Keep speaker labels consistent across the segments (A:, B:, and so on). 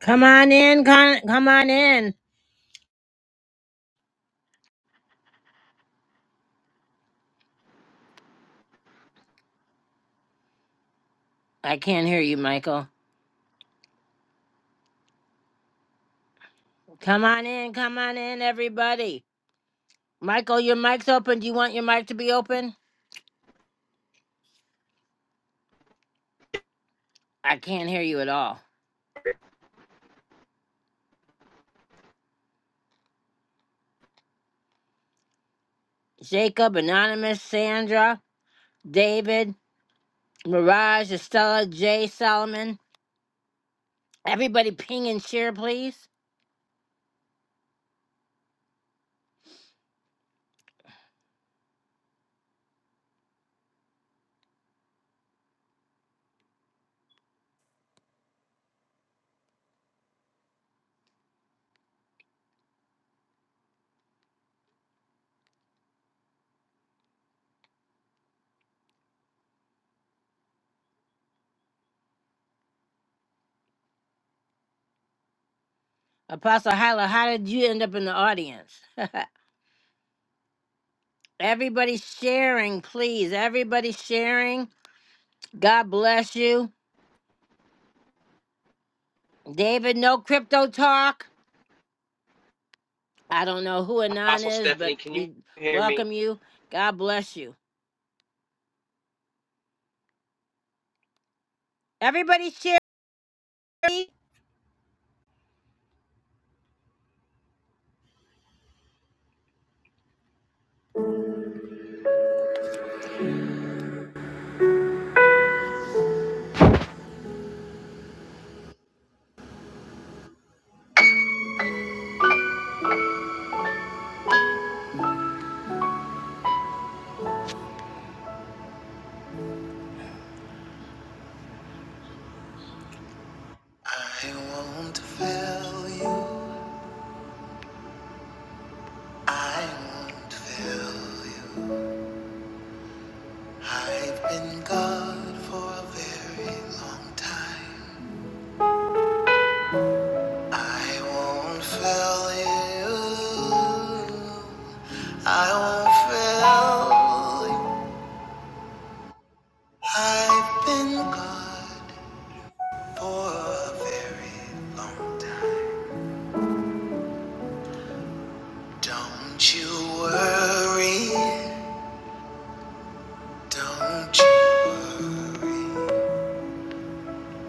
A: Come on in, con- come on in. I can't hear you, Michael. Come on in, come on in, everybody. Michael, your mic's open. Do you want your mic to be open? I can't hear you at all. Jacob, Anonymous, Sandra, David, Mirage, Estella, Jay, Solomon. Everybody ping and share, please. Apostle Hyla, how did you end up in the audience? Everybody sharing, please. Everybody sharing. God bless you. David, no crypto talk. I don't know who Anon
B: Apostle
A: is, but
B: Stephanie, can you
A: we
B: hear me?
A: welcome you. God bless you. Everybody share. me. I won't fail you. I won't fail you. I've been God for a very long time. I won't fail you. I won't fail you. I've been God for a very long time. Don't you worry, don't you worry,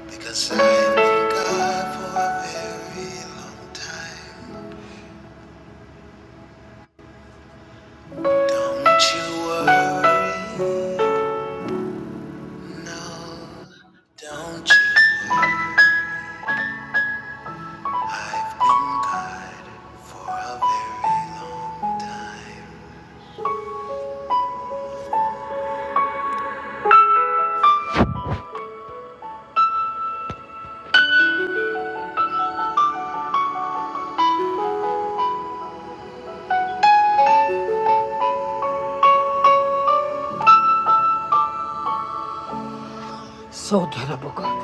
A: because I've been God for a very long time. Don't you worry, no, don't you worry. I've been God for a very long time. So terrible.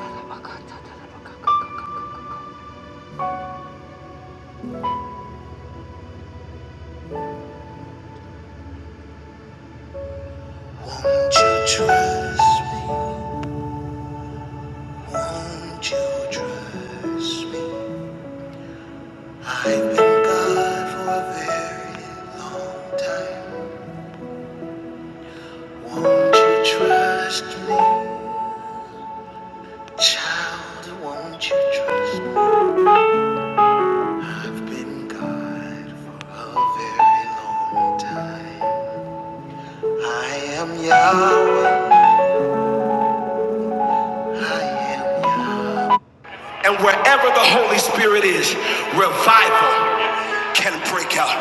A: Won't you trust me? Won't you trust me? I thank God for a very long time. Won't you trust me? Child, won't you trust me? I've been God for a very long time. I am Yahweh. I am Yahweh. And wherever the Holy Spirit is, revival can break out.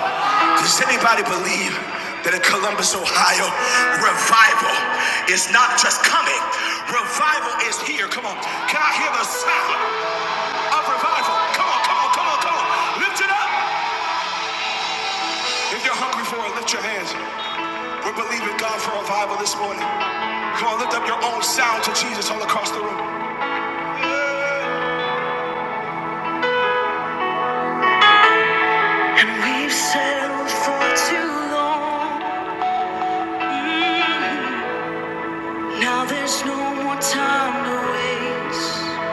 A: Does anybody believe that in Columbus, Ohio, revival is not just coming? Revival is here. Come on. Can I hear the sound of revival? Come on, come on, come on, come on. Lift it up. If you're hungry for it, lift your hands. We're believing God for revival this morning. Come on, lift up your own sound to Jesus all across the room. And we've settled for too long. Now there's no more time to waste.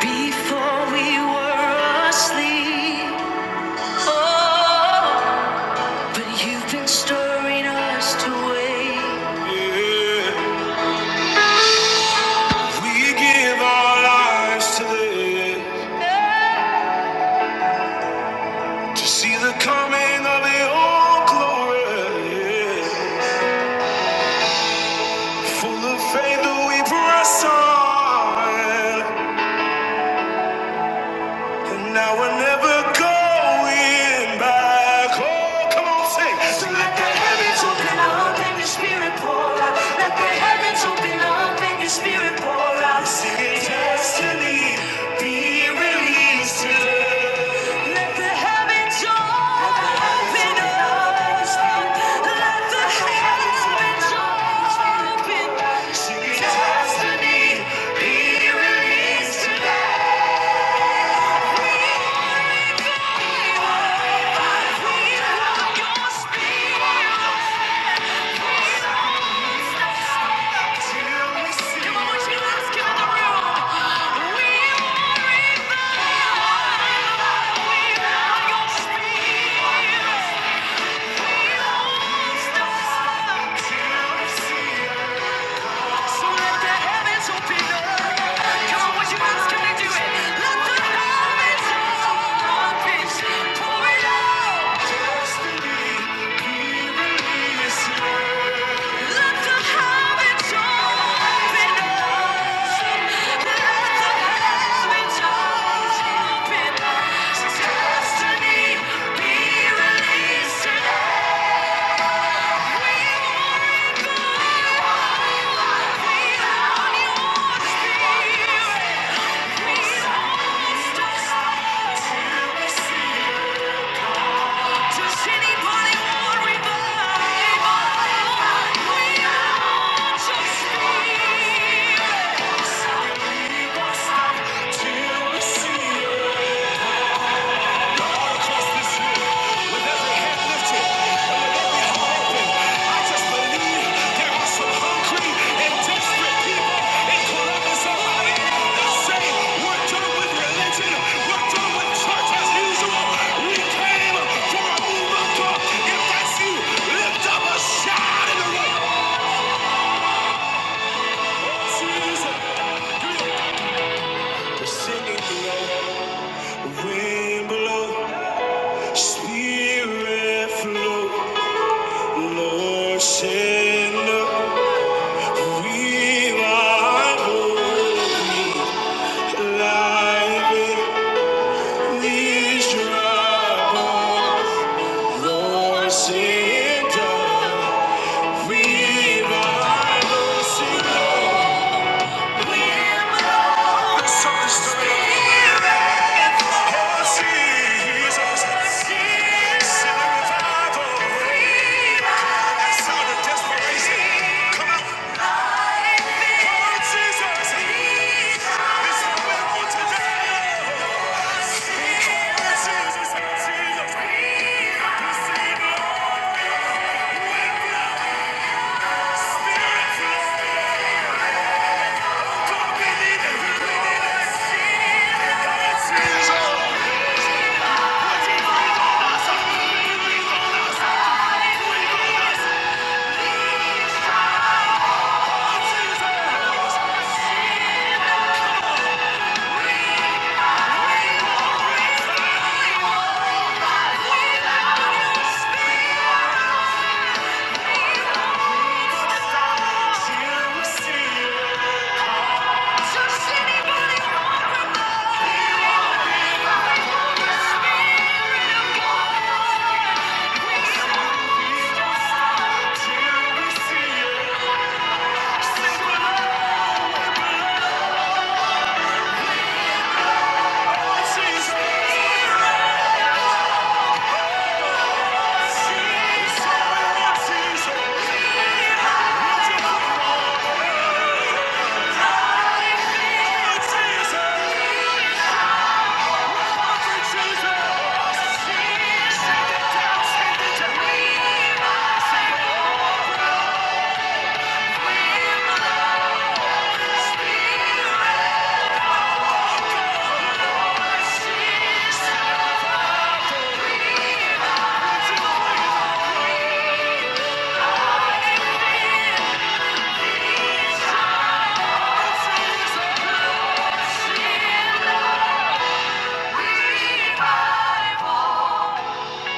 A: Before we were asleep, oh, but you've been stirring us to wake. Yeah, we give our lives to this, to see the coming of your glory. Yeah. Full of faith, we press on. And now we're never going back. Oh, come on, sing. So let the heavens open up and your spirit pour out. Let the heavens open up and your spirit pour out. Sing destiny be released today. Let the heavens open up. Let the heavens open. Sing destiny be released today. Pour it out! Destiny, we release you. Till we Yeah. Stop to see you. Singing below, wind blow, spirit flow. Lord, sinner, we are holy, life in this trouble. Lord, sinner, we are holy. Let's sing to the Lord, Send a revival. That sound of desperation. Come on. Just anybody.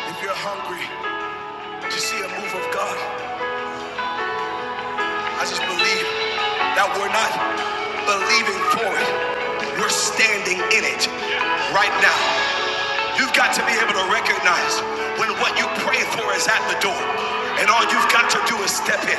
A: If you're hungry to see a move of God, I just believe that we're not believing for it. We're standing in it right now. You've got to be able to recognize when what you pray for is at the door. And all you've got to do is step in.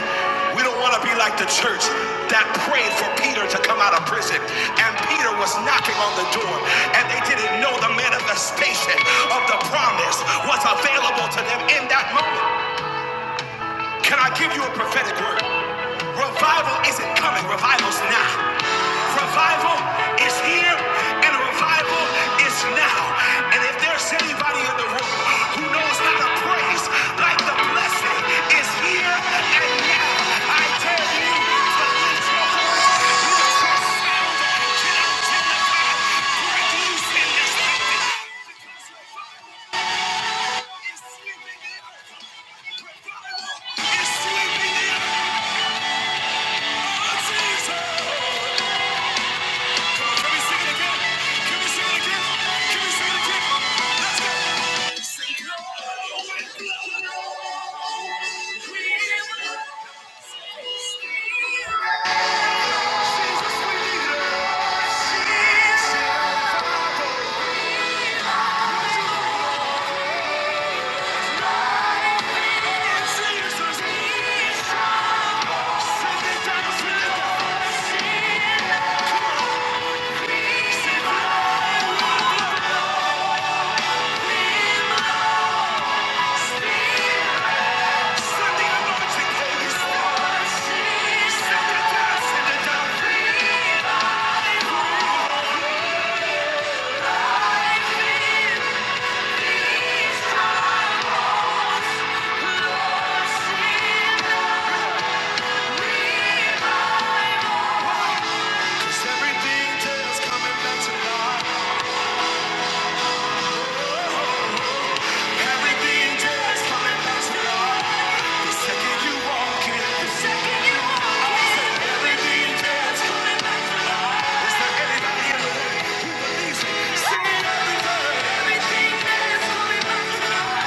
A: We don't want to be like the church that prayed for Peter to come out of prison. And Peter was knocking on the door. And they didn't know the manifestation of the promise was available to them in that moment. Can I give you a prophetic word? Revival isn't coming, revival's now. Revival is here and revival is now. And if there's anybody in the room who knows how to praise, like the blessing is here and now, I tell you to lift your voice, lift your space. Revival is sweeping the earth. Revival is sweeping the earth. Jesus. Can we sing it again? Can we sing it again? Can we sing it again? Let's go. no, no, no. We will Thank you. Thank you.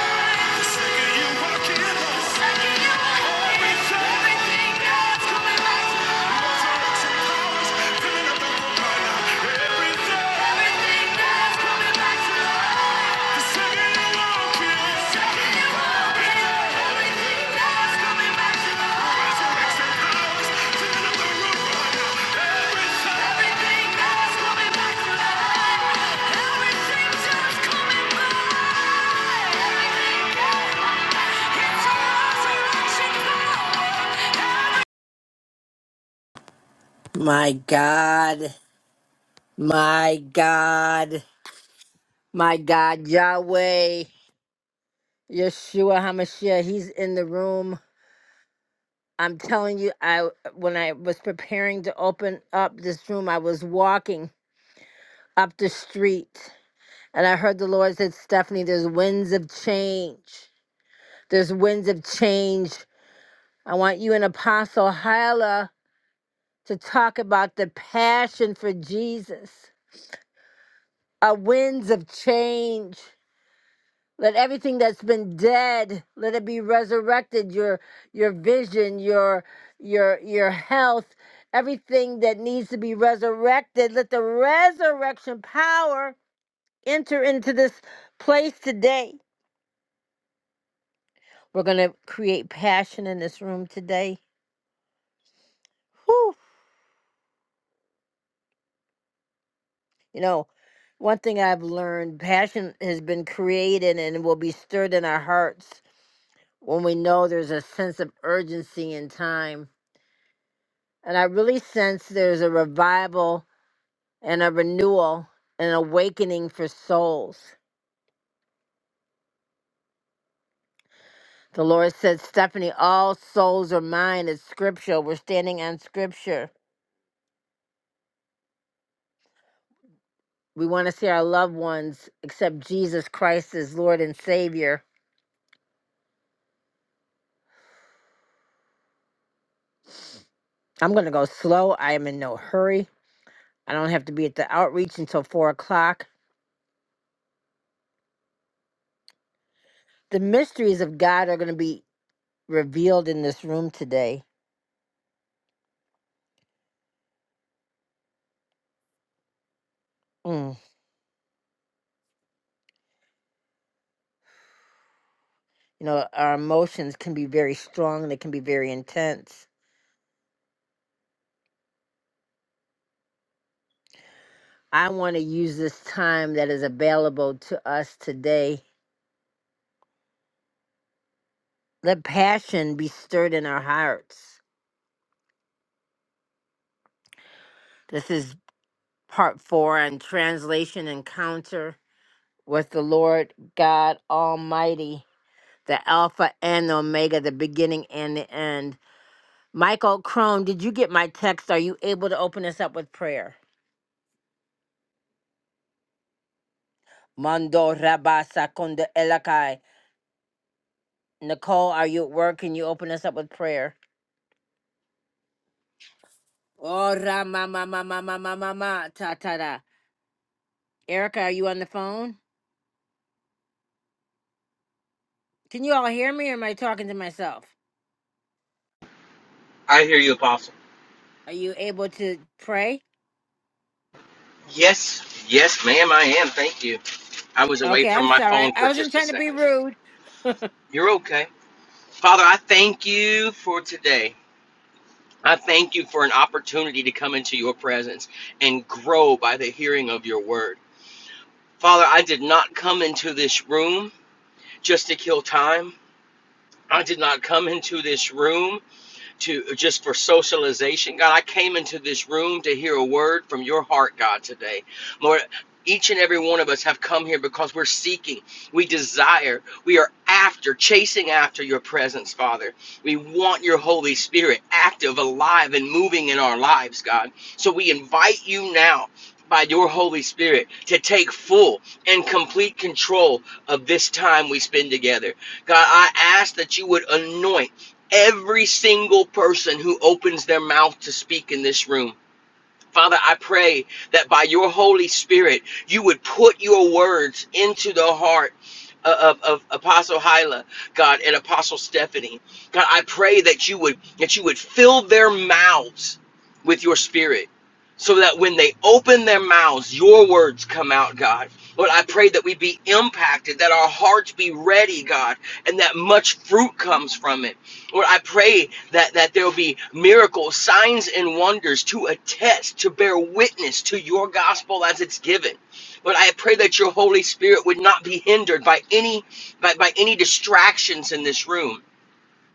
A: Everything just coming back. My God, my God, my God, Yahweh, Yeshua HaMashiach, he's in the room. I'm telling you, I when I was preparing to open up this room, I was walking up the street and I heard the Lord said, Stephanie, there's winds of change. There's winds of change. I want you and Apostle Hyla to talk about the passion for Jesus. uh, winds of change. Let everything that's been dead, let it be resurrected. Your your vision, your your your health, everything that needs to be resurrected. Let the resurrection power enter into this place today. We're gonna create passion in this room today. Whew. You know, one thing I've learned, passion has been created and will be stirred in our hearts when we know there's a sense of urgency in time And I really sense there's a revival and a renewal and awakening for souls. The Lord said, Stephanie, all souls are mine. It's scripture. We're standing on scripture. We want to see our loved ones accept Jesus Christ as Lord and Savior. I'm going to go slow. I am in no hurry. I don't have to be at the outreach until four o'clock. The mysteries of God are going to be revealed in this room today. Mm. You know, our emotions can be very strong, they can be very intense I want to use this time that is available to us today. Let passion be stirred in our hearts. This is part four on translation encounter with the Lord God Almighty, the Alpha and the Omega, the beginning and the end. Michael Crone, did you get my text? Are you able to open us up with prayer? Mando rabasa kunda elakai. Nicole, are you at work? Can you open us up with prayer? Oh, ra ma ma ma ma ma ma ma ma ta ta da. Erica, are you on the phone? Can you all hear me or am I talking to myself?
B: I hear you, Apostle.
A: Are you able to pray?
B: Yes, yes, ma'am, I am. Thank you. I was away
A: Okay,
B: from
A: I'm
B: my
A: sorry.
B: phone
A: I
B: for
A: wasn't
B: just a
A: trying to be
B: second.
A: rude.
B: You're okay. Father, I thank you for today. I thank you for an opportunity to come into your presence and grow by the hearing of your word. Father, I did not come into this room just to kill time. I did not come into this room to just for socialization. God, I came into this room to hear a word from your heart, God, today. Lord, each and every one of us have come here because we're seeking, we desire, we are after, chasing after your presence, Father. We want your Holy Spirit active, alive, and moving in our lives, God. So we invite you now by your Holy Spirit to take full and complete control of this time we spend together. God, I ask that you would anoint every single person who opens their mouth to speak in this room. Father, I pray that by your Holy Spirit, you would put your words into the heart of, of Apostle Hyla, God, and Apostle Stephanie. God, I pray that you would that you would fill their mouths with your spirit. So that when they open their mouths, your words come out, God. Lord, I pray that we be impacted, that our hearts be ready, God, and that much fruit comes from it. Lord, I pray that, that there will be miracles, signs, and wonders to attest, to bear witness to your gospel as it's given. But I pray that your Holy Spirit would not be hindered by any by, by any distractions in this room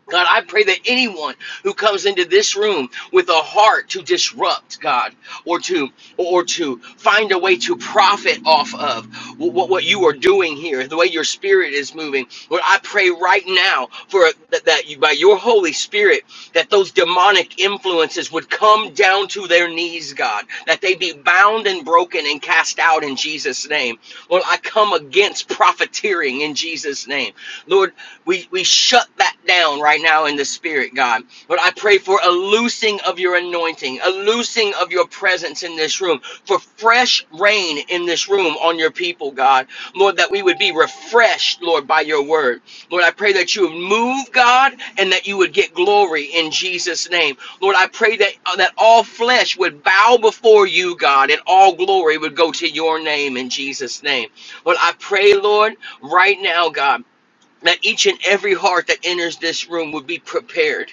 B: God, I pray that anyone who comes into this room with a heart to disrupt God or to or to find a way to profit off of what, what you are doing here, the way your spirit is moving, Lord, I pray right now for that, that you by your Holy Spirit that those demonic influences would come down to their knees, God, that they be bound and broken and cast out in Jesus' name. Lord, I come against profiteering in Jesus' name. Lord, we we shut that down right now in the spirit, God. But I pray for a loosing of your anointing, a loosing of your presence in this room, for fresh rain in this room on your people, God. Lord, that we would be refreshed, Lord, by your word. Lord, I pray that you would move, God, and that you would get glory in Jesus' name. Lord, I pray that uh, that all flesh would bow before you, God, and all glory would go to your name in Jesus' name. Lord, I pray, Lord, right now, God that each and every heart that enters this room would be prepared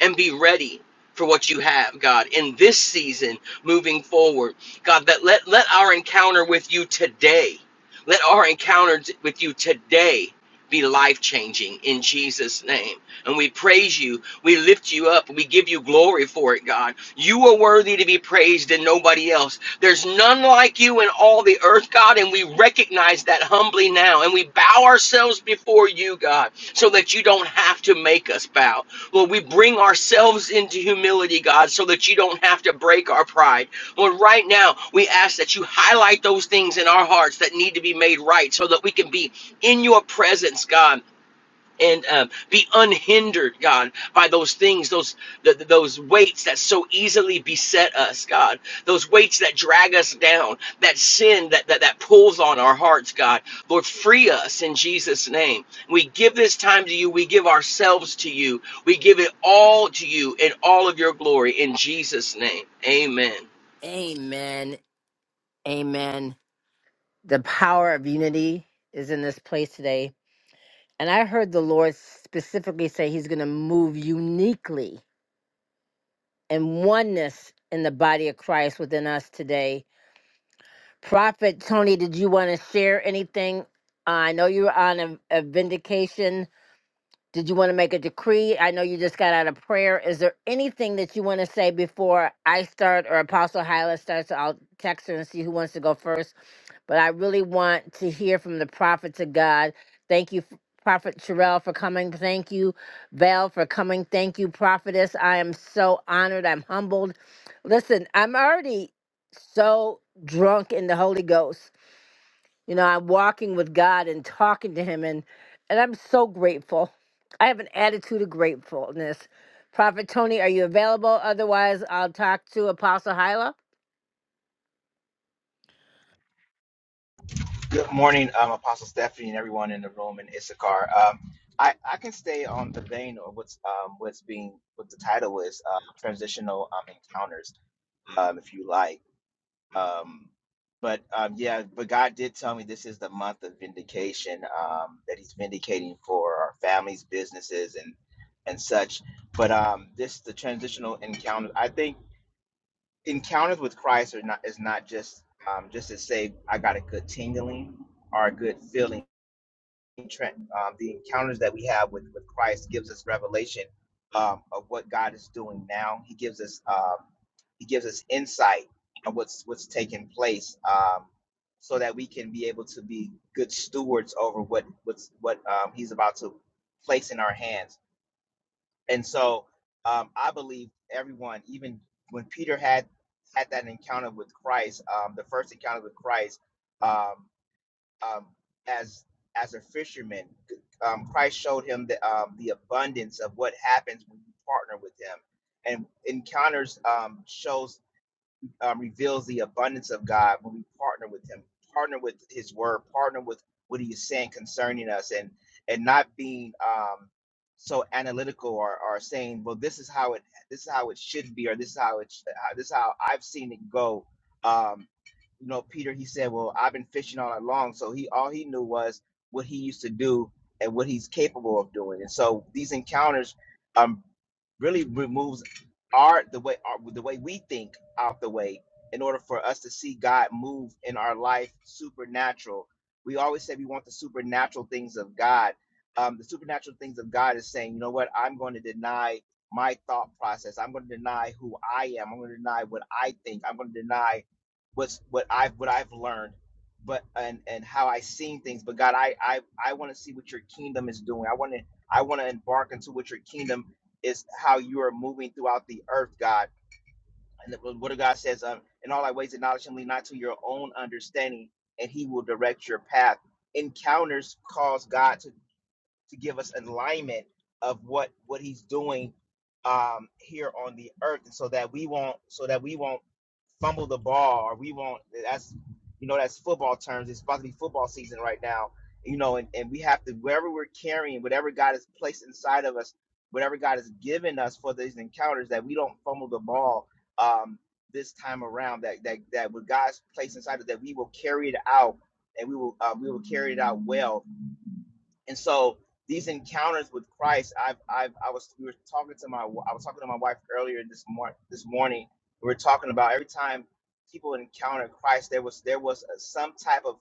B: and be ready for what you have, God, in this season moving forward. God, that let, let our encounter with you today, let our encounter t- with you today be life changing in Jesus' name. And we praise you. We lift you up. We give you glory for it, God. You are worthy to be praised and nobody else. There's none like you in all the earth, God, and we recognize that humbly now. And we bow ourselves before you, God, so that you don't have to make us bow. Lord, we bring ourselves into humility, God, so that you don't have to break our pride. Lord, right now, we ask that you highlight those things in our hearts that need to be made right so that we can be in your presence, God and um, be unhindered, God, by those things, those th- th- those weights that so easily beset us, God, those weights that drag us down, that sin that that, that pulls on our hearts, God. Lord, free us in Jesus' name. We give this time to you. We give ourselves to you. We give it all to you in all of your glory in Jesus' name. Amen.
A: Amen. Amen. The power of unity is in this place today. And I heard the Lord specifically say he's going to move uniquely in oneness in the body of Christ within us today. Prophet Tony, did you want to share anything? Uh, I know you were on a, a vindication. Did you want to make a decree? I know you just got out of prayer. Is there anything that you want to say before I start or Apostle Hyla starts? I'll text her and see who wants to go first. But I really want to hear from the prophets of God. Thank you, Prophet Sherelle, for coming. Thank you, Val, for coming. Thank you, Prophetess. I am so honored. I'm humbled. Listen, I'm already so drunk in the Holy Ghost you know, I'm walking with God and talking to him and and I'm so grateful. I have an attitude of gratefulness. Prophet Tony, are you available? Otherwise, I'll talk to Apostle Hyla.
C: Good morning, um, Apostle Stephanie, and everyone in the room in Issachar. Um, I, I can stay on the vein of what's um, what's being what the title is uh, transitional um, encounters, um, if you like. Um, but um, yeah, but God did tell me this is the month of vindication um, that He's vindicating for our families, businesses, and and such. But um, this the transitional encounters. I think encounters with Christ are not is not just um, just to say I got a good tingling or a good feeling um, the encounters that we have with, with Christ gives us revelation um, of what God is doing now. He gives us um, he gives us insight of what's what's taking place, um, so that we can be able to be good stewards over what what's what um, He's about to place in our hands. And so um, I believe everyone, even when Peter had had that encounter with Christ, um, the first encounter with Christ. Um, um, as as a fisherman. Um, Christ showed him the um, the abundance of what happens when you partner with Him, and encounters um, shows um, reveals the abundance of God when we partner with Him, partner with His Word, partner with what He is saying concerning us, and and not being um, so analytical or, or saying, well, this is how it this is how it should be, or this is how it sh- uh, this is how I've seen it go. Um, you know, Peter, he said, well, I've been fishing all along, so he all he knew was what he used to do and what he's capable of doing, and so these encounters um, really removes our the way our, the way we think out the way in order for us to see God move in our life supernatural. We always say we want the supernatural things of God. Um, the supernatural things of God is saying, you know what? I'm going to deny my thought process. I'm going to deny who I am. I'm going to deny what I think. I'm going to deny what's what I've what I've learned, but and and how I've seen things. But God, I I I want to see what your kingdom is doing. I want to I want to embark into what your kingdom is how you are moving throughout the earth, God. And the Word of God says, um, in all thy ways acknowledge him, lean not to your own understanding, and he will direct your path. Encounters cause God to to give us alignment of what what he's doing um here on the earth and so that we won't so that we won't fumble the ball or we won't that's you know that's football terms it's supposed to be football season right now you know and, and we have to wherever we're carrying whatever god has placed inside of us whatever god has given us for these encounters that we don't fumble the ball um this time around that that that what god's placed inside of us, that we will carry it out and we will uh, we will carry it out well and so these encounters with Christ, I've, I've, I was, we were talking to my, I was talking to my wife earlier this morning, this morning, we were talking about every time people encountered Christ, there was, there was a, some type of,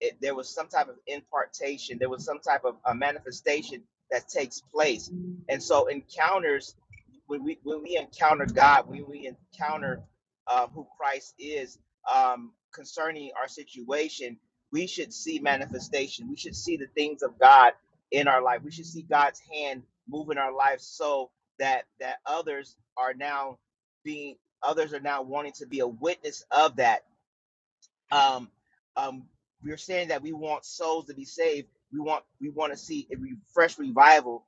C: it, there was some type of impartation, there was some type of a manifestation that takes place. And so encounters, when we, when we encounter God, when we encounter uh, who Christ is um, concerning our situation, we should see manifestation. We should see the things of God in our life. We should see God's hand move in our life so that that others are now being others are now wanting to be a witness of that. Um, um, we're saying that we want souls to be saved. We want we want to see a re- fresh revival.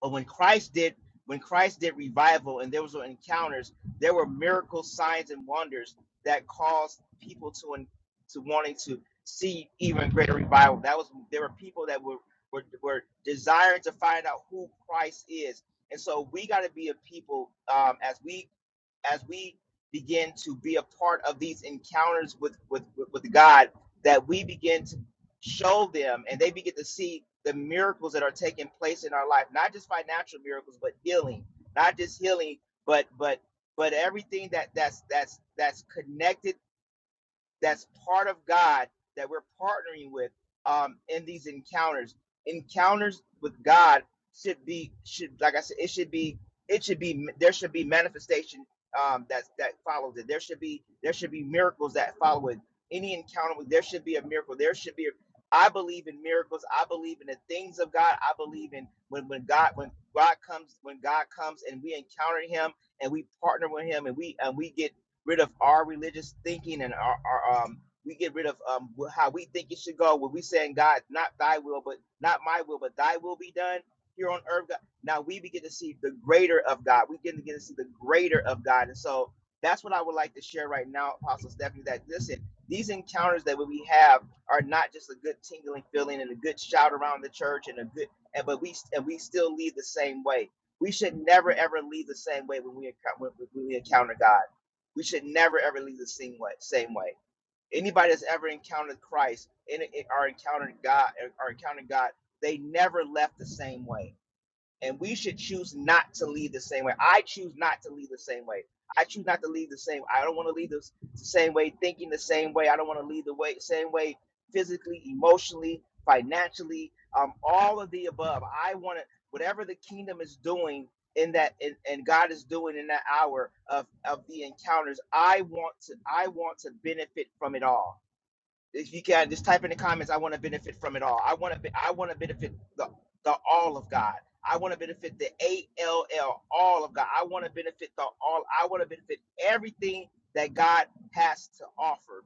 C: But when Christ did when Christ did revival and there was no encounters, there were miracles, signs, and wonders that caused people to to wanting to see even greater revival. That was there were people that were were, were desiring to find out who Christ is, and so we got to be a people um, as we as we begin to be a part of these encounters with with with God, that we begin to show them and they begin to see the miracles that are taking place in our life, not just financial miracles, but healing, not just healing, but but but everything that that's that's that's connected that's part of God that we're partnering with um, in these encounters. Encounters with God should be should like I said, it should be it should be there should be manifestation um, that that follows it. There should be there should be miracles that follow it. Any encounter with there should be a miracle. There should be. A, I believe in miracles. I believe in the things of God. I believe in when when God when God comes when God comes and we encounter Him and we partner with Him and we and we get rid of our religious thinking and our, our um we get rid of um how we think it should go when we saying god not thy will but not my will but thy will be done here on earth god now we begin to see the greater of god we begin to get to see the greater of god and so that's what i would like to share right now apostle stephanie that listen these encounters that we have are not just a good tingling feeling and a good shout around the church and a good and but we and we still leave the same way we should never ever leave the same way when we when we encounter god we should never ever leave the same way. Same way. Anybody that's ever encountered Christ and or encountered God eh, or encountered God, they never left the same way and we should choose not to lead the same way. I choose not to lead the same way. I choose not to lead the same. I don't want to lead the, same way, thinking the same way. I don't want to lead the way same way, physically, emotionally, financially, um, all of the above. I want to whatever the kingdom is doing in that, in, and God is doing in that hour of of the encounters. I want to. I want to benefit from it all if you can just type in the comments i want to benefit from it all i want to be, i want to benefit the, the all of god i want to benefit the a-l-l all of god i want to benefit the all i want to benefit everything that god has to offer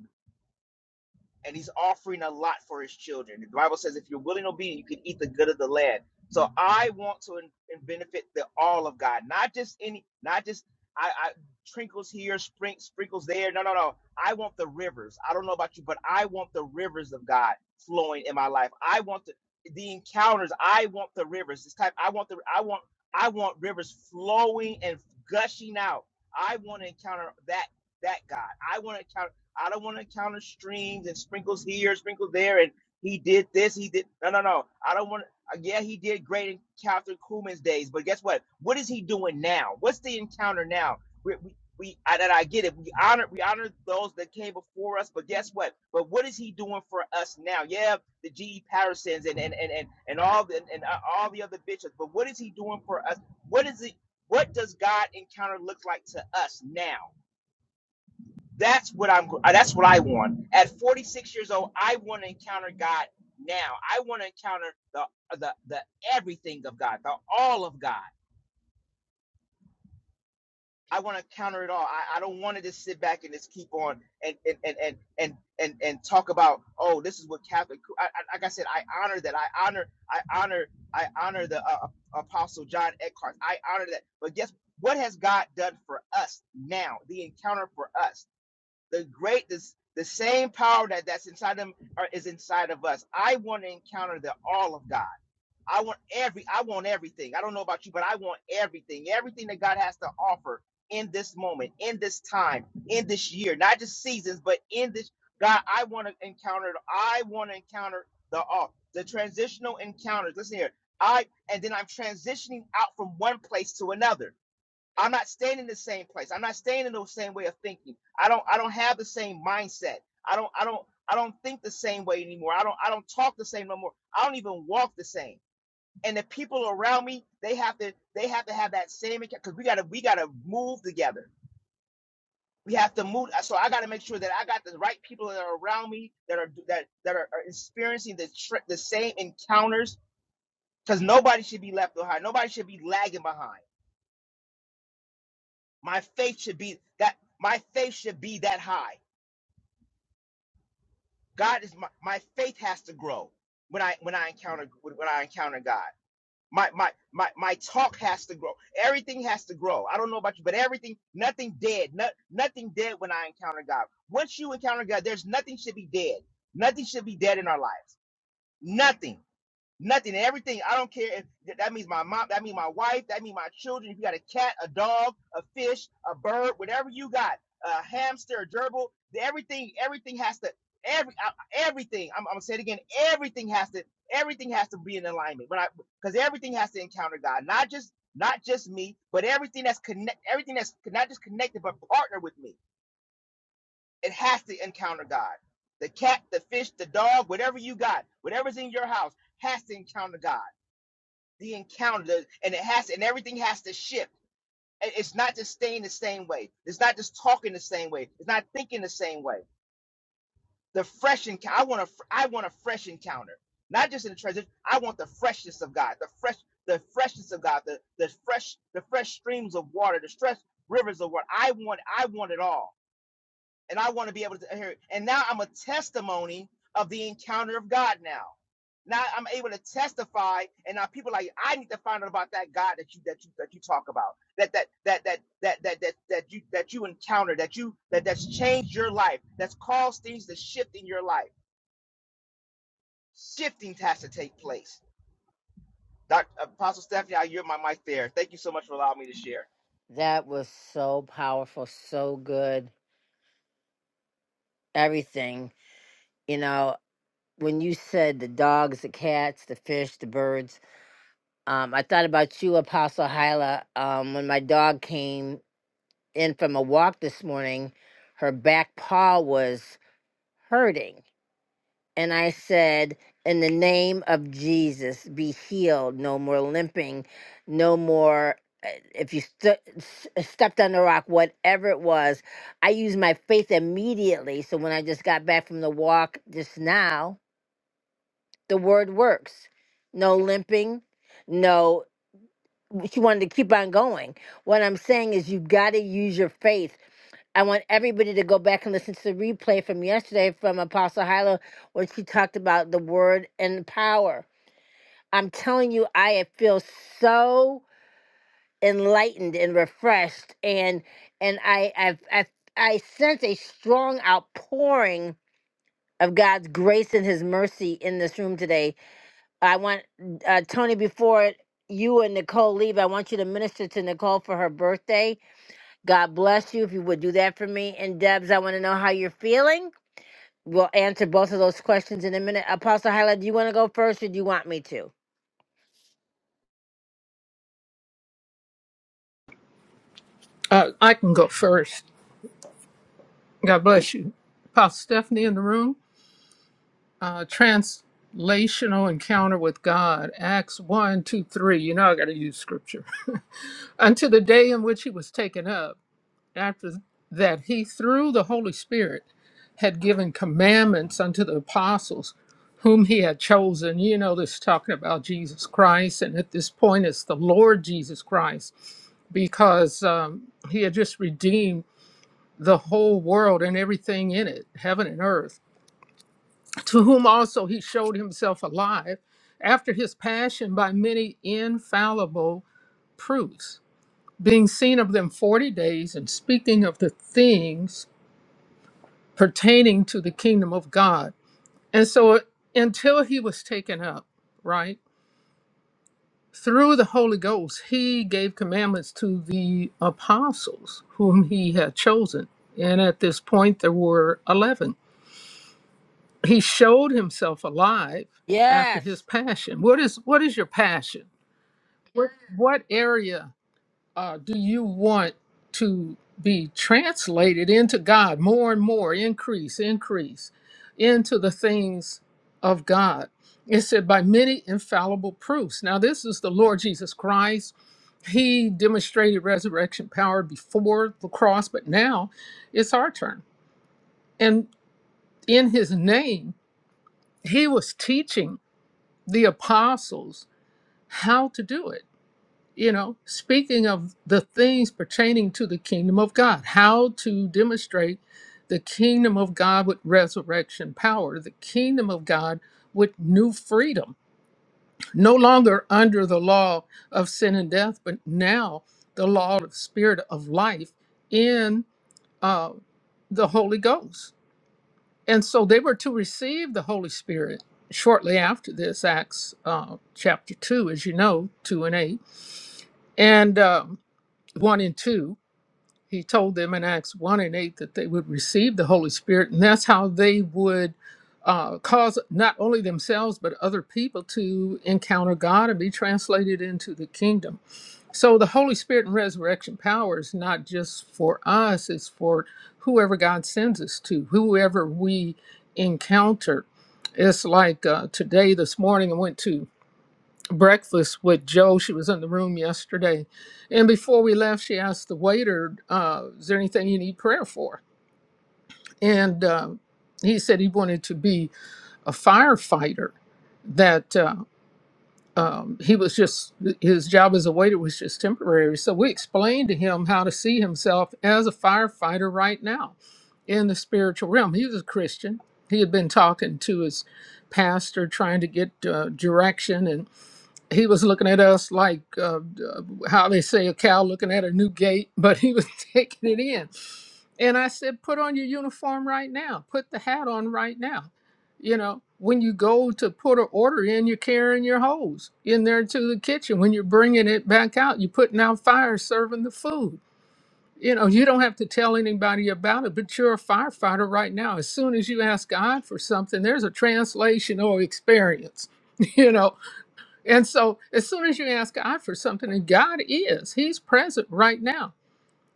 C: and he's offering a lot for his children. The Bible says, if you're willing and obedient, you can eat the good of the land. So I want to in, in benefit the all of God, not just any, not just I, I trinkles here, sprink, sprinkles there. No, no, no. I want the rivers. I don't know about you, but I want the rivers of God flowing in my life. I want the the encounters. I want the rivers. This type. I want the. I want. I want rivers flowing and gushing out. I want to encounter that that God. I want to encounter. I don't want to encounter streams and sprinkles here, sprinkles there, and he did this, he did. No, no, no. I don't want. Yeah, he did great in Catherine Kuhlman's days, but guess what? What is he doing now? What's the encounter now? We, we, we I, and I get it. We honor, we honor those that came before us, but guess what? But what is he doing for us now? Yeah, the G. E Pattersons and and and and, and all the and, and uh, all the other bitches. But what is he doing for us? What is it? What does God encounter look like to us now? That's what I'm. uh, That's what I want. At 46 years old, I want to encounter God now. I want to encounter the the the everything of God, the all of God. I want to encounter it all. I, I don't want to just sit back and just keep on and and and and and and, and talk about oh this is what Catholic. I, I, like I said, I honor that. I honor. I honor. I honor the uh, uh, Apostle John Eckhart. I honor that. But guess what has God done for us now? The encounter for us. the great this the same power that that's inside them are, is inside of us i want to encounter the all of god i want every i want everything i don't know about you but i want everything everything that god has to offer in this moment in this time in this year not just seasons but in this god i want to encounter i want to encounter the all the transitional encounters listen here i and then i'm transitioning out from one place to another I'm not staying in the same place. I'm not staying in the same way of thinking. I don't I don't have the same mindset. I don't I don't I don't think the same way anymore. I don't I don't talk the same no more. I don't even walk the same. And the people around me, they have to they have to have that same because we gotta we gotta move together. We have to move. So I gotta make sure that I got the right people that are around me that are that that are, are experiencing the tr- the same encounters because nobody should be left behind. Nobody should be lagging behind My faith should be that my faith should be that high. God is my, my faith has to grow when I when I encounter when when I encounter God. My my my my talk has to grow. Everything has to grow. I don't know about you, but everything, nothing dead, no, nothing dead when I encounter God. Once you encounter God, there's nothing should be dead. Nothing should be dead in our lives. Nothing. Nothing and everything. I don't care if that means my mom, that means my wife, that means my children. If you got a cat, a dog, a fish, a bird, whatever you got, a hamster, a gerbil, everything, everything has to, every, uh, everything. I'm, I'm gonna say it again. Everything has to, everything has to be in alignment. But I, because everything has to encounter God, not just, not just me, but everything that's connect, everything that's not just connected but partner with me. It has to encounter God. The cat, the fish, the dog, whatever you got, whatever's in your house has to encounter God the encounter and it has and everything has to shift And it's not just staying the same way it's not just talking the same way it's not thinking the same way the fresh encounter i want a fr- i want a fresh encounter not just in the treasure i want the freshness of god the fresh the freshness of god the, the fresh the fresh streams of water the fresh rivers of water i want i want it all and I want to be able to hear it. And now I'm a testimony of the encounter of God now. Now I'm able to testify, and now people are like I need to find out about that God that you that you that you talk about that that that that that that that, that you that you encounter that you that that's changed your life that's caused things to shift in your life. Shifting has to take place. Dr. Apostle Stephanie, I hear my mic there. Thank you so much for allowing me to share.
A: That was so powerful, so good. Everything. You know, when you said the dogs, the cats, the fish, the birds, um, I thought about you, Apostle Hyla. Um, when my dog came in from a walk this morning, her back paw was hurting And I said, In the name of Jesus, be healed. No more limping. No more. uh, If you stu- s uh, stepped on the rock, whatever it was, I used my faith immediately. So when I just got back from the walk just now, the word works. No limping. No she wanted to keep on going. What I'm saying is you got to use your faith. I want everybody to go back and listen to the replay from yesterday from Apostle Hyla when she talked about the word and power. I'm telling you, I feel so enlightened and refreshed, and and I I I, I sense a strong outpouring of God's grace and His mercy in this room today I want uh, Tony before you and Nicole leave. I want you to minister to Nicole for her birthday. God bless you if you would do that for me. And Debs, I want to know how you're feeling. We'll answer both of those questions in a minute. Apostle Hyla, do you want to go first, or do you want me to?
D: Uh, I can go first. God bless you. Pastor Stephanie in the room. Uh, translational encounter with God. Acts one, 2, 3. You know I got to use scripture. Unto the day in which he was taken up, after that he, through the Holy Spirit, had given commandments unto the apostles whom he had chosen. You know this talking about Jesus Christ. And at this point, it's the Lord Jesus Christ because um, he had just redeemed. the whole world and everything in it, heaven and earth, to whom also he showed himself alive after his passion by many infallible proofs, being seen of them 40 days and speaking of the things pertaining to the kingdom of God. And so uh, until he was taken up, right? Through the Holy Ghost, he gave commandments to the apostles whom he had chosen. And at this point, there were 11 he showed himself alive after his
A: Yes,
D: passion what is what is your passion what what area uh, do you want to be translated into god more and more increase increase into the things of god it said by many infallible proofs now this is the lord jesus christ he demonstrated resurrection power before the cross but now it's our turn and in his name he was teaching the apostles how to do it. You know, speaking of the things pertaining to the kingdom of God, how to demonstrate the kingdom of God with resurrection power, the kingdom of God with new freedom, no longer under the law of sin and death, but now the law of spirit of life in uh, the Holy Ghost. And so they were to receive the Holy Spirit shortly after this, Acts uh, chapter 2, as you know, 2 and 8, and um, 1 and 2. He told them in Acts 1 and 8 that they would receive the Holy Spirit, and that's how they would uh, cause not only themselves, but other people to encounter God and be translated into the kingdom. So the Holy Spirit and resurrection power is not just for us, it's for whoever God sends us to, whoever we encounter. It's like uh, today, this morning, I went to breakfast with Joe. She was in the room yesterday. And before we left, she asked the waiter, uh, Is there anything you need prayer for? And uh, he said he wanted to be a firefighter. That uh, um, he was just his job as a waiter was just temporary. So we explained to him how to see himself as a firefighter right now in the spiritual realm. He was a Christian. He had been talking to his pastor, trying to get uh, direction, and he was looking at us like uh, uh, how they say a cow looking at a new gate, but he was taking it in. And I said, put on your uniform right now. Put the hat on right now. You know, when you go to put an order in, you're carrying your hose in there to the kitchen. When you're bringing it back out, you're putting out fires, serving the food. You know, you don't have to tell anybody about it, but you're a firefighter right now. As soon as you ask God for something, there's a translation or experience. You know, and so, as soon as you ask God for something, and God is, He's present right now.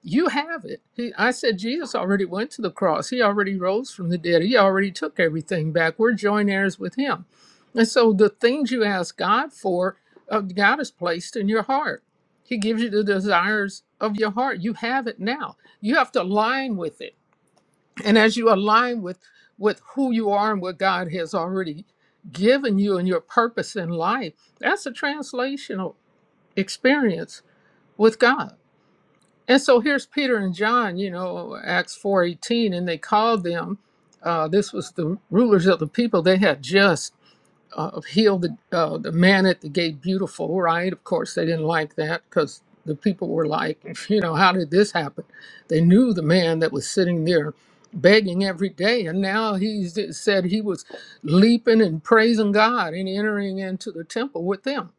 D: You have it. He, I said, Jesus already went to the cross. He already rose from the dead. He already took everything back. We're joint heirs with Him. And so, the things you ask God for, uh, God has placed in your heart. He gives you the desires of your heart. You have it now. You have to align with it. And as you align with with who you are and what God has already given you and your purpose in life, that's a translational experience with God. And so here's Peter and John, you know, Acts 4:18, and they called them. Uh, this was the rulers of the people. They had just uh, heal the uh, the man at the gate beautiful, right? Of course, they didn't like that because the people were like, you know, how did this happen? They knew the man that was sitting there begging every day, and now he's it said he was leaping and praising God and entering into the temple with them.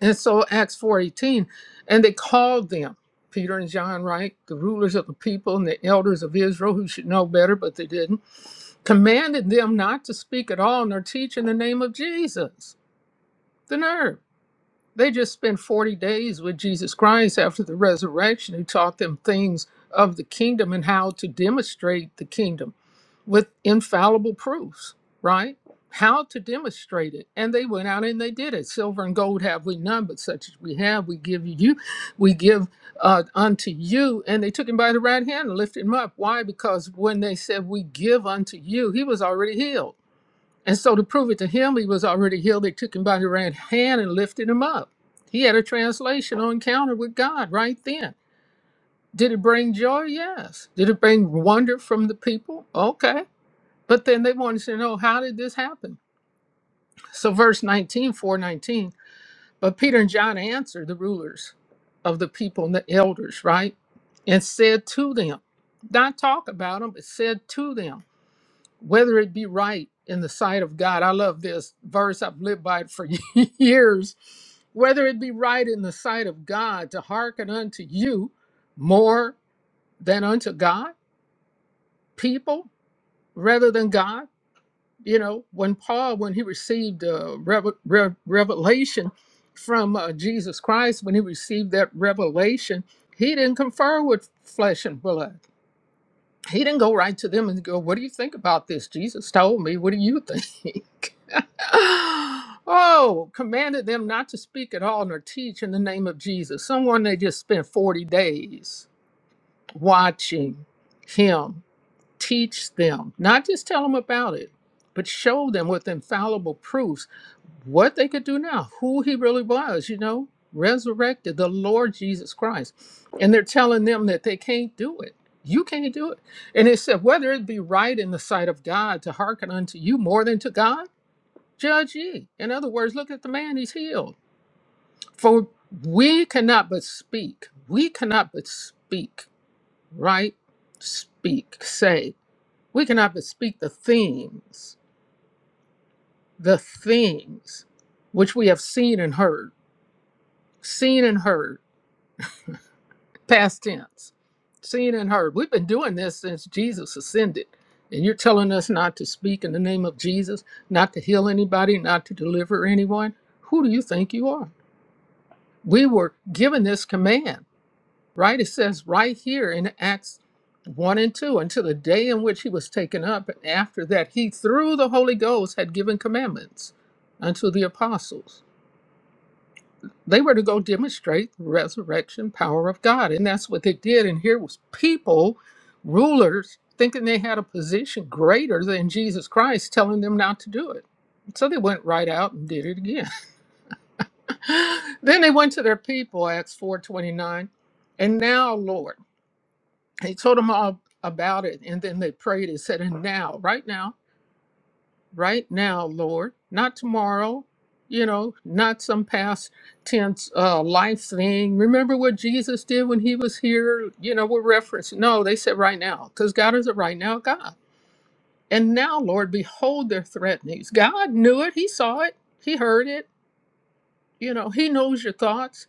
D: And so Acts four eighteen, and they called them. Peter and John, right, the rulers of the people and the elders of Israel who should know better, but they didn't, commanded them not to speak at all nor teach in the name of Jesus the nerve. They just spent 40 days with Jesus Christ after the resurrection, who taught them things of the kingdom and how to demonstrate the kingdom with infallible proofs, right? How to demonstrate it. And they went out and they did it. Silver and gold have we none, but such as we have, we give you, we give uh, unto you. And they took him by the right hand and lifted him up. Why? Because when they said, We give unto you, he was already healed and so to prove it to him, he was already healed. They took him by the right hand and lifted him up. He had a translational encounter with God right then. Did it bring joy? Yes. Did it bring wonder from the people? Okay. But then they wanted to know how did this happen? So verse nineteen, four nineteen. But Peter and John answered the rulers of the people and the elders, right? And said to them, not talk about them, but said to them whether it be right in the sight of God. I love this verse, I've lived by it for years. Whether it be right in the sight of God to hearken unto you more than unto God, people rather than God. You know, when Paul, when he received uh, rev- rev- revelation from uh, Jesus Christ, when he received that revelation, he didn't confer with flesh and blood. He didn't go right to them and go, What do you think about this? Jesus told me, What do you think? oh, commanded them not to speak at all nor teach in the name of Jesus. Someone they just spent 40 days watching him teach them, not just tell them about it, but show them with infallible proofs what they could do now, who he really was, you know, resurrected the Lord Jesus Christ. And they're telling them that they can't do it. You can't do it. And it said, whether it be right in the sight of God to hearken unto you more than to God. Judge ye. In other words, look at the man, he's healed. For we cannot but speak. We cannot but speak, right? Speak, say. We cannot but speak the things, the things which we have seen and heard, seen and heard, past tense, seen and heard. We've been doing this since Jesus ascended. And you're telling us not to speak in the name of Jesus, not to heal anybody, not to deliver anyone? Who do you think you are? we were given this command, right? It says right here in Acts 1 and 2 until the day in which he was taken up. And after that, he, through the Holy Ghost, had given commandments unto the apostles. They were to go demonstrate the resurrection power of God. And that's what they did. And here was people, rulers, thinking they had a position greater than Jesus Christ, telling them not to do it. So they went right out and did it again. then they went to their people, Acts 4.29. And now, Lord, he told them all about it. And then they prayed and said, and now, right now, right now, Lord, not tomorrow, you know, not some past tense uh, life thing. Remember what Jesus did when he was here? You know, we're referenced. No, they said right now, because God is a right now God. And now, Lord, behold their threatenings. God knew it. He saw it. He heard it. You know, he knows your thoughts.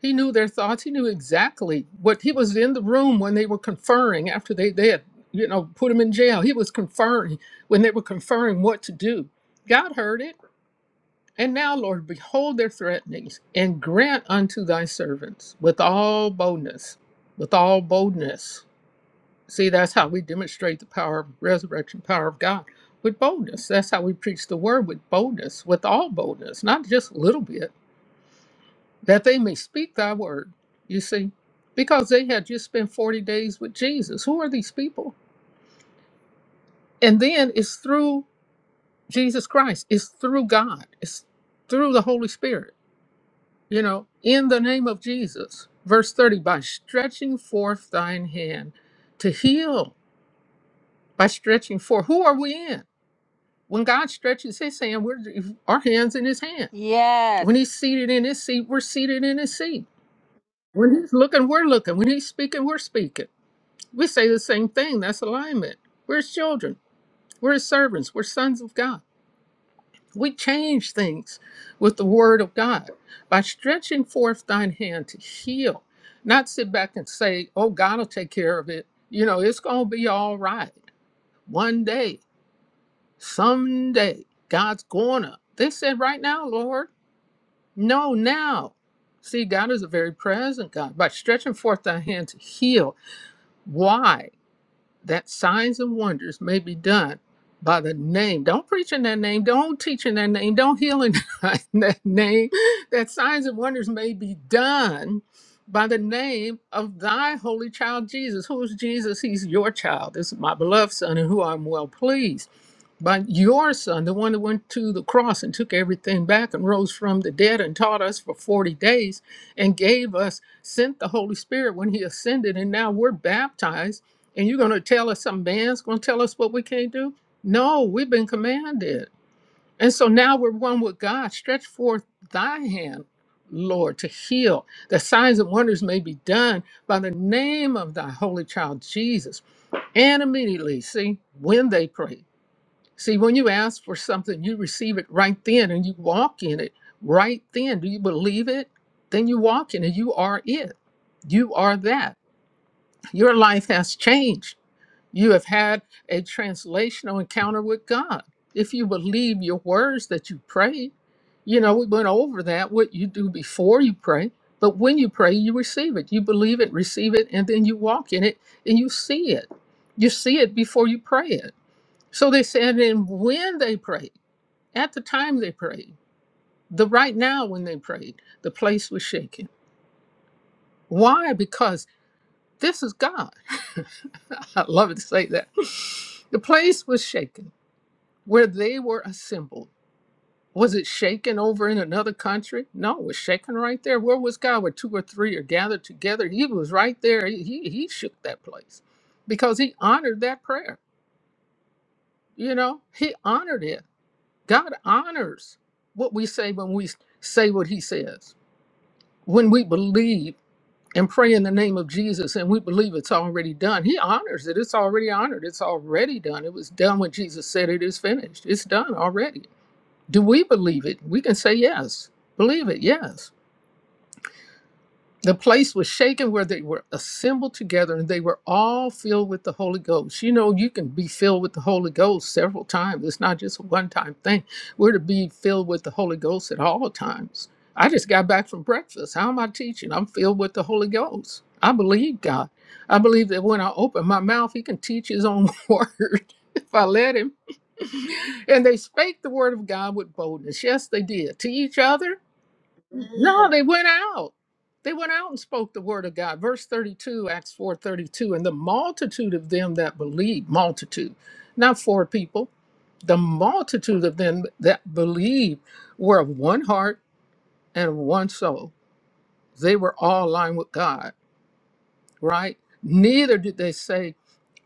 D: He knew their thoughts. He knew exactly what he was in the room when they were conferring after they, they had, you know, put him in jail. He was conferring when they were conferring what to do. God heard it. And now, Lord, behold their threatenings and grant unto thy servants with all boldness, with all boldness. See, that's how we demonstrate the power of resurrection, power of God with boldness. That's how we preach the word with boldness, with all boldness, not just a little bit that they may speak thy word. You see, because they had just spent 40 days with Jesus. Who are these people? And then it's through Jesus Christ, it's through God, it's through the Holy Spirit, you know, in the name of Jesus. Verse 30 by stretching forth thine hand to heal, by stretching forth. Who are we in? When God stretches his hand, we're, our hands in his hand.
A: yes,
D: When he's seated in his seat, we're seated in his seat. When he's looking, we're looking. When he's speaking, we're speaking We say the same thing. That's alignment. We're his children. We're his servants. We're sons of God. We change things with the word of God by stretching forth thine hand to heal, not sit back and say, oh, God will take care of it. You know, it's going to be all right. One day, someday, God's going to. They said, right now, Lord. No, now. See, God is a very present God. By stretching forth thy hand to heal. Why? that signs and wonders may be done by the name. Don't preach in that name. Don't teach in that name. Don't heal in that name. That signs and wonders may be done by the name of thy holy child Jesus. Who is Jesus? He's your child. This is my beloved son in who I'm well pleased. But your son, the one that went to the cross and took everything back and rose from the dead and taught us for 40 days and gave us, sent the Holy Spirit when he ascended, and now we're baptized. And you're going to tell us some man's going to tell us what we can't do? No, we've been commanded. And so now we're one with God. Stretch forth thy hand, Lord, to heal. That signs and wonders may be done by the name of thy holy child Jesus. And immediately, see, when they prayed. See, when you ask for something, you receive it right then and you walk in it right then. Do you believe it? Then you walk in it. You are it. You are that. Your life has changed. You have had a translational encounter with God. If you believe your words that you pray, you know, we went over that, what you do before you pray. But when you pray, you receive it. You believe it, receive it, and then you walk in it and you see it. You see it before you pray it so they said, and when they prayed, at the time they prayed, the right now when they prayed, the place was shaken. Why? Because this is God. I love it to say that. The place was shaken where they were assembled. Was it shaken over in another country? No, it was shaken right there. Where was God? Where two or three are gathered together. He was right there. He, he he shook that place because he honored that prayer. You know, he honored it. God honors what we say when we say what he says. When we believe and pray in the name of Jesus and we believe it's already done, he honors it. It's already honored. It's already done. It was done when Jesus said it is finished. It's done already. Do we believe it? We can say yes. Believe it, yes. The place was shaken where they were assembled together and they were all filled with the Holy Ghost. You know, you can be filled with the Holy Ghost several times. It's not just a one time thing. We're to be filled with the Holy Ghost at all times. I just got back from breakfast. How am I teaching? I'm filled with the Holy Ghost. I believe God. I believe that when I open my mouth, He can teach His own word if I let Him. And they spake the word of God with boldness. Yes, they did. To each other no, they went out. They went out and spoke the word of God. Verse 32, Acts 4 32. And the multitude of them that believed, multitude, not four people, the multitude of them that believed were of one heart and of one soul. They were all aligned with God, right? Neither did they say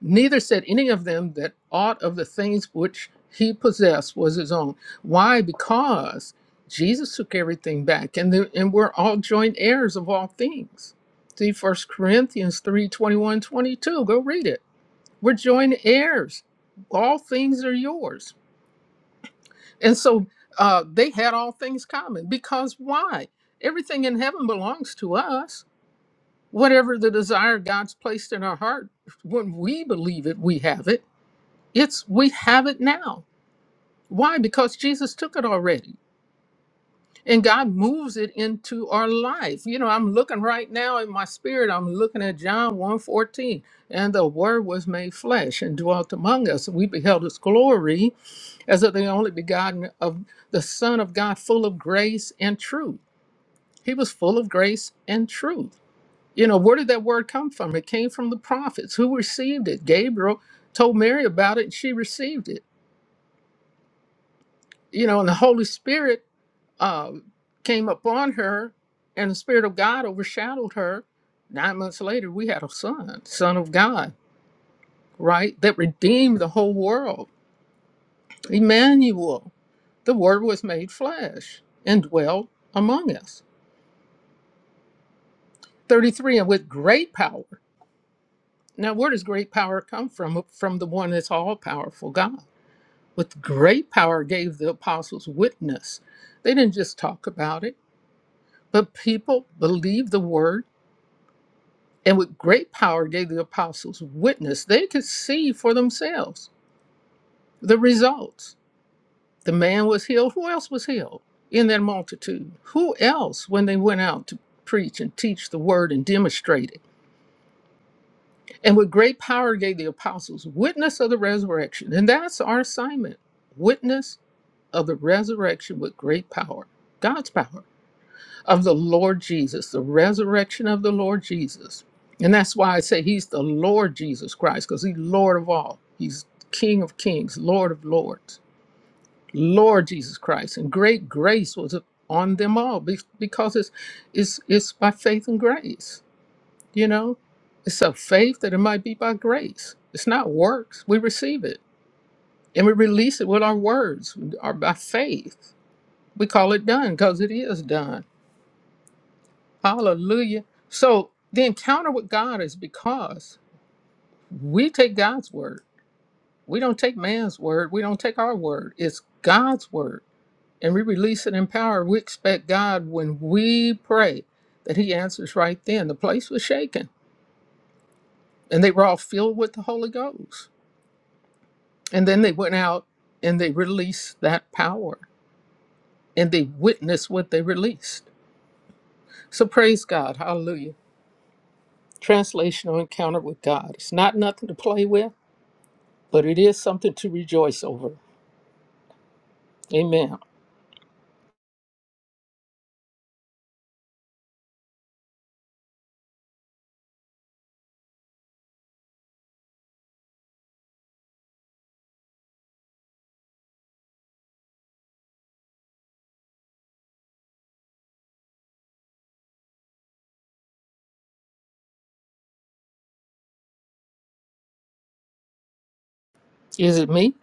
D: Neither said any of them that aught of the things which he possessed was his own. Why? Because Jesus took everything back, and the, and we're all joint heirs of all things. See First Corinthians 3 21 22. Go read it. We're joint heirs. All things are yours. And so uh, they had all things common because why? Everything in heaven belongs to us. Whatever the desire God's placed in our heart, when we believe it, we have it it's we have it now. Why? Because Jesus took it already. And God moves it into our life. You know, I'm looking right now in my spirit, I'm looking at John one fourteen, And the word was made flesh and dwelt among us. And we beheld his glory as of the only begotten of the Son of God, full of grace and truth. He was full of grace and truth. You know, where did that word come from? It came from the prophets who received it. Gabriel told Mary about it, and she received it you know, and the Holy Spirit um, came upon her, and the Spirit of God overshadowed her. Nine months later, we had a son, Son of God, right? That redeemed the whole world. Emmanuel, the Word was made flesh and dwelt among us. 33, and with great power. Now, where does great power come from? From the one that's all powerful, God. With great power gave the apostles witness. They didn't just talk about it, but people believed the word and with great power gave the apostles witness. They could see for themselves the results. The man was healed. Who else was healed in that multitude? Who else, when they went out to preach and teach the word and demonstrate it? And with great power gave the apostles witness of the resurrection. And that's our assignment witness of the resurrection with great power, God's power. of the Lord Jesus, the resurrection of the Lord Jesus. And that's why I say he's the Lord Jesus Christ, because he's Lord of all. He's King of kings, Lord of lords, Lord Jesus Christ. And great grace was on them all be- because it's, it's, it's by faith and grace, you know? It's of faith that it might be by grace. It's not works. We receive it and we release it with our words, our, by faith. We call it done because it is done Hallelujah. So the encounter with God is because we take God's word. We don't take man's word. We don't take our word. It's God's word. And we release it in power. We expect God when we pray that He answers right then. The place was shaken and they were all filled with the Holy Ghost. And then they went out and they released that power and they witnessed what they released. So praise God. Hallelujah. Translational encounter with God. It's not nothing to play with. but it is something to rejoice over. Amen. Is it me?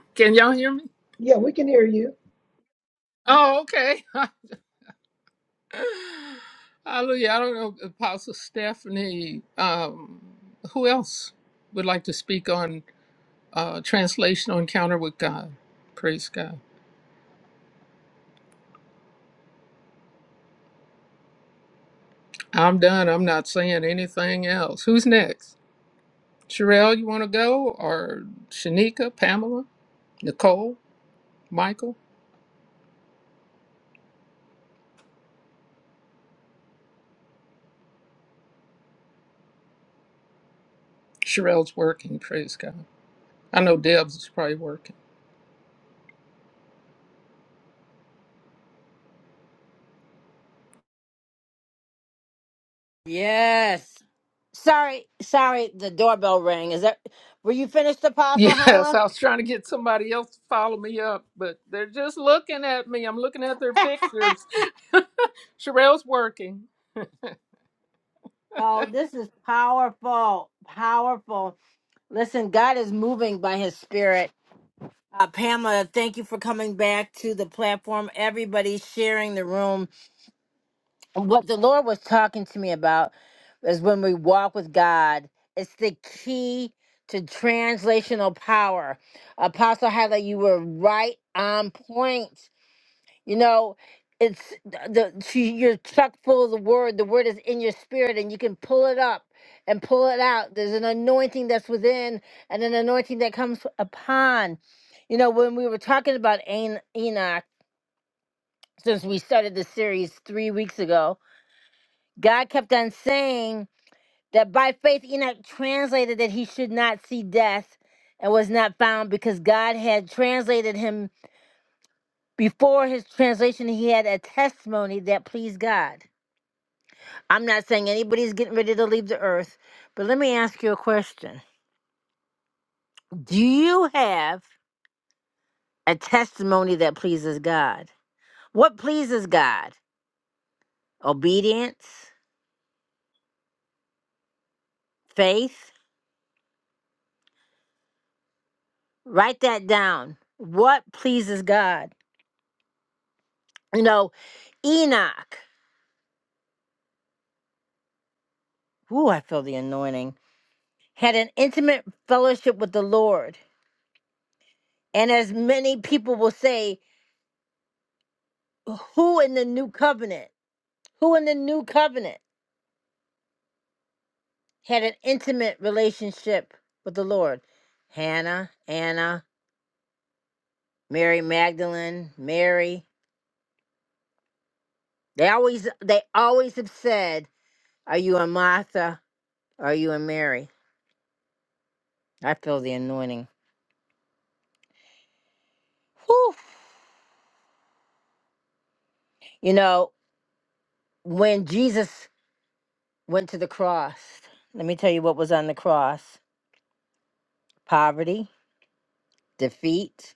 D: Can y'all hear me?
E: Yeah, we can hear you.
D: Oh, okay. Hallelujah. I don't know, Apostle Stephanie. Um, who else would like to speak on uh, translational encounter with God? Praise God. I'm done. I'm not saying anything else. Who's next? Sherelle, you want to go? Or Shanika, Pamela, Nicole, Michael? Sherelle's working. Praise God. I know Deb's is probably working.
A: yes. Sorry, sorry. The doorbell rang. Is that? Were you finished, Apostle
D: Yes,
A: Hyla?
D: I was trying to get somebody else to follow me up, but they're just looking at me. I'm looking at their pictures. Sherelle's working.
A: Oh, this is powerful, powerful. Listen, God is moving by His Spirit Uh, Pamela, thank you for coming back to the platform. Everybody sharing the room. And What the Lord was talking to me about is when we walk with God, it's the key to translational power. Apostle Highlight, you were right on point you know, it's the the- she, you're chock full of the word. The word is in your spirit, and you can pull it up and pull it out. There's an anointing that's within, and an anointing that comes upon. You know, when we were talking about Ain- Enoch, since we started the series three weeks ago, God kept on saying that by faith Enoch translated that he should not see death and was not found because God had translated him before his translation he had a testimony that pleased God I'm not saying anybody's getting ready to leave the earth, but let me ask you a question. Do you have a testimony that pleases God? What pleases God? Obedience, faith? Write that down. What pleases God? You know, Enoch, ooh, I feel the anointing, had an intimate fellowship with the Lord. And as many people will say, who in the new covenant? Who in the new covenant? had an intimate relationship with the Lord. Hannah, Anna, Mary Magdalene, Mary. They always they always have said, Are you a Martha? Are you a Mary? I feel the anointing. Whew. You know, when Jesus went to the cross, let me tell you what was on the cross. Poverty, defeat,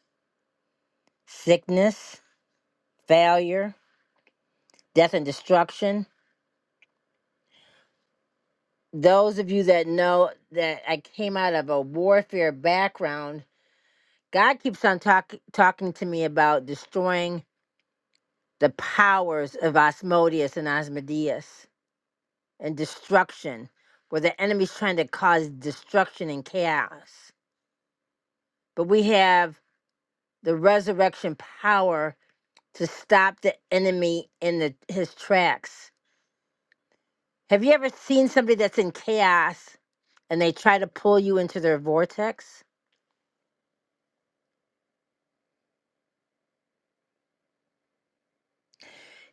A: sickness, failure, death and destruction. Those of you that know that I came out of a warfare background God keeps on talk, talking to me about destroying the powers of Asmodeus and Asmodeus and destruction, where the enemy's trying to cause destruction and chaos. But we have the resurrection power to stop the enemy in the, his tracks. Have you ever seen somebody that's in chaos and they try to pull you into their vortex?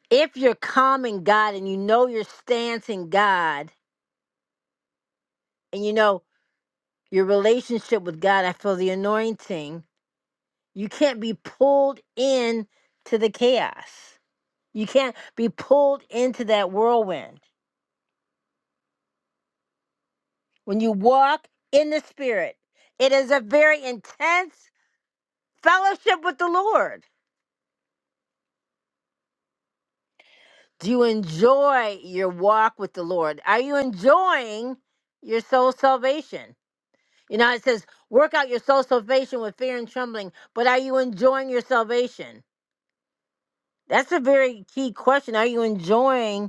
A: If you're calm in God and you know your stance in God, and you know your relationship with God. I feel the anointing. You can't be pulled in to the chaos. You can't be pulled into that whirlwind. When you walk in the Spirit, it is a very intense fellowship with the Lord. Do you enjoy your walk with the Lord? Are you enjoying your soul salvation? You know, it says, work out your soul salvation with fear and trembling, but are you enjoying your salvation? That's a very key question. Are you enjoying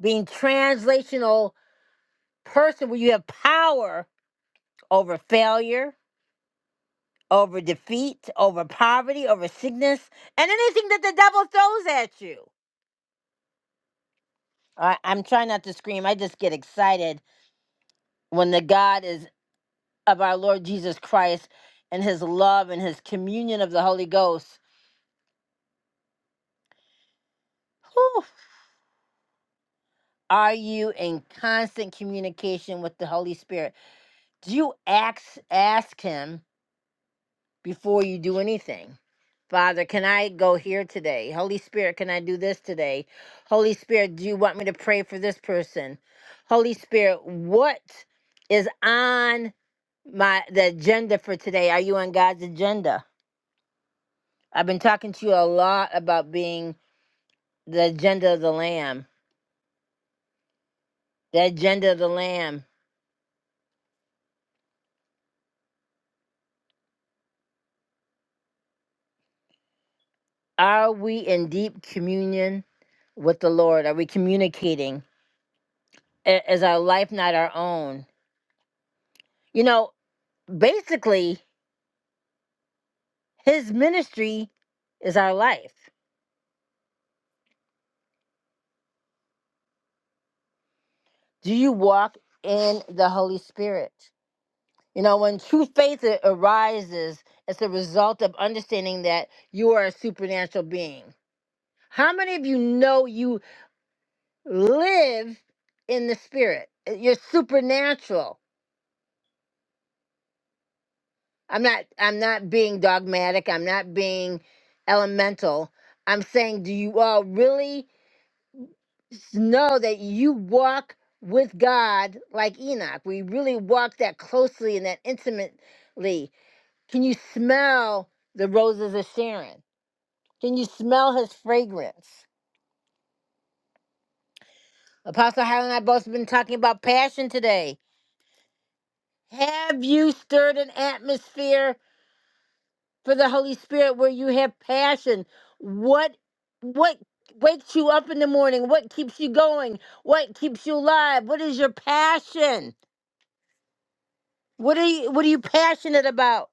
A: being translational person where you have power over failure, over defeat, over poverty, over sickness, and anything that the devil throws at you. I, I'm trying not to scream. I just get excited when the God is of our Lord Jesus Christ and his love and his communion of the Holy Ghost. Whew. Are you in constant communication with the Holy Spirit? Do you ask ask him? before you do anything. Father, can I go here today? Holy Spirit, can I do this today? Holy Spirit, do you want me to pray for this person? Holy Spirit, what is on my the agenda for today? Are you on God's agenda? I've been talking to you a lot about being the agenda of the lamb. The agenda of the lamb. Are we in deep communion with the Lord? Are we communicating? I- Is our life not our own? You know, basically his ministry is our life do you walk in the holy spirit you know when true faith a- arises it's a result of understanding that you are a supernatural being how many of you know you live in the spirit Uh, you're supernatural i'm not i'm not being dogmatic i'm not being elemental i'm saying do you all really s- know that you walk with God like Enoch. We really walk that closely and that intimately. Can you smell the roses of Sharon? Can you smell his fragrance? Apostle Highland and I both have been talking about passion today. Have you stirred an atmosphere for the Holy Spirit where you have passion? What what wakes you up in the morning? What keeps you going? What keeps you alive? What is your passion? What are you what are you passionate about?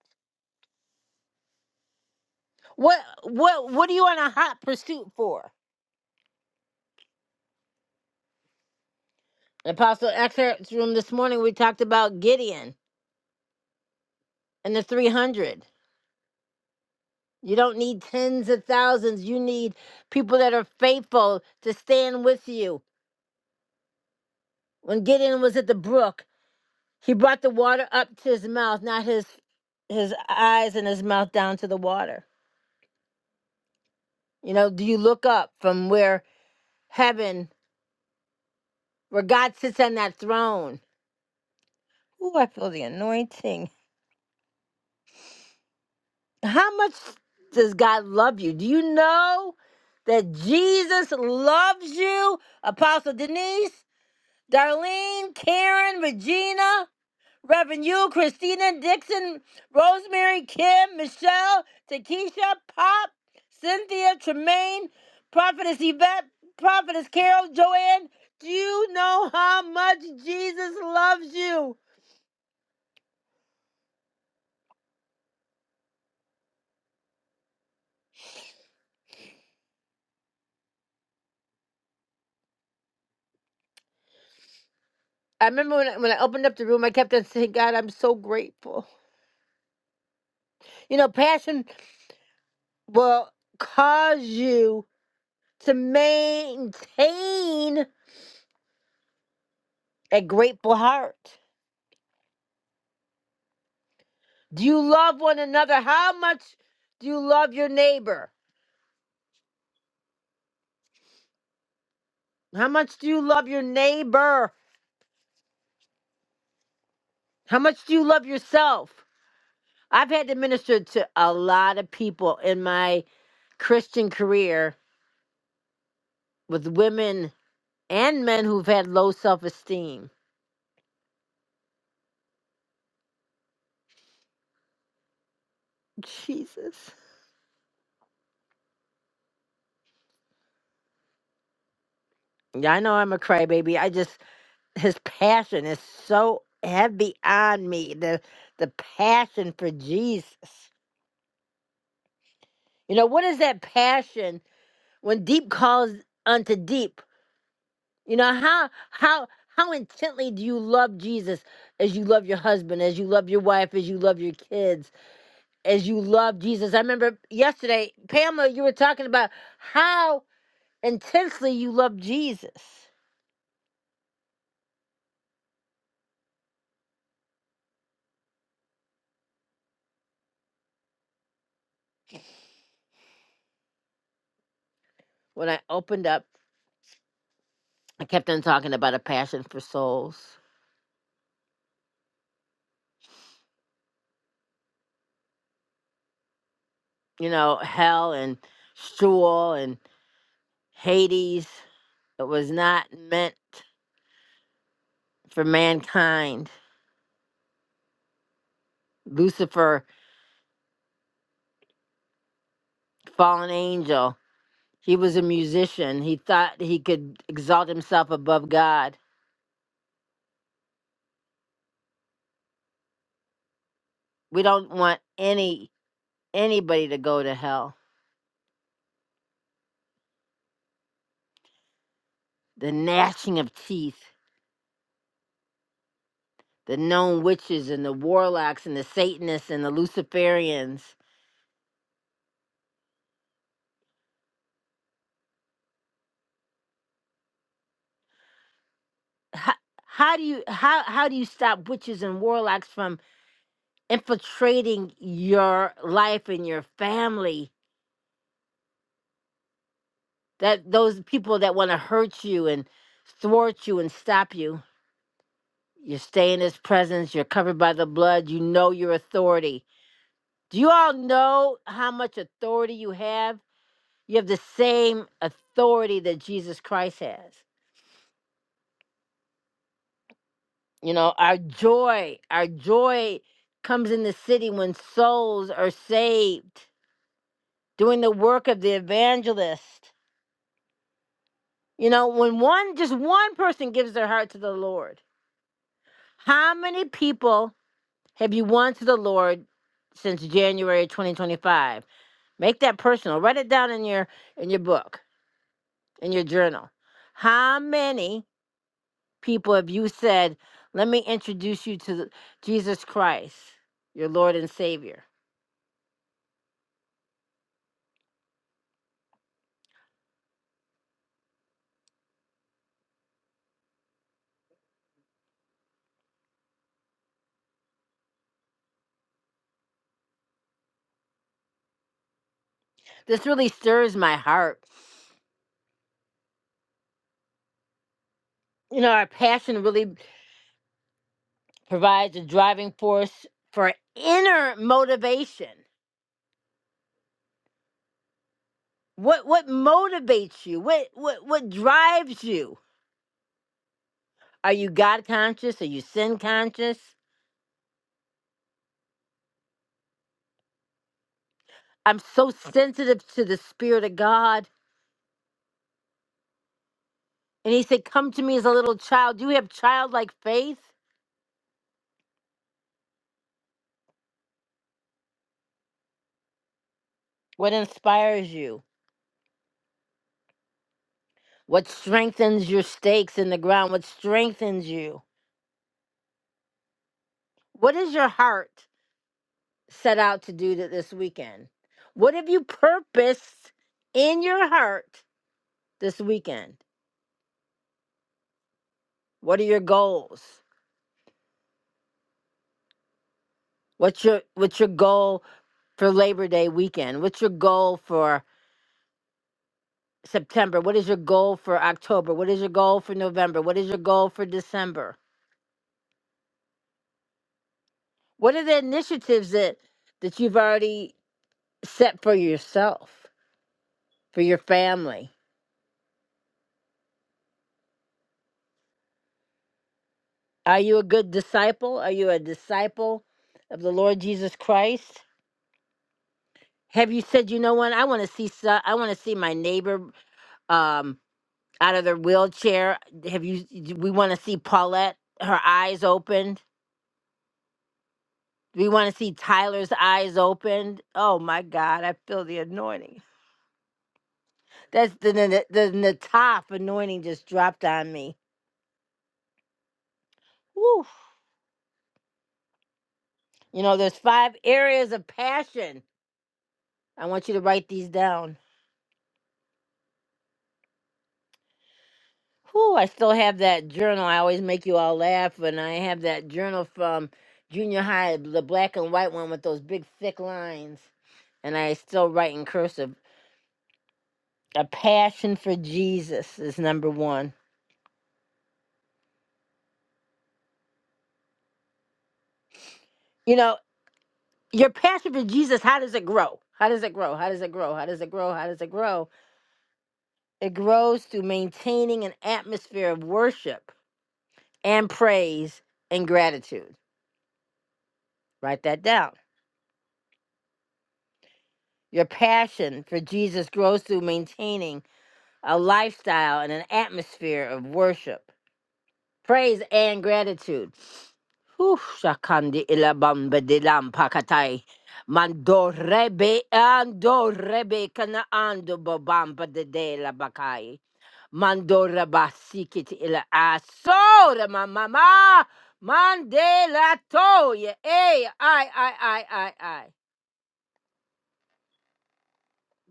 A: What what what are you on a hot pursuit for? In Apostle Excerpt's room this morning we talked about Gideon and the 300. You don't need tens of thousands. You need people that are faithful to stand with you. When Gideon was at the brook, he brought the water up to his mouth, not his his eyes and his mouth down to the water. You know, do you look up from where heaven, where God sits on that throne? Ooh, I feel the anointing. How much does God love you? Do you know that Jesus loves you? Apostle Denise, Darlene, Karen, Regina, Reverend you, Christina, Dixon, Rosemary, Kim, Michelle, Takesha, Pop, Cynthia, Tremaine, Prophetess Yvette, Prophetess Carol, Joanne. Do you know how much Jesus loves you? I remember when I, when I opened up the room, I kept on saying, God, I'm so grateful. You know, Passion will cause you to maintain a grateful heart. Do you love one another? How much do you love your neighbor? How much do you love your neighbor? How much do you love yourself? I've had to minister to a lot of people in my Christian career with women and men who've had low self esteem. Jesus. Yeah, I know I'm a crybaby. I just his passion is so heavy on me. The the passion for Jesus. You know, what is that passion when deep calls unto deep? You know, how how how intently do you love Jesus as you love your husband, as you love your wife, as you love your kids, as you love Jesus? I remember yesterday, Pamela, you were talking about how intensely you love Jesus. When I opened up, I kept on talking about a passion for souls you know, hell and Sheol and Hades. It was not meant for mankind. Lucifer, fallen angel, he was a musician. He thought he could exalt himself above God. We don't want any anybody to go to hell. The gnashing of teeth, the known witches and the warlocks and the Satanists and the Luciferians. How, how do you how how do you stop witches and warlocks from infiltrating your life and your family that those people that want to hurt you and thwart you and stop you you stay in his presence you're covered by the blood you know your authority do you all know how much authority you have you have the same authority that jesus christ has you know our joy our joy comes in the city when souls are saved doing the work of the evangelist You know, when one, just one person gives their heart to the Lord, how many people have you won to the Lord since January 2025? Make that personal. Write it down in your in your book, in your journal. How many people have you said, "Let me introduce you to the- Jesus Christ, your Lord and Savior"? This really stirs my heart. You know, our passion really provides a driving force for inner motivation. What what motivates you? What what what drives you? Are you God conscious? Are you sin conscious? I'm so sensitive to the spirit of God. And he said, "Come to me as a little child. Do you have childlike faith? What inspires you? What strengthens your stakes in the ground? What strengthens you? What is your heart? set out to do that this weekend? What have you purposed in your heart this weekend? What are your goals? What's your what's your goal for Labor Day weekend? What's your goal for September? What is your goal for October? What is your goal for November? What is your goal for December? What are the initiatives that that you've already set for yourself, for your family? Are you a good disciple? Are you a disciple of the Lord Jesus Christ? Have you said, you know what? I want to see so, I want to see my neighbor um out of their wheelchair. Have you d- we want to see Paulette her eyes opened? We want to see Tyler's eyes opened. Oh my God, I feel the anointing. That's the the, the Nataf anointing just dropped on me. Woo. You know, there's five areas of passion. I want you to write these down. Whew, I still have that journal. I always make you all laugh, and I have that journal from junior high, the black and white one with those big thick lines. And I still write in cursive. A passion for Jesus is number one. You know, your passion for Jesus, how does it grow? How does it grow? How does it grow? How does it grow? How does it grow? It grows through maintaining an atmosphere of worship and praise and gratitude. Write that down. Your passion for Jesus grows through maintaining a lifestyle and an atmosphere of worship, praise, and gratitude. Whew, Shakandi ilabamba dilam pakatai. Mandorebe andorebe kana ando bobamba de de la bakai. Mandora basikit ila asora mama mandela toya. Hey, I, I, I, I, I.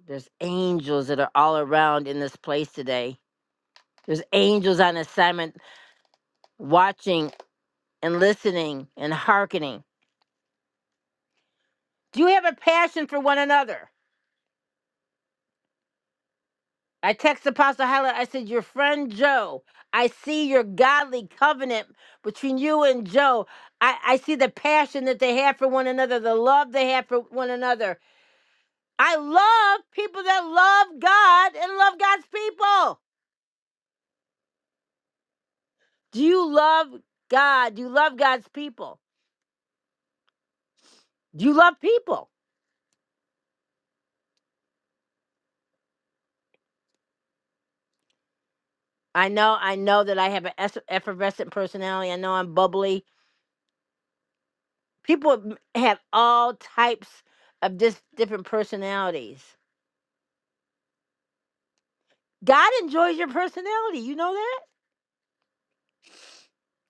A: There's angels that are all around in this place today. There's angels on assignment watching and listening and hearkening. Do you have a passion for one another? I texted Apostle Hyla, I said, Your friend Joe, I see your godly covenant between you and Joe. I, I see the passion that they have for one another, the love they have for one another. I love people that love God and love God's people. Do you love God? Do you love God's people? Do you love people? I know, I know that I have an es- effervescent personality. I know I'm bubbly. People have all types of just different personalities. God enjoys your personality. You know that?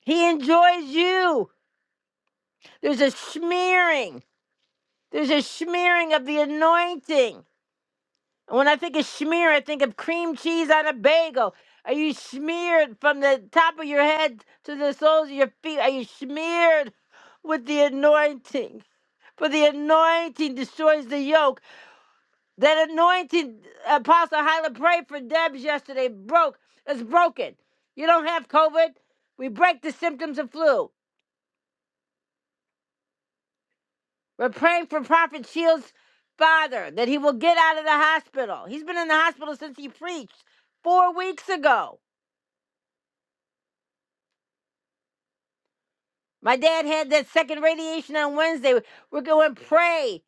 A: He enjoys you. There's a smearing. There's a smearing of the anointing. And when I think of smear, I think of cream cheese on a bagel. Are you smeared from the top of your head to the soles of your feet? Are you smeared with the anointing? For the anointing destroys the yoke. That anointed Apostle Hyla prayed for Debs yesterday broke. It's broken. You don't have COVID. We break the symptoms of flu. We're praying for Prophet Shields' father that he will get out of the hospital. He's been in the hospital since he preached four weeks ago. My dad had that second radiation on Wednesday. We're going to pray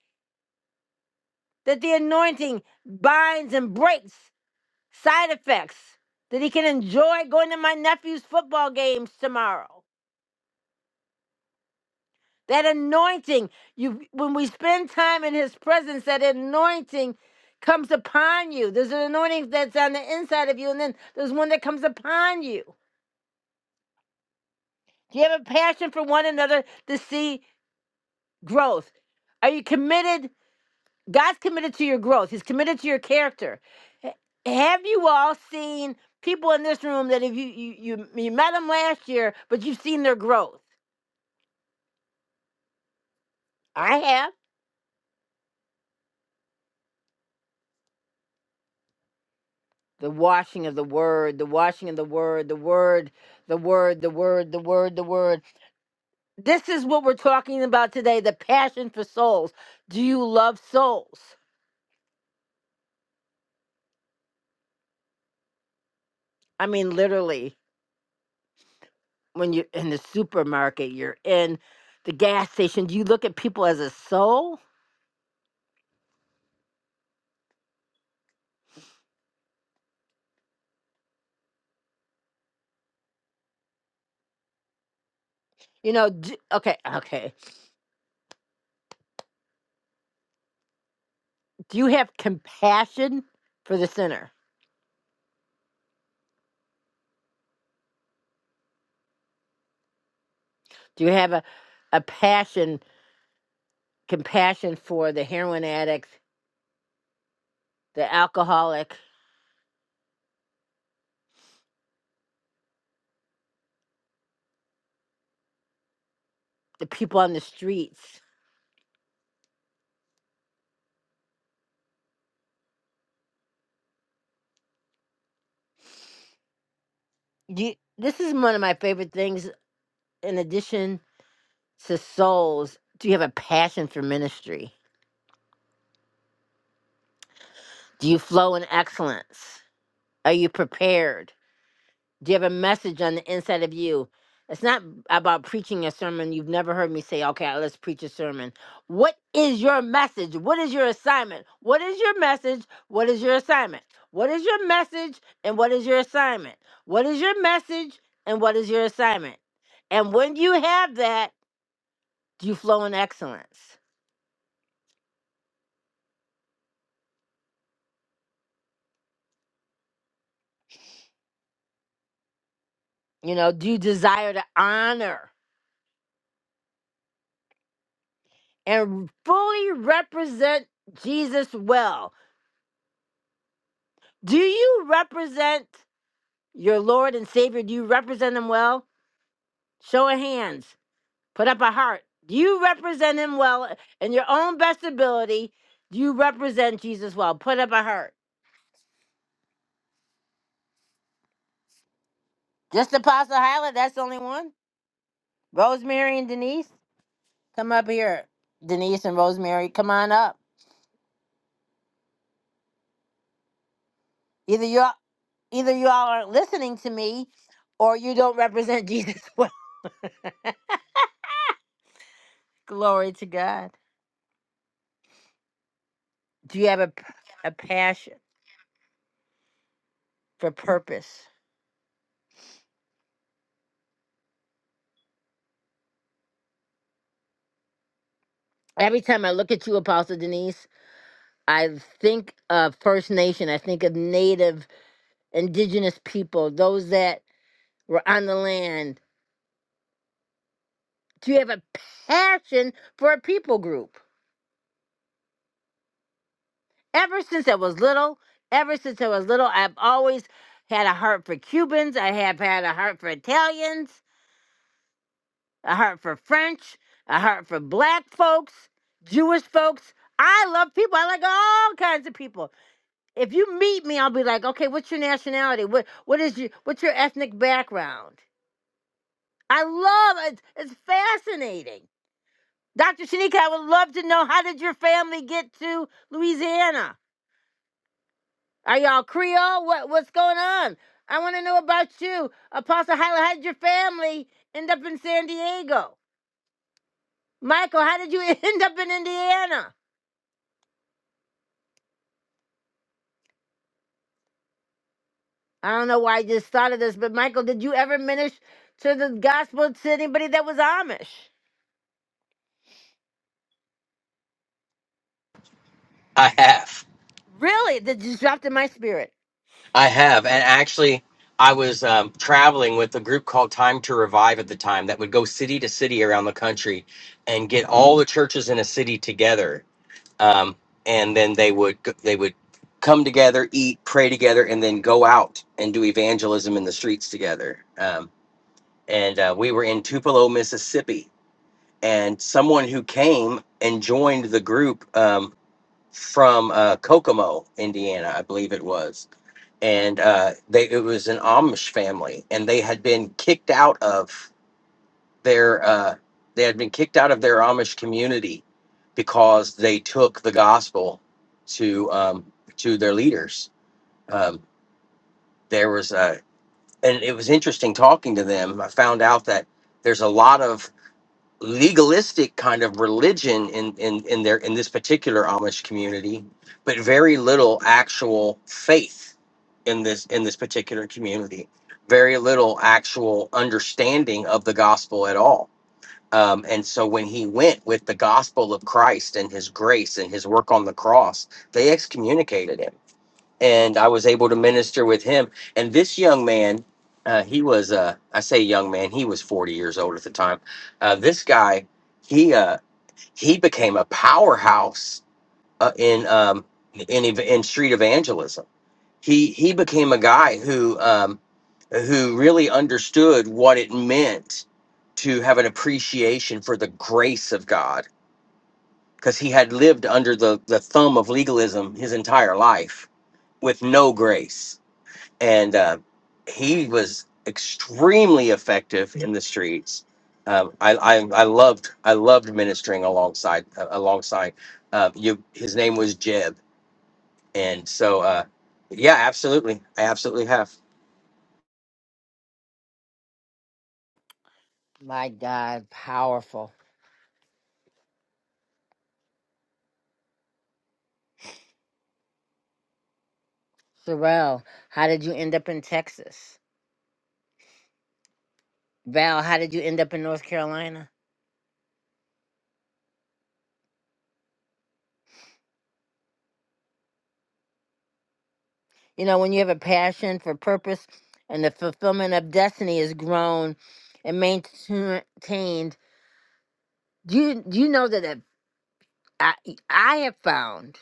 A: that the anointing binds and breaks side effects, that he can enjoy going to my nephew's football games tomorrow. That anointing, you when we spend time in his presence, that anointing comes upon you. There's an anointing that's on the inside of you, and then there's one that comes upon you. Do you have a passion for one another to see growth? Are you committed? God's committed to your growth. He's committed to your character. Ha- Have you all seen people in this room that if you you you, you met them last year, but you've seen their growth? I have. the washing of the word, the washing of the word, the word, the word, the word, the word, the word. This is what we're talking about today the passion for souls. Do you love souls? I mean, literally, when you're in the supermarket, you're in the gas station, do you look at people as a soul? You know, do, okay, okay. Do you have compassion for the sinner? Do you have a, a passion, compassion for the heroin addict, the alcoholic, the people on the streets? Do you this is one of my favorite things in addition to souls do you have a passion for ministry do you flow in excellence are you prepared do you have a message on the inside of you it's not about preaching a sermon you've never heard me say okay let's preach a sermon what is your message what is your assignment what is your message what is your assignment what is your message and what is your assignment what is your message and what is your assignment and when you have that Do you flow in excellence? You know, do you desire to honor and fully represent Jesus well? Do you represent your Lord and Savior? Do you represent him well? Show of hands, put up a heart. Do you represent him well in your own best ability? Do you represent Jesus well? Put up a heart. Just Apostle Hyla, that's the only one. Rosemary and Denise, come up here. Denise and Rosemary, come on up. Either you Either you all aren't listening to me or you don't represent Jesus well. Glory to God. Do you have a, p- a passion for purpose? Every time I look at you, Apostle Denise, I think of First Nation, I think of Native, Indigenous people, those that were on the land. Do you have a passion for a people group? Ever since I was little, ever since I was little, I've always had a heart for Cubans, I have had a heart for Italians. I heart for French. I heart for black folks, Jewish folks. I love people. I like all kinds of people. If you meet me, I'll be like, okay, what's your nationality? What what is your what's your ethnic background? I love it. It's fascinating. Dr. Shanika, I would love to know how did your family get to Louisiana? Are y'all Creole? What what's going on? I want to know about you. Apostle Hyla, how did your family end up in San Diego? Michael, how did you end up in Indiana? I don't know why I just thought of this, but Michael, did you ever minister to the gospel to anybody that was Amish?
B: I have.
A: Really? That just dropped in my spirit.
B: I have, and actually, I was um, traveling with a group called Time to Revive at the time that would go city to city around the country and get all the churches in a city together, um, and then they would g- they would come together, eat, pray together, and then go out and do evangelism in the streets together. Um, and uh, we were in Tupelo, Mississippi, and someone who came and joined the group um, from uh, Kokomo, Indiana, I believe it was and uh, they it was an Amish family, and they had been kicked out of their uh, they had been kicked out of their Amish community because they took the gospel to um, to their leaders. Um, there was a and it was interesting talking to them. I found out that there's a lot of legalistic kind of religion in in in their in this particular Amish community, but very little actual faith in this in this particular community. Very little actual understanding of the gospel at all. Um, and so when he went with the gospel of Christ and his grace and his work on the cross, they excommunicated him and I was able to minister with him. And this young man, uh, he was, uh, I say young man, he was 40 years old at the time. Uh, this guy, he uh, he became a powerhouse uh, in um, in ev- in street evangelism. He he became a guy who um, who really understood what it meant to have an appreciation for the grace of God because he had lived under the, the thumb of legalism his entire life with no grace and uh, he was extremely effective in the streets. Um, I, I I loved I loved ministering alongside uh, alongside uh, you. His name was Jeb, and so uh, yeah, absolutely, I absolutely have.
A: My God, powerful. Sorrel, how did you end up in Texas? Val, how did you end up in North Carolina? You know, when you have a passion for purpose and the fulfillment of destiny is grown and maintained, do you, do you know that it- I, I have found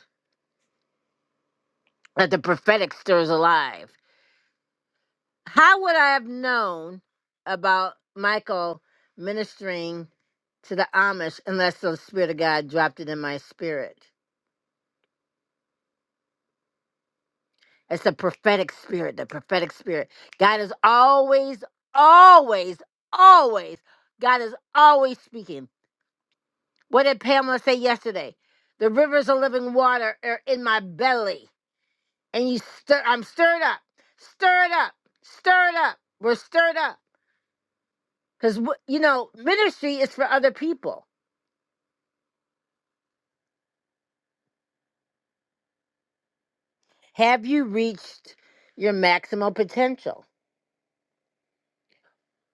A: that the prophetic stirs alive? How would I have known about Michael ministering to the Amish unless the Spirit of God dropped it in my spirit? It's the prophetic spirit, the prophetic spirit. God is always, always, always, God is always speaking. What did Pamela say yesterday? The rivers of living water are in my belly. And you stir, I'm stirred up, stirred up, stirred up. We're stirred up. Because, you know, ministry is for other people Have you reached your maximal potential?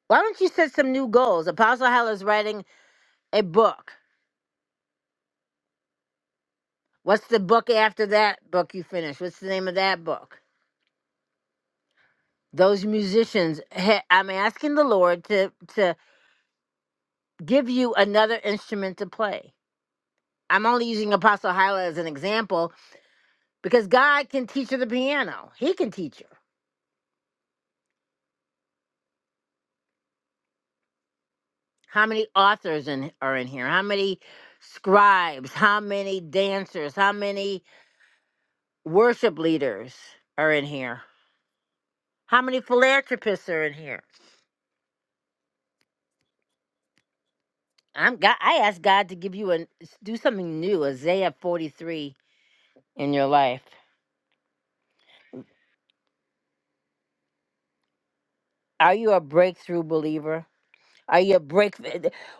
A: Why don't you set some new goals? Apostle Heller's writing a book. What's the book after that book you finish? What's the name of that book? Those musicians, he- I'm asking the Lord to to give you another instrument to play. I'm only using Apostle Hyla as an example because God can teach her the piano. He can teach her. How many authors in, are in here? How many scribes? How many dancers? How many worship leaders are in here? How many philanthropists are in here? I'm God. I asked God to give you a do something new, Isaiah 43 in your life. Are you a breakthrough believer? Are you a break?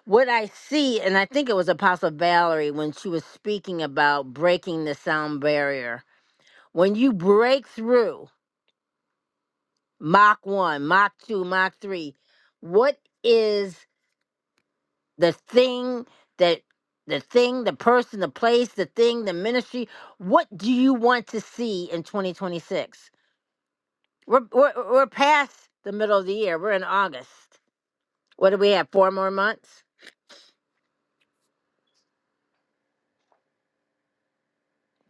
A: What I see, and I think it was Apostle Valerie when she was speaking about breaking the sound barrier. When you break through Mach 1, Mach 2, Mach 3, what is the thing that the thing, the person, the place, the thing, the ministry. What do you want to see in 2026? We're, we're, we're past the middle of the year. We're in August. What do we have? Four more months?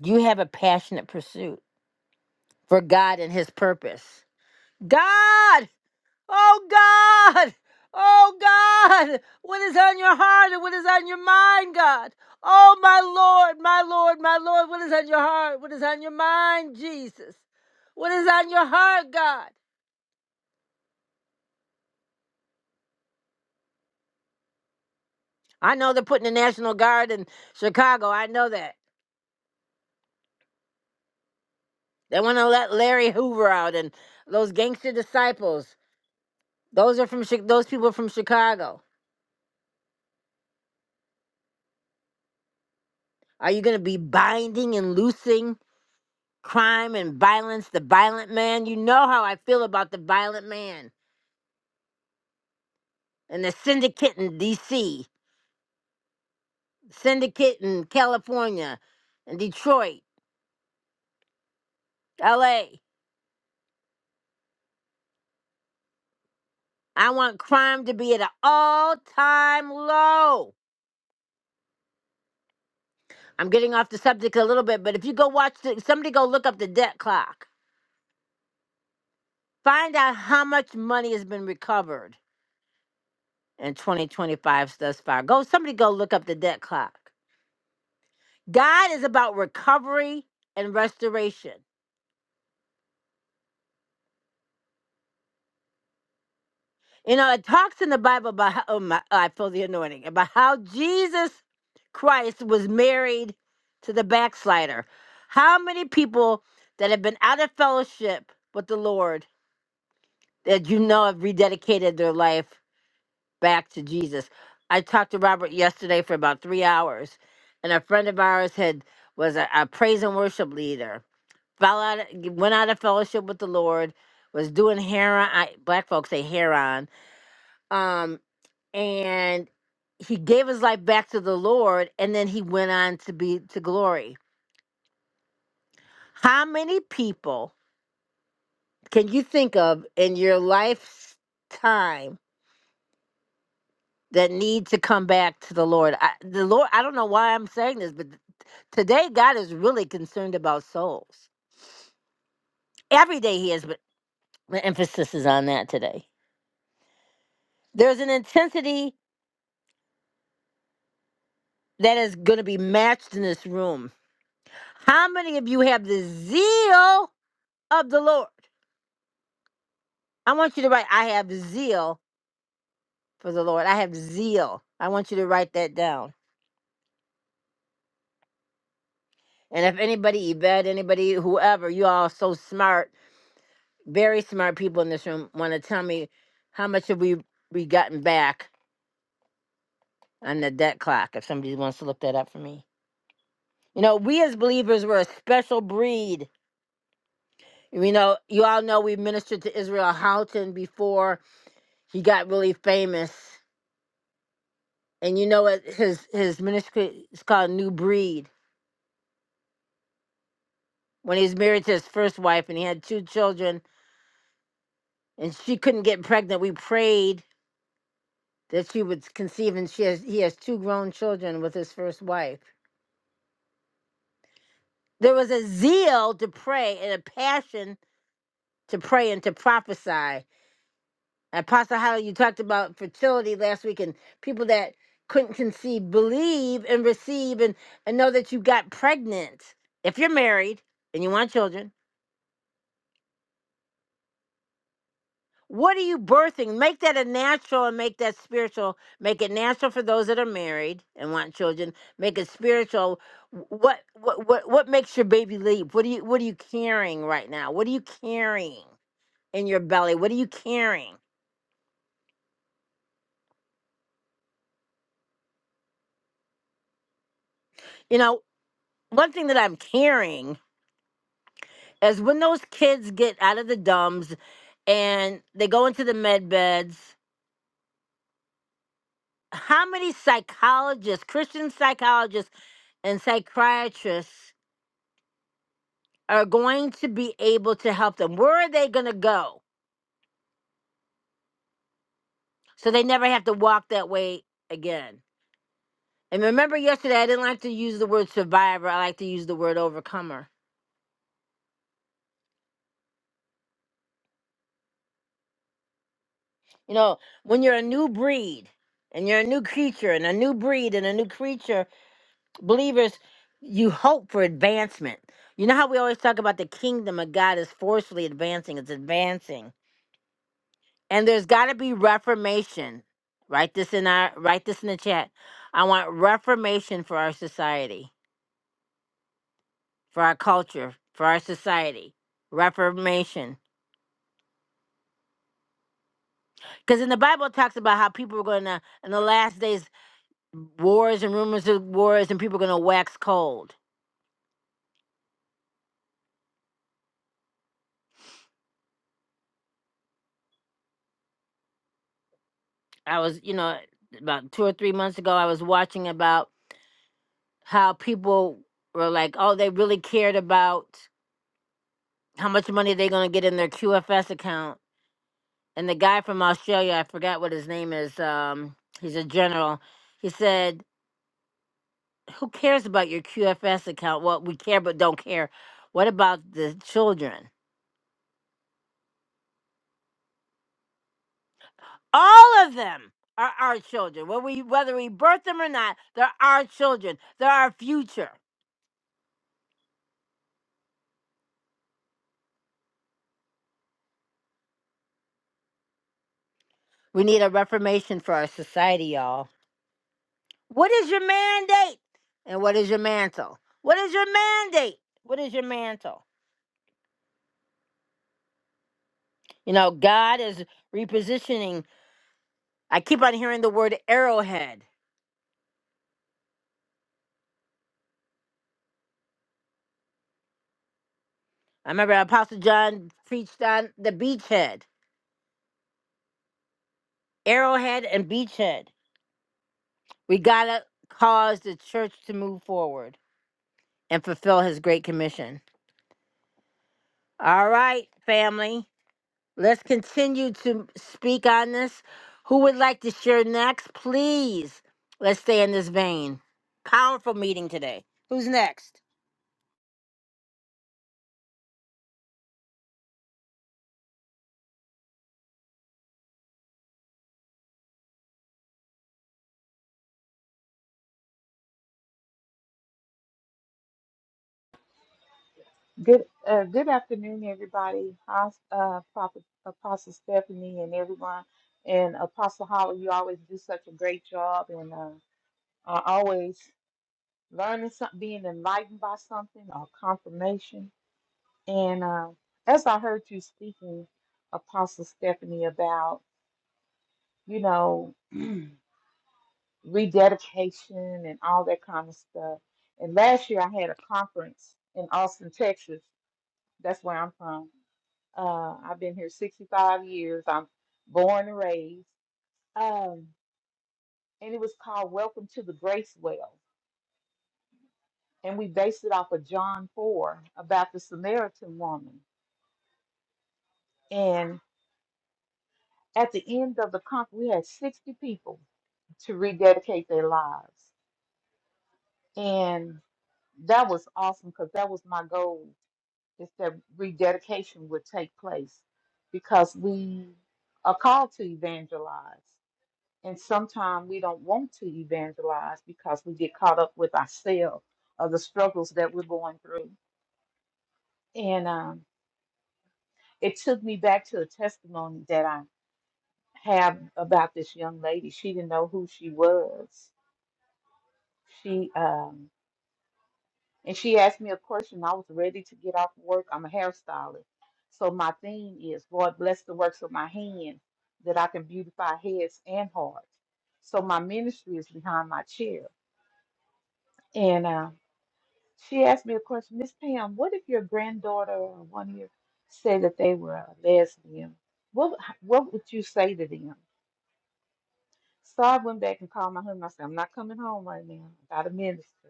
A: You have a passionate pursuit for God and His purpose. God! Oh God! Oh God! What is on your heart and what is on your mind, God? Oh my Lord, my Lord, my Lord, what is on your heart? What is on your mind, Jesus? What is on your heart, God? I know they're putting the National Guard in Chicago. I know that. They want to let Larry Hoover out and those gangster disciples. Those are from Chi- those people are from Chicago. Are you going to be binding and loosing crime and violence, the violent man. You know how I feel about the violent man and the syndicate in DC, syndicate in California, and Detroit, LA. I want crime to be at an all time low. I'm getting off the subject a little bit, but if you go watch, the, somebody go look up the debt clock. Find out how much money has been recovered in 2025 thus far. Go, somebody go look up the debt clock. God is about recovery and restoration. You know, it talks in the Bible about how, oh my, oh, I feel the anointing about how Jesus Christ was married to the backslider. How many people that have been out of fellowship with the Lord that you know have rededicated their life back to Jesus? I talked to Robert yesterday for about three hours, and a friend of ours had was a, a praise and worship leader. Fell out, went out of fellowship with the Lord. Was doing hair on. I, black folks say hair on um, and he gave his life back to the Lord and then he went on to be to glory. How many people can you think of in your life's time that need to come back to the Lord? I, the Lord, I don't know why I'm saying this, but today God is really concerned about souls. Every day he is, but the emphasis is on that today. There's an intensity that is going to be matched in this room. How many of you have the zeal of the Lord? I want you to write, I have zeal for the Lord. I have zeal. I want you to write that down. And if anybody, Yvette, anybody, whoever, you all so smart, very smart people in this room, want to tell me how much have we, we gotten back on the debt clock, if somebody wants to look that up for me. You know, we as believers, we're a special breed. You know, you all know we ministered to Israel Houghton before he got really famous. And you know what? His, his ministry is called New Breed when he was married to his first wife and he had two children and she couldn't get pregnant we prayed that she would conceive and she has he has two grown children with his first wife there was a zeal to pray and a passion to pray and to prophesy apostle how you talked about fertility last week and people that couldn't conceive believe and receive and, and know that you got pregnant if you're married and you want children What are you birthing? Make that a natural and make that spiritual. Make it natural for those that are married and want children. Make it spiritual. Wh- What what what what makes your baby leap? What are you what are you carrying right now? What are you carrying in your belly? What are you carrying? You know, one thing that I'm carrying is when those kids get out of the dumbs and they go into the med beds, how many psychologists, Christian psychologists and psychiatrists are going to be able to help them. Where are they going to go? So they never have to walk that way again. And remember yesterday, I didn't like to use the word survivor. I like to use the word overcomer. You know, when you're a new breed and you're a new creature and a new breed and a new creature, believers, you hope for advancement. You know how we always talk about the kingdom of God is forcefully advancing, it's advancing And there's got to be reformation. Write this in our write this in the chat. I want reformation for our society, for our culture, for our society. Reformation. Because in the Bible it talks about how people are going to in the last days wars and rumors of wars and people are going to wax cold. I was, you know, about 2 or 3 months ago I was watching about how people were like, "Oh, they really cared about how much money they're going to get in their QFS account." and the guy from Australia, I forgot what his name is. Um, he's a general. He said, "Who cares about your QFS account? Well, we care, but don't care. What about the children? All of them are our children. Whether we whether we birth them or not, they're our children. They're our future. We need a reformation for our society, y'all. What is your mandate? And what is your mantle? What is your mandate? What is your mantle? You know, God is repositioning I keep on hearing the word arrowhead. I remember Apostle John preached on the beachhead, arrowhead and beachhead. We got to cause the church to move forward and fulfill his great commission. All right, family, let's continue to speak on this. Who would like to share next? Please, let's stay in this vein. Powerful meeting today. Who's next?
F: Good uh, good afternoon, everybody. Hos- uh, Prophet Apostle Stephanie and everyone, and Apostle Holly, you always do such a great job, and uh, are always learning something, being enlightened by something or confirmation. And uh, as I heard you speaking, Apostle Stephanie, about you know rededication and all that kind of stuff. And last year, I had a conference in Austin, Texas. That's where I'm from Uh, I've been here 65 years. I'm born and raised. Um, and it was called Welcome to the Grace Well. And we based it off of John 4 about the Samaritan woman. And at the end of the conference, we had 60 people to rededicate their lives. And that was awesome because that was my goal is that rededication would take place because we are called to evangelize. And sometimes we don't want to evangelize because we get caught up with ourselves or the struggles that we're going through. And um, it took me back to a testimony that I have about this young lady. She didn't know who she was. She um, and she asked me a question. I was ready to get off work. I'm a hairstylist, so my theme is Lord bless the works of my hands that I can beautify heads and hearts. So my ministry is behind my chair, and. uh, She asked me a question, Miss Pam, what if your granddaughter or one of you say that they were a lesbian? What what would you say to them? So I went back and called my husband. I said, I'm not coming home right now. I got to minister.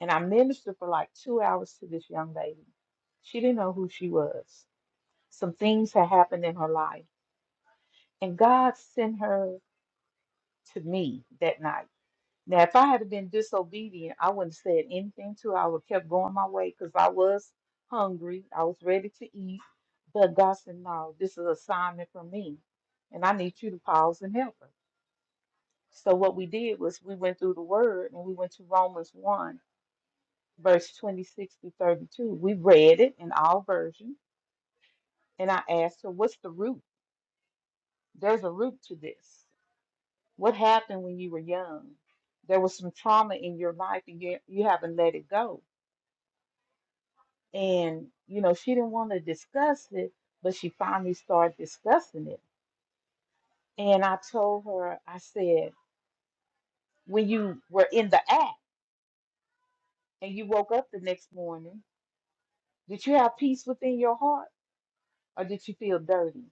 F: And I ministered for like two hours to this young lady. She didn't know who she was. Some things had happened in her life. And God sent her to me that night. Now, if I had been disobedient, I wouldn't have said anything to her. I would have kept going my way because I was hungry. I was ready to eat. But God said, No, this is an assignment from me. And I need you to pause and help her. So, what we did was we went through the word and we went to Romans 1, verse 26 to 32. We read it in our version. And I asked her, What's the root? There's a root to this. What happened when you were young? There was some trauma in your life and you, you haven't let it go And, you know, she didn't want to discuss it, but she finally started discussing it. And I told her, I said, when you were in the act and you woke up the next morning, did you have peace within your heart or did you feel dirty?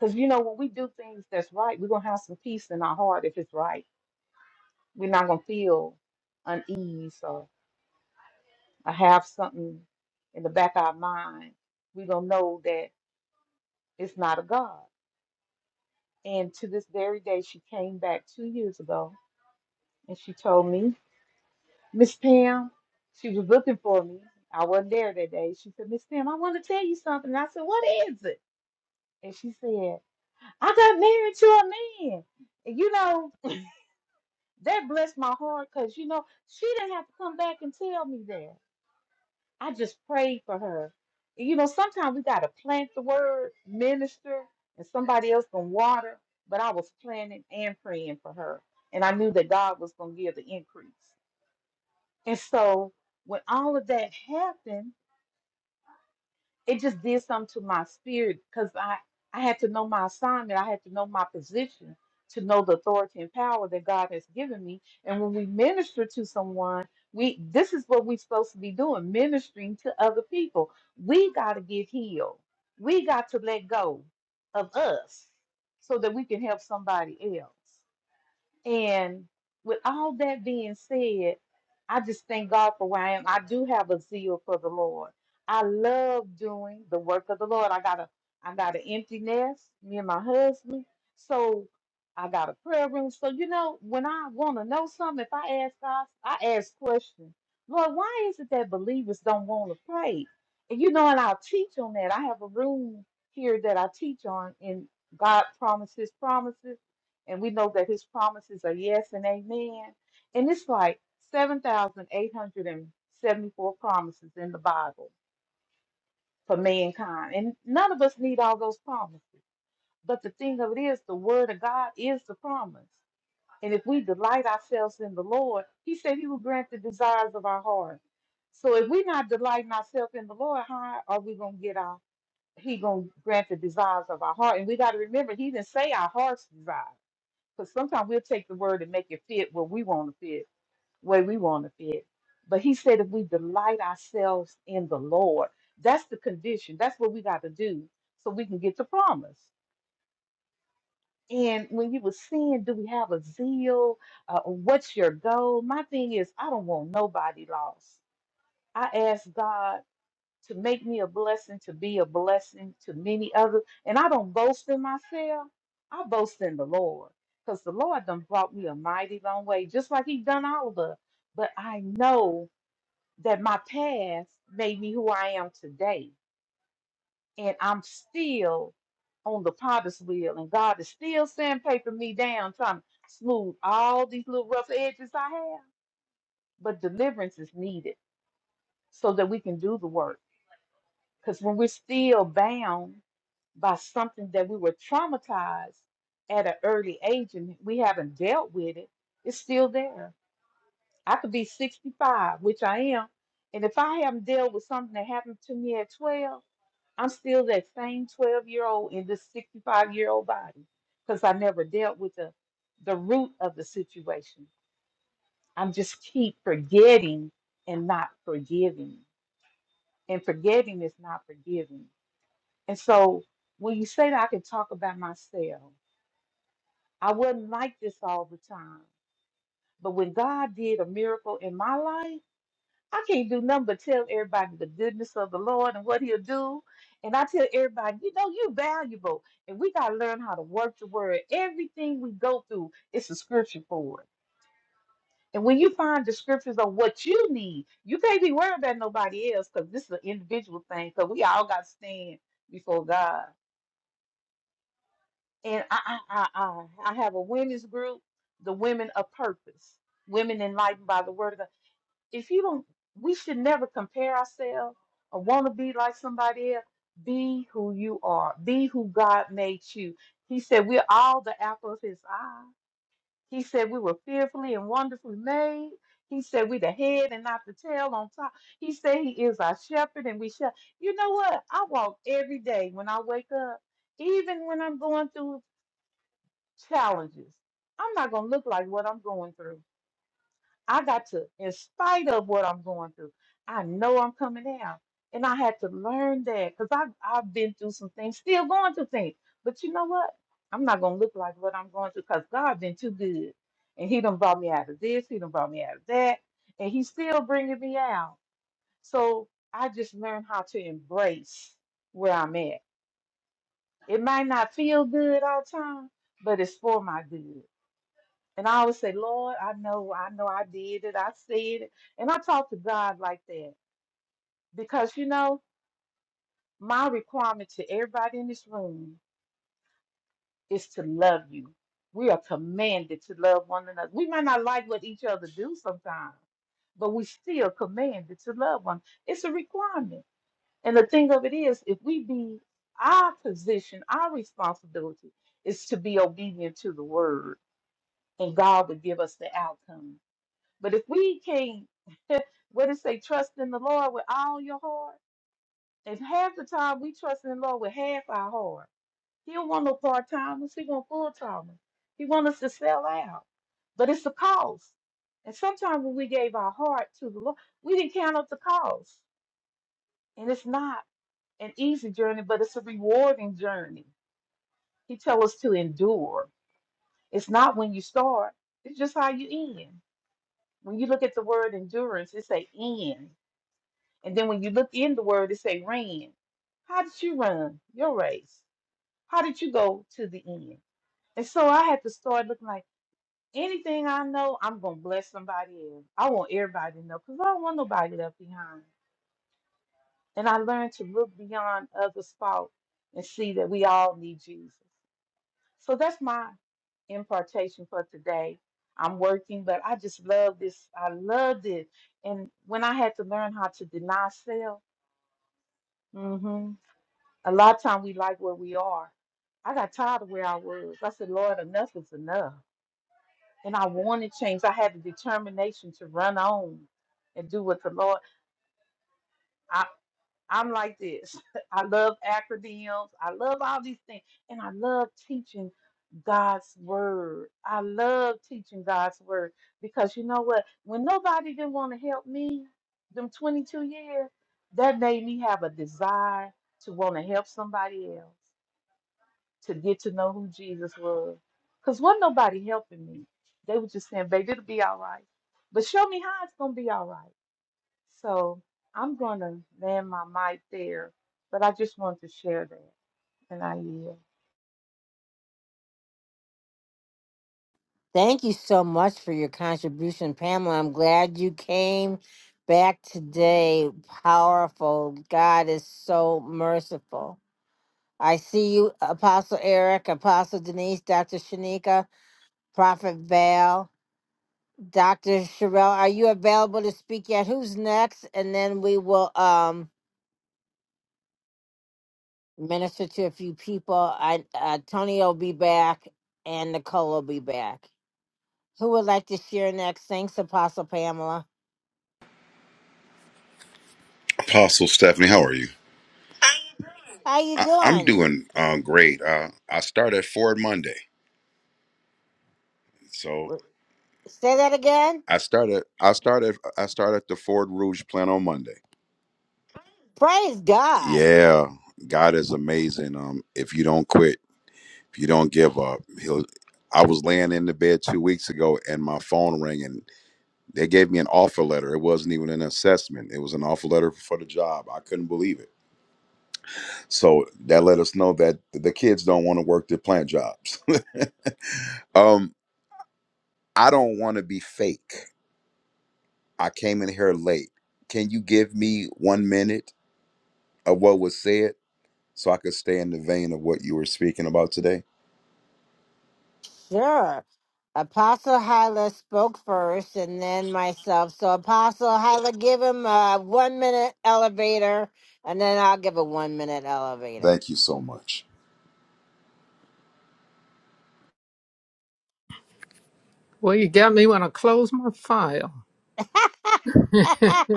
F: Because, you know, when we do things that's right, we're going to have some peace in our heart if it's right. We're not going to feel unease or, or have something in the back of our mind. We're going to know that it's not a God. And to this very day, she came back two years ago and she told me, Miss Pam, she was looking for me. I wasn't there that day. She said, Miss Pam, I want to tell you something. And I said, What is it? And she said, I got married to a man. And you know, that blessed my heart because, you know, she didn't have to come back and tell me that. I just prayed for her. And, You know, sometimes we gotta plant the word, minister, and somebody else gonna water. But I was planting and praying for her, and I knew that God was gonna give the increase. And so when all of that happened, it just did something to my spirit because I I had to know my assignment. I had to know my position to know the authority and power that God has given me. And when we minister to someone, we this is what we're supposed to be doing, ministering to other people. We got to get healed. We got to let go of us so that we can help somebody else. And with all that being said, I just thank God for where I am. I do have a zeal for the Lord. I love doing the work of the Lord. I got a I got an empty nest, me and my husband. So I got a prayer room. So you know, when I want to know something, if I ask God, I ask questions. Lord, why is it that believers don't want to pray? And you know, and I'll teach on that. I have a room here that I teach on in God promises, promises and we know that his promises are yes and amen. And it's like 7,874 promises in the Bible for mankind. And none of us need all those promises. But the thing of it is, the word of God is the promise. And if we delight ourselves in the Lord, he said he will grant the desires of our heart. So if we're not delighting ourselves in the Lord, how are we going to get our, he going to grant the desires of our heart? And we got to remember, he didn't say our heart's desires. Because sometimes we'll take the word and make it fit where we want to fit, way we want to fit. But he said if we delight ourselves in the Lord, that's the condition. That's what we got to do so we can get the promise. And when you were saying, do we have a zeal? Uh, what's your goal? My thing is, I don't want nobody lost. I ask God to make me a blessing, to be a blessing to many others. And I don't boast in myself. I boast in the Lord. Because the Lord done brought me a mighty long way, just like he done all of us. But I know that my past made me who I am today. And I'm still on the potter's wheel. And God is still sandpapering me down, trying to smooth all these little rough edges I have. But deliverance is needed so that we can do the work. Because when we're still bound, by something that we were traumatized at an early age and we haven't dealt with it, it's still there. I could be 65, which I am, and if I haven't dealt with something that happened to me at 12, I'm still that same 12 year old in this 65 year old body because I never dealt with the, the root of the situation. I'm just keep forgetting and not forgiving. And forgetting is not forgiving. And so when you say that I can talk about myself, I wasn't like this all the time. But when God did a miracle in my life, I can't do nothing but tell everybody the goodness of the Lord and what He'll do. And I tell everybody, you know, you're valuable. And we got to learn how to work the word. Everything we go through, it's a scripture for it. And when you find the scriptures on what you need, you can't be worried about nobody else because this is an individual thing because we all got to stand before God. and I, I, I, I I have a women's group, the Women of Purpose, Women Enlightened by the Word of God. If you don't, we should never compare ourselves or want to be like somebody else. Be who you are. Be who God made you. He said we're all the apple of His eye. He said we were fearfully and wonderfully made. He said we're the head and not the tail on top. He said He is our shepherd and we shall. You know what? I walk every day when I wake up even when I'm going through challenges. I'm not going to look like what I'm going through. I got to, in spite of what I'm going through, I know I'm coming out. And I had to learn that because I've, I've been through some things, still going through things. But you know what? I'm not going to look like what I'm going through because God's been too good. And He done brought me out of this, He done brought me out of that. And He's still bringing me out. So I just learned how to embrace where I'm at. It might not feel good all the time, but it's for my good. And I always say, Lord, I know, I know I did it, I said it. And I talk to God like that because, you know, my requirement to everybody in this room is to love you. We are commanded to love one another. We might not like what each other do sometimes, but we still commanded to love one. It's a requirement. And the thing of it is, if we be our position, our responsibility is to be obedient to the word, and God will give us the outcome. But if we can't What it say? Trust in the Lord with all your heart. If half the time we trust in the Lord with half our heart, He don't want no part timers. He want full timers. He want us to sell out. But it's the cost. And sometimes when we gave our heart to the Lord, we didn't count up the cost. And it's not an easy journey, but it's a rewarding journey. He tells us to endure. It's not when you start. It's just how you end. When you look at the word endurance, it's a end. And then when you look in the word, it say ran. How did you run your race? How did you go to the end? And so I had to start looking like anything I know, I'm gonna bless somebody else. I want everybody to know because I don't want nobody left behind. And I learned to look beyond others' fault and see that we all need Jesus. So that's my impartation for today. I'm working, but I just love this. I loved it. And when I had to learn how to deny self, mhm, A lot of time we like where we are. I got tired of where I was. I said, Lord, enough is enough. And I wanted change. I had the determination to run on and do what the Lord. I, I'm like this. I love acronyms. I love all these things. And I love teaching God's word. I love teaching God's word because you know what? When nobody didn't want to help me, them 22 years, that made me have a desire to want to help somebody else. to get to know who Jesus was. Because wasn't nobody helping me. They were just saying, baby, it'll be all right. But show me how it's going to be all right. So I'm going to land my mic there. But I just wanted to share that. And I yield.
A: Thank you so much for your contribution, Pamela. I'm glad you came back today. Powerful. God is so merciful. I see you, Apostle Eric, Apostle Denise, Dr. Shanika, Prophet Val, Dr. Sherelle. Are you available to speak yet? Who's next? And then we will um minister to a few people. I uh, Tony will be back and Nicole will be back. Who would like to share next? Thanks, Apostle Pamela.
G: Apostle Stephanie, how are you?
A: How you
G: I, I'm
A: doing?
G: doing um, great. Uh, I start at Ford Monday, so
A: W- Say that again.
G: I started. I started. I started the Ford Rouge plant on Monday.
A: Praise God.
G: Yeah, God is amazing. Um, if you don't quit, if you don't give up, he'll. I was laying in the bed two weeks ago, and my phone rang, and they gave me an offer letter. It wasn't even an assessment; it was an offer letter for the job. I couldn't believe it. So that let us know that the kids don't want to work their plant jobs. um, I don't want to be fake. I came in here late. Can you give me one minute of what was said so I could stay in the vein of what you were speaking about today?
A: Sure. Apostle Hyla spoke first and then myself. So Apostle Hyla, give him a one minute elevator and then I'll give a one minute elevator.
G: Thank you so much.
D: Well, you got me when I close my file.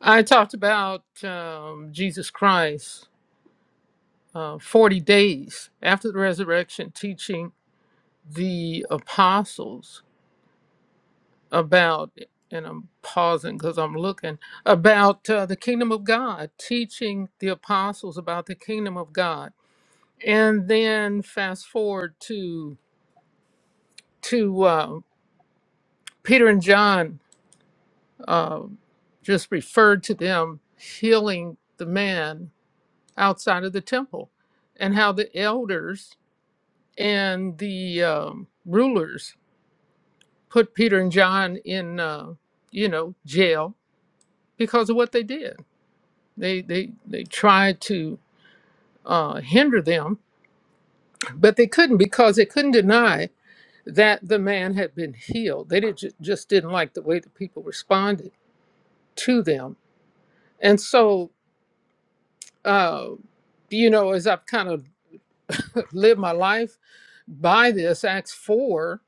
D: I talked about um, Jesus Christ uh, 40 days after the resurrection, teaching the apostles about, and I'm pausing because I'm looking, about uh, the kingdom of God, teaching the apostles about the kingdom of God. And then fast forward to, to uh, Peter and John, uh, just referred to them healing the man outside of the temple, and how the elders and the um, rulers put Peter and John in, uh, you know, jail because of what they did They they they tried to uh, hinder them, but they couldn't because they couldn't deny that the man had been healed. They did, ju- just didn't like the way the people responded to them, and so uh, you know, as I've kind of lived my life by this Acts four,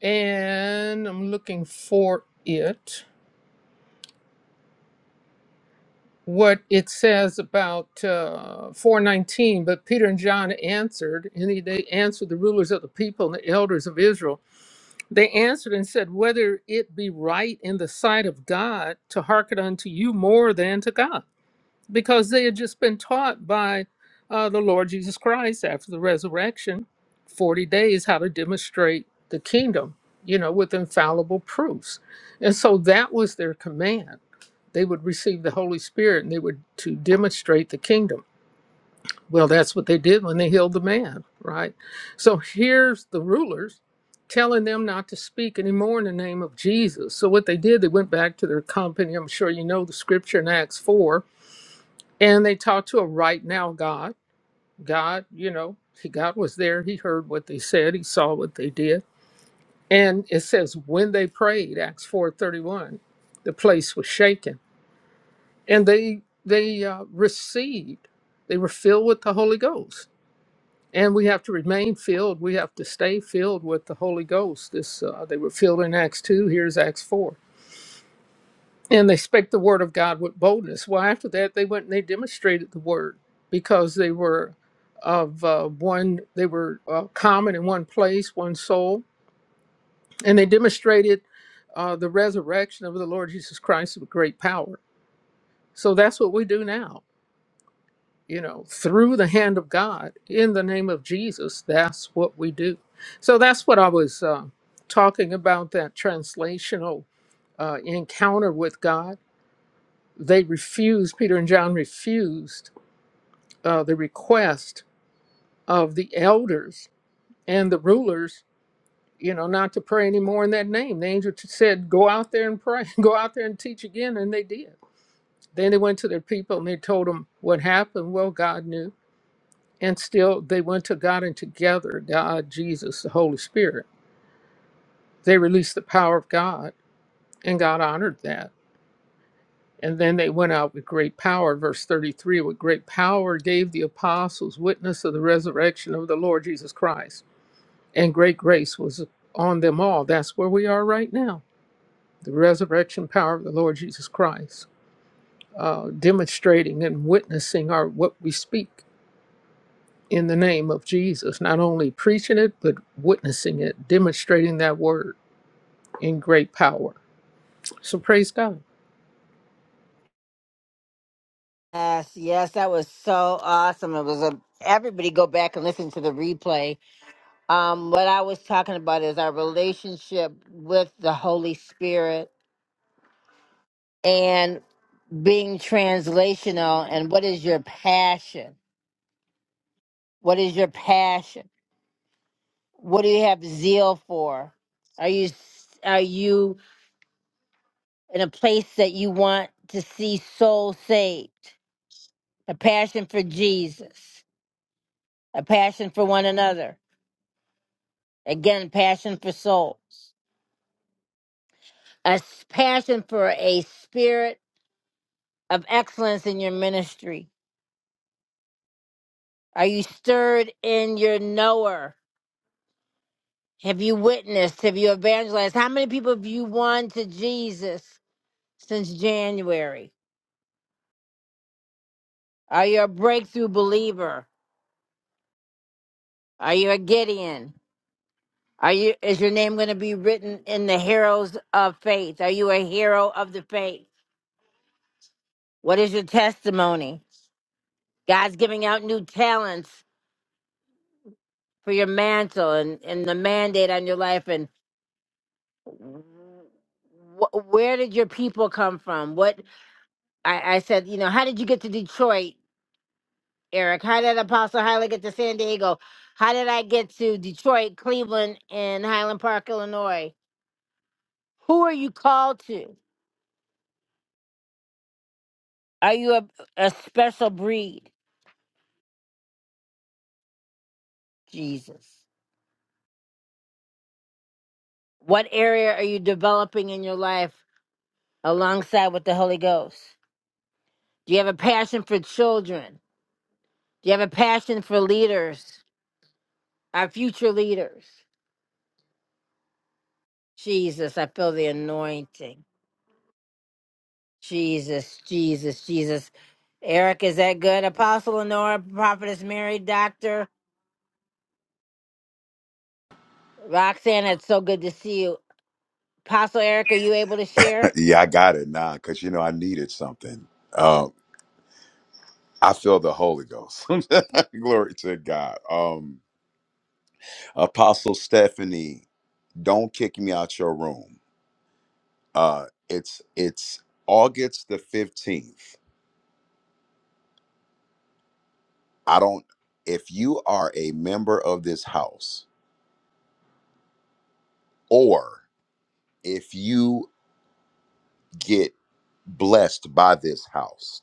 D: and I'm looking for it. what it says about uh, 419 but peter and john answered and he- they answered the rulers of the people and the elders of israel they answered and said whether it be right in the sight of god to hearken unto you more than to god because they had just been taught by uh, the lord jesus christ after the resurrection 40 days how to demonstrate the kingdom you know with infallible proofs and so that was their command they would receive the Holy Spirit and they would to demonstrate the kingdom. Well, that's what they did when they healed the man, right? So here's the rulers telling them not to speak anymore in the name of Jesus. So what they did, they went back to their company. I'm sure you know the scripture in Acts 4, and they talked to a right now God. God, you know, he God was there. He heard what they said. He saw what they did. And it says when they prayed, Acts 4:31, the place was shaken and they they uh, received they were filled with the holy ghost and we have to remain filled we have to stay filled with the holy ghost this uh, they were filled in acts 2 here's acts 4 and they spake the word of god with boldness well after that they went and they demonstrated the word because they were of uh, one they were uh, common in one place one soul and they demonstrated uh, the resurrection of the lord jesus christ with great power so that's what we do now you know, through the hand of God in the name of Jesus. That's what we do. So that's what I was uh, talking about that translational uh, encounter with God. They refused, Peter and John refused uh, the request of the elders and the rulers, you know, not to pray anymore in that name. The angel said, Go out there and pray, go out there and teach again. And they did. Then they went to their people and they told them what happened. Well, God knew. and still they went to God and together, God, Jesus, the Holy Spirit, they released the power of God, and God honored that. And then they went out with great power. Verse 33 with great power gave the apostles witness of the resurrection of the Lord Jesus Christ, and great grace was on them all. That's where we are right now the resurrection power of the Lord Jesus Christ, uh, demonstrating and witnessing our, what we speak in the name of Jesus, not only preaching it, but witnessing it, demonstrating that word in great power. So praise God.
A: yes, yes, that was so awesome. It was a everybody go back and listen to the replay. Um, what I was talking about is our relationship with the Holy Spirit. and. being translational and what is your passion what is your passion what do you have zeal for are you are you in a place that you want to see souls saved a passion for jesus a passion for one another again passion for souls a s- passion for a spirit of excellence in your ministry are you stirred in your knower Have you witnessed? Have you evangelized? How many people have you won to Jesus since January? Are you a breakthrough believer? Are you a Gideon? Are you is your name going to be written in the heroes of faith? Are you a hero of the faith? What is your testimony? God's giving out new talents for your mantle and, and the mandate on your life and wh- where did your people come from? What I, I said, you know, how did you get to Detroit? Eric. How did Apostle Hyla get to San Diego? How did I get to Detroit, Cleveland, and Highland Park, Illinois? Who are you called to? Are you a, a special breed, Jesus? What area are you developing in your life alongside with the Holy Ghost? Do you have a passion for children? Do you have a passion for leaders, our future leaders? Jesus, I feel the anointing. Jesus, Jesus, Jesus. Eric, is that good? Apostle Lenora, Prophetess Mary, Doctor Roxanne, it's so good to see you. Apostle Eric, are you able to share?
G: yeah, I got it now because you know I needed something. Um, I feel the Holy Ghost. Glory to God. Um, Apostle Stephanie, don't kick me out your room. Uh, it's it's August the fifteenth. I don't. If you are a member of this house, or if you get blessed by this house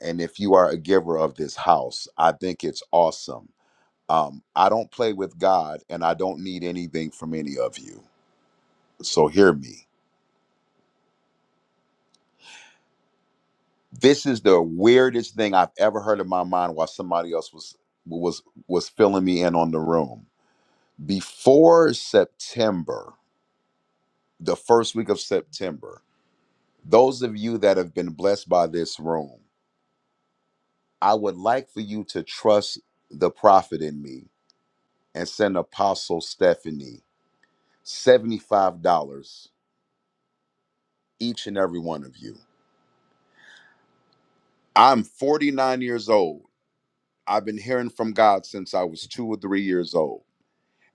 G: and if you are a giver of this house i think it's awesome um, i don't play with god and i don't need anything from any of you so hear me this is the weirdest thing i've ever heard in my mind while somebody else was was was filling me in on the room before september the first week of september those of you that have been blessed by this room I would like for you to trust the prophet in me and send Apostle Stephanie $75 each and every one of you. I'm 49 years old. I've been hearing from God since I was two or three years old.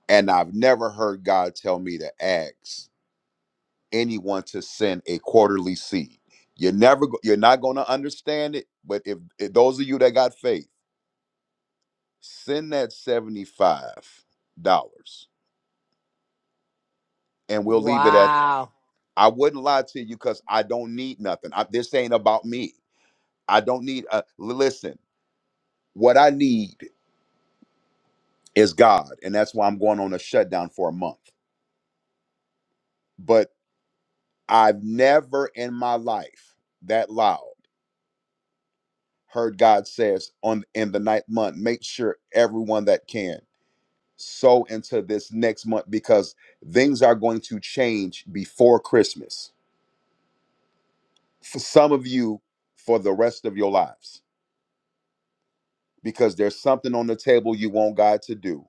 G: And I've never heard God tell me to ask anyone to send a quarterly seed. You're never go- you're not going to understand it, but if, if those of you that got faith, send that $75 and we'll leave it at
A: Wow.
G: I wouldn't lie to you because I don't need nothing. I, this ain't about me. I don't need a listen. What I need is God, and that's why I'm going on a shutdown for a month. But I've never in my life that loud heard God says on in the ninth month, make sure everyone that can sow into this next month because things are going to change before Christmas. For some of you, for the rest of your lives, because there's something on the table you want God to do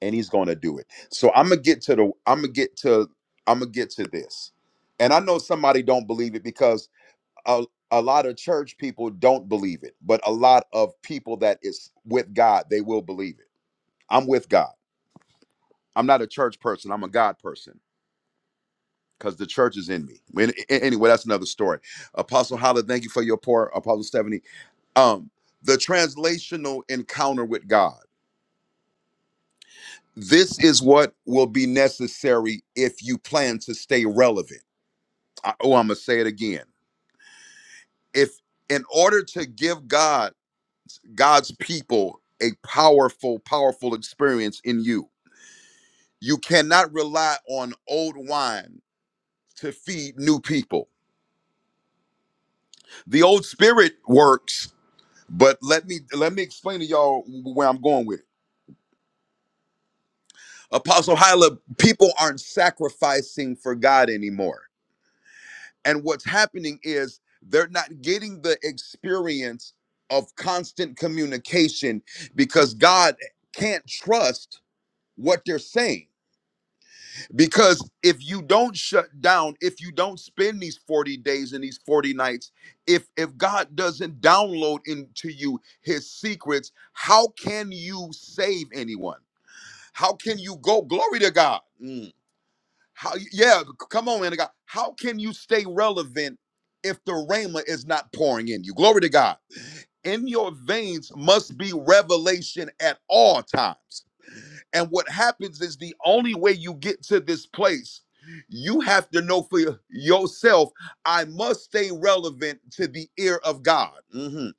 G: and he's going to do it. So I'm going to get to the I'm going to get to I'm going to get to this. And I know somebody don't believe it because a, a lot of church people don't believe it, but a lot of people that is with God, they will believe it. I'm with God. I'm not a church person, I'm a God person because the church is in me. When a- Anyway, that's another story. Apostle Holler, thank you for your pour, Apostle Stephanie. Um the translational encounter with God. This is what will be necessary if you plan to stay relevant I, oh, I'm gonna say it again. If in order to give God, God's people a powerful, powerful experience in you, you cannot rely on old wine to feed new people. The old spirit works, but let me let me explain to y'all where I'm going with it. Apostle Hyla, people aren't sacrificing for God anymore. And what's happening is they're not getting the experience of constant communication because God can't trust what they're saying. Because if you don't shut down, if you don't spend these 40 days and these 40 nights, if if God doesn't download into you his secrets, how can you save anyone? How can you go glory to God? Mm. How? Yeah, come on, man. God. How can you stay relevant if the rhema is not pouring in you? Glory to God. In your veins must be revelation at all times. And what happens is the only way you get to this place, you have to know for yourself. I must stay relevant to the ear of God. Mhm.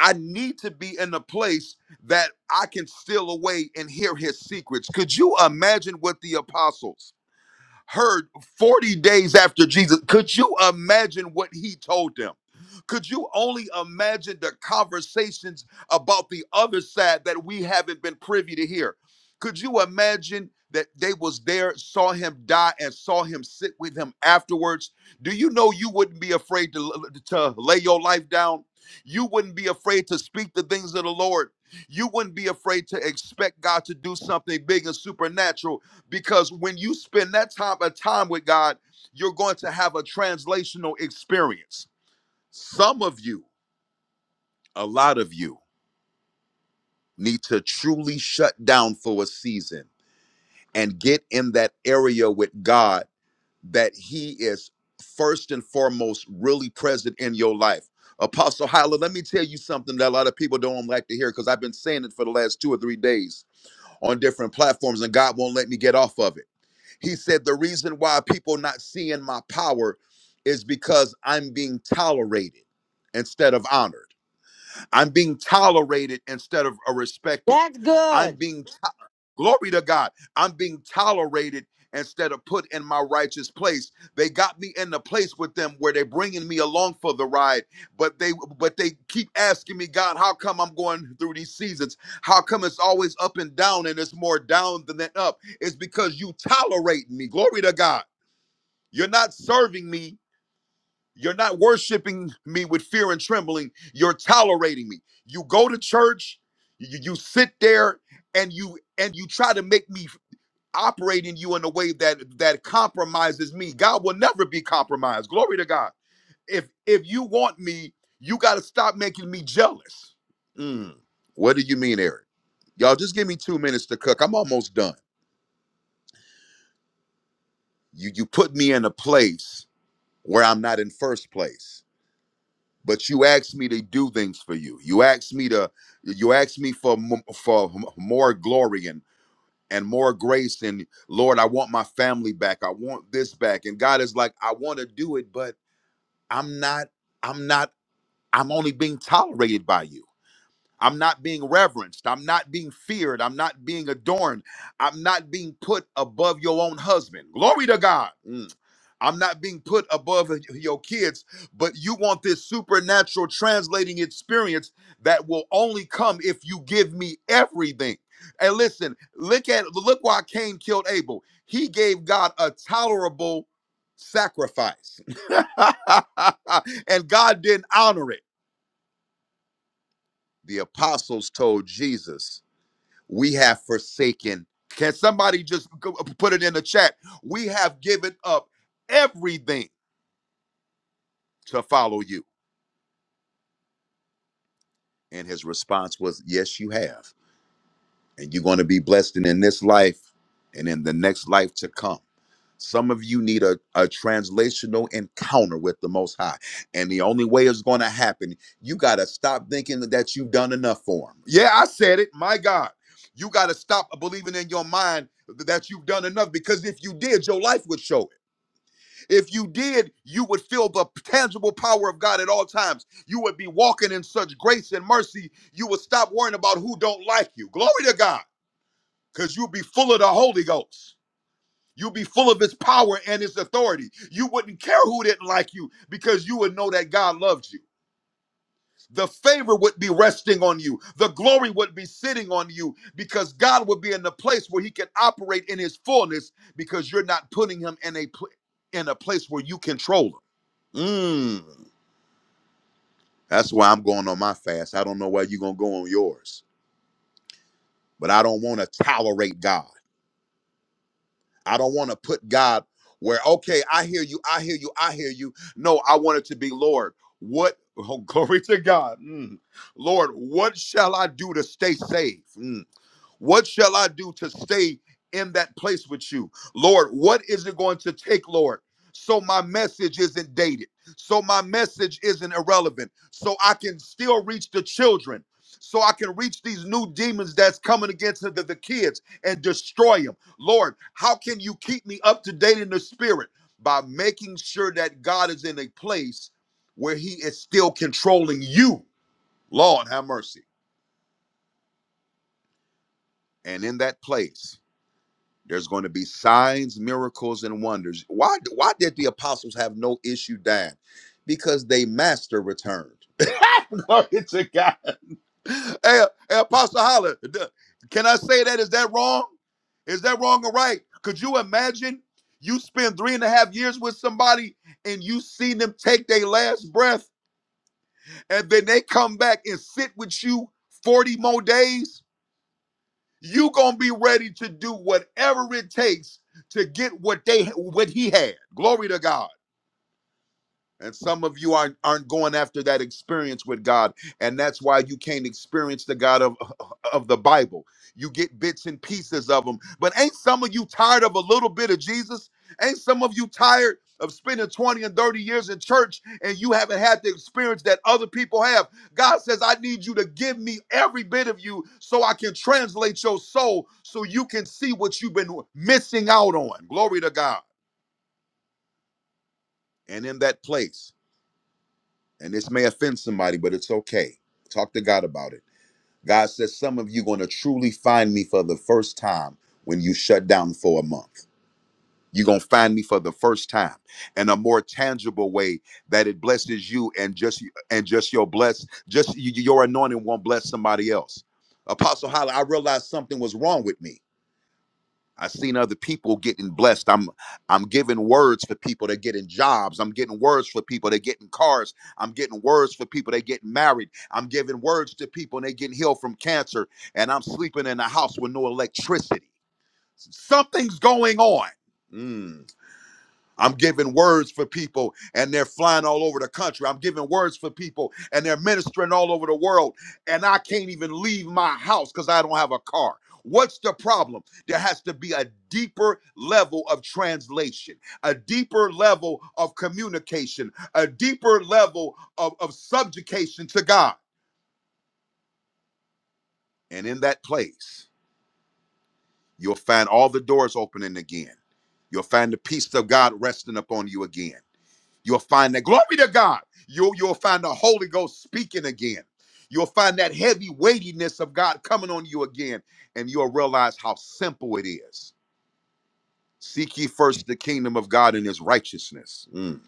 G: I need to be in a place that I can steal away and hear His secrets. Could you imagine what the apostles? heard 40 days after Jesus. Could you imagine what he told them? Could you only imagine the conversations about the other side that we haven't been privy to hear? Could you imagine that they was there, saw him die, and saw him sit with him afterwards? Do you know you wouldn't be afraid to, to lay your life down? You wouldn't be afraid to speak the things of the Lord. You wouldn't be afraid to expect God to do something big and supernatural because when you spend that time a time with God, you're going to have a translational experience. Some of you, a lot of you, need to truly shut down for a season and get in that area with God that He is first and foremost really present in your life. Apostle Hyla, let me tell you something that a lot of people don't like to hear because I've been saying it for the last two or three days on different platforms, and God won't let me get off of it. He said, The reason why people not seeing my power is because I'm being tolerated instead of honored. I'm being tolerated instead of uh, respected.
A: That's
G: I'm
A: good.
G: being Glory to God. I'm being tolerated instead of put in my righteous place. They got me in the place with them where they're bringing me along for the ride, but they but they keep asking me, God, how come I'm going through these seasons? How come it's always up and down and it's more down than up? It's because you tolerate me. Glory to God. You're not serving me. You're not worshiping me with fear and trembling. You're tolerating me. You go to church, you, you sit there and you and you try to make me operating you in a way that that compromises me. God will never be compromised. Glory to God. If if you want me, you got to stop making me jealous. Mm. What do you mean, Eric? Y'all just give me 2 minutes to cook. I'm almost done. You you put me in a place where I'm not in first place. But you asked me to do things for you. You asked me to you asked me for mo- for m- more glory and and more grace and lord i want my family back i want this back and god is like i want to do it but i'm not i'm not i'm only being tolerated by you i'm not being reverenced i'm not being feared i'm not being adorned i'm not being put above your own husband glory to god Mm. I'm not being put above your kids, but you want this supernatural translating experience that will only come if you give me everything. And listen, look at look why Cain killed Abel. He gave God a tolerable sacrifice. and God didn't honor it. The apostles told Jesus, "We have forsaken." Can somebody just go- uh, put it in the chat? We have given up everything to follow you. And his response was, Yes, you have. And you're going to be blessed in, in this life and in the next life to come. Some of you need a, a translational encounter with the Most High. And the only way it's going to happen, you got to stop thinking that you've done enough for him. Yeah, I said it. My God. You got to stop believing in your mind that you've done enough because if you did, your life would show it. If you did, you would feel the tangible power of God at all times. You would be walking in such grace and mercy. You would stop worrying about who don't like you. Glory to God, because you'll be full of the Holy Ghost. You'll be full of His power and His authority. You wouldn't care who didn't like you because you would know that God loved you. The favor would be resting on you. The glory would be sitting on you because God would be in the place where He can operate in His fullness because you're not putting Him in a pl- in a place where you control Him. Mm, that's why I'm going on my fast. I don't know where you're going to go on yours, but I don't want to tolerate God. I don't want to put God where, okay, I hear you, I hear you, I hear you. No, I want it to be, Lord, what, oh, glory to God. Mm. Lord, what shall I do to stay safe? Mm. What shall I do to stay in that place with you? Lord, what is it going to take, Lord? So my message isn't dated. So my message isn't irrelevant. So I can still reach the children. So I can reach these new demons that's coming against the, the kids and destroy them. Lord, how can you keep me up to date in the spirit? By making sure that God is in a place where he is still controlling you. Lord, have mercy. And in that place, There's going to be signs, miracles, and wonders. Why, why did the apostles have no issue dying? Because they master returned. Glory to God. Hey, hey Apostle Holler, d- can I say that? Is that wrong? Is that wrong or right? Could you imagine you spend three and a half years with somebody and you see them take their last breath and then they come back and sit with you 40 more days? you gonna be ready to do whatever it takes to get what they what he had glory to god and some of you aren't aren't going after that experience with God, and that's why you can't experience the God of of the Bible. You get bits and pieces of them. But ain't some of you tired of a little bit of Jesus? Ain't some of you tired of spending 20 and 30 years in church and you haven't had the experience that other people have? God says, "I need you to give me every bit of you so I can translate your soul so you can see what you've been missing out on." Glory to God. And in that place, and this may offend somebody, but it's okay. Talk to God about it. God says some of you going to truly find me for the first time when you shut down for a month. You're going to find me for the first time in a more tangible way that it blesses you and just and just your bless just y- y- your anointing won't bless somebody else. Apostle Holly, I realized something was wrong with me. I seen other people getting blessed. I'm I'm giving words for people that getting jobs. I'm getting words for people that getting cars. I'm getting words for people that getting married. I'm giving words to people and they getting healed from cancer. And I'm sleeping in a house with no electricity. Something's going on. Mm. I'm giving words for people and they're flying all over the country. I'm giving words for people and they're ministering all over the world. And I can't even leave my house because I don't have a car. What's the problem? There has to be a deeper level of translation, a deeper level of communication, a deeper level of, of subjugation to God. And in that place, you'll find all the doors opening again. You'll find the peace of God resting upon you again You'll find that glory to God. You'll, you'll find the Holy Ghost speaking again. You'll find that heavy weightiness of God coming on you again, and you'll realize how simple it is. Seek ye first the kingdom of God and his righteousness, Mm.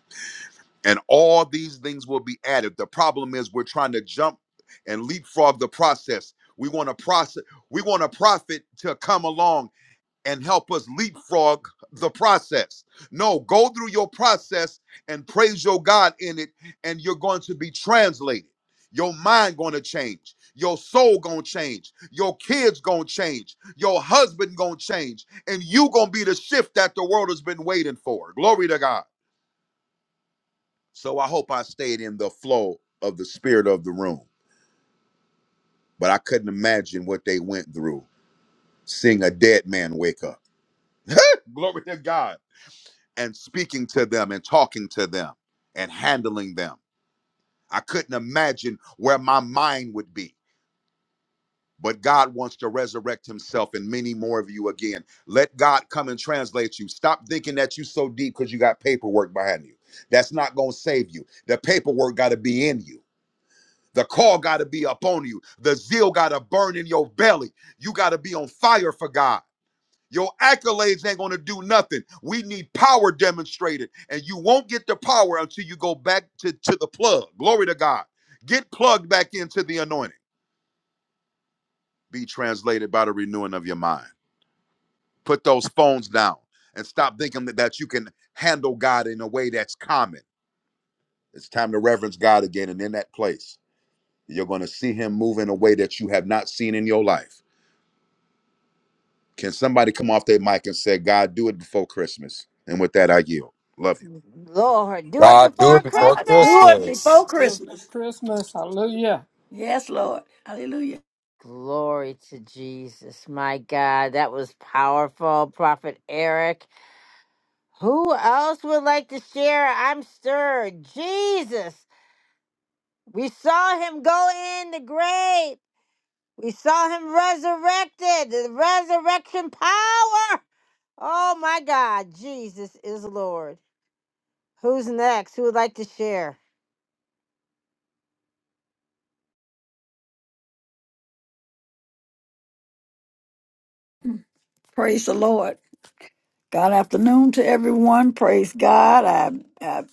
G: and all these things will be added. The problem is we're trying to jump and leapfrog the process. We want to process, we want a prophet to come along and help us leapfrog the process. No, go through your process and praise your God in it, and you're going to be translated. Your mind going to change. Your soul going to change. Your kids going to change. Your husband going to change. And you going to be the shift that the world has been waiting for. Glory to God. So I hope I stayed in the flow of the spirit of the room. But I couldn't imagine what they went through seeing a dead man wake up. Glory to God and speaking to them and talking to them and handling them. I couldn't imagine where my mind would be. But God wants to resurrect himself and many more of you again. Let God come and translate you. Stop thinking that you so deep because you got paperwork behind you. That's not going to save you. The paperwork got to be in you. The call got to be upon you. The zeal got to burn in your belly. You got to be on fire for God. Your accolades ain't going to do nothing. We need power demonstrated. And you won't get the power until you go back to, to the plug. Glory to God. Get plugged back into the anointing. Be translated by the renewing of your mind. Put those phones down and stop thinking that, that you can handle God in a way that's common. It's time to reverence God again. And in that place, you're going to see Him move in a way that you have not seen in your life. Can somebody come off their mic and say, God, do it before Christmas? And with that, I yield. Love you.
A: Lord, do it
H: God do
A: before
H: it before
I: God, do
A: Christmas.
I: it
H: Christmas.
I: before
D: Beautiful
I: Christmas.
D: Christmas. Hallelujah.
I: Yes, Lord. Hallelujah.
A: Glory to Jesus. My God, that was powerful, Prophet Eric. Who else would like to share? I'm stirred. Jesus, we saw him go in the grave. We saw him resurrected, the resurrection power. Oh my God, Jesus is Lord. Who's next? Who would like to share?
I: Praise the Lord. God afternoon to everyone. Praise God. I, I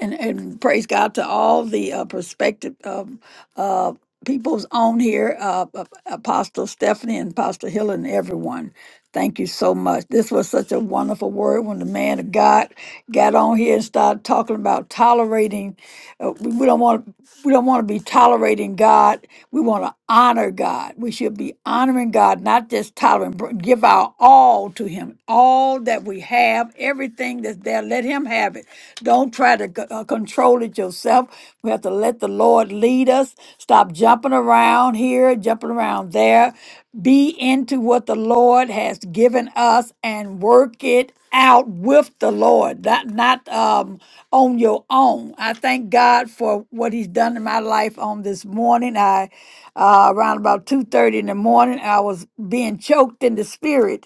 I: and, and praise God to all the uh, prospective um, uh, peoples on here, uh, uh, Apostle Stephanie and Apostle Hill and everyone. Thank you so much. This was such a wonderful word when the man of God got on here and started talking about tolerating. Uh, we, we don't want we don't want to be tolerating God. We want to honor God. God. We should be honoring God, not just tolerating, br- give our all to Him, all that we have, everything that's there. Let Him have it. Don't try to c- uh, control it yourself. We have to let the Lord lead us. Stop jumping around here, jumping around there. Be into what the Lord has given us and work it out with the Lord, not not um, on your own. I thank thank God for what He's done in my life on this morning. I uh, around about two thirty in the morning, I was being choked in the spirit,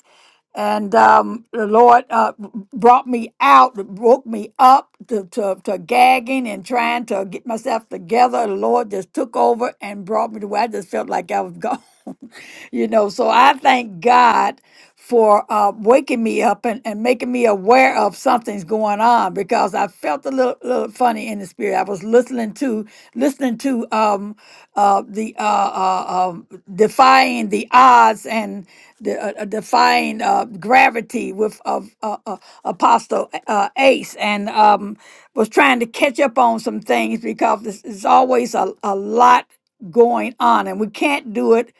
I: and um, the Lord uh, brought me out, woke me up to, to, to gagging and trying to get myself together. The Lord just took over and brought me to where I just felt like I was gone, you know. So I thank God for uh, waking me up and, and making me aware of something's going on because I felt a little, little funny in the spirit. I was listening to listening to um, uh, the uh, uh, um, defying the odds and the uh, uh, defying uh, gravity with of uh, uh, Apostle uh, Ace and um, was trying to catch up on some things because there's there's always a, a lot going on and we can't do it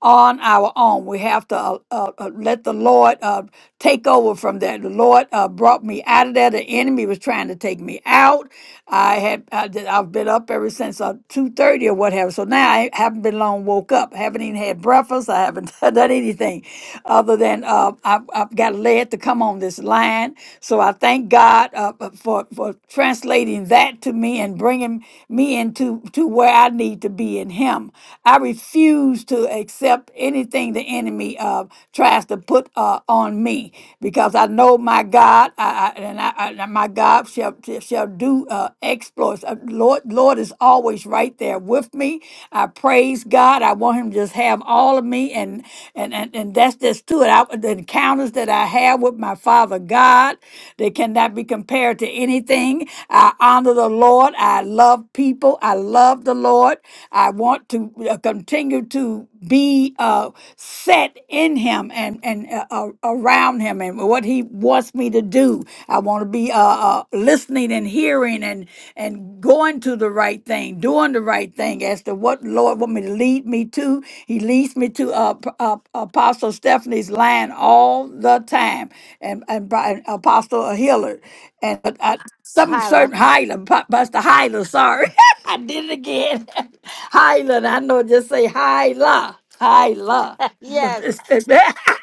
I: on our own. We have to uh, uh, uh, let the Lord uh, take over from that. The Lord uh, brought me out of there. The enemy was trying to take me out. I had I did, I've been up ever since uh, two thirty or whatever. So now I haven't been long woke up. I haven't even had breakfast. I haven't done anything other than uh, I've, I've got led to come on this line. So I thank God uh, uh, for for translating that to me and and bringing me into to where I need to be in Him. I refuse to accept anything the enemy uh, tries to put uh, on me because I know my God, I, I, and I, I, my God shall shall do uh, exploits. Uh, Lord, Lord is always right there with me. I praise God. I want Him to just have all of me, and and and, and that's just to it. I, the encounters that I have with my my Father God. They cannot be compared to anything. I honor the Lord. I love people. I love the Lord. I want to uh, continue to be uh, set in Him and and uh, uh, around Him and what He wants me to do. I want to be uh, uh, listening and hearing and and going to the right thing, doing the right thing as to what Lord want me to lead me to to. He leads me to uh, P- uh, Apostle Stephanie's line all the time, and and, Bri- and Apostle Hillard, and uh, uh, some
A: Hyla.
I: certain Highland, Pa- Pastor Highland. Sorry, I did it again. Highland. I know. Just say Highland. Kyla.
A: Yes.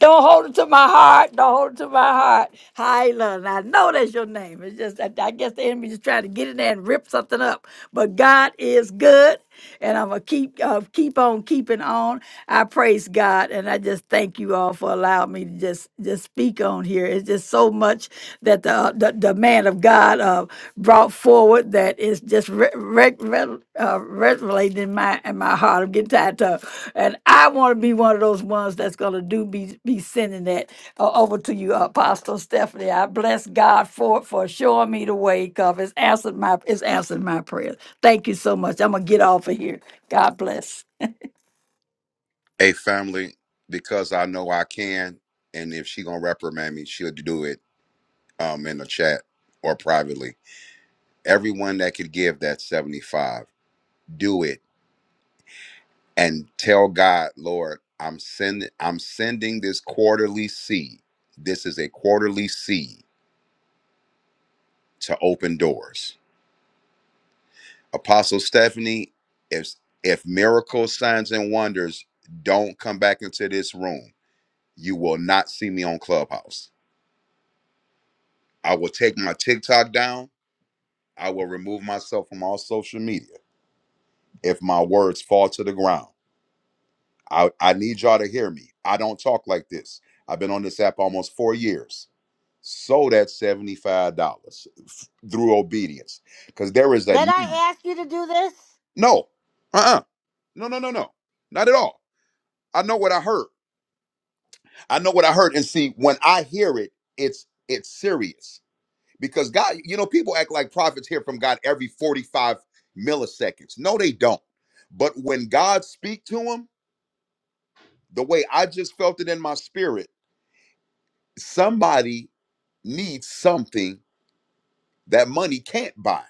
I: Don't hold it to my heart. Don't hold it to my heart. Hyla. And I know that's your name. It's just, I, I guess the enemy is trying to get in there and rip something up. But God is good. And I'm going to keep uh, keep on keeping on. I praise God. and I just thank you all for allowing me to just just speak on here. It's just so much that the uh, the, the man of God uh, brought forward that is just re- re- re- uh, resonating in my in my heart. I'm getting tired of, and I want to be one of those ones that's gonna do be be sending that uh, over to you, Apostle Stephanie. I bless God for for showing me the way, cause it's answered my it's answered my prayers. Thank you so much. I'm gonna get off of here. God bless.
G: Hey, family, because I know I can, and if she gonna reprimand me, she'll do it um in the chat or privately. Everyone that could give that seventy five, do it and tell God, Lord, I'm sending I'm sending this quarterly seed. This is a quarterly seed to open doors. Apostle Stephanie, if if miracles, signs, and wonders don't come back into this room, you will not see me on Clubhouse. I will take my TikTok down. I will remove myself from all social media if my words fall to the ground. I, I need y'all to hear me. I don't talk like this. I've been on this app almost four years. Sold at $75 f- through obedience because there is a
A: Did
G: need.
A: I ask you to do this?
G: No, uh uh No, no, no, no. Not at all. I know what I heard. I know what I heard. And see, when I hear it, it's it's serious because God, you know, people act like prophets hear from God every 45 milliseconds. No, they don't. But when God speak to them, the way I just felt it in my spirit, somebody needs something that money can't buy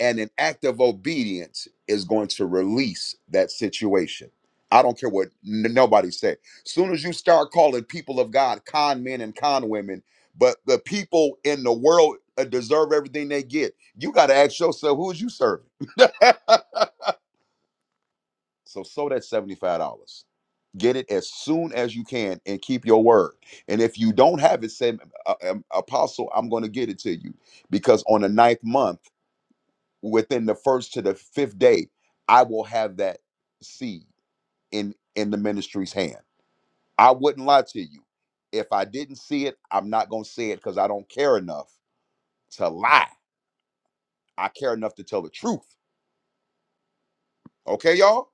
G: and an act of obedience is going to release that situation. I don't care what n- nobody say. Soon as you start calling people of God con men and con women, but the people in the world uh, deserve everything they get. You got to ask yourself, who is you serving? so, so that's seventy five dollars. Get it as soon as you can and keep your word. And if you don't have it, say, uh, um, Apostle, I'm going to get it to you because on the ninth month within the first to the fifth day, I will have that seed in in the ministry's hand. I wouldn't lie to you. If I didn't see it, I'm not gonna say it because I don't care enough to lie. I care enough to tell the truth. Okay, y'all.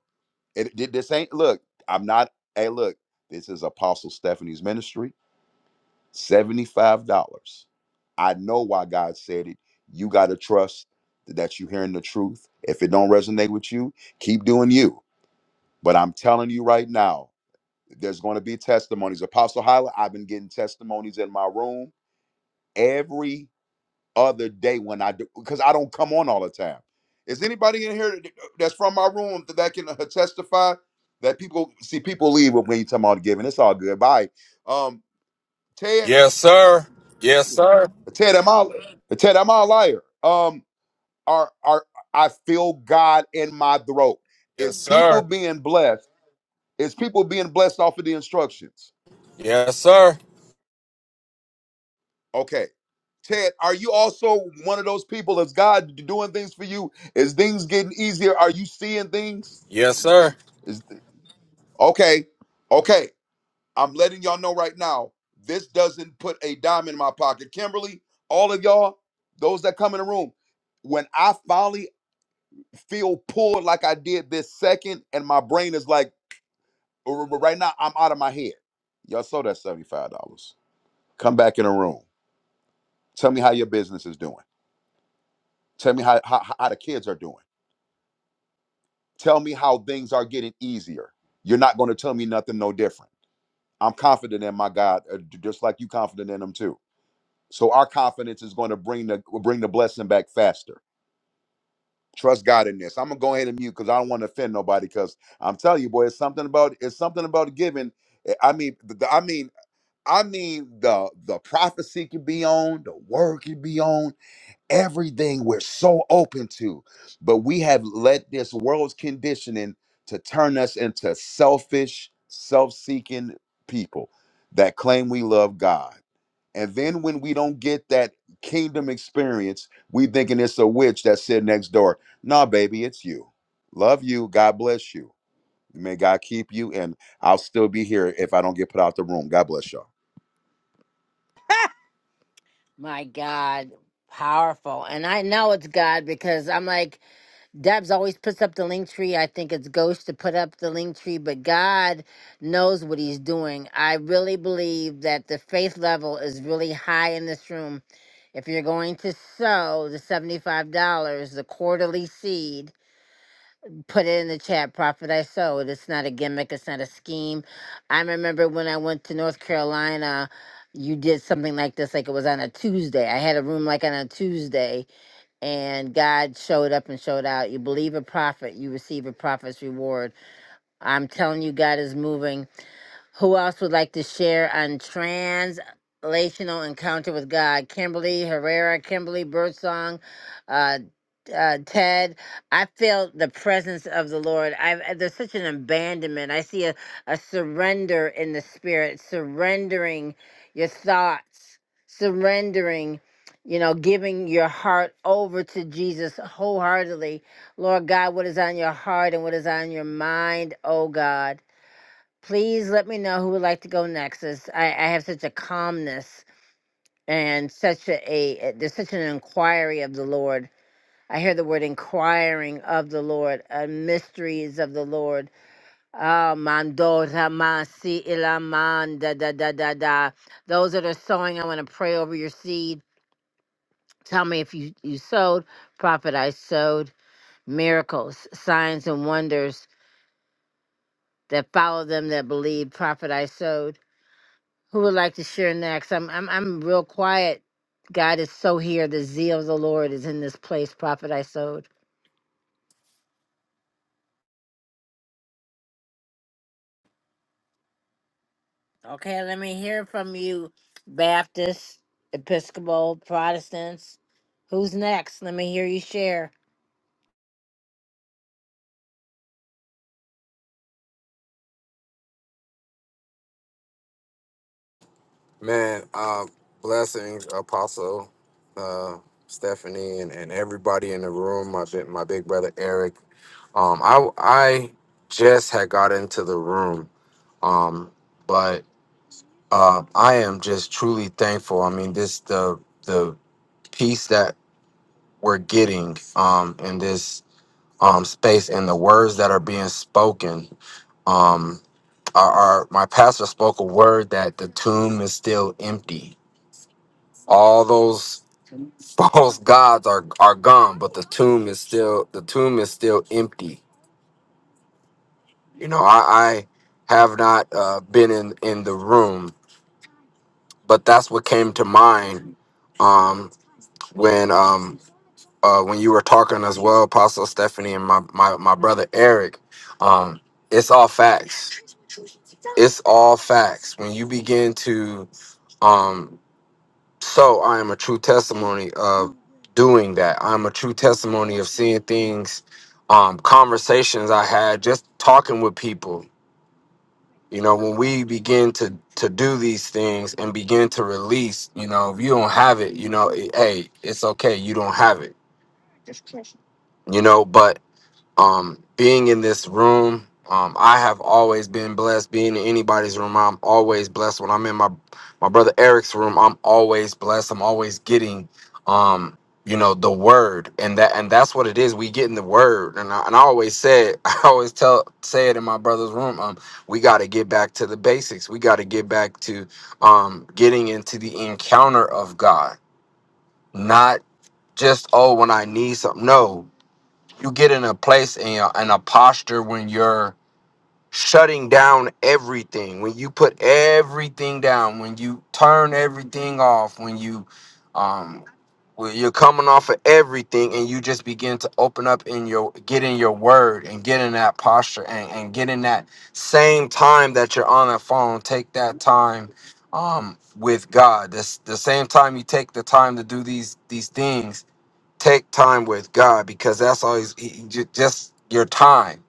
G: It, it- this ain't look. I'm not. Hey, look. This is Apostle Stephanie's ministry. Seventy-five dollars. I know why God said it. You gotta trust that you're hearing the truth. If it don't resonate with you, keep doing you But I'm telling you right now, there's going to be testimonies. Apostle Hyla, I've been getting testimonies in my room every other day when I do because I don't come on all the time. Is anybody in here that- that's from my room that that can uh, testify that people see people leave when you tell them all to give it's all good. Bye. Um, Ted,
H: Yes, sir. Yes, sir.
G: Ted, am I Ted, am I a liar? Um, are are I feel God in my throat. Is
H: Yes,
G: people
H: sir.
G: being blessed? Is people being blessed off of the instructions?
H: Yes, sir.
G: Okay. Ted, are you also one of those people? Is God doing things for you? Is things getting easier? Are you seeing things?
H: Yes, sir.
G: Is okay, okay. I'm letting y'all know right now. This doesn't put a dime in my pocket. Kimberly, all of y'all, those that come in the room, when I finally feel pulled like I did this second, and my brain is like, r- r- right now, I'm out of my head. Y'all sold that $75. Come back in the room. Tell me how your business is doing. Tell me how, how, how the kids are doing. Tell me how things are getting easier. You're not going to tell me nothing no different. I'm confident in my God, uh, j- just like you confident in Him too. So our confidence is going to bring the bring the blessing back faster. Trust God in this. I'm gonna go ahead and mute because I don't want to offend nobody. Because I'm telling you, boy, it's something about it's something about giving. eh, I mean, the, the- I mean, I mean, the the prophecy could be on, the word could be on, everything we're so open to but we have let this world's conditioning to turn us into selfish self-seeking people that claim we love god and then when we don't get that kingdom experience we thinking it's a witch that's sitting next door nah baby it's you love you god bless you may god keep you and i'll still be here if i don't get put out the room god bless y'all
A: My God, powerful. And I know it's God because I'm like, Debs always puts up the link tree. I think it's ghost to put up the link tree, but God knows what he's doing. I really believe that the faith level is really high in this room. If you're going to sow the $75, the quarterly seed, put it in the chat, Prophet I sowed. It's not a gimmick, it's not a scheme. I remember when I went to North Carolina, you did something like this, like it was on a Tuesday. I had a room like on a Tuesday and God showed up and showed out. You believe a prophet, you receive a prophet's reward. I'm telling you, God is moving. Who else would like to share on translational encounter with God? Kimberly Herrera, Kimberly Birdsong, uh, uh, Ted. I feel the presence of the Lord. I've, uh, there's such an abandonment. I see a, a surrender in the spirit, surrendering your thoughts, surrendering. You know, giving your heart over to Jesus wholeheartedly. Lord God, what is on your heart and what is on your mind, oh God? please let me know who would like to go next. As I, I have such a calmness and such a, a there's such an inquiry of the Lord. I hear the word inquiring of the Lord, uh, mysteries of the Lord. Ah, mando ramasi ilaman da da da da da. Those that are sowing, I want to pray over your seed. Tell me if you, you sowed. Prophet, I sowed. Miracles, signs, and wonders that follow them that believe. Prophet, I sowed. Who would like to share next? I'm I'm I'm real quiet. God is so here. The zeal of the Lord is in this place, Prophet I sowed. Okay, let me hear from you, Baptists, Episcopal, Protestants. Who's next? Let me hear you share.
H: Man, uh, blessings, Apostle uh, Stephanie, and, and everybody in the room. My big, my big brother Eric. Um, I I just had got into the room, um, but uh, I am just truly thankful. I mean, this the the peace that we're getting um, in this um, space and the words that are being spoken um our, our my pastor spoke a word that the tomb is still empty all those false gods are are gone but the tomb is still the tomb is still empty you know i i have not uh been in in the room but that's what came to mind um when um uh, when you were talking as well, Apostle Stephanie and my my, my brother Eric, um, it's all facts. It's all facts. When you begin to, um, so I am a true testimony of doing that. I'm a true testimony of seeing things, um, conversations I had just talking with people. You know, when we begin to to do these things and begin to release, you know, if you don't have it, you know, eh, hey, it's okay, you don't have it, you know, but um, being in this room. Um, I have always been blessed. Being in anybody's room, I'm always blessed. When I'm in my my brother Eric's room, I'm always blessed. I'm always getting, um, you know, the word, and that and that's what it is. We getting the word, and I, and I always said, I always tell say it in my brother's room. Um, we got to get back to the basics. We got to get back to um getting into the encounter of God, not just oh when I need something. No, you get in a place and a, and a posture when you're shutting down everything when you put everything down when you turn everything off when you um when you're coming off of everything and you just begin to open up in your get in your word and get in that posture and, and get in that same time that you're on the phone take that time um with god this the same time you take the time to do these these things take time with God because that's all—he's he ju- just your time.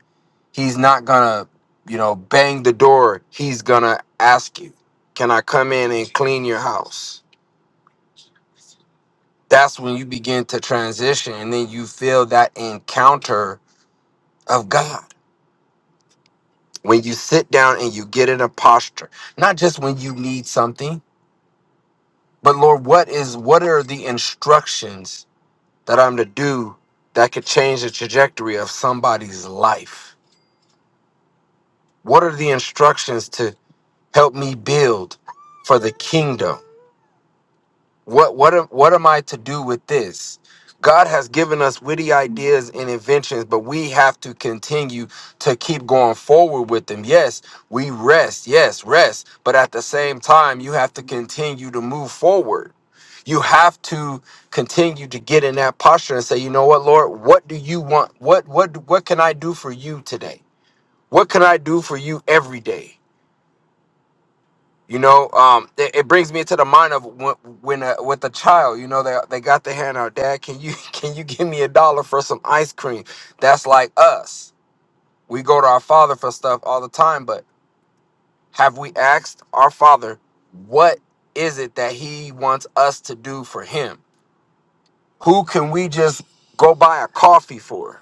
H: He's not gonna, you know, bang the door. He's gonna ask you, "Can I come in and clean your house?" That's when you begin to transition, and then you feel that encounter of God when you sit down and you get in a posture. Not just when you need something, but Lord, what is what are the instructions that I'm to do that could change the trajectory of somebody's life? What are the instructions to help me build for the kingdom? What what am, what am I to do with this? God has given us witty ideas and inventions, but we have to continue to keep going forward with them. Yes, we rest. Yes, rest. But at the same time, you have to continue to move forward. You have to continue to get in that posture and say, you know what, Lord, what do you want? What what what can I do for you today? What can I do for you every day? You know, um, it, it brings me to the mind of when, when uh, with a child, you know, they, they got their hand out, Dad, can you can you give me a dollar for some ice cream? That's like us. We go to our father for stuff all the time, but have we asked our father what is it that he wants us to do for him? Who can we just go buy a coffee for?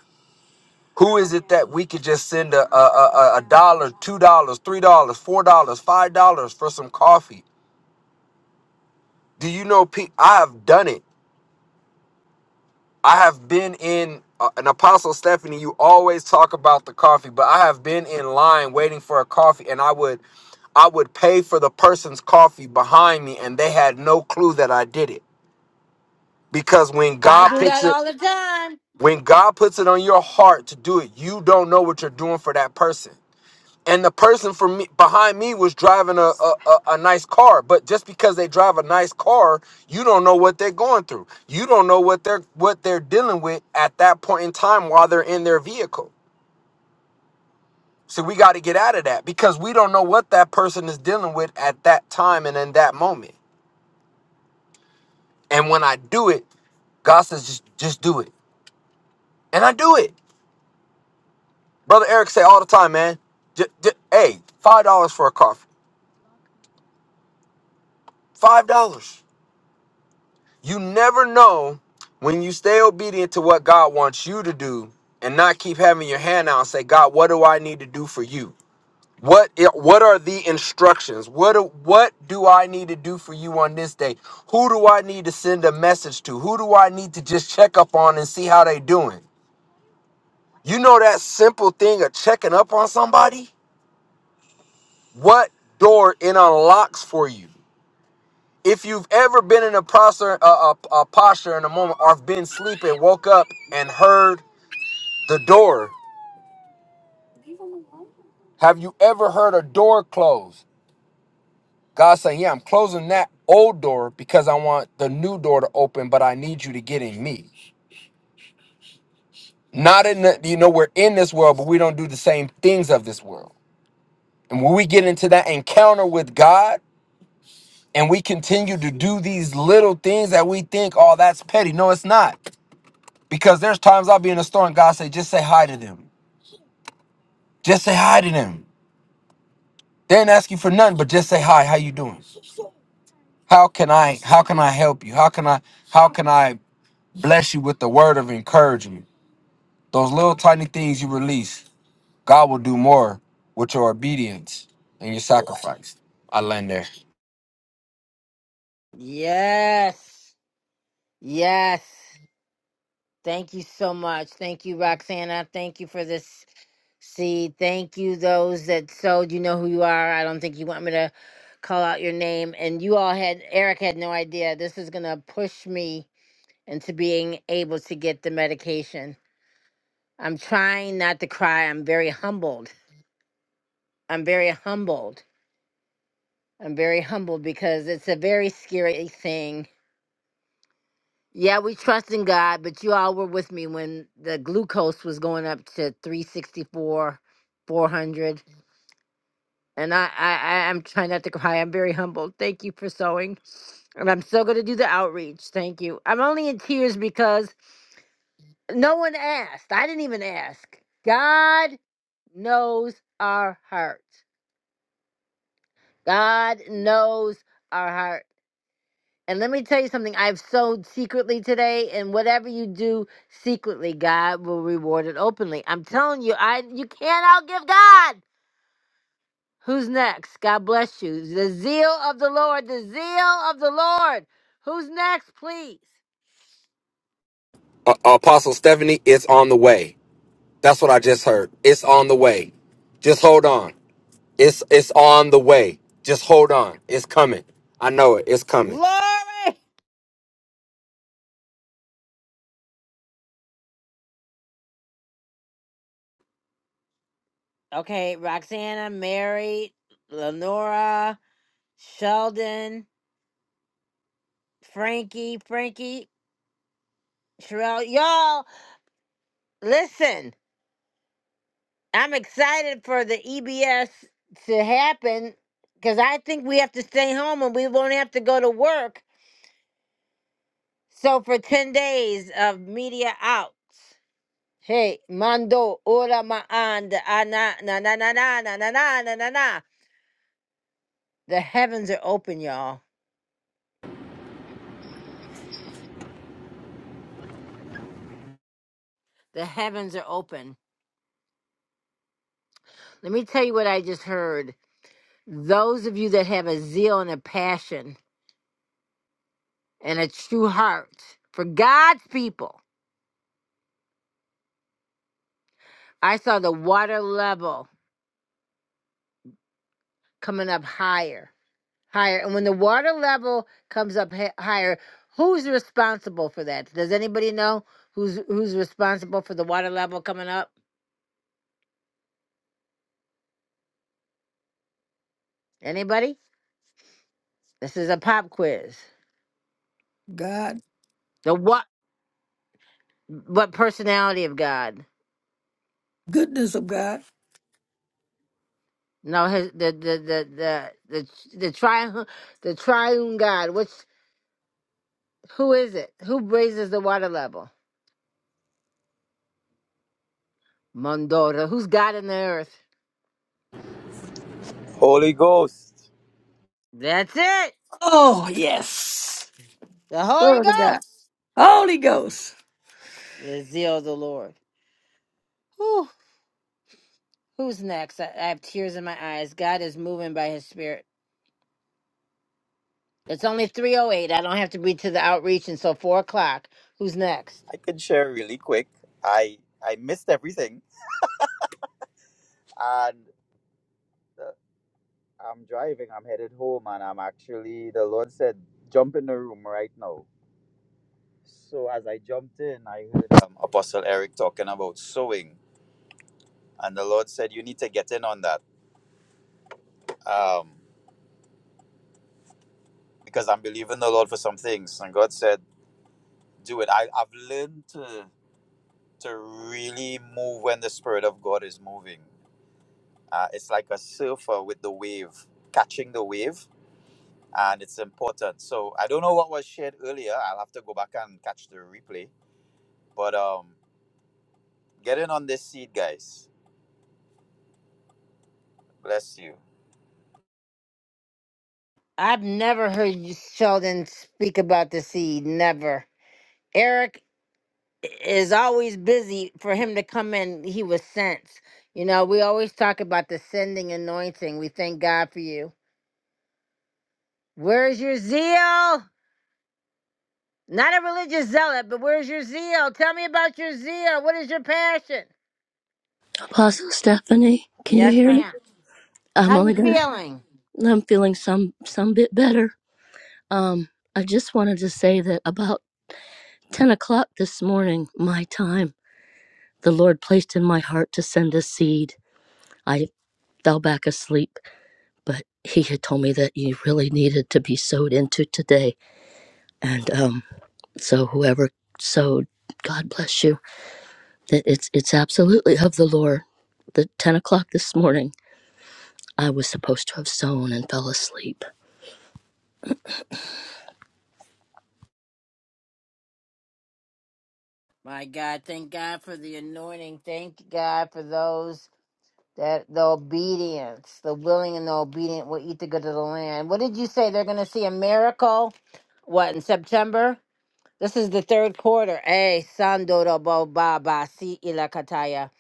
H: Who is it that we could just send a, a, a, a dollar, two dollars, three dollars, four dollars, five dollars for some coffee? Do you know, Pete? I have done it I have been in uh, an apostle Stephanie. You always talk about the coffee, but I have been in line waiting for a coffee, and I would I would pay for the person's coffee behind me, and they had no clue that I did it because when
A: I
H: God
A: do
H: puts
A: that
H: it
A: all the time.
H: when God puts it on your heart to do it, you don't know what you're doing for that person and the person from me behind me was driving a, a, a, a nice car but just because they drive a nice car you don't know what they're going through you don't know what they're what they're dealing with at that point in time while they're in their vehicle so we got to get out of that because we don't know what that person is dealing with at that time and in that moment and when i do it god says just just do it and i do it brother eric say all the time man j- j- hey five dollars for a coffee five dollars You never know when you stay obedient to what God wants you to do and not keep having your hand out and say, God, what do I need to do for you? What i- what are the instructions? What do, what do I need to do for you on this day? Who do I need to send a message to? Who do I need to just check up on and see how they doing? You know that simple thing of checking up on somebody? What door it unlocks for you? if you've ever been in a posture, a, a, a posture in a moment, or have been sleeping, woke up and heard the door, have you ever heard a door close? God saying, "Yeah, I'm closing that old door because I want the new door to open, but I need you to get in me. Not in the, you know, we're in this world, but we don't do the same things of this world. And when we get into that encounter with God." And we continue to do these little things that we think, oh, that's petty. No, it's not. Because there's times I'll be in a store and God say, just say hi to them. Just say hi to them. They ain't asking for nothing, but just say hi. How you doing? How can I? How can I help you? How can I? How can I bless you with the word of encouragement? Those little tiny things you release, God will do more with your obedience and your sacrifice. I land there.
A: Yes. Yes. Thank you so much. Thank you, Roxana. Thank you for this seed. Thank you, those that sowed. You know who you are. I don't think you want me to call out your name. And you all had, Eric had no idea. This is going to push me into being able to get the medication. I'm trying not to cry. I'm very humbled. I'm very humbled. I'm very humbled because it's a very scary thing Yeah, we trust in God, but you all were with me when the glucose was going up to 364, 400. And I, I, I- I'm trying not to cry. I'm very humbled. Thank you for sewing. And I'm still going to do the outreach. Thank you. I'm only in tears because no one asked. I didn't even ask. God knows our heart. God knows our heart. And let me tell you something I've sowed secretly today, and whatever you do secretly, God will reward it openly. I'm telling you, I you can't outgive God. Who's next? God bless you. The zeal of the Lord, the zeal of the Lord. Who's next, please?
H: Uh, Apostle Stephanie, it's on the way. That's what I just heard. It's on the way. Just hold on. It's it's on the way. Just hold on. It's coming. I know it. It's coming.
A: Glory. Okay, Roxana, Mary, Lenora, Sheldon, Frankie, Frankie, Sherelle. Y'all, listen. I'm excited for the EBS to happen because I think we have to stay home and we won't have to go to work. So for 10 days of media outs. Hey, mando ora maanda ana na na na na na na na na na na. The heavens are open, y'all. The heavens are open. Let me tell you what I just heard. Those of you that have a zeal and a passion and a true heart for God's people, I saw the water level. coming up higher, higher. And when the water level comes up hi- higher, who's responsible for that? Does anybody know who's who's responsible for the water level coming up? Anybody? This is a pop quiz.
I: God,
A: The what? What personality of God?
I: goodness of God.
A: No, his the the the the the the triune the triune God. Which who is it? Who raises the water level? Mondora. Who's God in the earth?
J: Holy Ghost.
A: That's it.
I: Oh, yes.
A: The Holy
I: Glory to God.
A: Ghost.
I: Holy Ghost.
A: The zeal of the Lord. Whew. Who's next? I, I have tears in my eyes. God is moving by his spirit. It's only 308. I don't have to be to the outreach until 4 o'clock. Who's next?
J: I can share really quick. I I missed everything, and uh, I'm driving. I'm headed home, and I'm actually the Lord said jump in the room right now. So as I jumped in, I heard um, Apostle Eric talking about sowing, and the Lord said you need to get in on that um, because I'm believing the Lord for some things, and God said do it. I, I've learned to to really move when the Spirit of God is moving. Uh, it's like a surfer with the wave, catching the wave and it's important. So I don't know what was shared earlier. I'll have to go back and catch the replay. But um, get in on this seed, guys. Bless you.
A: I've never heard you, Sheldon speak about the seed. Never. Eric is always busy for him to come in. He was sent. You know, we always talk about the sending anointing. We thank God for you. Where's your zeal? Not a religious zealot, but where's your zeal? Tell me about your zeal. What is your passion?
K: Apostle Stephanie, can you
A: Yes,
K: hear me?
A: ma'am.
K: I'm
A: How
K: only
A: you
K: gonna.
A: feeling?
K: I'm feeling some some bit better. Um, I just wanted to say that about ten o'clock this morning, my time, the Lord placed in my heart to send a seed. I fell back asleep, but He had told me that you really needed to be sowed into today, and um, so whoever sowed, God bless you. That it's it's absolutely of the Lord. The ten o'clock this morning, I was supposed to have sown and fell asleep.
A: My God, thank God for the anointing. Thank God for those that the obedience, the willing and the obedient will eat the good of the land. What did you say? They're going to see a miracle. What in September? This is the third quarter. Hey, Sandoro Baba, see Ilakataya.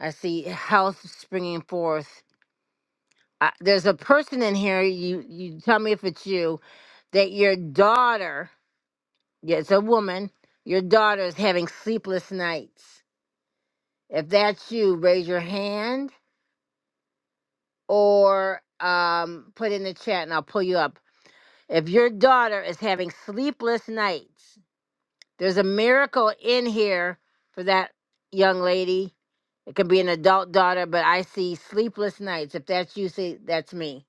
A: I see health springing forth. Uh, there's a person in here. You, you tell me if it's you. That your daughter, yeah, it's a woman. Your daughter is having sleepless nights If that's you, raise your hand or um, put in the chat and I'll pull you up. If your daughter is having sleepless nights, there's a miracle in here for that young lady. It could be an adult daughter, but I see sleepless nights. If that's you, see, that's me.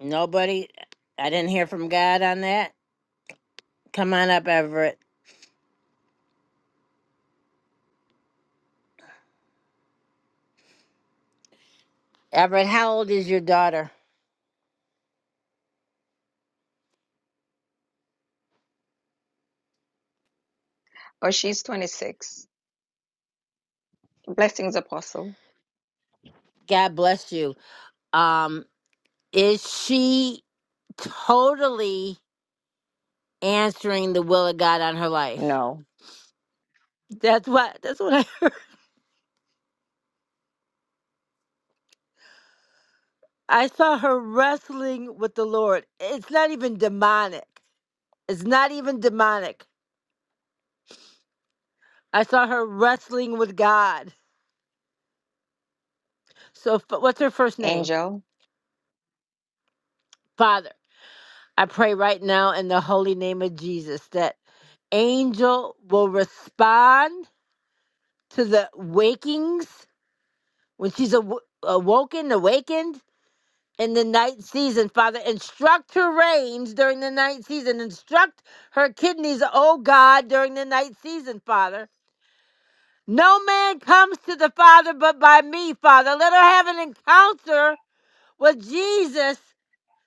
A: Nobody, I didn't hear from God on that. Come on up, Everett. Everett, how old is your daughter?
L: Oh, she's 26. Blessings, Apostle.
A: God bless you. Um, is she totally answering the will of God on her life.
L: No.
A: That's what that's what I heard. I saw her wrestling with the Lord. It's not even demonic. It's not even demonic. I saw her wrestling with God. So f- what's her first name?
L: Angel.
A: Father. I pray right now in the holy name of Jesus that angel will respond to the wakings when she's aw- awoken, awakened in the night season, Father. Instruct her reins during the night season. Instruct her kidneys, oh God, during the night season, Father. No man comes to the Father but by me, Father. Let her have an encounter with Jesus,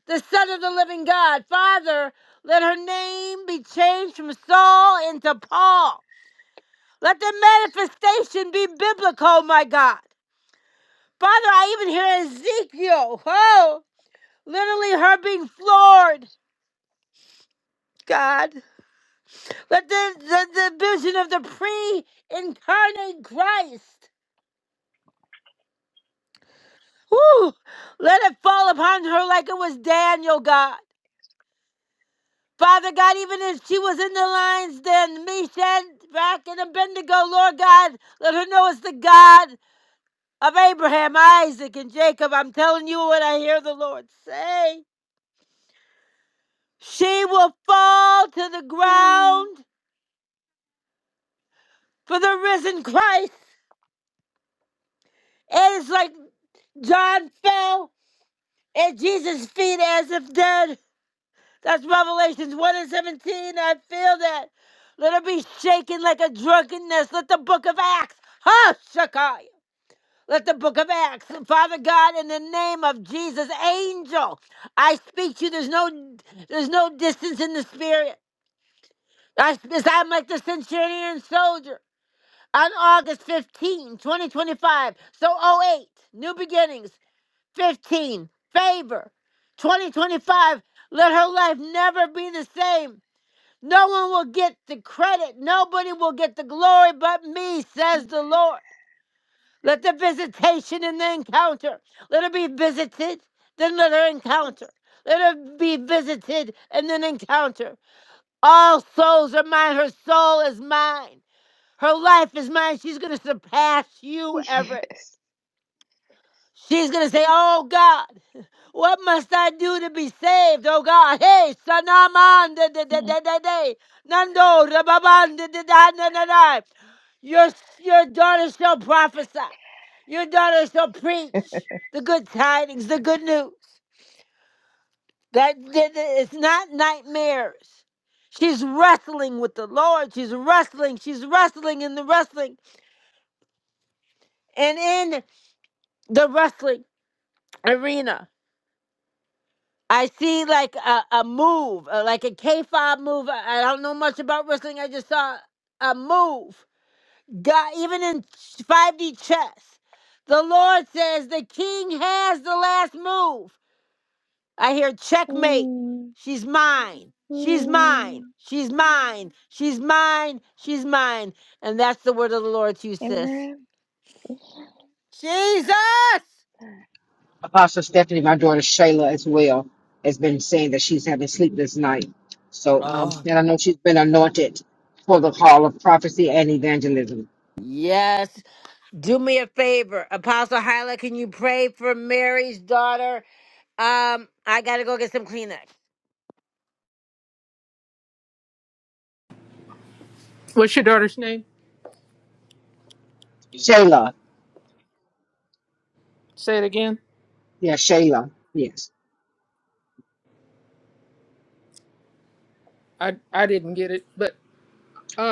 A: the Son of the living God. Father, let her name be changed from Saul into Paul. Let the manifestation be biblical, my God. Father, I even hear Ezekiel, oh, literally her being floored God. Let the, the, the vision of the pre incarnate Christ, whew, let it fall upon her like it was Daniel, God. Father God, even if she was in the lines then, Meshach, back and Abednego, Lord God, let her know it's the God of Abraham, Isaac, and Jacob. I'm telling you what I hear the Lord say. She will fall to the
L: Mm,
A: ground for the risen Christ. It is like John fell at Jesus' feet as if dead. That's Revelations 1 and 17. I feel that. Let her be shaken like a drunkenness. Let the book of Acts, huh, Shakai? Let the book of Acts, Father God, in the name of Jesus, angel, I speak to you. There's no, there's no distance in the spirit. I, I'm like the centurion soldier on August fifteenth, 2025. So oh eight, new beginnings. 15. Favor. 2025. Let her life never be the same. No one will get the credit. Nobody will get the glory but me, says the Lord. Let the visitation and the encounter. Let her be visited, then let her encounter.
L: Yes.
A: Let her be visited and then encounter. All souls are mine. Her soul is mine. Her life is mine. She's going to surpass you, Everett.
L: Yes.
A: She's going to say, Oh God. What must I do to be saved, oh God? Hey, Sanaman, da da da
L: Mm,
A: da da da. Nando, Rababan, da da na. da da Your, your daughter shall prophesy. Your daughter shall preach the good tidings, the good news. that that- it's not nightmares. She's wrestling with the Lord. She's wrestling. She's wrestling in the wrestling and in the wrestling arena. I see like a, a move, uh, like a K five move. I I don't know much about wrestling. I just saw a move. God, even in five D chess, the Lord says the King has the last move. I hear checkmate.
L: mm,
A: She's mine. She's
L: mm.
A: mine. She's mine. She's mine. She's mine. And that's the word of the Lord to you, sis.
L: Amen.
A: Jesus.
M: Apostle Stephanie, my daughter Shayla as well, has been saying that she's having sleepless night. So, um,
A: Oh
M: and I know she's been anointed for the call of prophecy and evangelism.
A: yes, Do me a favor, Apostle Hyla, can you pray for Mary's daughter? Um, I gotta go get some Kleenex.
D: What's your daughter's name?
M: Shayla,
D: Say it again.
M: yeah, Shayla, yes.
D: I I didn't get it, but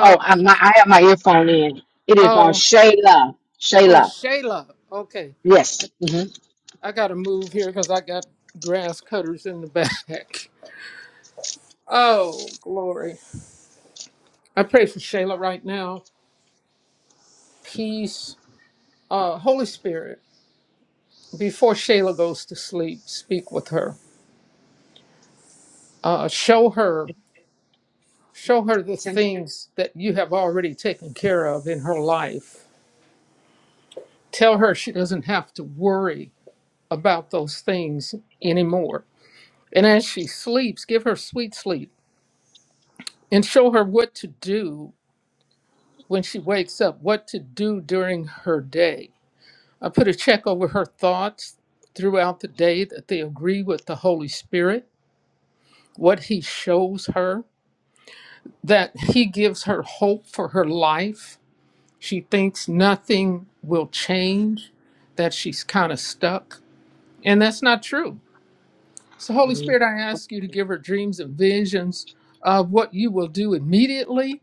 M: Oh, I, my, I have my earphone in. It is on
D: oh
M: Shayla,
D: oh
M: Shayla,
D: Shayla. Okay,
M: yes.
D: I gotta move here because I got grass cutters in the back. Oh glory! I pray for Shayla right now. Peace, uh, Holy Spirit. Before Shayla goes to sleep, speak with her. uh, show her show her the
M: Mm-hmm.
D: things that you have already taken care of in her life tell her she doesn't have to worry about those things anymore and as she sleeps give her sweet sleep and show her what to do when she wakes up what to do during her day i put a check over her thoughts throughout the day that they agree with the holy spirit what he shows her that he gives her hope for her life She thinks nothing will change, that she's kind of stuck. And that's not true. So, Holy Spirit, I ask you to give her dreams and visions of what you will do immediately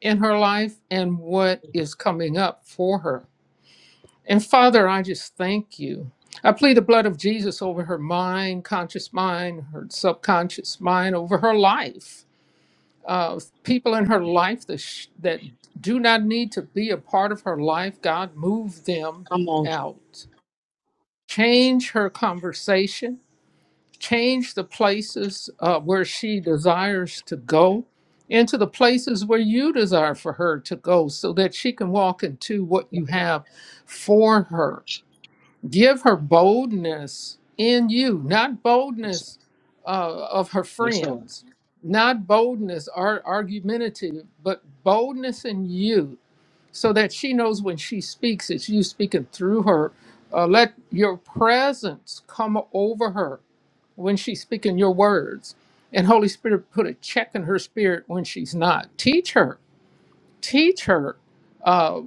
D: in her life and what is coming up for her. And Father, I just thank you. I plead the blood of Jesus over her mind, conscious mind, her subconscious mind, over her life uh, people in her life that sh- that do not need to be a part of her life. God, move them
M: Come on,
D: out. Change her conversation. Change the places uh, where she desires to go into the places where you desire for her to go so that she can walk into what you have for her. Give her boldness in you, not
M: Jesus.
D: boldness uh, of her
M: yes, Lord.
D: friends, not boldness ar- argumentative, but boldness in you, so that she knows when she speaks, it's you speaking through her. Uh, let your presence come over her when she's speaking your words. And Holy Spirit, put a check in her spirit when she's not. Teach her, teach her. uh,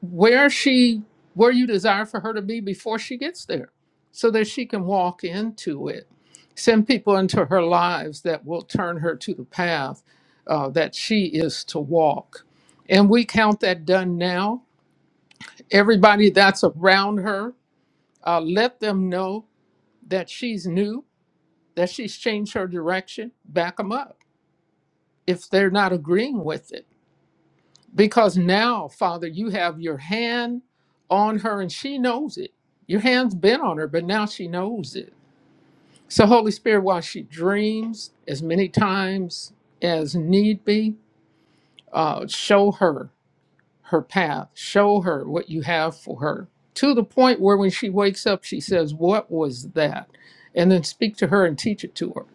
D: where she where you desire for her to be before she gets there so that she can walk into it send people into her lives that will turn her to the path uh, that she is to walk and we count that done now everybody that's around her uh, let them know that she's new that she's changed her direction back them up if they're not agreeing with it Because now, Father, you have your hand on her and she knows it. Your hand's been on her, but now she knows it. So, Holy Spirit, while she dreams as many times as need be, uh, show her her path, show her what you have for her to the point where when she wakes up, she says, What was that? And then speak to her and teach it to her.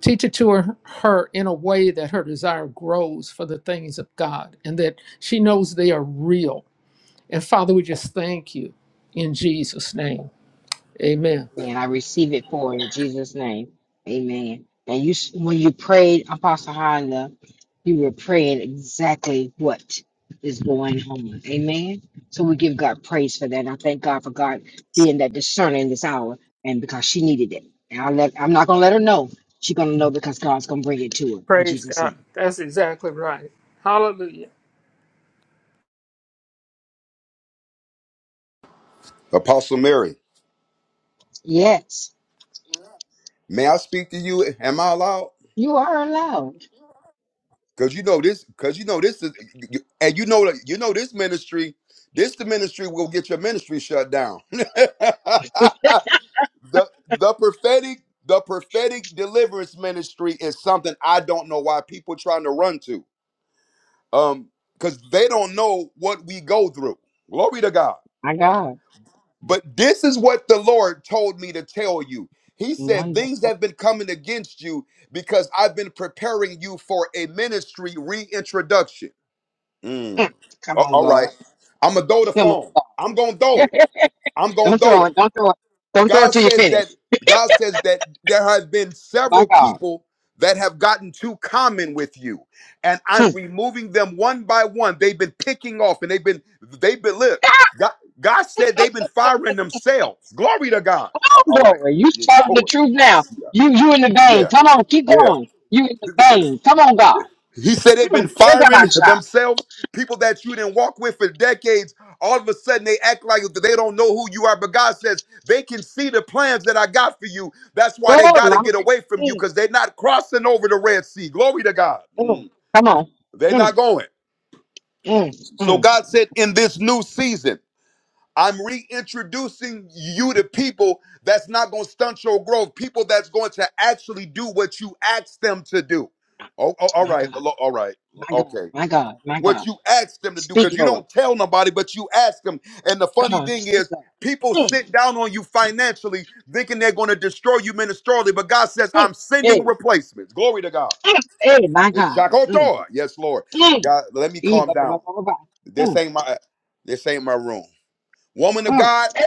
D: Teach it to her, her in a way that her desire grows for the things of God and that she knows they are real and Father, we just thank you in Jesus' name. Amen.
M: Amen. I receive it for in Jesus' name. Amen. And you, when you prayed, Apostle Hyla, you were praying exactly what is going on. Amen. So we give God praise for that. And I thank God for God being that discerner in this hour and because she needed it. And I let, I'm not going to let her know. She's going to know because God's going to bring it to her in
D: Praise
M: Jesus'
D: God.
M: name.
D: That's exactly right. Hallelujah.
G: Apostle Mary,
M: Yes,
G: may I speak to you? Am I allowed?
M: you are allowed.
G: Because you know this. Because you know this is, and you know that you know this ministry. This the ministry will get your ministry shut down. the the prophetic the prophetic deliverance ministry is something I don't know why people trying to run to. Um, because they don't know what we go through. Glory to God.
M: My God.
G: But this is what the Lord told me to tell you. He said, Things
M: Wonderful.
G: have been coming against you because I've been preparing you for a ministry reintroduction. Mm.
M: Mm. Come
G: A-
M: on,
G: All right.
M: God.
G: I'm going to throw the
M: Come on,
G: phone. I'm going to throw
M: God.
G: it. I'm going to
M: don't
G: throw
M: throw
G: it.
M: it. Don't throw it. Don't throw it
G: God
M: till you
G: says
M: finish.
G: that God says that there have been
M: My
G: several
M: God.
G: people that have gotten too common with you and I'm
M: Come
G: removing them one by one. They've been picking off and they've been they've been look. God, God said they've been firing themselves. Glory to God. All
M: on,
G: all right.
M: glory. You
G: Yeah, the
M: telling the
G: poet.
M: truth now.
G: Yeah.
M: You you in the vein.
G: Yeah.
M: Come on, keep
G: Yeah.
M: going. You in the vein. Come on, God.
G: He said they've been
M: Mm, give that
G: firing
M: a shot.
G: themselves, people that you didn't walk with for decades. All of a sudden, they act like they don't know who you are. But God says they can see the plans that I got for you. That's why they
M: Oh,
G: got to
M: mama.
G: get away from you
M: Mm,
G: because they're not crossing over the Red Sea. Glory to God.
M: mm.
G: Mm.
M: Come on.
G: They're not
M: Mm,
G: going.
M: mm,
G: So
M: mm.
G: God said, in this new season, I'm reintroducing you to people that's not going to stunt your growth, people that's going to actually do what you asked them to do. Oh, oh, all
M: My
G: right.
M: God.
G: All right.
M: My God.
G: Okay
M: My God. My
G: what
M: God.
G: you ask them to do
M: Speak,
G: because you
M: Lord.
G: don't tell nobody, but you ask them. And the
M: Come
G: funny
M: on.
G: thing
M: Speak,
G: is,
M: God.
G: people
M: Mm,
G: sit down on you financially thinking they're going to destroy you ministerially, but God says,
M: mm,
G: I'm sending
M: hey,
G: replacements. Glory to God.
M: mm, hey, my
G: It's
M: God. Mm,
G: Shakotor. Yes, Lord.
M: mm.
G: God, let me
M: Ee,
G: calm
M: ba, ba, ba,
G: down.
M: ba, ba, ba.
G: This
M: Mm,
G: ain't my uh, this ain't my room. Woman of
M: mm,
G: God,
M: eh,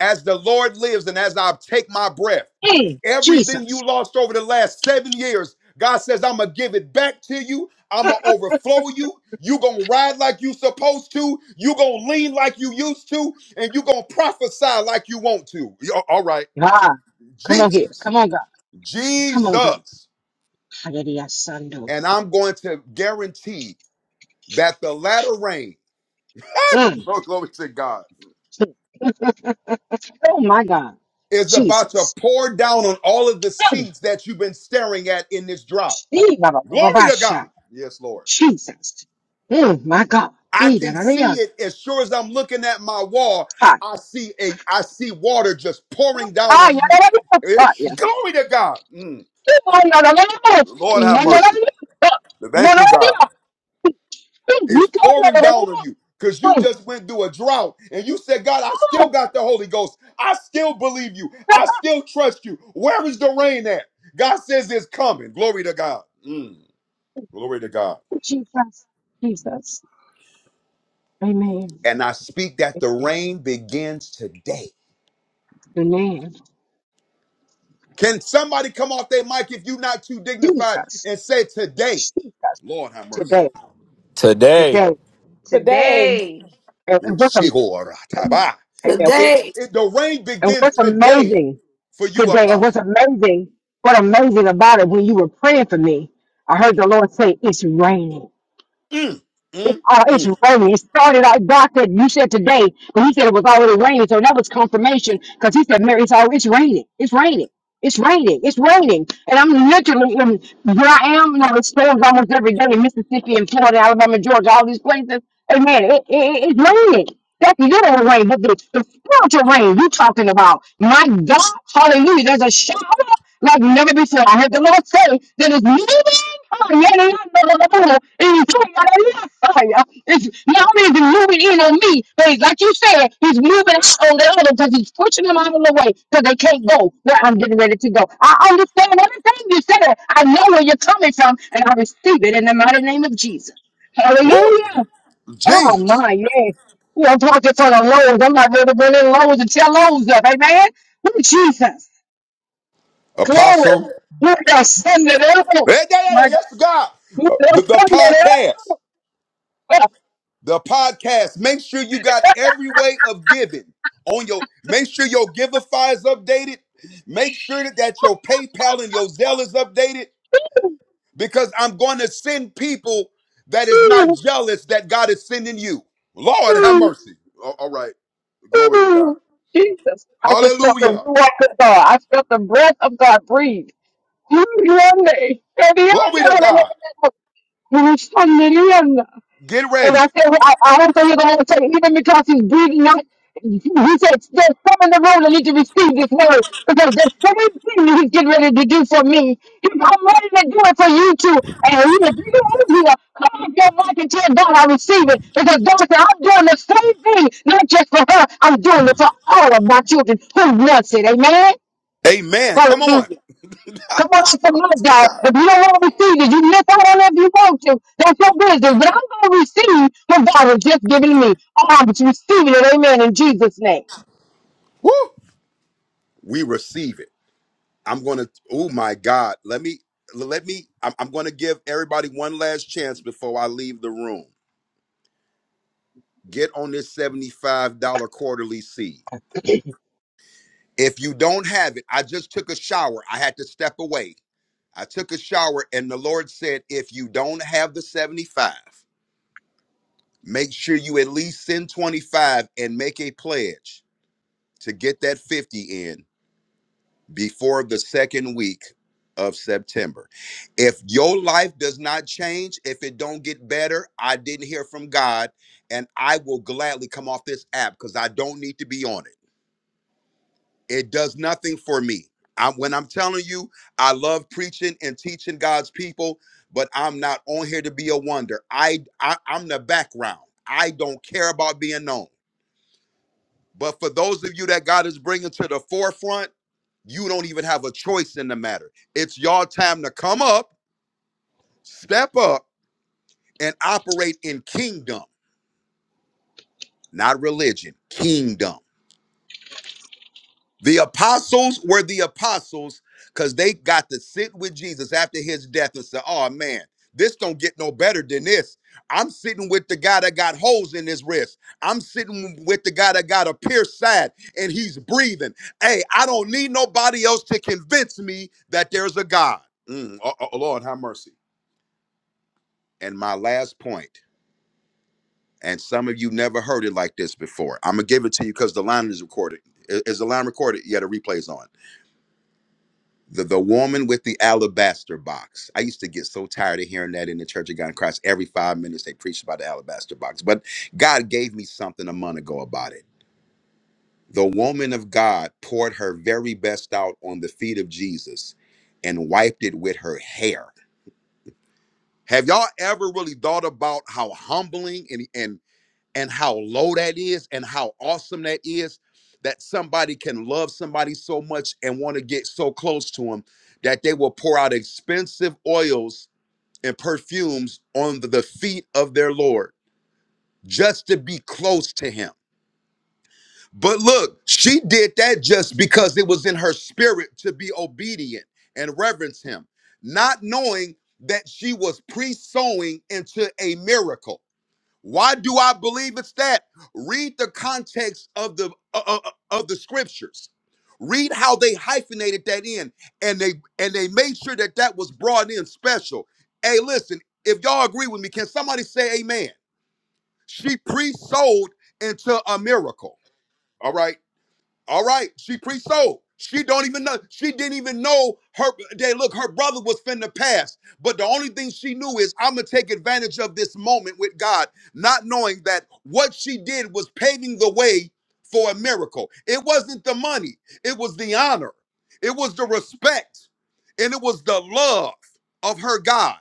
G: as the Lord lives and as I take my breath,
M: mm.
G: everything you
M: Jesus.
G: lost over the last seven years, God says, I'm gonna give it back to you. I'm gonna overflow you. you gonna ride like you supposed to. you gonna lean like you used to. And you gonna prophesy like you want to. Y- All right.
M: God. Come on here.
G: Jesus.
M: Come on, God. Come on, God.
G: Jesus.
M: Hallelujah, Sando.
G: And I'm going to guarantee that the latter rain,
M: Mm.
G: glory to God,
M: Oh my God.
G: is about to
M: Jesus.
G: pour down on all of the
M: Mm.
G: seeds that you've been staring at in this drought.
M: Shee, ba, ba, ba, ba,
G: Glory
M: ba,
G: to God.
M: sha.
G: Yes, Lord.
M: Jesus. Mm, my God.
G: I
M: Ee, da,
G: can
M: da, da,
G: see
M: ya.
G: it as sure as I'm looking at my wall.
M: Ha.
G: I see a I see water just pouring down
M: Ah,
G: on
M: ya, da,
G: you.
M: da, da, Ha,
G: It's
M: ya.
G: glory to God. Mm.
M: Ee, oh, ya, da, da, da, da.
G: Lord
M: Ee,
G: have
M: ya, da, da,
G: mercy.
M: da, da.
G: Thank
M: da,
G: you,
M: da, da,
G: God.
M: da. Ee, you
G: It's
M: can, ya,
G: pouring
M: da, da, da,
G: down on
M: da.
G: you because you
M: Ee,
G: just went through a drought and you said, God, I still
M: oh,
G: got the Holy Ghost. I still believe you.
M: ah,
G: I still trust you. Where is the rain at? God says it's coming. Glory to God. Mm. Glory to God.
M: Jesus. Jesus. Amen.
G: And I speak that the
M: Amen.
G: rain begins today
M: Amen.
G: Can somebody come off their mic if you're not too dignified
M: Jesus.
G: and say today,
M: Jesus.
G: Lord have mercy.
M: Today.
H: Today,
M: Today.
N: Today,
L: Today.
M: And, and with
G: It's
M: a, amen.
G: It,
I: Today,
G: it, the rain
M: And
G: begins
M: what's
G: today
M: amazing
G: for you,
M: today, and what's
G: Apostle.
M: amazing, what amazing about it, when you were praying for me, I heard the Lord say, It's raining.
G: Mm,
M: It's
G: mm,
M: uh, it's
G: mm.
M: raining. It started out. God said you said today, but He said it was already raining. So that was confirmation because He said, "Mary, it's all it's raining. It's raining. It's raining. It's raining." And I'm literally in, where I am. You know, it storms almost every day in Mississippi and Florida, Alabama, Georgia, all these places. And man, it, it, it's raining. That's literal rain, but the, the spiritual rain you are talking about. My God, Hallelujah! There's a shower like never before. I heard the Lord say that it's moving. Oh, yeah, yeah, yeah, yeah, yeah, yeah. And doing it on your fire. It's not only is he moving in on me, but he's, like you said, he's moving out on the other because he's pushing them out of the way because they can't go where I'm getting ready to go. I understand everything you said. I know where you're coming from, and I receive it in the mighty name of Jesus.
G: Woo!
M: Hallelujah. Oh
G: Jesus,
M: my, yeah. We're talking for the Lord. I'm not ready to bring in Lowe's and tell Lowe's up. Amen. Ooh, Jesus. Glory.
G: Apostle.
M: You got Sunday there.
G: Yeah, yeah, yeah, yeah,
M: My God.
G: yes, God.
M: You
G: Uh, The,
M: got
G: the
M: Sunday
G: podcast,
M: there.
G: the podcast. Make sure you got every way of giving on your. Make sure your Giveify is updated. Make sure that, that your PayPal and your Zelle is updated because I'm going to send people that is not
M: Ooh,
G: jealous that God is sending you. Lord, have
M: ooh,
G: mercy. A- All right. Glory to God.
M: ooh. Jesus. I just felt the
G: Hallelujah.
M: rock of God. I felt the breath of God breathe. Ooh, Sunday. Sunday,
G: Glory to God.
M: Sunday, Sunday.
G: Get
M: And
G: ready.
M: I said, well, I, I hope that you're going to take, even because he's breathing out. He said, there's some in the room that need to receive this word because the same thing that he's getting ready to do for me, he's I'm ready to do it for you too. And he, if you don't here, come off your mic and tell God I receive it because God said, I'm doing the same thing, not just for her, I'm doing it for all of my children who loves it. Amen?
G: Amen. Come on.
M: Hallelujah. Come on and submit, God.
G: God.
M: If you don't want to receive it, you can miss out on it if you want to. That's your business. But I'm going to receive what God has just given me. I'm receiving it. Amen. In Jesus' name.
G: Woo. We receive it. I'm going to, oh my God. Let me, let me, I'm, I'm going to give everybody one last chance before I leave the room. Get on this $75 quarterly seed. If you don't have it, I just took a shower. I had to step away. I took a shower, and the Lord said, If you don't have the 75, make sure you at least send 25 and make a pledge to get that 50 in before the second week of September. If your life does not change, if it don't get better, I didn't hear from God, and I will gladly come off this app because I don't need to be on it. It does nothing for me. I'm, when I'm telling you, I love preaching and teaching God's people, but I'm not on here to be a wonder. I, I I'm the background. I don't care about being known. But for those of you that God is bringing to the forefront, you don't even have a choice in the matter. It's your time to come up, step up, and operate in kingdom, not religion. Kingdom. The apostles were the apostles because they got to sit with Jesus after his death and say, Oh man, this don't get no better than this. I'm sitting with the guy that got holes in his wrist. I'm sitting with the guy that got a pierced side and he's breathing. Hey, I don't need nobody else to convince me that there's a God. Mm, oh, oh, Lord, have mercy. And my last point, and some of you never heard it like this before. I'm gonna give it to you because the line is recorded. Is is the line recorded? Yeah, the replay's on. the, the woman with the alabaster box. I used to get so tired of hearing that in the Church of God in Christ. Every five minutes they preached about the alabaster box. But God gave me something a month ago about it. The woman of God poured her very best out on the feet of Jesus and wiped it with her hair. Have y'all ever really thought about how humbling and, and and how low that is and how awesome that is that somebody can love somebody so much and want to get so close to them that they will pour out expensive oils and perfumes on the the feet of their Lord just to be close to him. But look, she did that just because it was in her spirit to be obedient and reverence him, not knowing that she was pre sowing into a miracle. Why do I believe it's that? Read the context of the uh, uh, uh, of the scriptures. Read how they hyphenated that in, and they and they made sure that that was brought in special. Hey, listen, if y'all agree with me, can somebody say Amen? She pre-sold into a miracle. All right. All right, she pre-sold. She don't even know. She didn't even know her. They look, her brother was finna pass, but the only thing she knew is I'm gonna take advantage of this moment with God, not knowing that what she did was paving the way for a miracle. It wasn't the money. It was the honor. It was the respect, and it was the love of her God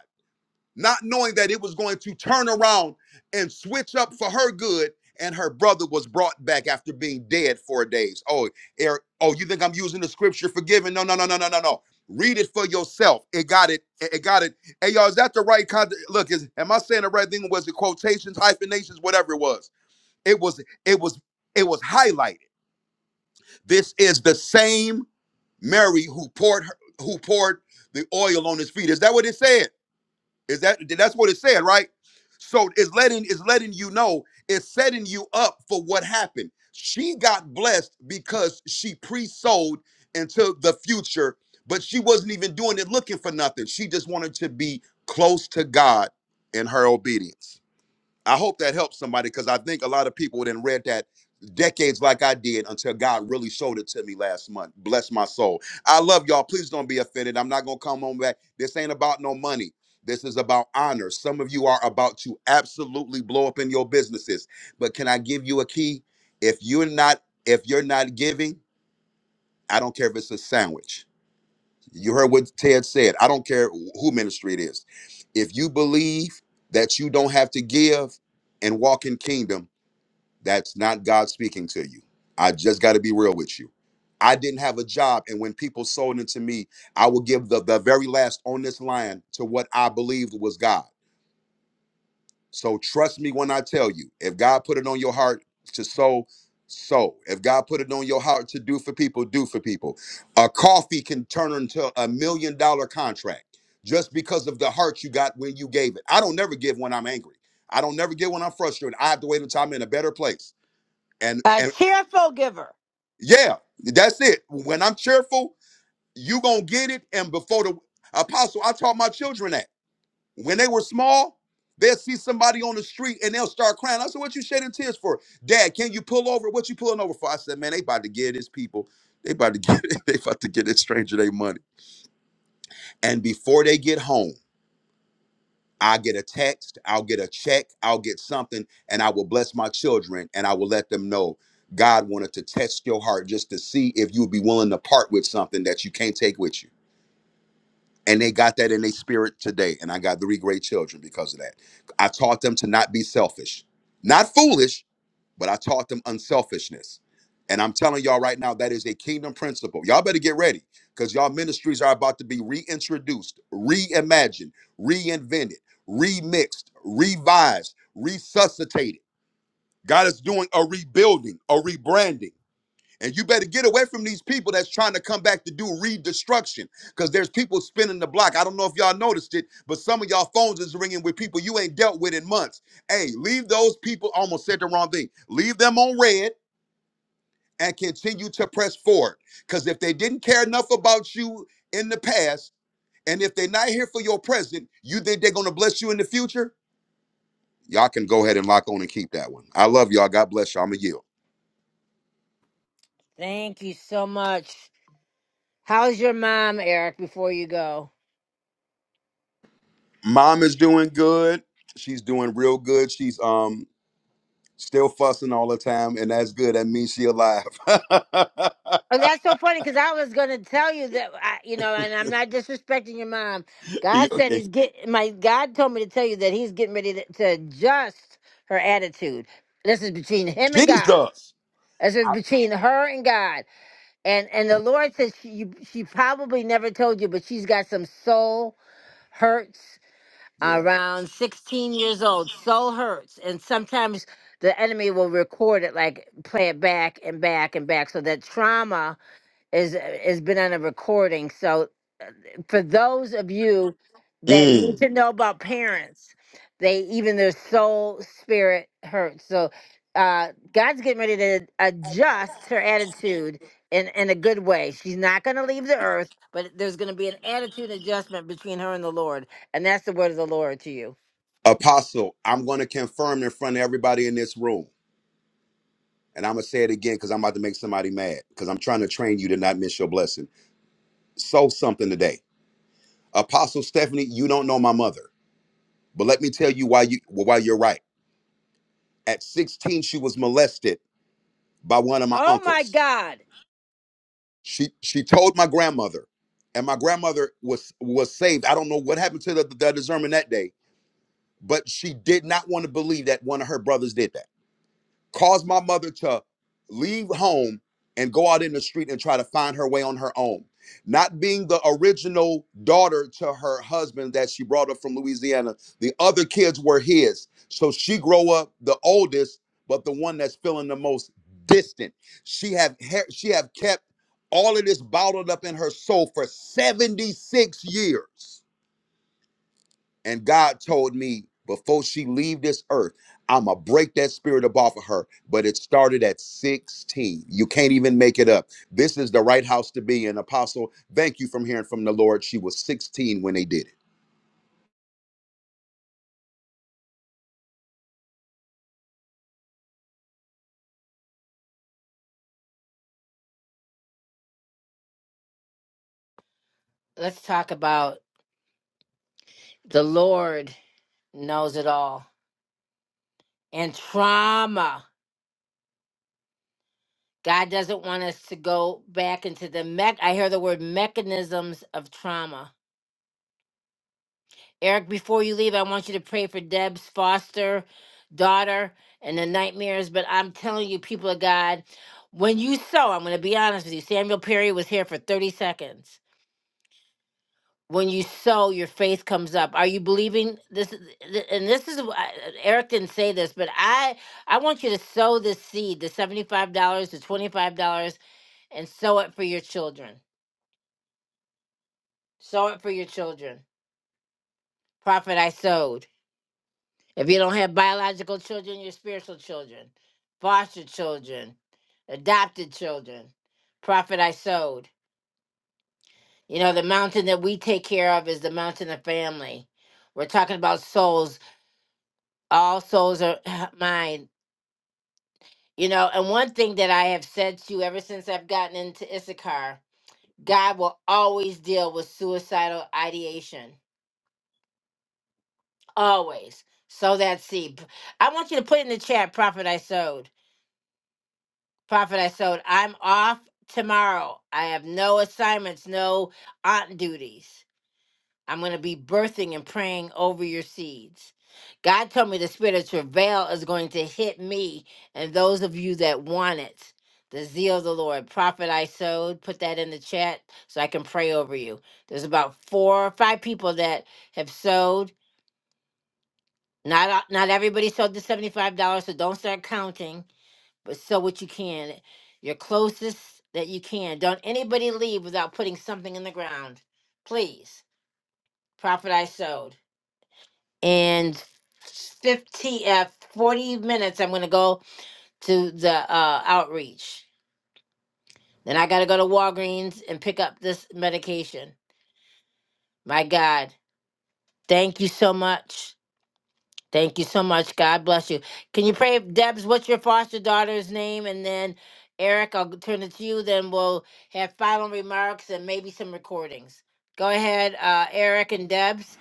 G: not knowing that it was going to turn around and switch up for her good. And her brother was brought back after being dead four days. Oh, Eric, oh, you think I'm using the scripture forgiven? No, no, no, no, no, no, no. Read it for yourself. It got it. It got it. Hey, y'all, is that the right kind? Look, is am I saying the right thing? Was it quotations, hyphenations, whatever it was? It was. It was. It was highlighted. This is the same Mary who poured her, who poured the oil on his feet. Is that what it said? Is that that's what it said, right? So it's letting it's letting you know, it's setting you up for what happened. She got blessed because she pre-sold into the future, but she wasn't even doing it looking for nothing. She just wanted to be close to God in her obedience. I hope that helps somebody because I think a lot of people then read that decades like I did until God really showed it to me last month. Bless my soul. I love y'all. Please don't be offended. I'm not gonna come home back. This ain't about no money. This is about honor. Some of you are about to absolutely blow up in your businesses. But can I give you a key? If you're not, if you're not giving, I don't care if it's a sandwich you heard what Ted said. I don't care who ministry it is. If you believe that you don't have to give and walk in kingdom, that's not God speaking to you. I just got to be real with you. I didn't have a job, and when people sold into me, I would give the, the very last on this line to what I believed was God. So trust me when I tell you, if God put it on your heart to sow, sow. If God put it on your heart to do for people, do for people. A coffee can turn into a million dollar contract just because of the heart you got when you gave it. I don't never give when I'm angry. I don't never give when I'm frustrated. I have to wait until I'm in a better place. And
A: A
G: and
A: tearful giver.
G: yeah, that's it. When I'm cheerful, you gonna get it. And before the apostle, I taught my children that when they were small, they'll see somebody on the street and they'll start crying. I said, "What you shedding tears for, Dad? Can you pull over? What you pulling over for?" I said, "Man, they about to give this people, they about to get, they about to get this stranger their money." And before they get home, I get a text, I'll get a check, I'll get something, and I will bless my children and I will let them know. God wanted to test your heart just to see if you would be willing to part with something that you can't take with you. and they got that in their spirit today. And I got three great children because of that. I taught them to not be selfish, not foolish, but I taught them unselfishness. And I'm telling y'all right now, that is a kingdom principle. Y'all better get ready because y'all ministries are about to be reintroduced, reimagined, reinvented, remixed, revised, resuscitated. God is doing a rebuilding, a rebranding. And you better get away from these people that's trying to come back to do redestruction. Because there's people spinning the block. I don't know if y'all noticed it, but some of y'all phones is ringing with people you ain't dealt with in months. Hey, leave those people, almost said the wrong thing. Leave them on red and continue to press forward. Because if they didn't care enough about you in the past, and if they're not here for your present, you think they're going to bless you in the future? Y'all can go ahead and lock on and keep that one. I love y'all. God bless y'all. I'm a yield.
A: Thank you so much. How's your mom, Eric? Before you go.
G: Mom is doing good. She's doing real good. She's um still fussing all the time, and that's good. That means she alive.
A: Oh, that's so funny because I was gonna tell you that I, you know, and I'm not disrespecting your mom.
G: You-
A: God said He's get my God told me to tell you that He's getting ready to, to adjust her attitude. This is between Him and God.
G: Jesus.
A: This is
G: I-
A: between her and God. And and the Lord says she you, she probably never told you, but she's got some soul hurts
G: yeah.
A: around 16 years old. Soul hurts, and sometimes the enemy will record it, like play it back and back and back, so that trauma is has been on a recording. So uh, for those of you that need
G: Mm.
A: to know about parents, they even their soul spirit hurts. So uh, God's getting ready to adjust her attitude in in a good way. She's not going to leave the earth, but there's going to be an attitude adjustment between her and the Lord, and that's the word of the Lord to you.
G: Apostle, I'm going to confirm in front of everybody in this room, and I'm gonna say it again because I'm about to make somebody mad because I'm trying to train you to not miss your blessing. Sow something today, Apostle Stephanie. You don't know my mother, but let me tell you why you why you're right. At 16, she was molested by one of my
A: Oh my
G: uncles.
A: God!
G: she she told my grandmother and my grandmother was was saved i don't know what happened to the, the discernment that day but she did not want to believe that one of her brothers did that caused my mother to leave home and go out in the street and try to find her way on her own. Not being the original daughter to her husband that she brought up from Louisiana, the other kids were his. So she grow up the oldest, but the one that's feeling the most distant. She have he- she have kept all of this bottled up in her soul for 76 years. And God told me before she leave this earth, I'ma break that spirit up off of her. But it started at 16. You can't even make it up. This is the right house to be an apostle. Thank you from hearing from the Lord. She was 16 when they did it.
A: Let's talk about the Lord knows it all and trauma. God doesn't want us to go back into the mech. I hear the word mechanisms of trauma. Eric, before you leave, I want you to pray for Deb's foster daughter and the nightmares. But I'm telling you, people of God, when you sow, I'm going to be honest with you. Samuel Perry was here for 30 seconds. When you sow, your faith comes up. Are you believing this? th- And this is wh- I- Eric didn't say this, but I I want you to sow this seed, the seventy five dollars to twenty five dollars, and sow it for your children Sow it for your children. Prophet, I sowed. If you don't have biological children, your spiritual children, foster children, adopted children. Prophet, I sowed. You know, the mountain that we take care of is the mountain of family. We're talking about souls. All souls are mine. You know, and one thing that I have said to you ever since I've gotten into Issachar, God will always deal with suicidal ideation. always sow that seed. P- I want you to put in the chat, Prophet I sowed. Prophet I sowed. I'm off tomorrow. I have no assignments, no aunt duties. I'm going to be birthing and praying over your seeds. God told me the spirit of travail is going to hit me and those of you that want it. The zeal of the Lord. Prophet I sowed. Put that in the chat so I can pray over you. There's about four or five people that have sowed Not a- not everybody sold the seventy five dollars, so don't start counting. But sell what you can, your closest that you can. Don't anybody leave without putting something in the ground, please. Profit I sowed and fifty uh, forty minutes. I'm gonna go to the uh, outreach. Then I gotta go to Walgreens and pick up this medication. My God, thank you so much. Thank you so much. God bless you. Can you pray, Debs? What's your foster daughter's name? And then Eric, I'll turn it to you. Then we'll have final remarks and maybe some recordings. Go ahead, uh, Eric and Debs.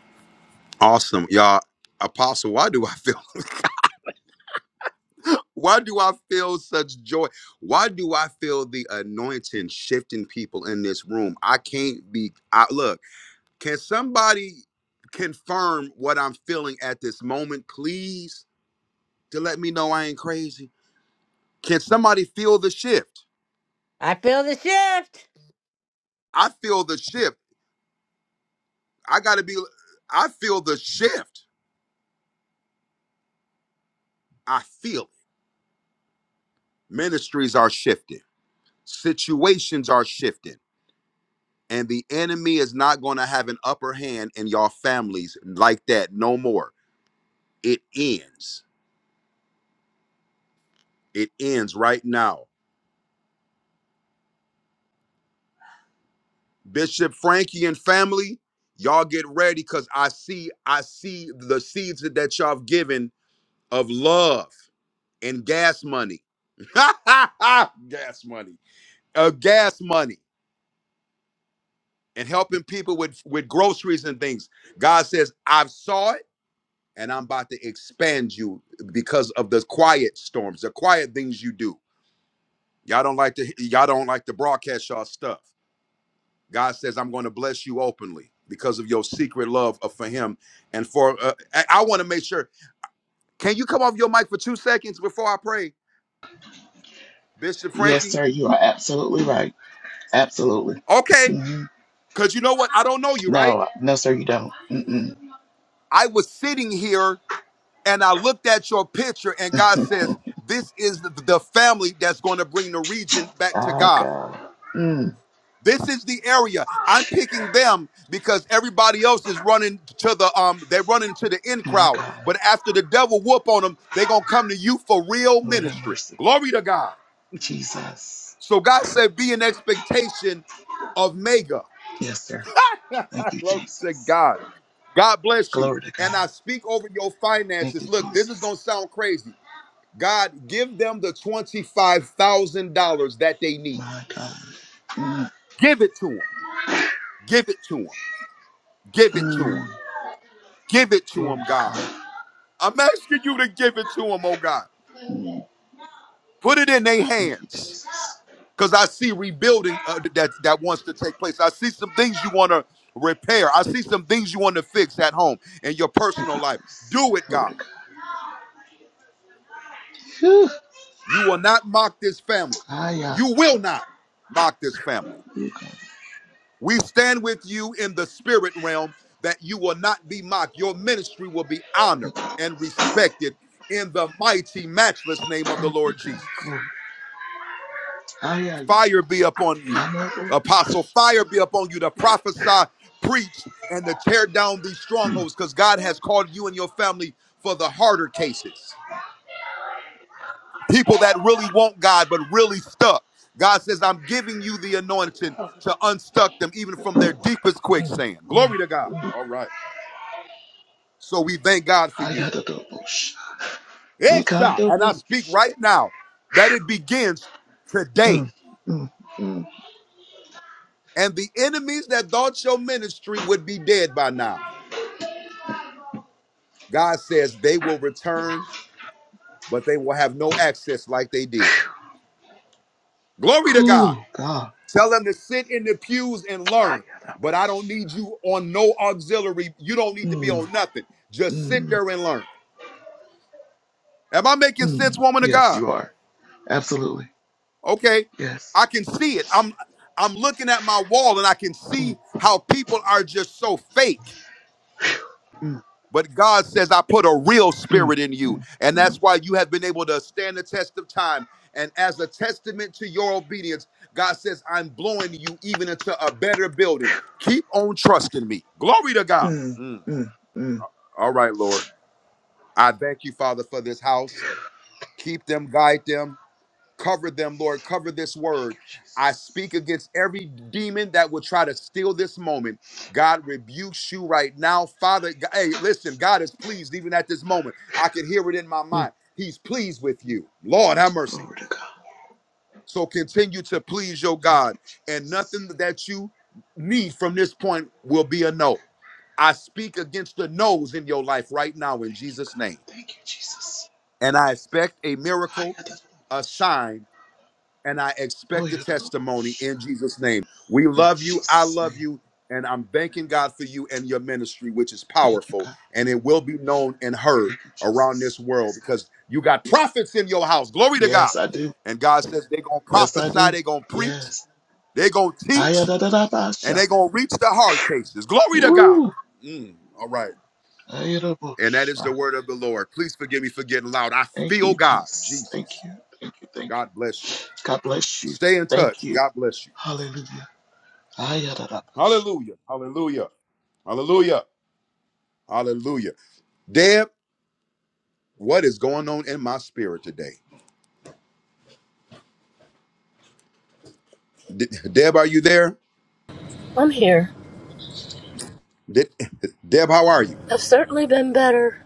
G: Awesome. Y'all, apostle, why do I feel why do I feel such joy? Why do I feel the anointing shifting people in this room? I can't be I look, can somebody confirm what I'm feeling at this moment, please? to let me know I ain't crazy. Can somebody feel the shift?
A: I feel the shift.
G: I feel the shift. I got to be, I feel the shift. I feel it. Ministries are shifting, situations are shifting, and the enemy is not going to have an upper hand in y'all families like that no more. It ends. It ends right now. Bishop Frankie and family, y'all get ready because I see, I see the seeds that y'all have given of love. and gas money. gas money. Uh, gas money and helping people with, with groceries and things. God says, I've saw it and I'm about to expand you because of the quiet storms, the quiet things you do. Y'all don't like to y'all don't like to broadcast y'all stuff. God says, I'm going to bless you openly because of your secret love of- for him and for uh, I, I want to make sure. Can you come off your mic for 2 seconds before I pray? Bishop
O: Yes,
G: Frankie?
O: sir. You are absolutely right. Absolutely.
G: Okay.
O: hmm
G: Cause you know what? I don't know you, right?
O: No, no, sir. You don't. Mm-mm.
G: I was sitting here and I looked at your picture, and God says, This is the the family that's going to bring the region back to
O: Ah,
G: God.
O: God. Mm.
G: This is the area I'm picking them because everybody else is running to the um they're running to the in
O: My
G: crowd.
O: God.
G: But after the devil whoop on them, they're gonna come to you for real
O: Lord have
G: ministry.
O: mercy.
G: Glory to God.
O: Jesus.
G: So God said, be in expectation of mega.
O: Yes, sir. Thank you,
G: Glory to
O: Jesus.
G: God. God bless you.
O: Glory to
G: And
O: God.
G: I speak over your
O: Thank you,
G: finances. Look, this is
O: Jesus.
G: gonna sound crazy. God, give them the $25,000 that they need.
O: My God. Mm.
G: Give it to them. Give it to them. Give it to them.
O: Mm.
G: Give it to
O: Glory
G: them,
O: to
G: God.
O: God.
G: I'm asking you to give it to them, oh God.
O: Mm.
G: Put it in their
O: Thank you,
G: hands.
O: Jesus.
G: Because I see rebuilding uh, that, that wants to take place. I see some things you want to repair. I see some things you want to fix at home in your
O: Thank
G: personal
O: you,
G: life.
O: Jesus.
G: Do it,
O: Glory
G: God.
O: to God. Whew.
G: You will not mock this family.
O: Ah, yeah.
G: You will not mock this family.
O: You God.
G: We stand with you in the spirit realm that you will not be mocked. Your ministry will be honored
O: Thank you,
G: and
O: Jesus.
G: respected in the mighty, matchless name of the
O: Thank you,
G: Lord
O: God.
G: Jesus.
O: Glory. Ah, yeah, yeah.
G: Fire be upon you,
O: I know.
G: apostle. Fire be upon you to prophesy, preach, and to tear down these strongholds because God has called you and your family for the harder cases. People that really want God but really stuck. God says, I'm giving you the anointing to unstuck them even from their deepest quicksand. Glory to God. All right. So we thank God for
O: I
G: you.
O: got got the doubles. You got
G: Esha,
O: the
G: and I
O: Mukandobush.
G: speak right now that it begins today.
O: Mm, mm, mm.
G: And the enemies that thought your ministry would be dead by now, God says they will return, but they will have no access like they did. Glory to
O: Whew,
G: God.
O: God.
G: Tell them to sit in the pews
O: I
G: and learn.
O: got
G: But I don't need you on no auxiliary. You don't
O: the
G: need to be
O: Hayadabash. Mm,
G: on nothing. Just sit
O: mm,
G: there and learn. Am I making sense,
O: mm.
G: woman of
O: Yes,
G: God?
O: you are. Absolutely.
G: Okay,
O: Yes.
G: I can see it. I'm I'm looking at my wall and I can
O: Mm,
G: see how people are just so fake.
O: mm,
G: But God says, I put a real
O: mm,
G: spirit in you.
O: mm,
G: And that's
O: mm,
G: why you have been able to stand the test of time. And as a testament to your obedience, God says, I'm blowing you even into a better building. Keep on trusting me. Glory to God.
O: mm,
G: Mm.
O: mm, mm.
G: All right, Lord. I thank you, Father, for this house. Keep them, guide them. Cover them, Lord. Cover this
O: Thank
G: word.
O: you,
G: I speak
O: Jesus.
G: against every demon that would try to steal this moment. God rebukes you right now.
O: I
G: Father, G-
O: got
G: hey,
O: the
G: listen,
O: Hayadadobush.
G: God is pleased even at this moment. I can hear it in my
O: Mm.
G: mind. He's pleased with you. Lord, have mercy.
O: Glory to God.
G: So continue to please your
O: Thank
G: God,
O: you,
G: and nothing
O: Jesus.
G: that you need from this point will be a no. I speak against the no's in your life right now in
O: Thank you, God.
G: Jesus' name.
O: Thank you, Jesus.
G: And I expect a
O: I
G: miracle,
O: got the
G: a
O: Hayadadobush.
G: sign, and I
O: Oh,
G: expect
O: you
G: a
O: got the
G: testimony
O: doubles.
G: in Jesus' name. We
O: In
G: love you. I
O: Jesus'
G: love
O: name.
G: you. And I'm thanking God for you and your ministry, which is
O: Thank you,
G: powerful.
O: God.
G: And it will be known and heard
O: Thank you,
G: around this
O: Jesus.
G: world
O: Yes, God.
G: because you got prophets in your house. Glory to God.
O: Yes, I do.
G: And God says they're going to
O: Yes, I
G: prophesy,
O: do.
G: they're going to preach,
O: Yes.
G: they're going to teach, and
O: Ayadadadabasha.
G: they're going to reach the hard cases. Glory to God.
O: Woo.
G: Mm, all right. And that is the
O: Ayadabosha.
G: word of the Lord. Please forgive me for getting loud. I
O: Thank
G: feel
O: you,
G: God,
O: Jesus. Thank
G: Jesus.
O: you. Thank you. Thank
G: God
O: you.
G: bless you.
O: God bless you.
G: Stay in
O: Thank
G: touch.
O: you.
G: God bless you.
O: Hallelujah. Ayadadabasha.
G: Hallelujah. Hallelujah. Hallelujah. Hallelujah. Deb, what is going on in my spirit today? D- Deb, are you there?
K: I'm here.
G: Did Deb, how are you?
K: I've certainly been better.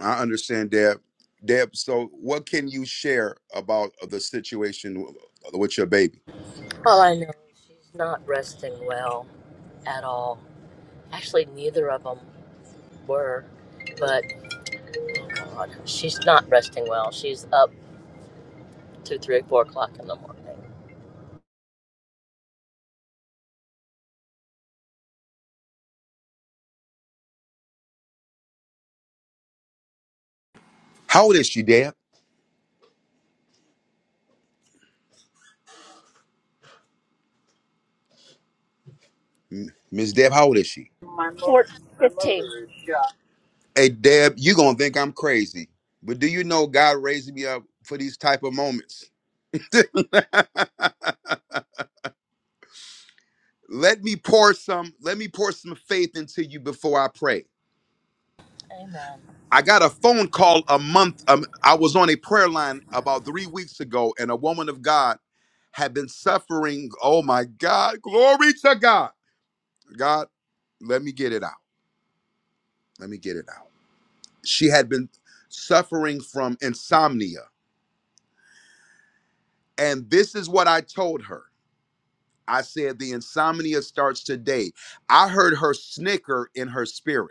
G: I understand, Deb. Deb, so what can you share about the situation with your baby?
K: All I know is she's not resting well at all. Actually, neither of them were, but God, she's not resting well. She's up to three, four o'clock in the morning.
G: How old is she, Deb? Miss Deb, how old is she?
K: Four fifteen.
G: Hey, Deb, you gonna think I'm crazy, but do you know God raised me up for these type of moments? let me pour some. Let me pour some faith into you before I pray.
K: Amen.
G: I got a phone call a month. Um, I was on a prayer line about three weeks ago, and a woman of God had been suffering. Oh my God, glory to God. God, let me get it out. Let me get it out. She had been suffering from insomnia. And this is what I told her I said, the insomnia starts today. I heard her snicker in her spirit.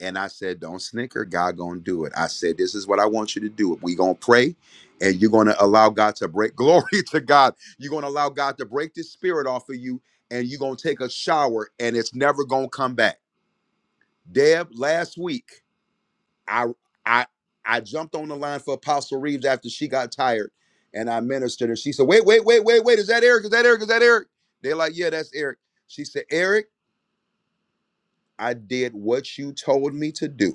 G: And I said, Don't snicker, God gonna do it. I said, This is what I want you to do. We gonna pray and you're gonna allow God to break glory to God. You're gonna allow God to break this spirit off of you, and you're gonna take a shower and it's never gonna come back. Deb, last week, I I I jumped on the line for Apostle Reeves after she got tired and I ministered and she said, Wait, wait, wait, wait, wait, is that Eric? Is that Eric? Is that Eric? They're like, Yeah, that's Eric. She said, Eric, I did what you told me to do.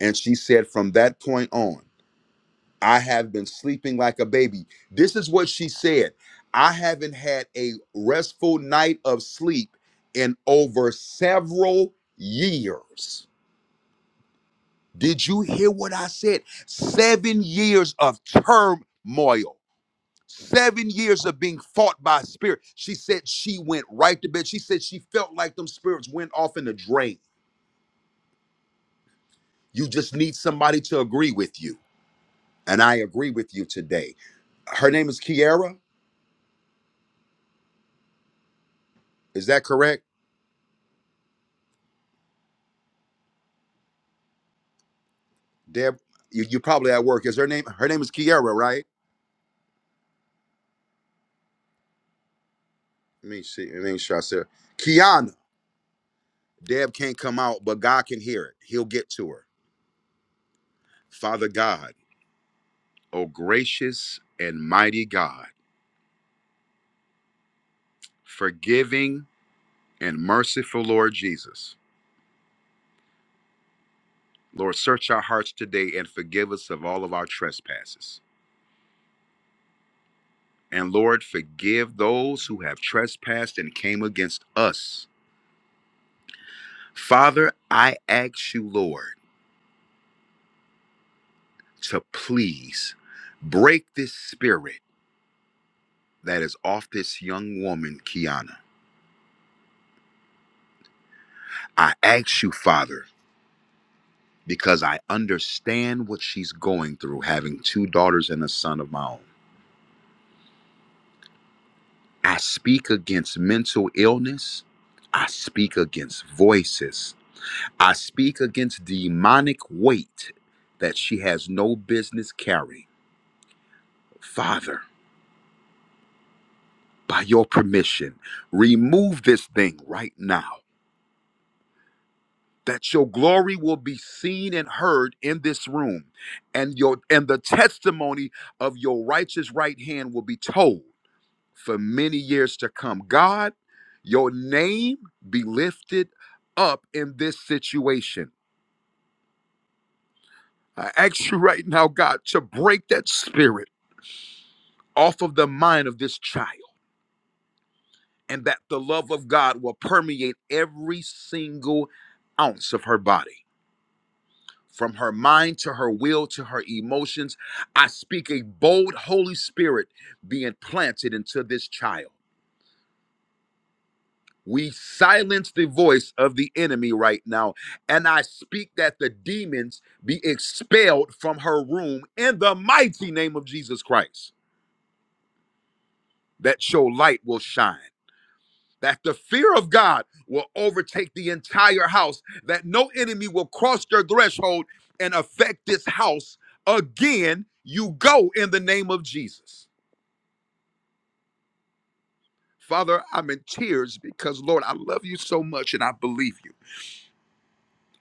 G: And she said, From that point on, I have been sleeping like a baby. This is what she said I haven't had a restful night of sleep in over several years. Did you hear what I said? Seven years of turmoil. Seven years of being fought by spirit. She said she went right to bed. She said she felt like them spirits went off in the drain. You just need somebody to agree with you. And I agree with you today her name is Kiara. Is that correct, Deb? You you probably at work. Is her name? Her name is Kiara, right? Let me see. Let me sure I said Kiana. Deb can't come out, but God can hear it. He'll get to her. Father God, O gracious and mighty God, forgiving and merciful Lord Jesus. Lord, search our hearts today and forgive us of all of our trespasses. And Lord, forgive those who have trespassed and came against us. Father, I ask you, Lord to please break this spirit that is off this young woman, Kiana. I ask you, Father, because I understand what she's going through, having two daughters and a son of my own. I speak against mental illness. I speak against voices. I speak against demonic weight that she has no business carrying. Father, by your permission, remove this thing right now that your glory will be seen and heard in this room and your and the testimony of your righteous right hand will be told for many years to come god your name be lifted up in this situation i ask you right now god to break that spirit off of the mind of this child and that the love of god will permeate every single ounce of her body from her mind to her will to her emotions. I speak a bold Holy Spirit being planted into this child. We silence the voice of the enemy right now. And I speak that the demons be expelled from her room in the mighty name of Jesus Christ, that your light will shine. that the fear of God will overtake the entire house, that no enemy will cross your threshold and affect this house again. You go in the name of Jesus. Father, I'm in tears because, Lord, I love you so much and I believe you.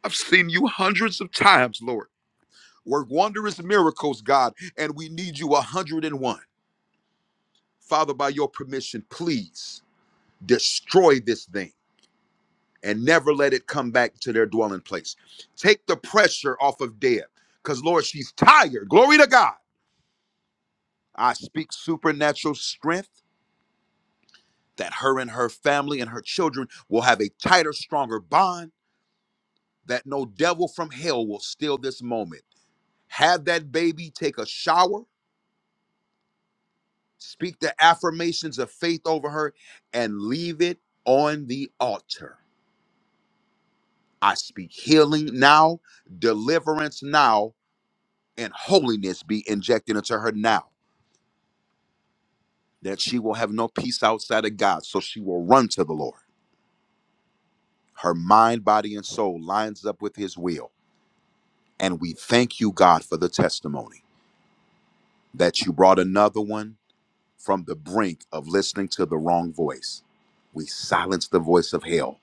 G: I've seen you hundreds of times, Lord. Work wondrous miracles, God, and we need you 101. Father, by your permission, please destroy this thing and never let it come back to their dwelling place. Take the pressure off of Deb because, Lord, she's tired. Glory to God. I speak supernatural strength that her and her family and her children will have a tighter, stronger bond, that no devil from hell will steal this moment. Have that baby take a shower, speak the affirmations of faith over her, and leave it on the altar. I speak healing now, deliverance now, and holiness be injected into her now, that she will have no peace outside of God. So she will run to the Lord. Her mind, body, and soul lines up with his will. And we thank you, God, for the testimony that you brought another one from the brink of listening to the wrong voice. We silence the voice of hell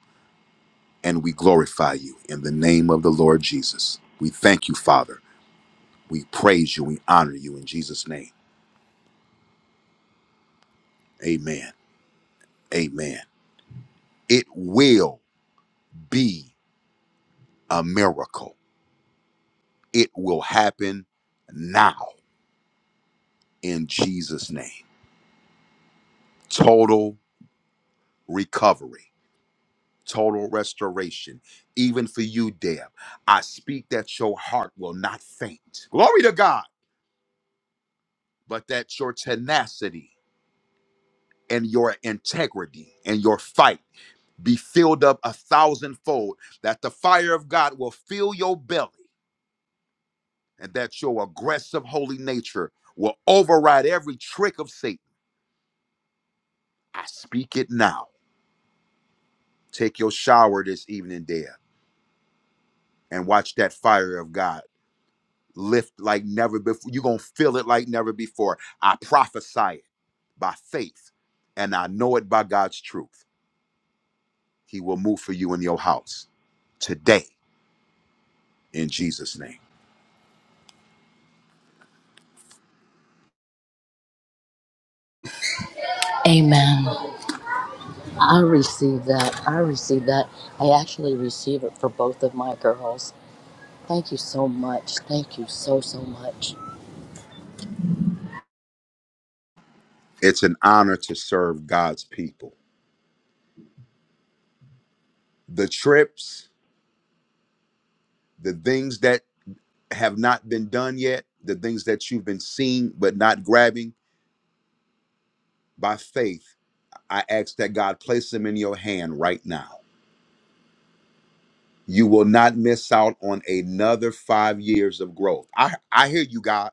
G: and we glorify you in the name of the Lord Jesus. We thank you, Father. We praise you. We honor you in Jesus' name. Amen. Amen. It will be. a miracle. It will happen now in Jesus' name. Total recovery, total restoration. Even for you, Deb, I speak that your heart will not faint. Glory to God, but that your tenacity and your integrity and your fight be filled up a thousandfold, that the fire of God will fill your belly, and that your aggressive holy nature will override every trick of Satan. I speak it now Take your shower this evening, dear, and watch that fire of God lift like never before. You're going to feel it like never before. I prophesy it by faith, and I know it by God's truth. He will move for you in your house today in Jesus' name.
K: Amen. I receive that. I receive that. I actually receive it for both of my girls. Thank you so much. Thank you so, so much.
G: It's an honor to serve God's people. The trips, the things that have not been done yet, the things that you've been seeing but not grabbing by faith, I ask that God place them in your hand right now You will not miss out on another five years of growth. I, I hear you, God.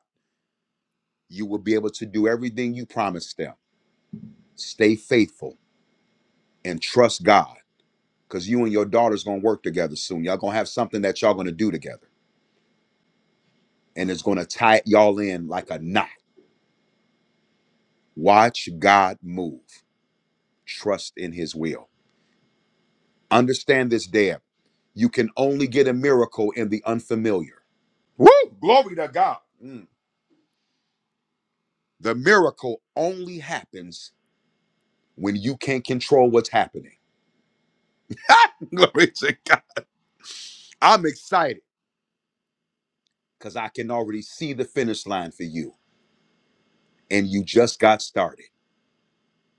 G: You will be able to do everything you promised them. Stay faithful and trust God because you and your daughter's going to work together soon. Y'all going to have something that y'all going to do together and it's going to tie y'all in like a knot. Watch God move. Trust in his will. Understand this, Deb. You can only get a miracle in the unfamiliar. Woo! Glory to God. Mm. The miracle only happens when you can't control what's happening. Glory to God. I'm excited because I can already see the finish line for you, and you just got started.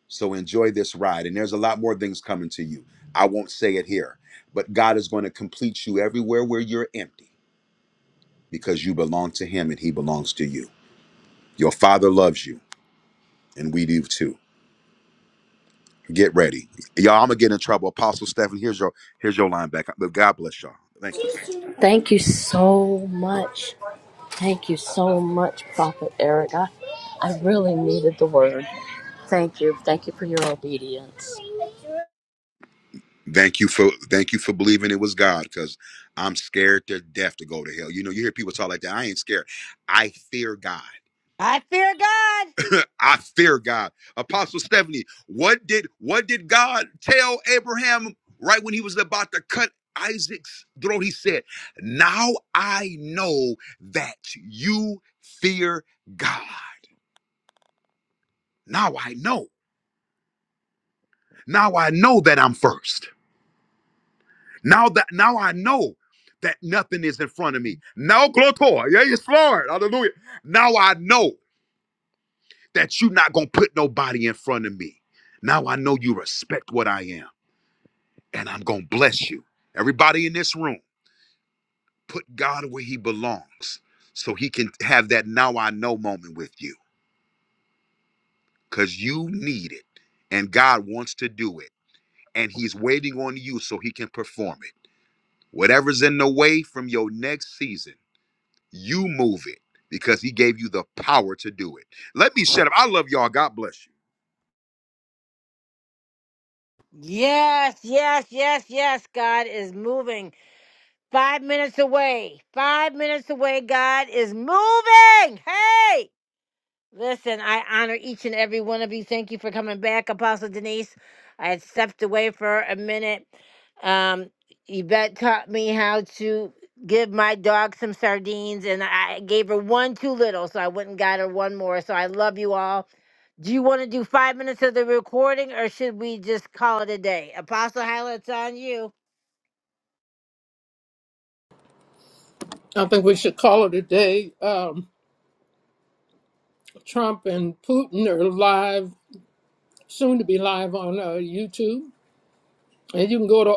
G: So enjoy this ride, and there's a lot more things coming to you. I won't say it here, but God is going to complete you everywhere where you're empty because you belong to Him and He belongs to you. Your Father loves you, and we do too. Get ready, y'all. I'm gonna get in trouble. Apostle Stephen, here's your here's your line back. But God bless y'all. Thank you.
K: Thank you so much. Thank you so much, Prophet Eric. I, I really needed the word. Thank you. Thank you for your obedience.
G: Thank you for thank you for believing it was God, because I'm scared to death to go to hell. You know, you hear people talk like that. I ain't scared. I fear God.
A: I fear God.
G: I fear God. Apostle Stephanie, what did what did God tell Abraham right when he was about to cut Isaac's throat? He said, Now I know that you fear God. Now I know. Now I know that I'm first. Now that now I know that nothing is in front of me. Now Glotor, yeah, it's Lord. Hallelujah. Now I know that you're not gonna put nobody in front of me. Now I know you respect what I am, and I'm gonna bless you. Everybody in this room, put God where he belongs so he can have that now I know moment with you. Cause you need it, and God wants to do it, and he's waiting on you so he can perform it. Whatever's in the way from your next season. You move it because he gave you the power to do it. Let me shut up. I love y'all. God bless you.
A: Yes, yes, yes, yes. God is moving. Five minutes away. Five minutes away. God is moving. Hey. Listen, I honor each and every one of you. Thank you for coming back, Apostle Denise. I had stepped away for a minute. Um, Yvette taught me how to give my dog some sardines, and I gave her one too little, so I went and got her one more. So I love you all. Do you want to do five minutes of the recording, or should we just call it a day? Apostle Hyla, it's on you.
D: I think we should call it a day. Um, Trump and Putin are live, soon to be live on uh, YouTube. And you can go to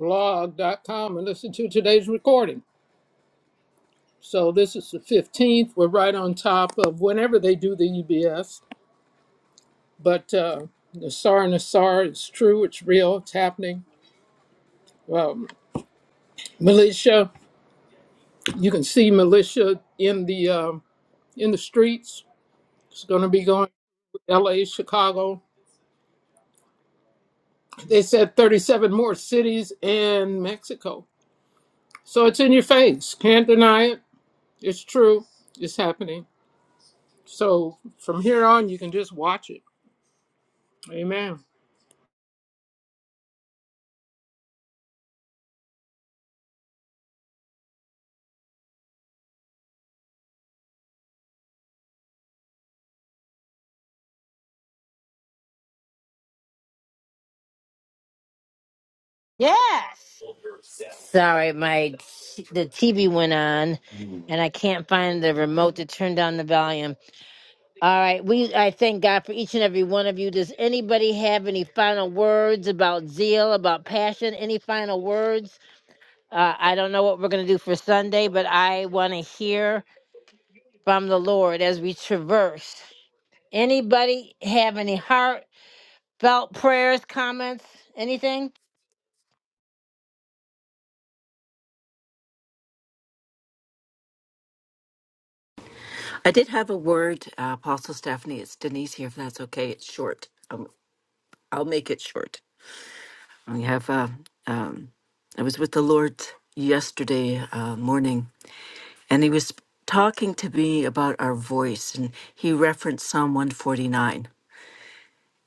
D: rrdailyblog.com and listen to today's recording. So this is the 15th. We're right on top of whenever they do the UBS. But uh, the SAR and the SAR, is true, it's real, it's happening. Um, militia. You can see militia in the um in the streets. It's going to be going to L.A., Chicago. They said 37 more cities and Mexico. So it's in your face. Can't deny it. It's true. It's happening. So from here on, you can just watch it. Amen.
A: Yes. Sorry, my t- the TV went on, and I can't find the remote to turn down the volume. All right. We I thank God for each and every one of you. Does anybody have any final words about zeal, about passion? Any final words? Uh, I don't know what we're going to do for Sunday, but I want to hear from the Lord as we traverse. Anybody have any heartfelt prayers, comments, anything?
P: I did have a word, uh, Apostle Stephanie. It's Denise here, if that's okay. It's short. Um, I'll make it short. We have. Uh, um, I was with the Lord yesterday uh, morning, and He was talking to me about our voice, and He referenced Psalm one forty nine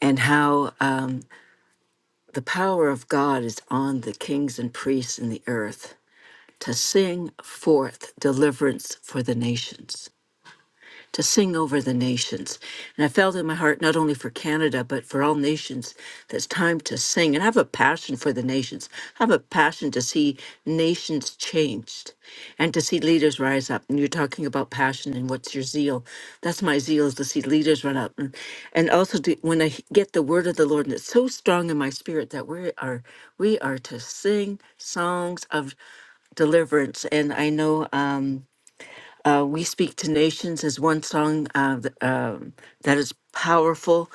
P: and how um, the power of God is on the kings and priests in the earth to sing forth deliverance for the nations. to sing over the nations. And I felt in my heart, not only for Canada, but for all nations, that it's time to sing. And I have a passion for the nations. I have a passion to see nations changed and to see leaders rise up. And you're talking about passion and what's your zeal. That's my zeal is to see leaders run up. And, and also to, when I he- get the word of the Lord, and it's so strong in my spirit that we are, we are to sing songs of deliverance. And I know. Um, we Speak to Nations is one song uh, th- um, that is powerful.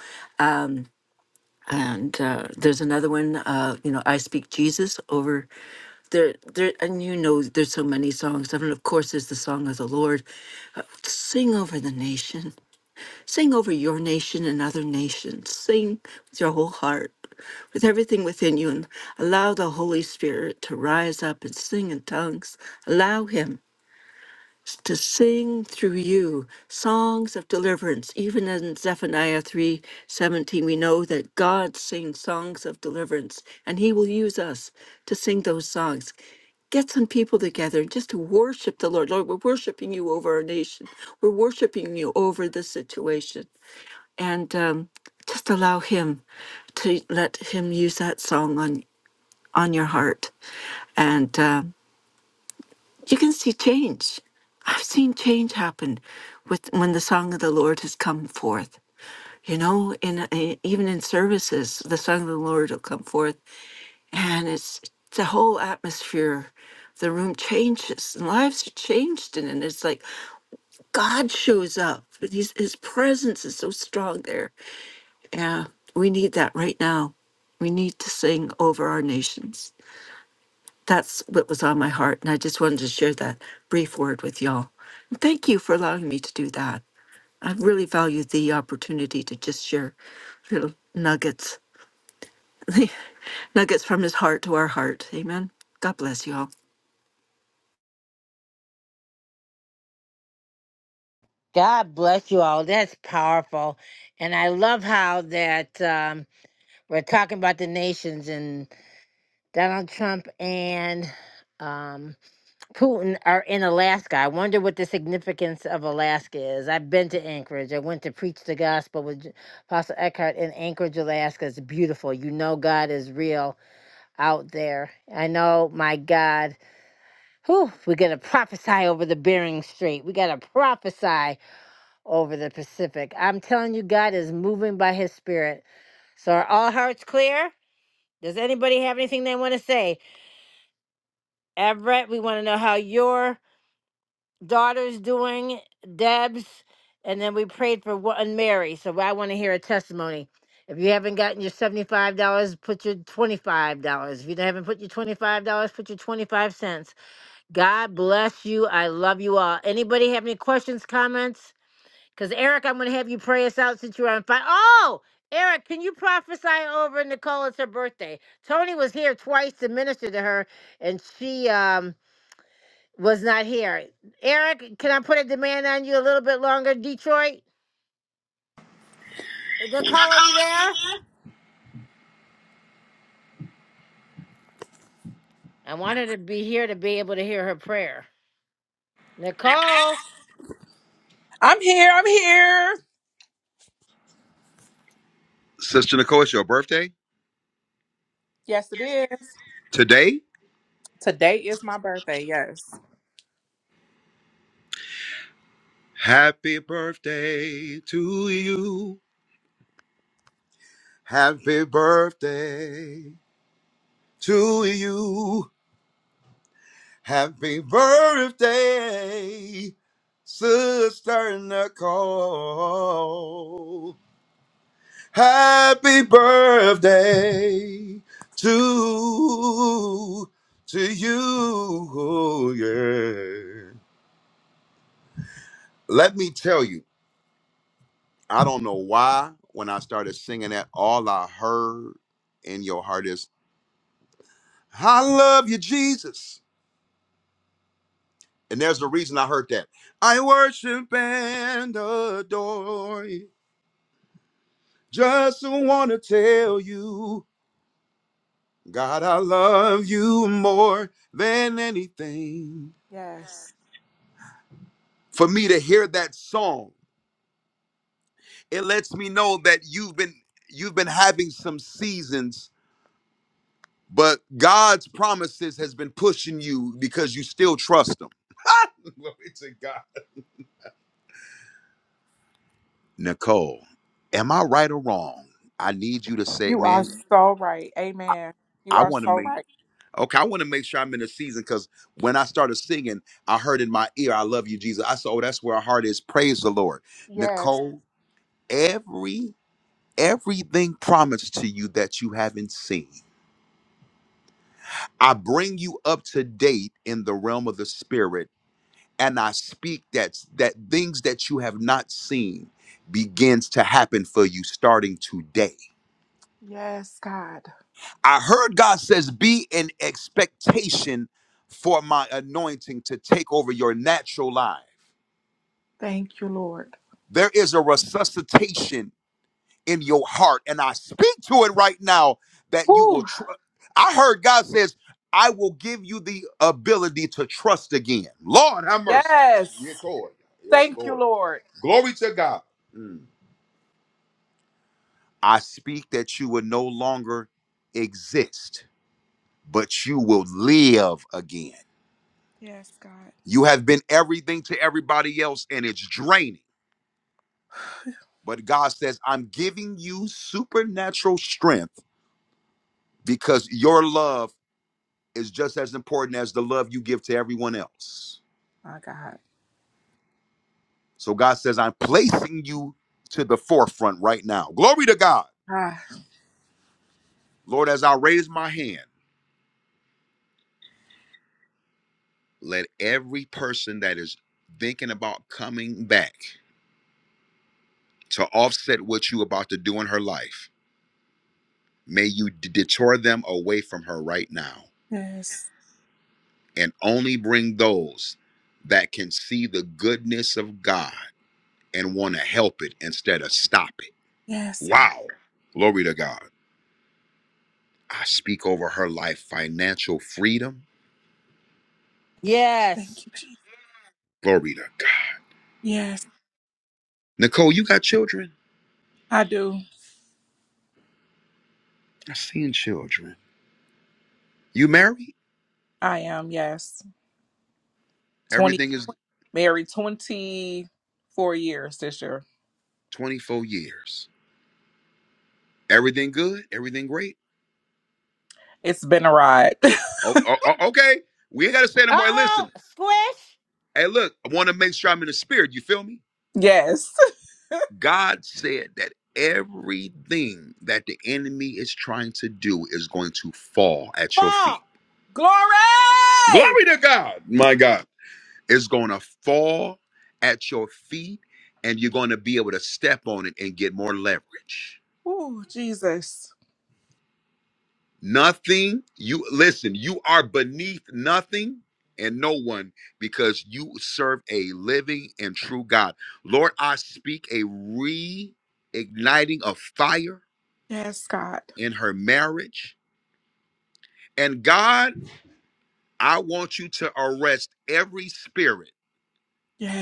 P: And uh, there's another one, uh, you know, I Speak Jesus over there, there. And you know, there's so many songs. I mean, of course, there's the Song of the Lord. Sing over the nation, sing over your nation and other nations. Sing with your whole heart, with everything within you, and allow the Holy Spirit to rise up and sing in tongues. Allow Him. to sing through you songs of deliverance. Even in Zephaniah three seventeen, we know that God sings songs of deliverance and he will use us to sing those songs. Get some people together just to worship the Lord. Lord, we're worshiping you over our nation, we're worshiping you over this situation. And um, just allow him to let him use that song on, on your heart. And uh, you can see change. I've seen change happen with when the song of the Lord has come forth. You know, in eh, even in services, the song of the Lord will come forth, and it's the whole atmosphere. The room changes, and lives are changed in it. It's like God shows up. His, his presence is so strong there. Yeah, we need that right now. We need to sing over our nations that's what was on my heart. And I just wanted to share that brief word with y'all. And thank you for allowing me to do that. I really value the opportunity to just share little nuggets, nuggets from his heart to our heart. Amen. God bless you all.
A: God bless you all. That's powerful. And I love how that um, we're talking about the nations and Donald Trump and um, Putin are in Alaska. I wonder what the significance of Alaska is. I've been to Anchorage. I went to preach the gospel with J- Apostle Eckhart in Anchorage, Alaska. It's beautiful. You know God is real out there. I know, my God. Whew, we got to prophesy over the Bering Strait. We got to prophesy over the Pacific. I'm telling you, God is moving by his spirit. So are all hearts clear? Does anybody have anything they want to say? Everett, we want to know how your daughter's doing, Deb's, and then we prayed for one Mary. So I want to hear a testimony. If you haven't gotten your seventy-five dollars, put your twenty-five dollars. If you haven't put your twenty-five dollars, put your twenty-five cents. God bless you. I love you all. Anybody have any questions, comments? Because Eric, I'm going to have you pray us out since you're on fire. Oh, Eric, can you prophesy over Nicole? It's her birthday. Tony was here twice to minister to her, and she um was not here. Eric, can I put a demand on you a little bit longer, Detroit? Nicole, are you there? I wanted to be here to be able to hear her prayer. Nicole?
N: I'm here. I'm here.
G: Sister Nicole, it's your birthday
N: Yes, it is.
G: today.
N: Today is my birthday. Yes.
G: Happy birthday to you. Happy birthday to you. Happy birthday, Sister Nicole. Happy birthday to to you. Yeah. Let me tell you, I don't know why when I started singing that, all I heard in your heart is, I love you, Jesus. And there's a reason I heard that. I worship and adore you. Just wanna tell you, God, I love you more than anything.
N: Yes.
G: for me to hear that song it lets me know that you've been you've been having some seasons but god's promises has been pushing you because you still trust him glory to god nicole am i right or wrong i need you to say
N: You are
G: man
N: so right. Amen. You
G: i
N: are
G: want to
N: so
G: make
N: right.
G: okay i want to make sure i'm in the season because when i started singing i heard in my ear i love you jesus i said oh that's where our heart is praise the lord
N: Yes.
G: nicole every everything promised to you that you haven't seen I bring you up to date in the realm of the spirit, and I speak that that things that you have not seen begins to happen for you starting today.
N: Yes, God.
G: I heard God says, "Be in expectation for my anointing to take over your natural life."
N: Thank you, Lord.
G: There is a resuscitation in your heart. And I speak to it right now that you will.
N: Woo.
G: Tr- I heard God says, I will give you the ability to trust again. Lord, have mercy.
N: Yes.
G: Yes, Lord. Yes,
N: Thank you,
G: Lord.
N: Lord.
G: Glory to God. Mm. I speak that you will no longer exist, but you will live again.
N: Yes, God.
G: You have been everything to everybody else, and it's draining. But God says, I'm giving you supernatural strength because your love is just as important as the love you give to everyone else.
N: My God.
G: So God says, I'm placing you to the forefront right now. Glory to God.
N: Ah,
G: Lord, as I raise my hand, let every person that is thinking about coming back to offset what you about to do in her life, may you d- detour them away from her right now
N: yes.
G: and only bring those that can see the goodness of God and want to help it instead of stop it.
N: Yes, God.
G: Wow. Glory to God. I speak over her life financial freedom.
A: Yes.
N: Thank you, Jesus.
G: Glory to God.
N: Yes,
G: Nicole, you got children?
N: I do.
G: I seen children. You married?
N: I am. Yes. 20,
G: Everything is
N: married 24 years this year.
G: 24 years. Everything good? Everything great?
N: It's been a ride.
G: Oh, oh, oh, okay. We ain't got to say no
A: Uh
G: more.
A: oh,
G: Listen,
A: squish,
G: hey, look, I want to make sure I'm in the spirit. You feel me?
N: Yes.
G: God said that everything that the enemy is trying to do is going to fall at your feet.
A: fall.
G: Glory
N: Glory!
G: to God. My God. It's going to fall at your feet and you're going to be able to step on it and get more leverage.
N: Oh, Jesus.
G: Nothing, you listen, you are beneath nothing and no one because you serve a living and true God. Lord, I speak a reigniting of fire
N: Yes, God.
G: in her marriage. And God, I want you to arrest every spirit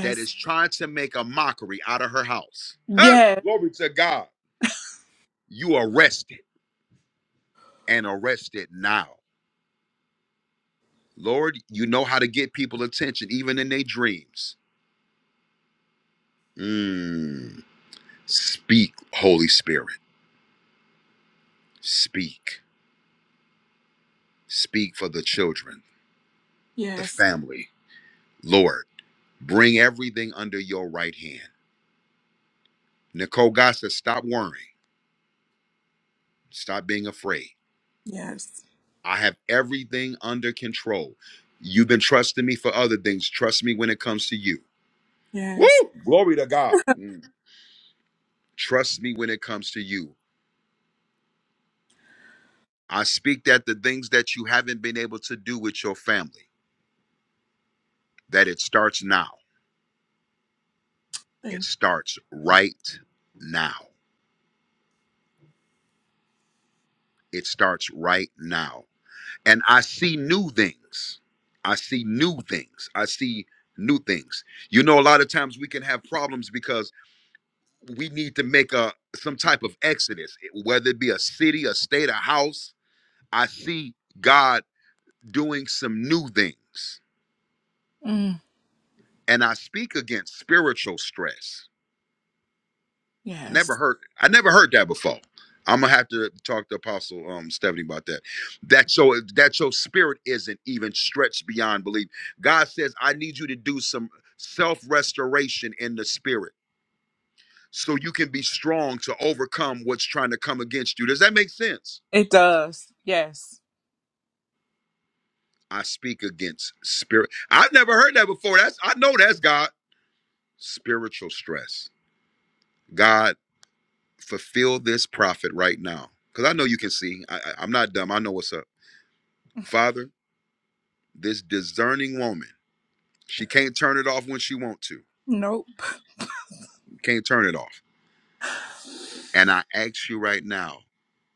G: that is trying to make a mockery out of her house. Huh?
N: Yes.
G: Glory to God you arrested and arrested now. Lord, you know how to get people attention, even in their dreams. Mm. Speak, Holy Spirit. Speak. Speak for the children, the
N: Yes.
G: family. Lord, bring everything under your right hand. Nicole God says, stop worrying. Stop being afraid.
N: Yes.
G: I have everything under control. You've been trusting me for other things. Trust me when it comes to you. Woo!
N: Yes.
G: Glory to God. Mm. Trust me when it comes to you. I speak that the things that you haven't been able to do with your family, that it starts now. It
N: Thank
G: starts right now. It starts right now. And I see new things. I see new things. I see new things. You know, a lot of times we can have problems because we need to make a some type of exodus, whether it be a city, a state, a house. I see God doing some new things.
N: you. Mm,
G: And I speak against spiritual stress. Never
N: yes.
G: heard. I never heard that before. I'm gonna have to talk to Apostle um, Stephanie about that. That so that your spirit isn't even stretched beyond belief. God says, I need you to do some self restoration in the spirit, so you can be strong to overcome what's trying to come against you. Does that make sense?
N: It does. Yes.
G: I speak against spirit. I've never heard that before. That's I know that's God. Spiritual stress. God, fulfill this prophet right now, because I know you can see. I, I- I'm not dumb. I know what's up, Father. this discerning woman she can't turn it off when she want to
N: Nope.
G: can't turn it off and i ask you right now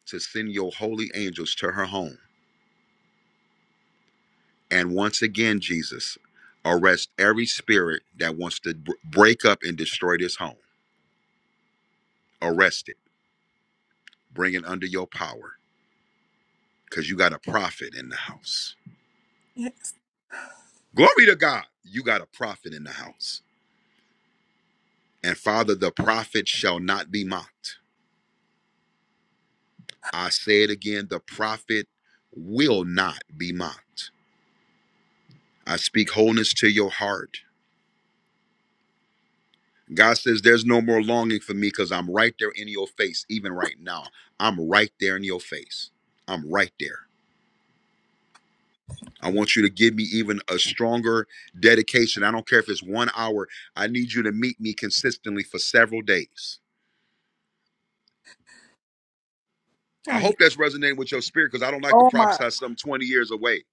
G: to send your holy angels to her home and once again jesus arrest every spirit that wants to br- break up and destroy this home arrest it bring it under your power because you got a prophet in the house
N: Yes.
G: glory to god you got a prophet in the house and father the prophet shall not be mocked i say it again the prophet will not be mocked I speak wholeness to your heart. God says, There's no more longing for me because I'm right there in your face, even right now. I'm right there in your face. I'm right there. I want you to give me even a stronger dedication. I don't care if it's one hour. I need you to meet me consistently for several days. I hope
N: Right.
G: that's resonating with your spirit because I don't like to
N: Oh my.
G: prophesy some 20 years away.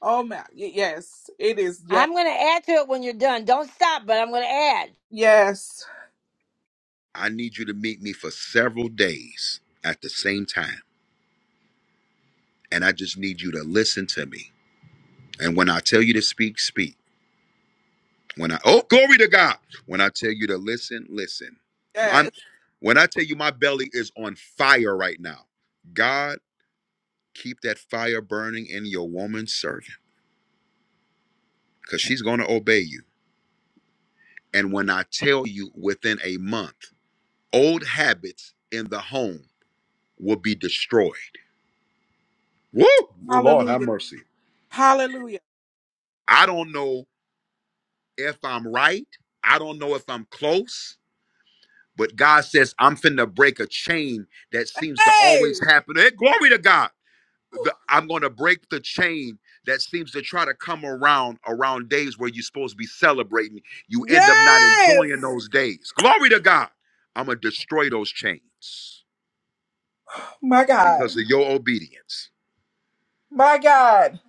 N: Oh my. Y- Yes. It is. Yes.
A: I'm going to add to it when you're done. Don't stop, but I'm going to add.
N: Yes.
G: I need you to meet me for several days at the same time. And I just need you to listen to me. And when I tell you to speak, speak. When I oh glory to God. When I tell you to listen, listen. I'm
N: Yes.
G: when I tell you my belly is on fire right now. God, keep that fire burning in your woman servant because she's going to obey you. And when I tell you within a month, old habits in the home will be destroyed. Woo! Oh Lord, have
N: Hallelujah.
G: mercy.
N: Hallelujah.
G: I don't know if I'm right. I don't know if I'm close. But God says, I'm finna break a chain that seems to
N: Hey!
G: always happen. Hey, glory to God. the, I'm going to break the chain that seems to try to come around around days where you're supposed to be celebrating. You end up not
N: Yes.
G: enjoying those days. Glory to God. I'm going to destroy those chains
N: My God.
G: because of your obedience.
N: My God.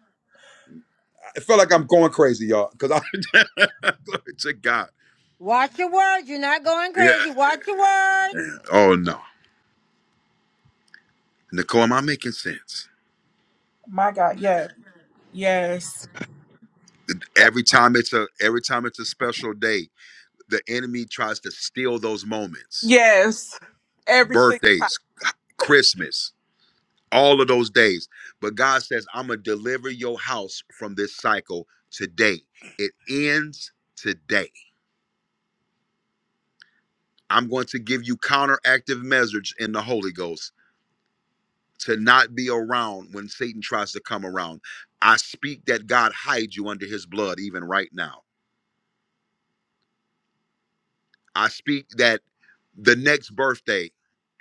G: I feel like I'm going crazy, y'all, because I glory to God.
A: Watch your words. You're not going crazy.
G: Yeah.
A: Watch your words.
G: Oh no. Nicole, am I making sense?
N: My God. Yes. Yes.
G: Every time it's a every time it's a special day, the enemy tries to steal those moments.
N: Yes. Every single time.
G: Birthdays, Christmas. all of those days. But God says, I'm going to deliver your house from this cycle today. It ends today. I'm going to give you counteractive measures in the Holy Ghost to not be around when Satan tries to come around. I speak that God hides you under his blood even right now. I speak that the next birthday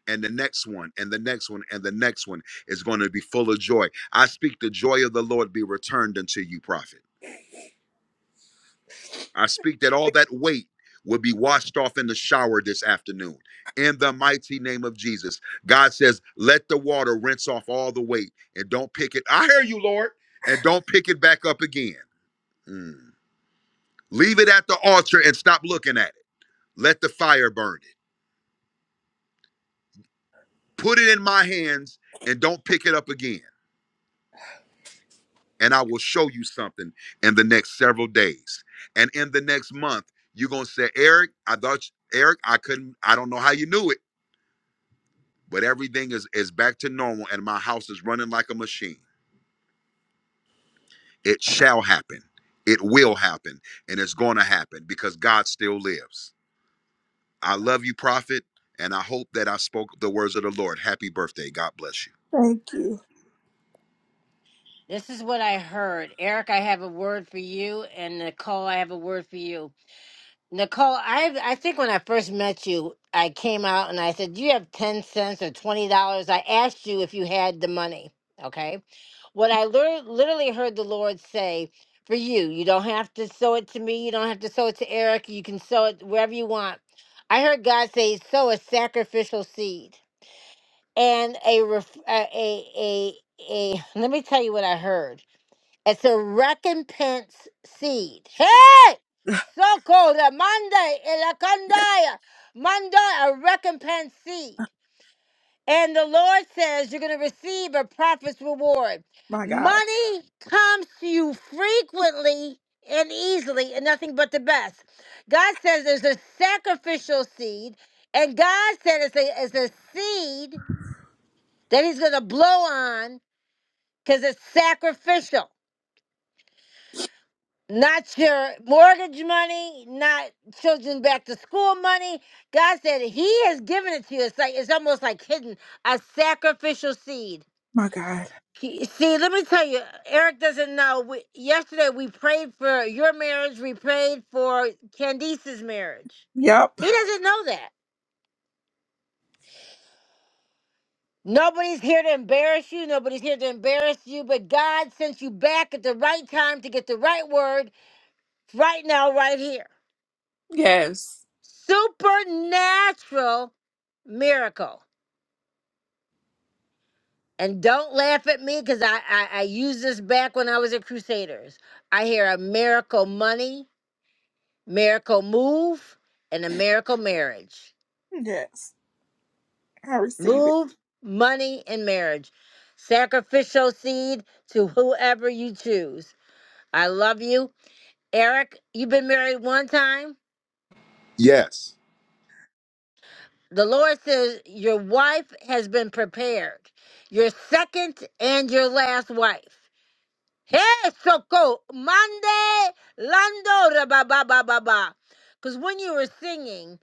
G: and the next one and the next one and the next one is going to be full of joy. I speak the joy of the Lord be returned unto you, prophet. I speak that all that weight will be washed off in the shower this afternoon. In the mighty name of Jesus. God says, let the water rinse off all the weight and don't pick it. I hear you, Lord. And don't pick it back up again. Mm. Leave it at the altar and stop looking at it. Let the fire burn it. Put it in my hands and don't pick it up again. And I will show you something in the next several days. And in the next month, you're going to say, Eric, I thought, Eric, I couldn't, I don't know how you knew it but everything is is back to normal and my house is running like a machine it shall happen it will happen and it's going to happen because god still lives i love you prophet and i hope that i spoke the words of the lord happy birthday god bless you
N: Thank you.
A: This is what I heard. Eric, I have a word for you, and Nicole, I have a word for you. Nicole, I I think when I first met you, I came out and I said, "Do you have ten cents or twenty dollars?" I asked you if you had the money. Okay, what I lear- literally heard the Lord say for you, you don't have to sow it to me. You don't have to sow it to Eric. You can sow it wherever you want. I heard God say, "Sow a sacrificial seed." And a ref- a a a, a let me tell you what I heard. It's a recompense seed. Hey! Soko the Monday Elakandaya. Monday a recompense seed. And the Lord says you're gonna receive a prophet's reward.
N: My God.
A: Money comes to you frequently and easily and nothing but the best. God says there's a sacrificial seed, and God said it's a, it's a seed that He's gonna blow on because it's sacrificial. not your mortgage money, not children back to school money. God said He has given it to you. It's like it's almost like hidden a sacrificial seed.
N: My God.
A: He- See, let me tell you, Eric doesn't know. We, yesterday we prayed for your marriage. We prayed for Candice's marriage.
N: Yep.
A: He doesn't know that. Nobody's here to embarrass you. Nobody's here to embarrass you. But God sent you back at the right time to get the right word right now, right here.
N: Yes.
A: supernatural miracle. And don't laugh at me because I, I, I used this back when I was at Crusaders. I hear a miracle money, miracle move, and a miracle marriage.
N: Yes. I receive it.
A: Move, money, and marriage. Sacrificial seed to whoever you choose. I love you. Eric, you've been married one time.
G: Yes,
A: The Lord says your wife has been prepared, your second and your last wife. Hey, Soko, Mande, Lando, Raba, ba, ba, ba, ba. Because when you were singing,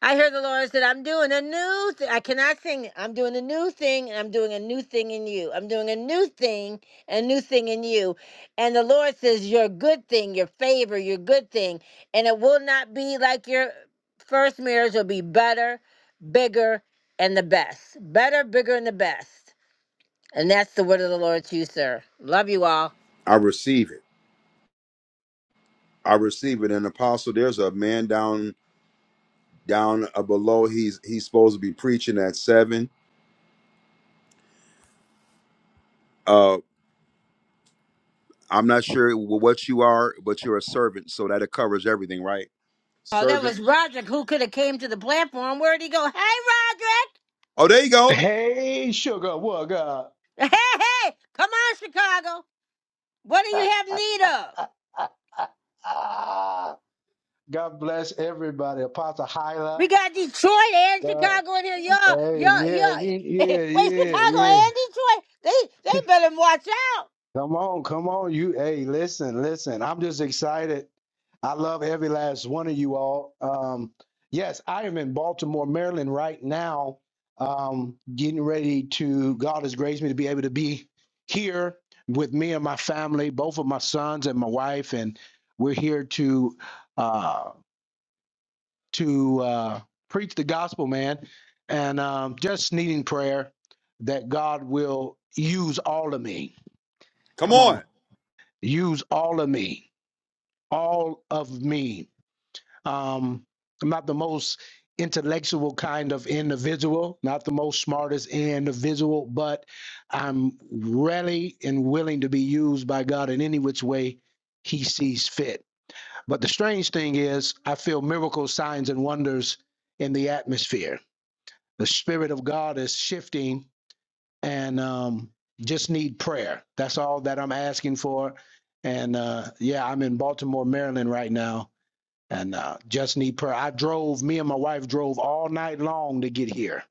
A: I heard the Lord said, I'm doing a new thing. I cannot sing it. I'm doing a new thing, and I'm doing a new thing in you. I'm doing a new thing, and a new thing in you. And the Lord says, Your good thing, your favor, your good thing. And it will not be like your first marriage, will be better, bigger, and the best. Better, bigger, and the best. And that's the word of the Lord to you, sir. Love you all.
G: I receive it. I receive it. And apostle, there's a man down down uh, below. He's he's supposed to be preaching at seven. Uh, I'm not sure wh- what you are, but you're a servant, so that it covers everything, right?
A: Oh, that
G: Servant.
A: was Roderick who could have came to the platform. Where'd he go? Hey, Roderick!
G: Oh, there you go.
Q: Hey, sugar, what God?
A: Hey, hey! Come on, Chicago! What do you have need of?
Q: God bless everybody. Apostle Hyla.
A: We got Detroit and
Q: God,
A: Chicago in here. Y'all,
Q: hey,
A: y'all,
Q: yeah,
A: y'all.
Q: you- yeah,
A: Wait,
Q: yeah,
A: Chicago
Q: yeah.
A: and Detroit? They they better watch out.
Q: Come on, come on. You hey, listen, listen. I'm just excited. I love every last one of you all. Um, yes, I am in Baltimore, Maryland right now. Um, getting ready to God has graced me to be able to be here with me and my family, both of my sons and my wife, and we're here to uh to uh preach the gospel, man. And um just needing prayer that God will use all of me.
G: Come
Q: Come
G: on.
Q: on. Use all of me, all of me. Um, I'm not the most intellectual kind of individual, not the most smartest individual, but I'm ready and willing to be used by God in any which way He sees fit. But the strange thing is, I feel miracles, signs, and wonders in the atmosphere. The Spirit of God is shifting and um, just need prayer. That's all that I'm asking for. And uh, yeah, I'm in Baltimore, Maryland right now, and uh, just need prayer. I drove, me and my wife drove all night long to get here.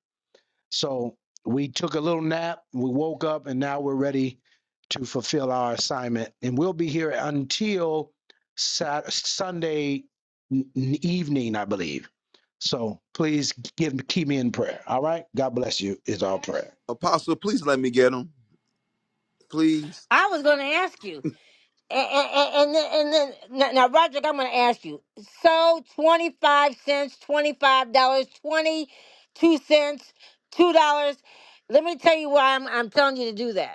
Q: So we took a little nap, we woke up, and now we're ready to fulfill our assignment. And we'll be here until Sat- Sunday evening, I believe. So please give keep me in prayer. All right. God bless you. Is our prayer.
G: Apostle, please let me get him. Please.
A: I was going to ask you. And, and, and then, and then now, now, Roderick, I'm going to ask you. So, 25 cents, $25, dollars, 22 cents, $2. Let me tell you why I'm, I'm telling you to do that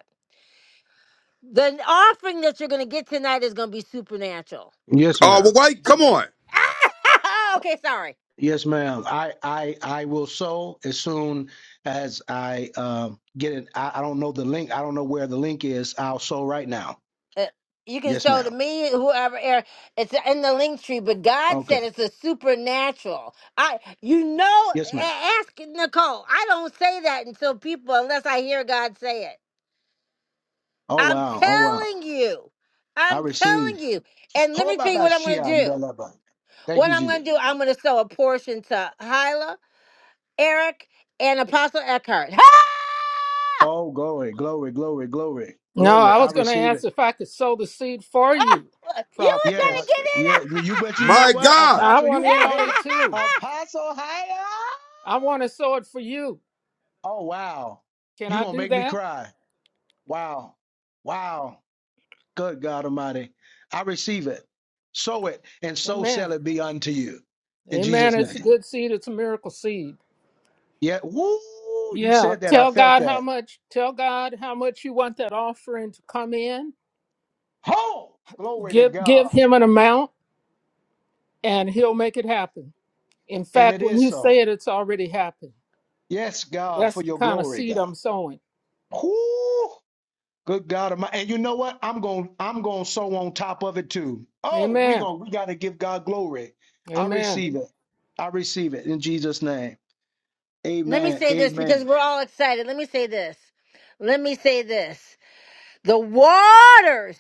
A: The offering that you're going to get tonight is going to be supernatural.
Q: Yes,
G: Oh,
Q: ma'am.
G: well, wait. Come on.
A: okay, sorry.
Q: Yes, ma'am. I, I, I will sow as soon as I um, get it. I, I don't know the link. I don't know where the link is. I'll sow right now.
A: Uh, You can
Q: Yes,
A: sow to
Q: ma'am.
A: me, whoever. Eric. It's in the link tree, but God
Q: Okay.
A: said it's a supernatural. I, you know,
Q: Yes, ma'am.
A: a- ask Nicole. I don't say that until people, unless I hear God say it.
Q: Oh,
A: I'm
Q: wow. Oh, wow.
A: telling you.
Q: I
A: I'm
Q: receive.
A: telling you. And let
Q: Ho
A: me
Q: ba
A: tell you
Q: ba
A: what I'm going to
Q: shia
A: do.
Q: ndalaba. Thank
A: What
Q: you,
A: I'm going
Q: Jesus.
A: to do, I'm going to sow a portion to Hyla, Eric, and Apostle Eckhart.
Q: Oh, glory, glory, glory, glory,
D: No,
Q: glory.
D: I
Q: I
D: was going to
Q: receive
D: ask
Q: it.
D: if I could sow the seed for
A: Oh,
D: you,
A: you were
D: Prophet
A: trying to
Q: Yes.
A: get
D: Roger.
Q: Yeah. You bet you know
G: My
Q: what?
G: God.
D: I
Q: Apostle,
D: want
Q: you
D: in
Q: go
A: in.
D: on it
Q: ahead.
D: too.
Q: Apostle, higher.
D: I want to sow it for you.
Q: Oh, wow.
D: Can
Q: You're
D: I
Q: going to
D: do
Q: make me
D: that?
Q: cry. Wow. Wow. Good God Almighty. I receive it. Sow it, and so
D: Amen.
Q: shall it be unto you. In
D: Amen.
Q: Jesus'
D: It's a
Q: name.
D: good seed. It's a miracle seed.
Q: Yeah. Woo. You
D: Yeah,
Q: said that. I
D: tell
Q: felt
D: God how
Q: that.
D: much tell God how much you want that offering to come in.
Q: Ho! Glory to
D: Give give
Q: God.
D: him an amount and he'll make it happen. In
Q: And
D: fact,
Q: it
D: when
Q: is
D: you
Q: so.
D: say it it's already happened.
Q: Yes, God, for
D: That's the
Q: your
D: kind of
Q: glory,
D: seed
Q: God.
D: I'm sowing.
Q: Woo! Good God Almighty. And you know what? I'm going I'm going to sow on top of it too. Oh, we
D: Amen.
Q: going to we got to give God glory. I
D: Amen.
Q: receive it. I receive it in Jesus' name.
A: Let me
Q: Amen.
A: say this because
Q: Amen.
A: we're all excited. Let me say this. Let me say this. The waters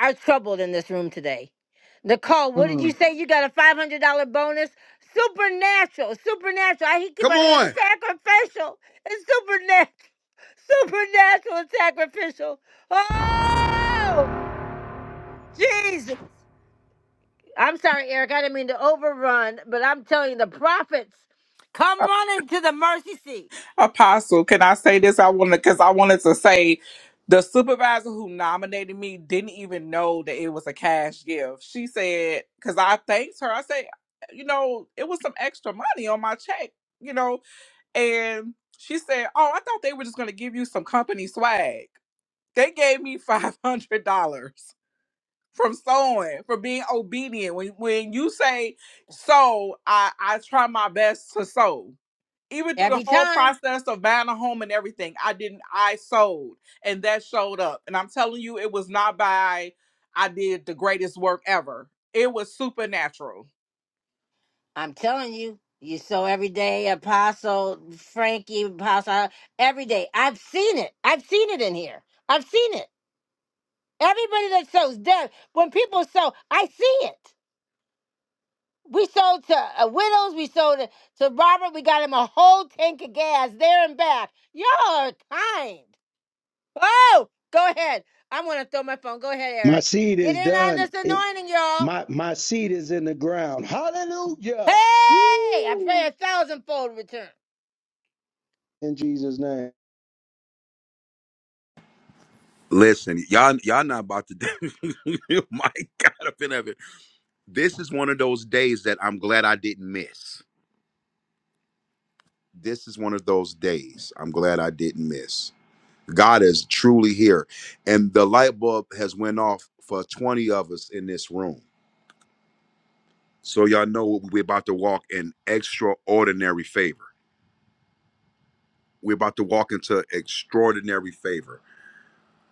A: are troubled in this room today. Nicole, what did
Q: Mm.
A: you say? You got a five hundred dollar bonus. Supernatural, supernatural. I keep
G: Come
A: on hearing
G: on.
A: sacrificial and supernatural, supernatural and sacrificial. Oh, Jesus! I'm sorry, Eric. I didn't mean to overrun, but I'm telling you, the prophets come running to the mercy seat
N: Apostle, can I say this? I wanted because I wanted to say the supervisor who nominated me didn't even know that it was a cash gift. She said, because I thanked her, I said, you know, it was some extra money on my check, you know, and she said, Oh, I thought they were just gonna give you some company swag. They gave me five hundred dollars from sewing for being obedient. When when you say sew, I I try my best to sew. Even through the
A: every
N: whole
A: time.
N: process of buying a home and everything, I didn't. I sold, and that showed up. And I'm telling you, it was not by I did the greatest work ever. It was supernatural.
A: I'm telling you, you so every day, Apostle Frankie, Apostle every day. I've seen it. I've seen it in here. I've seen it. Everybody that sows death, when people sow, I see it. We sold to uh, widows. We sold to, to Robert. We got him a whole tank of gas there and back. Y'all are kind. Oh, go ahead. I'm gonna throw my phone. Go ahead,
Q: My
A: Eric.
Q: seed
A: Get
Q: is
A: in on
Q: done.
A: this
Q: It,
A: anointing, y'all.
Q: my my seed is in the ground. Hallelujah.
A: Hey, I pray
Q: Woo.
A: a thousandfold return.
Q: In Jesus' name.
G: Listen, y'all, y'all not about to. My God, I've been having. This is one of those days that I'm glad I didn't miss. This is one of those days I'm glad I didn't miss. God is truly here, and the light bulb has went off for 20 of us in this room. So y'all know we're about to walk in extraordinary favor. We're about to walk into extraordinary favor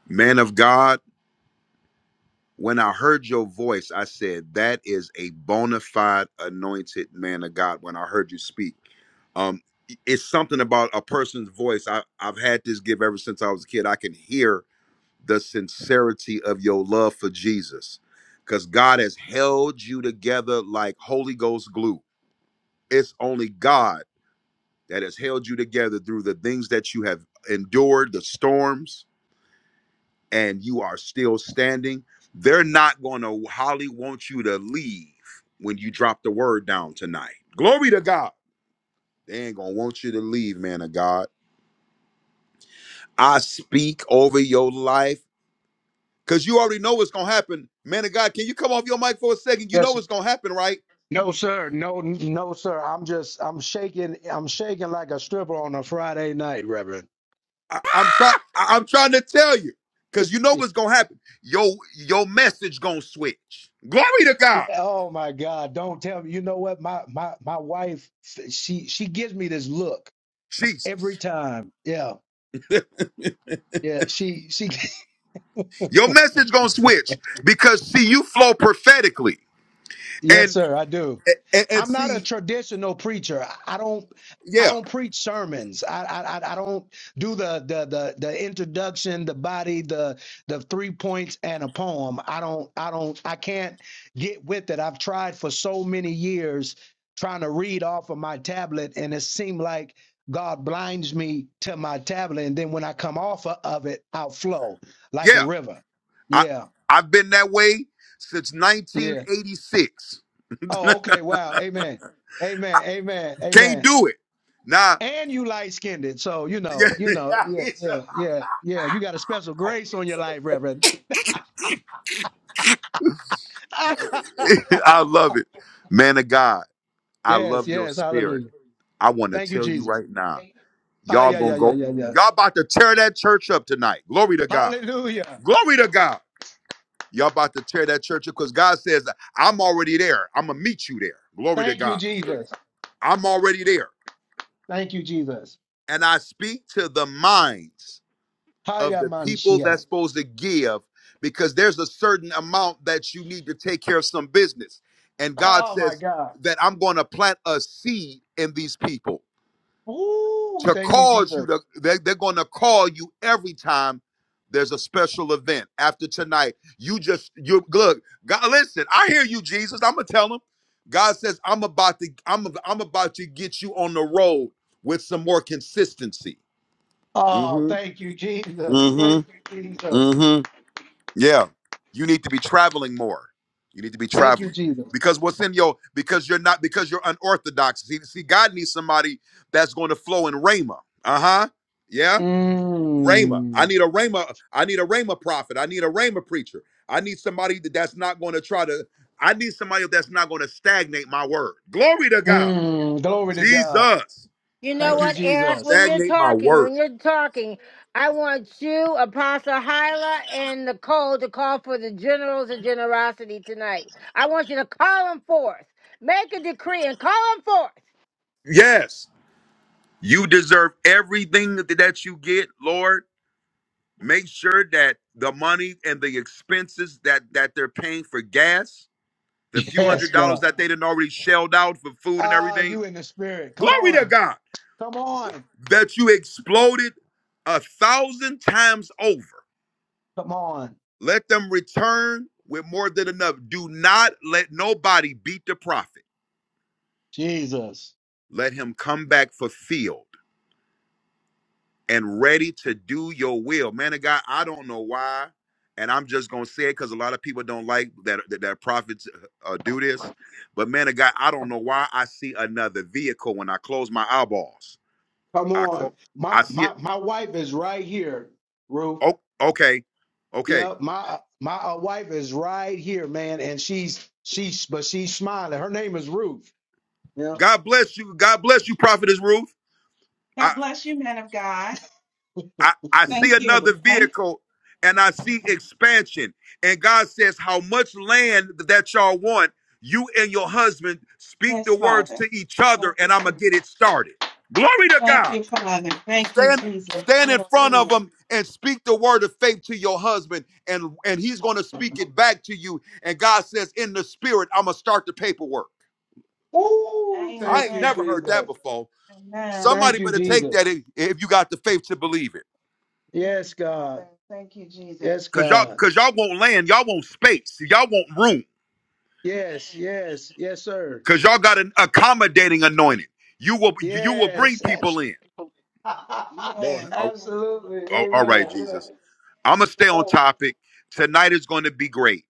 G: Man of God, when I heard your voice, I said, That is a bona fide anointed man of God when I heard you speak. Um, it's something about a person's voice. I, I've had this give ever since I was a kid. I can hear the sincerity of your love for Jesus because God has held you together like Holy Ghost glue. It's only God that has held you together through the things that you have endured, the storms, and you are still standing, they're not going to Holly want you to leave when you drop the word down tonight. Glory to God. They ain't going to want you to leave, man of God. I speak over your life because you already know what's going to happen. Man of God, can you come off your mic for a second? You know
Q: Yes.
G: what's going to happen, right?
Q: No, sir. No, no, sir. I'm just I'm shaking. I'm shaking like a stripper on a Friday night, Reverend.
G: I, I'm trying I'm trying to tell you because you know what's going to happen. Your, your message going to switch. Glory to God.
Q: oh my God. Don't tell me. You know what? My my my wife, she she gives me this look every
G: Jesus.
Q: time. Yeah. Yeah. She she
G: Your message going to switch because see, you flow prophetically.
Q: Yes,
G: and
Q: sir, I do.
G: and, and
Q: I'm not a
G: see,
Q: traditional preacher. I I don't I
G: yeah,
Q: don't preach sermons. I I I I don't do the the the the introduction, the body, the the three points and a poem. I don't I don't I can't get with it. I've tried for so many years trying to read off of my tablet and it seemed like God blinds me to my tablet and then when I come off of it, I'll flow like a
G: yeah.
Q: river.
G: I
Q: Yeah.
G: I've been that way since
Q: yeah.
G: 1986.
Q: Oh, okay. Wow. Amen. Amen. Amen.
G: Can't
Q: Amen.
G: do it. Nah,
Q: And you light skinned, so you know, you know, yeah,
G: yeah.
Q: yeah, yeah, yeah. You got a special grace on your life, Reverend.
G: I love it, man of God. I
Q: yes,
G: love your
Q: yes.
G: spirit.
Q: Hallelujah.
G: I want to
Q: Thank you,
G: tell you
Q: Jesus.
G: right now,
Q: Ah,
G: y'all
Q: yeah, yeah,
G: gonna
Q: yeah,
G: go.
Q: yeah, yeah.
G: Y'all about to tear that church up tonight. Glory to God.
Q: Hallelujah.
G: Glory to God. Y'all about to tear that church up because God says, I'm already there. I'm going to meet you there. Glory to
Q: Thank you,
G: God.
Q: Jesus.
G: I'm already there.
Q: Thank you, Jesus.
G: and I speak to the minds of
Q: Hiya,
G: the
Q: man,
G: people
Q: shia.
G: that's supposed to give because there's a certain amount that you need to take care of some business. And God
Q: Oh my
G: says
Q: God.
G: that I'm going to plant a seed in these people
Q: Ooh,
G: to
Q: thank you,
G: cause you
Q: Jesus.
G: to, they, they're going to call you every time there's a special event after tonight. You just, you look, God, listen, I hear you, Jesus. I'm going to tell them. God says, I'm about to, I'm, I'm about to get you on the road with some more consistency.
Q: Oh, thank you, Jesus. Thank
G: Mm-hmm.
Q: you, Jesus.
G: Mm-hmm. Yeah. You need to be traveling more. You need to be
Q: Thank you,
G: traveling.
Q: Jesus.
G: Because what's in your because you're not because you're unorthodox. See, see God needs somebody that's going to flow in Rhema. Uh-huh. Yeah. Rhema. I
Q: Mm.
G: need a Rhema. I need a Rhema prophet. I need a Rhema preacher. I need somebody that- that's not going to try to. I need somebody that's not going to stagnate my word. Glory to God.
Q: Mm, glory to God.
G: Jesus.
A: You know
Q: Thank
G: The
Q: you,
A: what, Eric?
Q: Jesus.
A: When you're
G: stagnate my
A: talking,
G: word.
A: when you're talking, I want you, Apostle Hyla, and Nicole to call for the generals of generosity tonight. I want you to call them forth. Make a decree and call them forth.
G: Yes. You deserve everything that you get, Lord. Make sure that the money and the expenses that that they're paying for gas, the few
Q: Yes,
G: hundred dollars
Q: God.
G: that they didn't already shelled out for food and
Q: Ah,
G: everything.
Q: you in the spirit. Come
G: Glory to
Q: on.
G: God
Q: Come on.
G: that you exploded a thousand times over.
Q: Come on.
G: Let them return with more than enough. Do not let nobody beat the prophet.
Q: Jesus.
G: Let him come back fulfilled and ready to do your will. Man of God, I don't know why, and I'm just gonna say it because a lot of people don't like that that, that prophets uh, uh, do this. But man of God, I don't know why I see another vehicle when I close my eyeballs.
Q: Come
G: I
Q: on.
G: clo- I
Q: My
G: see it.
Q: my my wife is right here, Ruth.
G: Oh, okay, okay.
Q: Yeah, my my uh, wife is right here, man, and she's she's but she's smiling. Her name is Ruth. Yeah.
G: God bless you. God bless you, Prophetess Ruth.
Q: God bless you, man of God.
G: I, I see
Q: Thank
G: another
Q: you. Thank you.
G: vehicle and I see expansion. And God says, How much land that y'all want, you and your husband speak
Q: Yes,
G: the words
Q: Father.
G: to each
Q: Thank
G: other, and
Q: you.
G: I'm gonna get it started. Glory to
Q: Thank
G: God.
Q: you, Father. Thank you,
G: Stand
Q: Jesus.
G: stand in front of
Q: Hallelujah.
G: him and speak the word of faith to your husband, and, and he's gonna speak it back to you. And God says, In the spirit, I'm gonna start the paperwork.
Q: Ooh, thank
G: I
Q: you,
G: ain't
Q: Amen.
G: never heard that
Q: Jesus.
G: before.
Q: Amen. Thank
G: Somebody
Q: you,
G: better take that
Q: Jesus.
G: if if you got the faith to believe it.
Q: Yes, God. Thank you, Jesus. Yes,
G: Cause y'all,
Q: God.
G: cause y'all want land, y'all want space, y'all want room.
Q: Yes, Yes. yes, yes, sir.
G: Cause y'all got an accommodating anointing. You will, you will bring
Q: Yes.
G: people
Q: abs-
G: in.
Q: Yes.
G: Lord,
Q: yes.
G: all
Q: Absolutely.
G: all- all right,
Q: Amen. Yeah.
G: Jesus. I'm gonna
Q: Come
G: stay on
Q: on.
G: topic. Tonight is going to be great.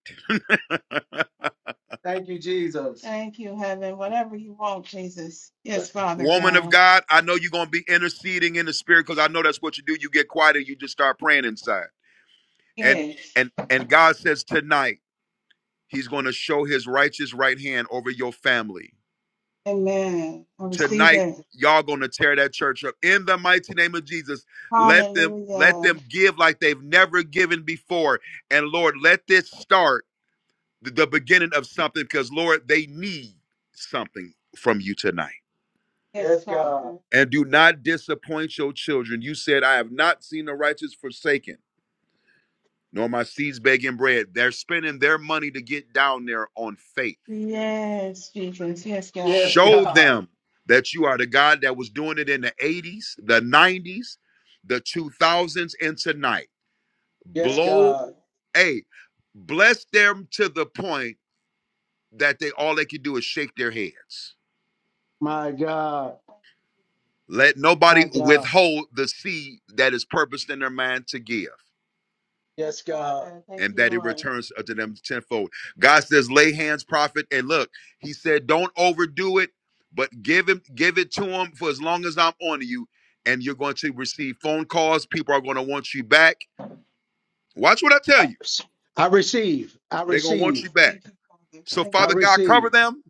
Q: Thank you, Jesus. Thank you, heaven. Whatever you want, Jesus. Yes, Father
G: Woman of
Q: God.
G: God, I know you're gonna be interceding in the spirit because I know that's what you do. You get quiet and you just start praying inside. And
Q: Yes.
G: and and God says tonight He's going to show His righteous right hand over your family
Q: Amen. I receive
G: tonight
Q: it.
G: y'all gonna tear that church up in the mighty name of jesus let them let
Q: Hallelujah.
G: them give like they've never given before and lord let this start the, the beginning of something because lord they need something from you tonight
Q: Yes, Yes, God. Father.
G: and do not disappoint your children you said i have not seen the righteous forsaken nor my seeds begging bread they're spending their money to get down there on faith
Q: Yes, Jesus. Yes, God. Yes,
G: Show
Q: God.
G: them that you are the God that was doing it in the 80s, the 90s, the 2000s, and tonight.
Q: Yes, Yes, Jesus. God.
G: Blow,
Q: Jesus.
G: hey, bless them to the point that they all they can do is shake their heads.
Q: My God.
G: Let nobody
Q: My God.
G: withhold the seed that is purposed in their mind to give.
Q: Yes, God. Thank
G: and
Q: you,
G: that it
Q: Lord.
G: returns unto them tenfold. God says, lay hands, prophet, and look, he said, don't overdo it, but give him, give it to him for as long as I'm on you, and you're going to receive phone calls. People are going to want you back. Watch what I tell
Q: I
G: you.
Q: I receive. I
G: They're going to want
Q: receive.
G: you back.
Q: Thank you, Father.
G: So,
Q: Thank you. I you.
G: Father God,
Q: receive.
G: cover them,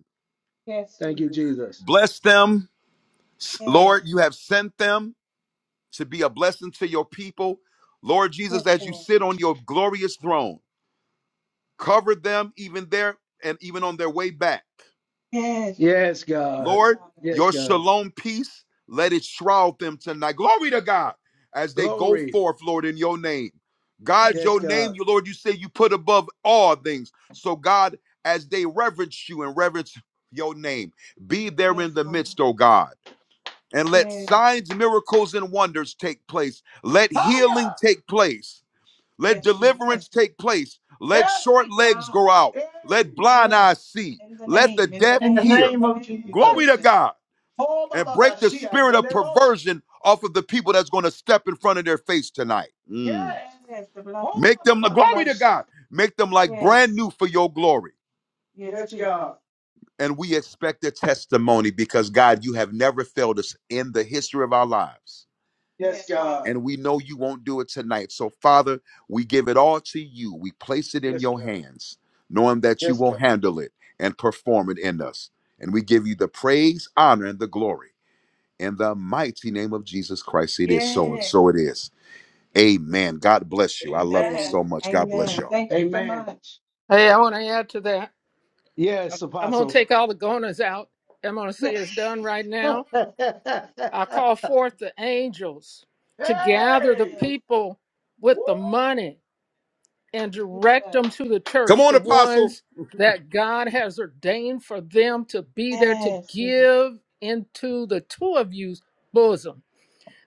Q: Yes. Thank you, Jesus.
G: bless them.
Q: Jesus. Yes.
G: Lord, you have sent them to be a blessing to your people. Lord Jesus,
Q: Yes,
G: as you
Q: Lord.
G: sit on your glorious throne, cover them even there and even on their way back.
Q: Yes. Yes, Thank you, God.
G: Lord,
Q: Father. Yes,
G: your
Q: God.
G: shalom peace, let it shroud them tonight. Glory to God as they go
Q: Glory.
G: forth, Lord, in your name.
Q: Yes,
G: God,
Q: Yes,
G: your
Q: God.
G: name,
Q: God.
G: you Lord, you say you put above all things. So, God, as they reverence you and reverence your name, be there in
Q: Yes,
G: the
Q: Lord.
G: midst, oh God. And let
Q: Yes.
G: signs, miracles, and wonders take place. Let healing
Q: Higher.
G: take place. Let
Q: Yes, Jesus.
G: deliverance
Q: Yes. God.
G: take place. Let
Q: Yes.
G: short
Q: Right
G: legs
Q: now.
G: go out.
Q: Hey.
G: Let blind
Q: Yes.
G: eyes see.
Q: In the
G: Let the
Q: name. In
G: deaf
Q: the, In the name,
G: hear.
Q: In name the of name of
G: Glory
Q: Jesus.
G: to
Q: Jesus.
G: God
Q: Oh,
G: and
Q: Baba
G: break the spirit of
Q: Shia,
G: perversion off of the people that's going to step in front of their face tonight. Mm.
Q: Yes. Yes, the blood. Oh,
G: Make them the
Q: my, my, my, my.
G: glory
Q: Yes.
G: to God. Make them like brand
Q: Yes,
G: new for your glory.
Q: yes God.
G: And we expect a testimony because God, you have never failed us in the history of our lives.
Q: Yes, Yes, God.
G: And we know you won't do it tonight. So, Father, we give it all to you. We place it
Q: Yes,
G: in your
Q: God.
G: hands, knowing that you
Q: Yes,
G: will
Q: God.
G: handle it and perform it in us. And we give you the praise, honor, and the glory. In the mighty name of Jesus Christ, it is so and
Q: Yes.
G: so it is. Amen. God bless you. I love you so
Q: Amen. Amen.
G: much. God bless
Q: Amen.
G: y'all.
Q: Thank you so Amen. much.
D: Hey, I want to add to that.
Q: Yes,
D: I'm going to
Q: Apostle.
D: take all the goners out. I'm going to
Q: hey!
D: say it's done right now. I call forth the angels to gather the
Q: Yes.
D: people with
Q: Woo!
D: the money and direct them
Q: Jesus.
D: to the
G: Come
D: church,
G: on,
D: the
G: Apostle.
D: ones that God has ordained for them to be there to
Q: Yes, Jesus.
D: give into the two of you's bosom,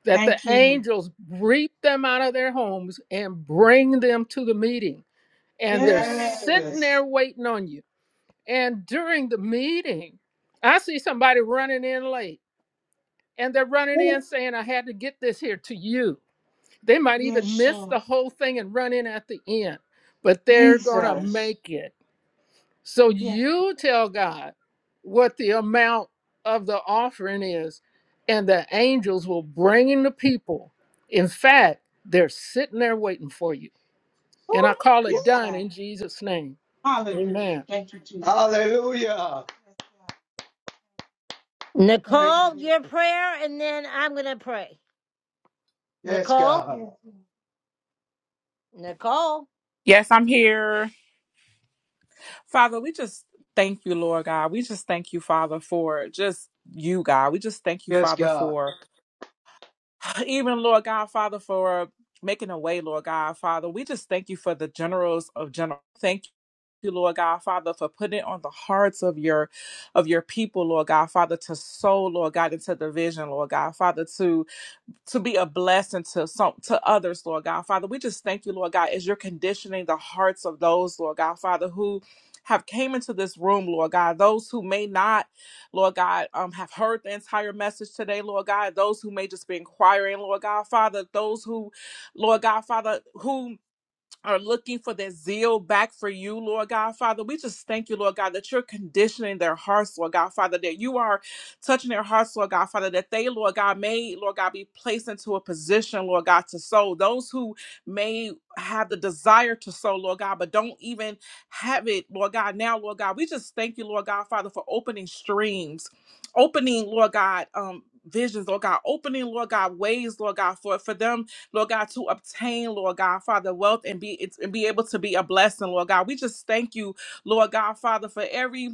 D: that the
Q: Thank you.
D: angels reap them out of their homes and bring them to the meeting. And they're
Q: Yes.
D: sitting
Q: Yes.
D: there waiting on you. And during the meeting, I see somebody running in late, and they're running in
Q: Woo.
D: saying, I had to get this here to you. They might even
Q: Yes,
D: miss
Q: Lord.
D: the whole thing and run in at the end, but they're going to
Q: Jesus.
D: make it. So
Q: Yes.
D: you tell God what the amount of the offering is, and the angels will bring in the people. In fact, they're sitting there waiting for you.
Q: Woo.
D: And I
Q: Woo!
D: call it done
Q: Yes,
D: in Jesus' name.
Q: Hallelujah.
D: Amen.
Q: Thank you, Jesus. Hallelujah. Yes, God. Thank Thank you, you.
A: Nicole,
Q: Jesus. Jesus.
A: your prayer, and then I'm gonna pray.
Q: Yes, God.
A: Nicole,
Q: Yes, Lord.
A: Nicole.
N: Yes, I'm here, Father. We just thank you, Lord God. We just thank you, Father, for just you, God. We just thank you,
Q: Yes,
N: Father,
Q: God.
N: for even Lord God, Father, for making a way, Lord God, Father. We just thank you for the generals of general. Thank you, Lord God, Father, for putting it on the hearts of your of your people, Lord God, Father, to sow, Lord God, into the vision, Lord God, Father, to to be a blessing to some to others, Lord God. Father, we just thank you, Lord God, as you're conditioning the hearts of those, Lord God, Father, who have came into this room, Lord God, those who may not, Lord God, um, have heard the entire message today, Lord God, those who may just be inquiring, Lord God, Father, those who, Lord God, Father, who are looking for that zeal back for you, Lord God, Father. We just thank you, Lord God, that you're conditioning their hearts, Lord God, Father, that you are touching their hearts, Lord God, Father, that they, Lord God, may, Lord God, be placed into a position, Lord God, to sow. Those who may have the desire to sow, Lord God, but don't even have it, Lord God, now, Lord God, we just thank you, Lord God, Father, for opening streams, opening, Lord God, um, visions, Lord God, opening, Lord God, ways, Lord God, for, for them Lord God, to obtain, Lord God, Father, wealth and be and be able to be a blessing, Lord God. We just thank you, Lord God, Father, for every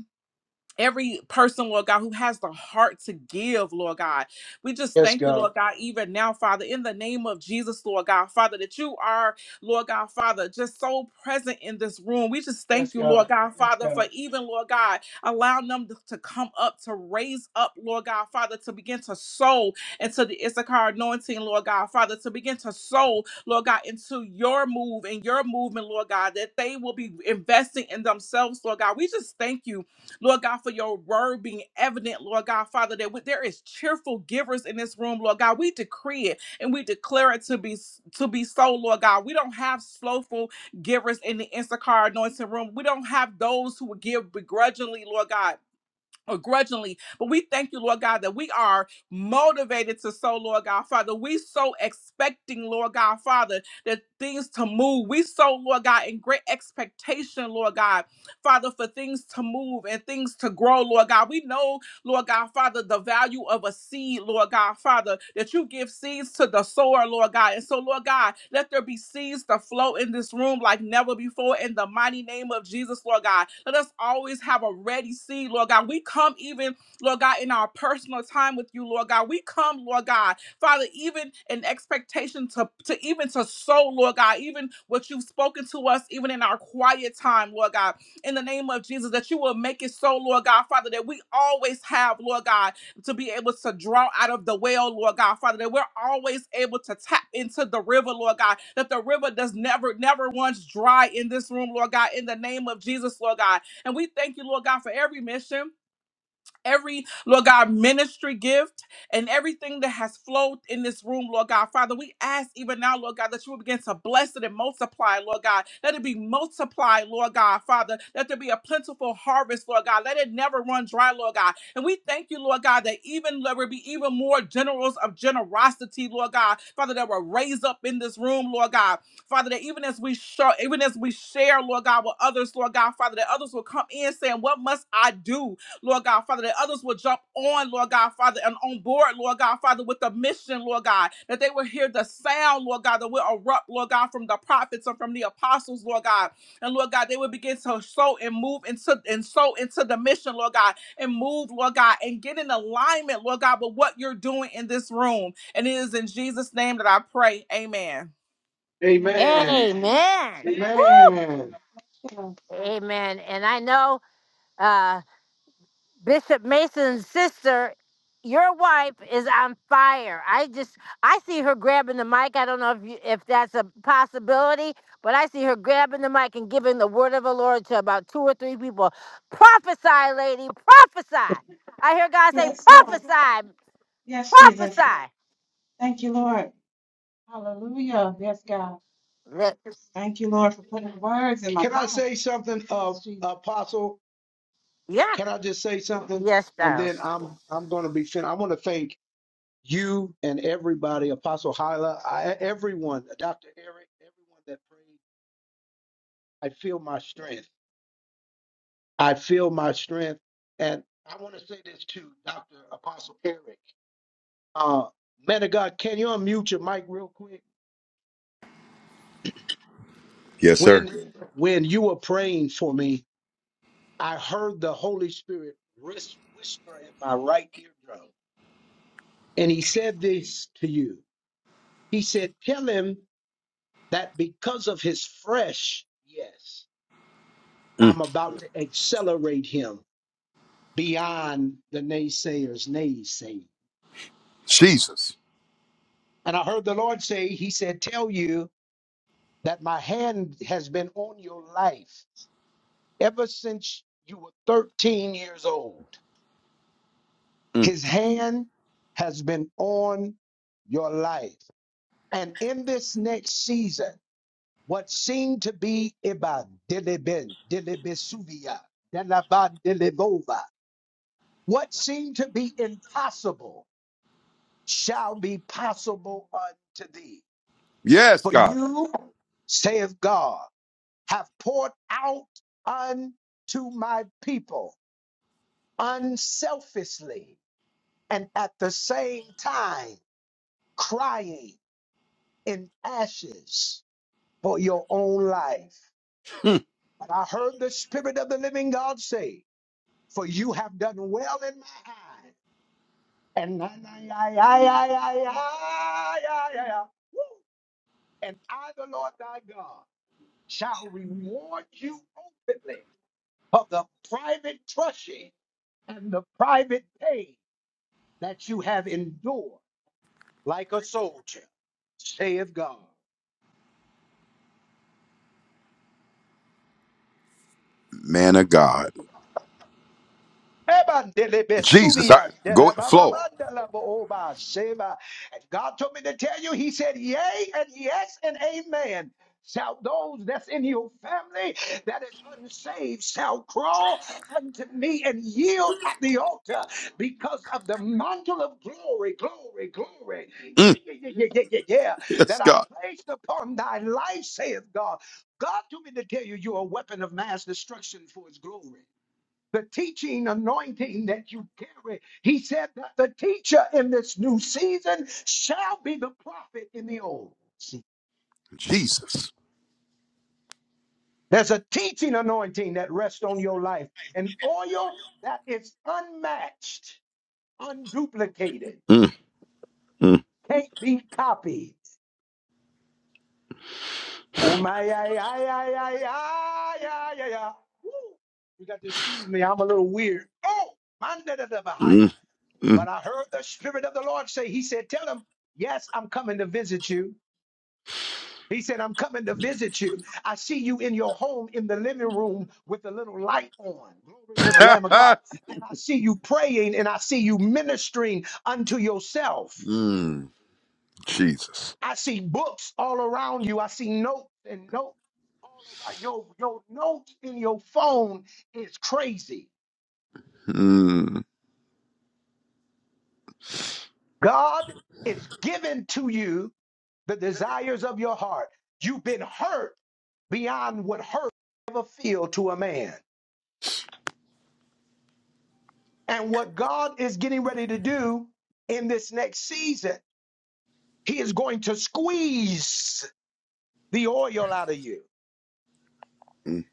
N: every person, Lord God, who has the heart to give, Lord God. We just
Q: Yes,
N: thank you,
Q: God.
N: Lord God, even now, Father, in the name of Jesus, Lord God, Father, that you are, Lord God, Father, just so present in this room. We just thank
Q: Yes,
N: you,
Q: God.
N: Lord God,
Q: Yes,
N: Father, for
Q: God.
N: even, Lord God, allowing them to, to come up, to raise up, Lord God, Father, to begin to sow into the Issachar anointing, Lord God, Father, to begin to sow, Lord God, into your move and your movement, Lord God, that they will be investing in themselves, Lord God. We just thank you Lord God, for your word being evident, Lord God, Father, that we- there is cheerful givers in this room, Lord God. We decree it and we declare it to be to be so, Lord God. We don't have slothful givers in the Instacart anointing room. We don't have those who would give begrudgingly, Lord God or grudgingly, but we thank you, Lord God, that we are motivated to sow, Lord God, Father. We so expecting, Lord God, Father, that things to move. We so, Lord God, in great expectation, Lord God, Father, for things to move and things to grow, Lord God. We know Lord God, Father, the value of a seed, Lord God, Father, that you give seeds to the sower, Lord God. And so, Lord God, let there be seeds to flow in this room like never before in the mighty name of Jesus, Lord God. Let us always have a ready seed, Lord God. We come even, Lord God, in our personal time with you, Lord God. We come, Lord God, Father, even in expectation to, to even to sow, Lord God, even what you've spoken to us, even in our quiet time, Lord God in the name of Jesus, that you will make it so, Lord God, Father, that we always have, Lord God, to be able to draw out of the well, Lord God, Father, that we're always able to tap into the river, Lord God, that the river does never, never once dry in this room, Lord God, in the name of Jesus, Lord God. And we thank you, Lord God, for every mission every, Lord God, ministry gift and everything that has flowed in this room, Lord God. Father, we ask even now, Lord God, that you will begin to bless it and multiply, Lord God. Let it be multiplied, Lord God, Father. Let there be a plentiful harvest, Lord God. Let it never run dry, Lord God. And we thank you, Lord God, that even there will be even more generals of generosity, Lord God, Father, that will raise up in this room, Lord God. Father, that even as we show, even as we share, Lord God, with others, Lord God, Father, that others will come in saying, What must I do? Lord God, Father, that others will jump on, Lord God, Father, and on board, Lord God, Father, with the mission, Lord God, that they will hear the sound, Lord God, that will erupt, Lord God, from the prophets and from the apostles, Lord God. And Lord God, they will begin to sow and move into and sow into the mission, Lord God, and move, Lord God, and get in alignment, Lord God, with what you're doing in this room. And it is in Jesus' name that I pray. Amen.
Q: Amen.
A: Amen.
Q: Amen. Amen.
A: Woo!
Q: Yeah.
A: Amen. And I know uh, Bishop Mason's sister, your wife, is on fire. I just I see her grabbing the mic. I don't know if you, if that's a possibility, but I see her grabbing the mic and giving the word of the Lord to about two or three people. Prophesy, lady, prophesy. I hear God say,
Q: Yes, Lord.
A: prophesy,
Q: Yes, Jesus.
A: prophesy.
Q: Thank you, Lord. Hallelujah. Yes, God.
A: Let-
Q: Thank you, Lord, for putting the words in my Can I mouth. say something, uh, Yes, Jesus. Apostle?
A: Yeah.
Q: Can I just say something?
A: Yes,
Q: And
A: sir.
Q: then I'm I'm going to be finished. I want to thank. you and everybody, Apostle Hyla, I, everyone, Dr. Eric, everyone that prayed, I feel my strength. I feel my strength. And I want to say this to Dr. Apostle Eric. Uh, man of God, can you unmute your mic real quick?
G: Yes, sir.
Q: When when you were praying for me, I heard the Holy Spirit whis- whisper in my right eardrum. And he said this to you. He said, Tell him that because of his fresh yes.
G: Mm,
Q: I'm about to accelerate him beyond the naysayers' naysay.
G: Jesus.
Q: And I heard the Lord say, He said, Tell you that my hand has been on your life ever since you were 13 years old.
G: Mm,
Q: His hand has been on your life. And in this next season, what seemed to be Iban, Dilibin, Dilibisuvia, Delavan, Dilivova, what seemed to be impossible shall be possible unto thee.
G: yes,
Q: For
G: God.
Q: you, saith God, have poured out unto my people unselfishly and at the same time crying in ashes for your own life. But I heard the Spirit of the living God say, For you have done well in my eye. And I, I, I, I, I, I, I, I, I, I, I, I, I, I, I, and I, the Lord thy God, shall reward you openly of the private crushing and the private pain that you have endured like a soldier, saith God.
G: Man of God.
Q: And God
G: Jesus. I, go flow.
Q: told me to tell you, He said, Yea, and yes, and amen. Shall those that's in your family that is unsaved shall crawl unto me and yield at the altar because of the mantle of glory, glory, glory. Yeah,
G: Mm,
Q: yeah, yeah, yeah, yeah, yeah, yeah.
G: yes,
Q: That I
G: God.
Q: placed upon thy life, saith God. God told me to tell you, you're a weapon of mass destruction for his glory the teaching anointing that you carry. He said that the teacher in this new season shall be the prophet in the old. season.
G: Jesus.
Q: There's a teaching anointing that rests on your life, an oil that is unmatched, unduplicated,
G: Mm, mm,
Q: can't be copied. Oh my, ay, ay, ay, ay, ay, ay, ay, ay. Woo. You got to excuse me, I'm a little weird. Oh, my, da, da, da, bah, hi,
G: mm,
Q: But I heard the Spirit of the Lord say, He said, Tell him, yes, I'm coming to visit you. He said, I'm coming to visit you. I see you in your home in the living room with the little light on. Glory to the Lamb of
G: mm.
Q: God. And I see you praying and I see you ministering unto yourself.
G: Mm, Jesus.
Q: I see books all around you. I see notes and notes all around. Your, your notes in your phone is crazy.
G: Mm,
Q: God is giving to you the desires of your heart. You've been hurt beyond what hurt ever feel to a man. And what God is getting ready to do in this next season, He is going to squeeze the oil out of you.
G: mm,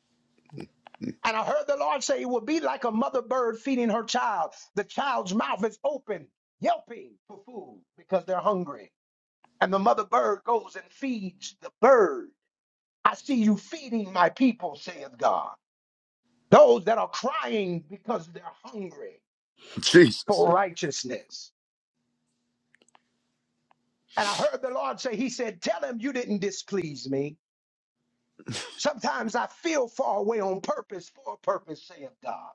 Q: And I heard the Lord say it will be like a mother bird feeding her child. The child's mouth is open, yelping for food because they're hungry. And the mother bird goes and feeds the bird I see you feeding my people, saith God. Those that are crying because they're hungry
G: Jesus.
Q: for righteousness. And I heard the Lord say, He said, Tell him you didn't displease me. Sometimes I feel far away on purpose for a purpose, saith God.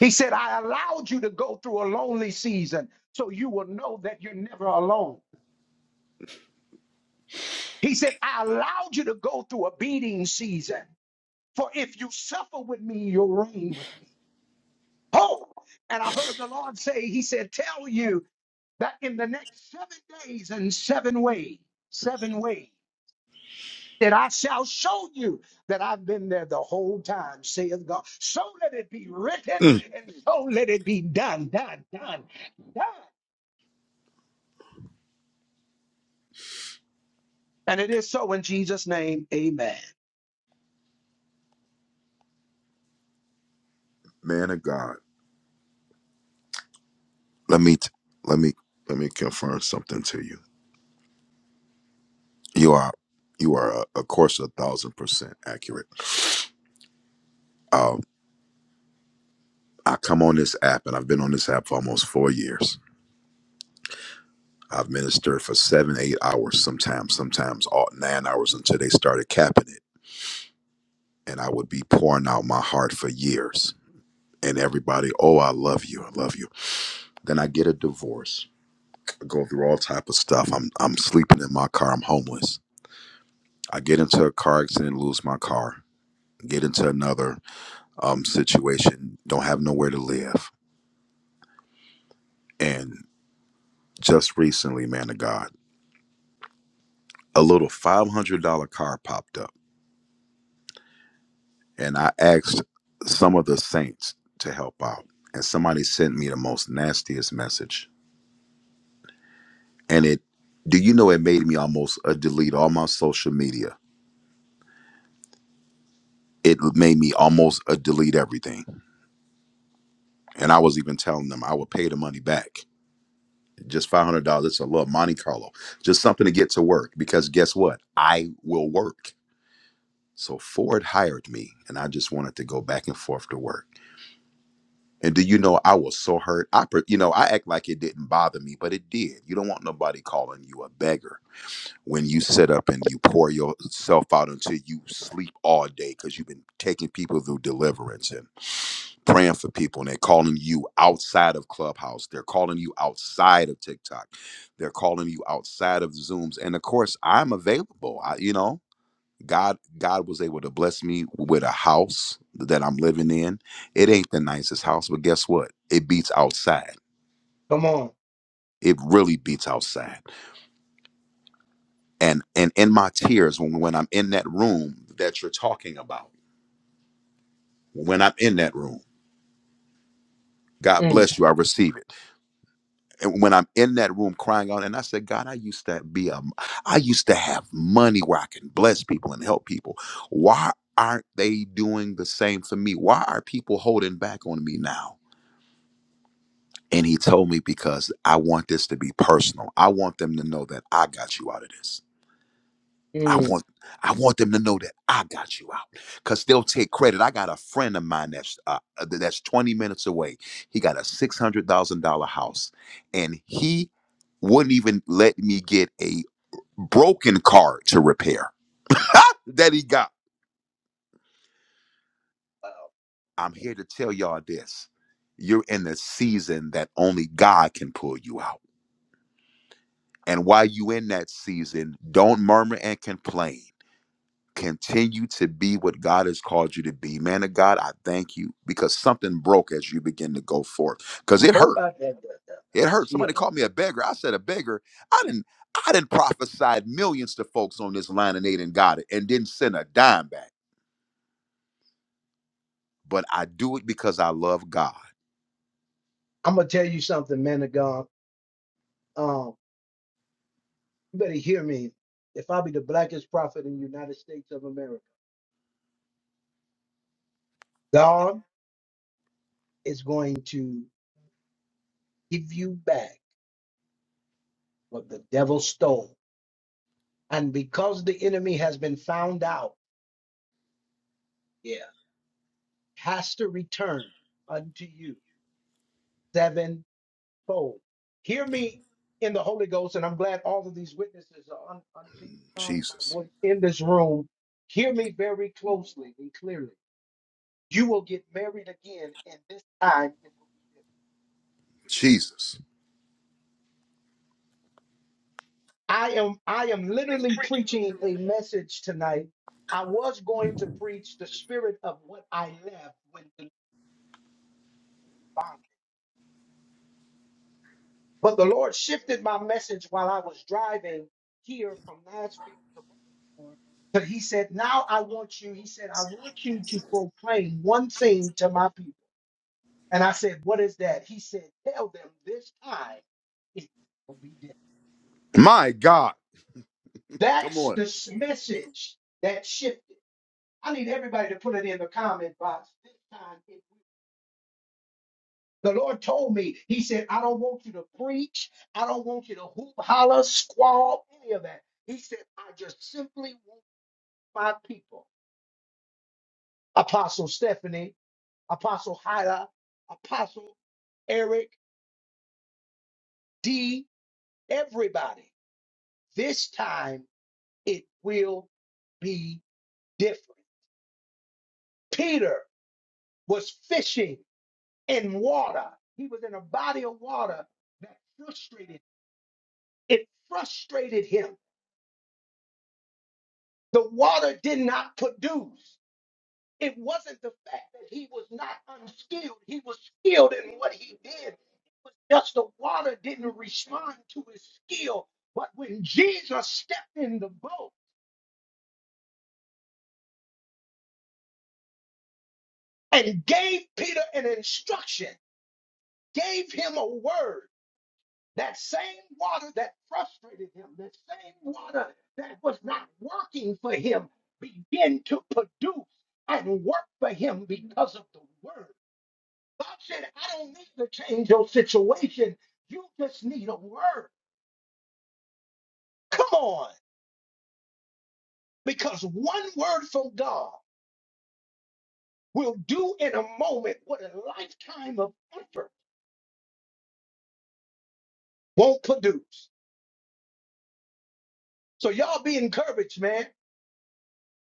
Q: He said, I allowed you to go through a lonely season so you will know that you're never alone. He said, I allowed you to go through a beating season, for if you suffer with me, you'll reign with me. Oh, and I heard the Lord say, He said, Tell you that in the next seven days and seven ways, seven ways, that I shall show you that I've been there the whole time, saith God. So let it be written,
G: Mm,
Q: and so let it be done, done, done, done. And it is so in Jesus' name, amen.
G: man of God. Let me t- let me let me confirm something to you. You are you are uh, of course a thousand percent accurate. Um, I come on this app and I've been on this app for almost four years. I've ministered for seven, eight hours sometimes, sometimes all nine hours until they started capping it. And I would be pouring out my heart for years. And everybody, oh, I love you, I love you. Then I get a divorce, I go through all type of stuff. I'm I'm sleeping in my car, I'm homeless. I get into a car accident, lose my car, get into another um, situation, don't have nowhere to live. and just recently, man of God, a little $500 car popped up, and I asked some of the saints to help out. And somebody sent me the most nastiest message. And it, do you know, it made me almost a delete all my social media. It made me almost a delete everything. And I was even telling them I would pay the money back. Just $500, it's a little Monte Carlo, just something to get to work. Because guess what? I will work. So Ford hired me, and I just wanted to go back and forth to work. And do you know I was so hurt? I, pre- you know, I act like it didn't bother me, but it did. You don't want nobody calling you a beggar when you sit up and you pour yourself out until you sleep all day because you've been taking people through deliverance and praying for people, and they're calling you outside of Clubhouse. They're calling you outside of TikTok. They're calling you outside of Zooms. And of course, I'm available. I, you know, God God was able to bless me with a house that I'm living in. It ain't the nicest house, but guess what? It beats outside.
Q: Come on.
G: It really beats outside. And and in my tears when when I'm in that room that you're talking about, when I'm in that room, God
Q: Mm,
G: bless you, I receive it. And when I'm in that room crying out and I said, God, I used to be a I used to have money where I can bless people and help people. Why aren't they doing the same for me? Why are people holding back on me now? And he told me because I want this to be personal. I want them to know that I got you out of this. I
Q: mm.
G: want I want them to know that I got you out because they'll take credit. I got a friend of mine that's uh, uh, that's 20 minutes away. He got a six hundred thousand dollar house, and he wouldn't even let me get a broken car to repair that he got. I'm here to tell y'all this: you're in a season that only God can pull you out And while you in that season, don't murmur and complain. Continue to be what God has called you to be. Man of God, I thank you because something broke as you begin to go forth. Because it
Q: How
G: hurt.
Q: about that? that- that- that?
G: It hurt. Somebody
Q: Yeah.
G: called me a beggar. I said a beggar. I didn't I didn't prophesy millions to folks on this line and they didn't got it and didn't send a dime back. But I do it because I love God.
Q: I'm going to tell you something, man of God. Um, you better hear me. If I be the blackest prophet in the United States of America, God is going to give you back what the devil stole. And because the enemy has been found out, yeah, has to return unto you sevenfold. Hear me in the Holy Ghost, and I'm glad all of these witnesses are un- underneath the sound of my
G: Jesus.
Q: voice in this room. Hear me very closely and clearly. You will get married again, and this time it will be different.
G: Jesus.
Q: I am I am literally preaching a message tonight. I was going to preach the spirit of what I left when the bondage. But the Lord shifted my message while I was driving here from Nashville to Baltimore. But he said, Now I want you, he said, I want you to proclaim one thing to my people. And I said, What is that? He said, Tell them this time it will be different.
G: My God. Come
Q: That's
G: on.
Q: this message that shifted. I need everybody to put it in the comment box this time. It the Lord told me, He said, I don't want you to preach. I don't want you to hoop, holler, squall, any of that. He said, I just simply want my people. Apostle Stephanie, Apostle Hyla, Apostle Eric, D, everybody. This time it will be different. Peter was fishing in water, he was in a body of water that frustrated. It frustrated him. The water did not produce. It wasn't the fact that he was not unskilled, he was skilled in what he did. It was just the water didn't respond to his skill. But when Jesus stepped in the boat and gave Peter an instruction, gave him a word, That same water that frustrated him, that same water that was not working for him, began to produce and work for him because of the word. God said, I don't need to change your situation. You just need a word. Come on, because one word from God will do in a moment what a lifetime of effort won't produce. So, y'all be encouraged, man.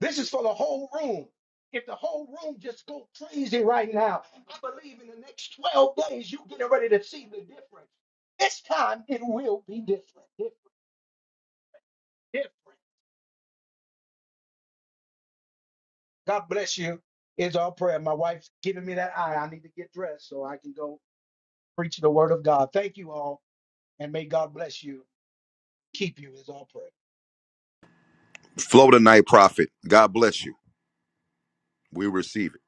Q: This is for the whole room. If the whole room just go crazy right now, I believe in the next 12 days you getting ready to see the difference. This time it will be different, different, different. God bless you. It's our prayer. My wife's giving me that eye. I need to get dressed so I can go preach the word of God. Thank you all, and may God bless you, keep you. Is our prayer.
G: Flow tonight, prophet. God bless you. We receive it.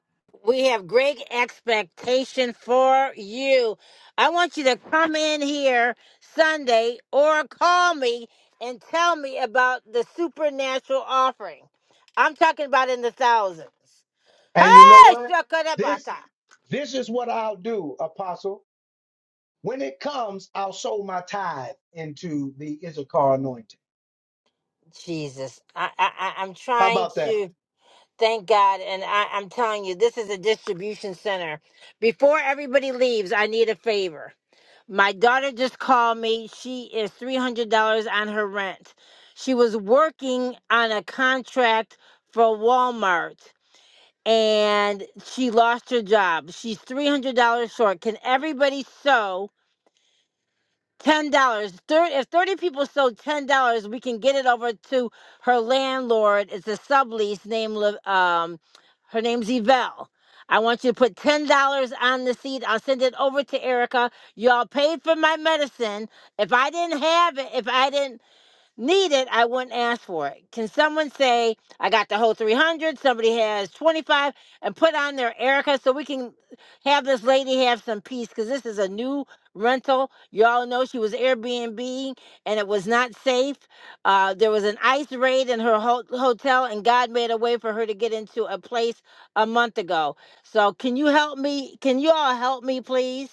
A: We have great expectation for you. I want you to come in here Sunday or call me and tell me about the supernatural offering. I'm talking about in the thousands.
Q: And you know
A: Hey,
Q: what? This
A: Shakarabata.
Q: this is what I'll do, Apostle. When it comes, I'll sow my tithe into the Issachar anointing.
A: Jesus, I, I, I- I'm
Q: How
A: trying
Q: about that?
A: to thank God, and I, I'm telling you, this is a distribution center. Before everybody leaves, I need a favor. My daughter just called me. She is $300 on her rent. She was working on a contract for Walmart and she lost her job. She's $300 short. Can everybody sew? ten dollars. Thirty if thirty people sold ten dollars, we can get it over to her landlord. It's a sublease Named Liv- Um, her name's Yvelle. I want you to put ten dollars on the seat. I'll send it over to Erica. Y'all paid for my medicine. If I didn't have it, if I didn't need it, I wouldn't ask for it. Can someone say, I got the whole 300, somebody has 25, and put on their Erica so we can have this lady have some peace? Because this is a new rental. Y'all know she was Airbnb and it was not safe. Uh, there was an ICE raid in her ho- hotel, and God made a way for her to get into a place a month ago. So, can you help me? Can you all help me, please?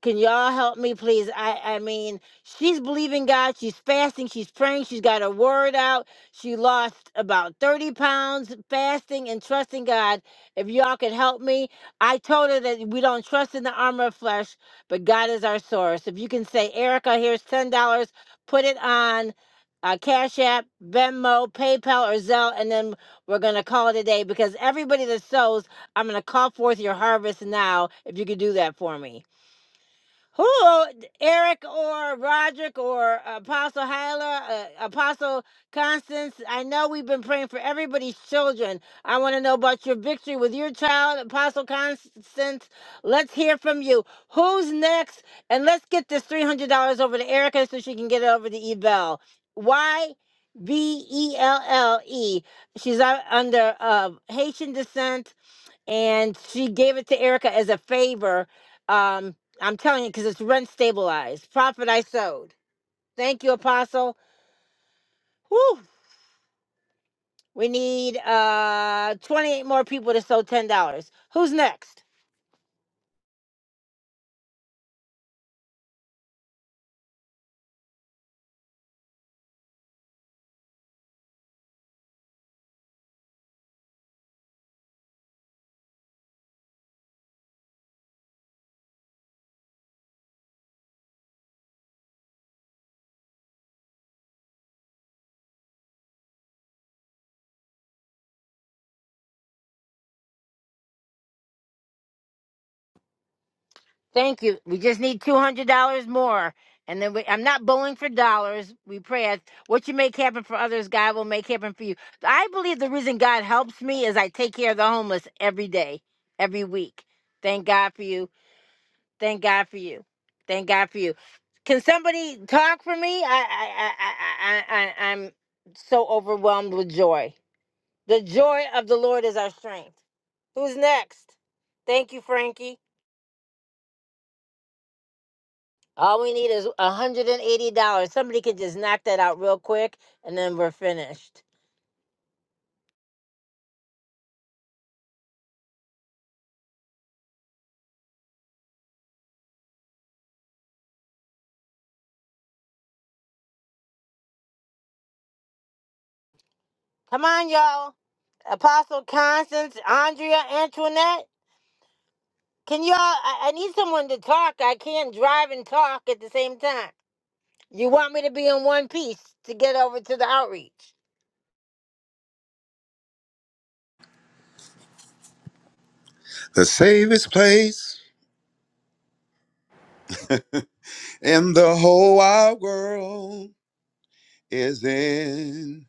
A: Can y'all help me, please? I, I mean, she's believing God. She's fasting. She's praying. She's got her word out. She lost about 30 pounds fasting and trusting God. If y'all could help me, I told her that we don't trust in the armor of flesh, but God is our source. If you can say, Erica, here's $10, put it on uh, Cash App, Venmo, PayPal, or Zelle, and then we're going to call it a day because everybody that sows, I'm going to call forth your harvest now if you could do that for me. Who, Eric or Roderick or Apostle Hyla, uh, Apostle Constance? I know we've been praying for everybody's children. I want to know about your victory with your child, Apostle Constance. Let's hear from you. Who's next? And let's get this $300 over to Erica so she can get it over to Ebel. Why? E E. She's uh, under uh, Haitian descent and she gave it to Erica as a favor. Um, I'm telling you, because it's rent stabilized. Profit I sowed. Thank you, Apostle. Whew. We need uh 28 more people to sow ten dollars. Who's next? Thank you. We just need two hundred dollars more. And then we, I'm not bowling for dollars. We pray as what you make happen for others, God will make happen for you. I believe the reason God helps me is I take care of the homeless every day, every week. Thank God for you. Thank God for you. Thank God for you. Can somebody talk for me? I I I I, I I- I'm so overwhelmed with joy. The joy of the Lord is our strength. Who's next? Thank you, Frankie. All we need is $180. Somebody can just knock that out real quick and then we're finished. Come on, y'all. Apostle Constance, Andrea, Antoinette. Can y'all I, I need someone to talk. I can't drive and talk at the same time. You want me to be in one piece to get over to the outreach.
G: The safest place. and the whole wide world is in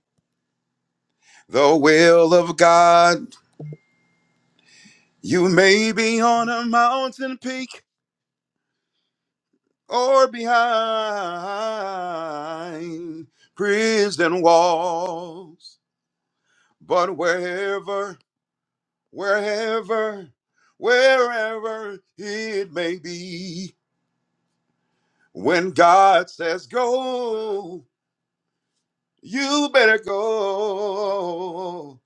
G: the will of God. You may be on a mountain peak or behind prison walls, but wherever, wherever, wherever it may be, when God says go, you better go.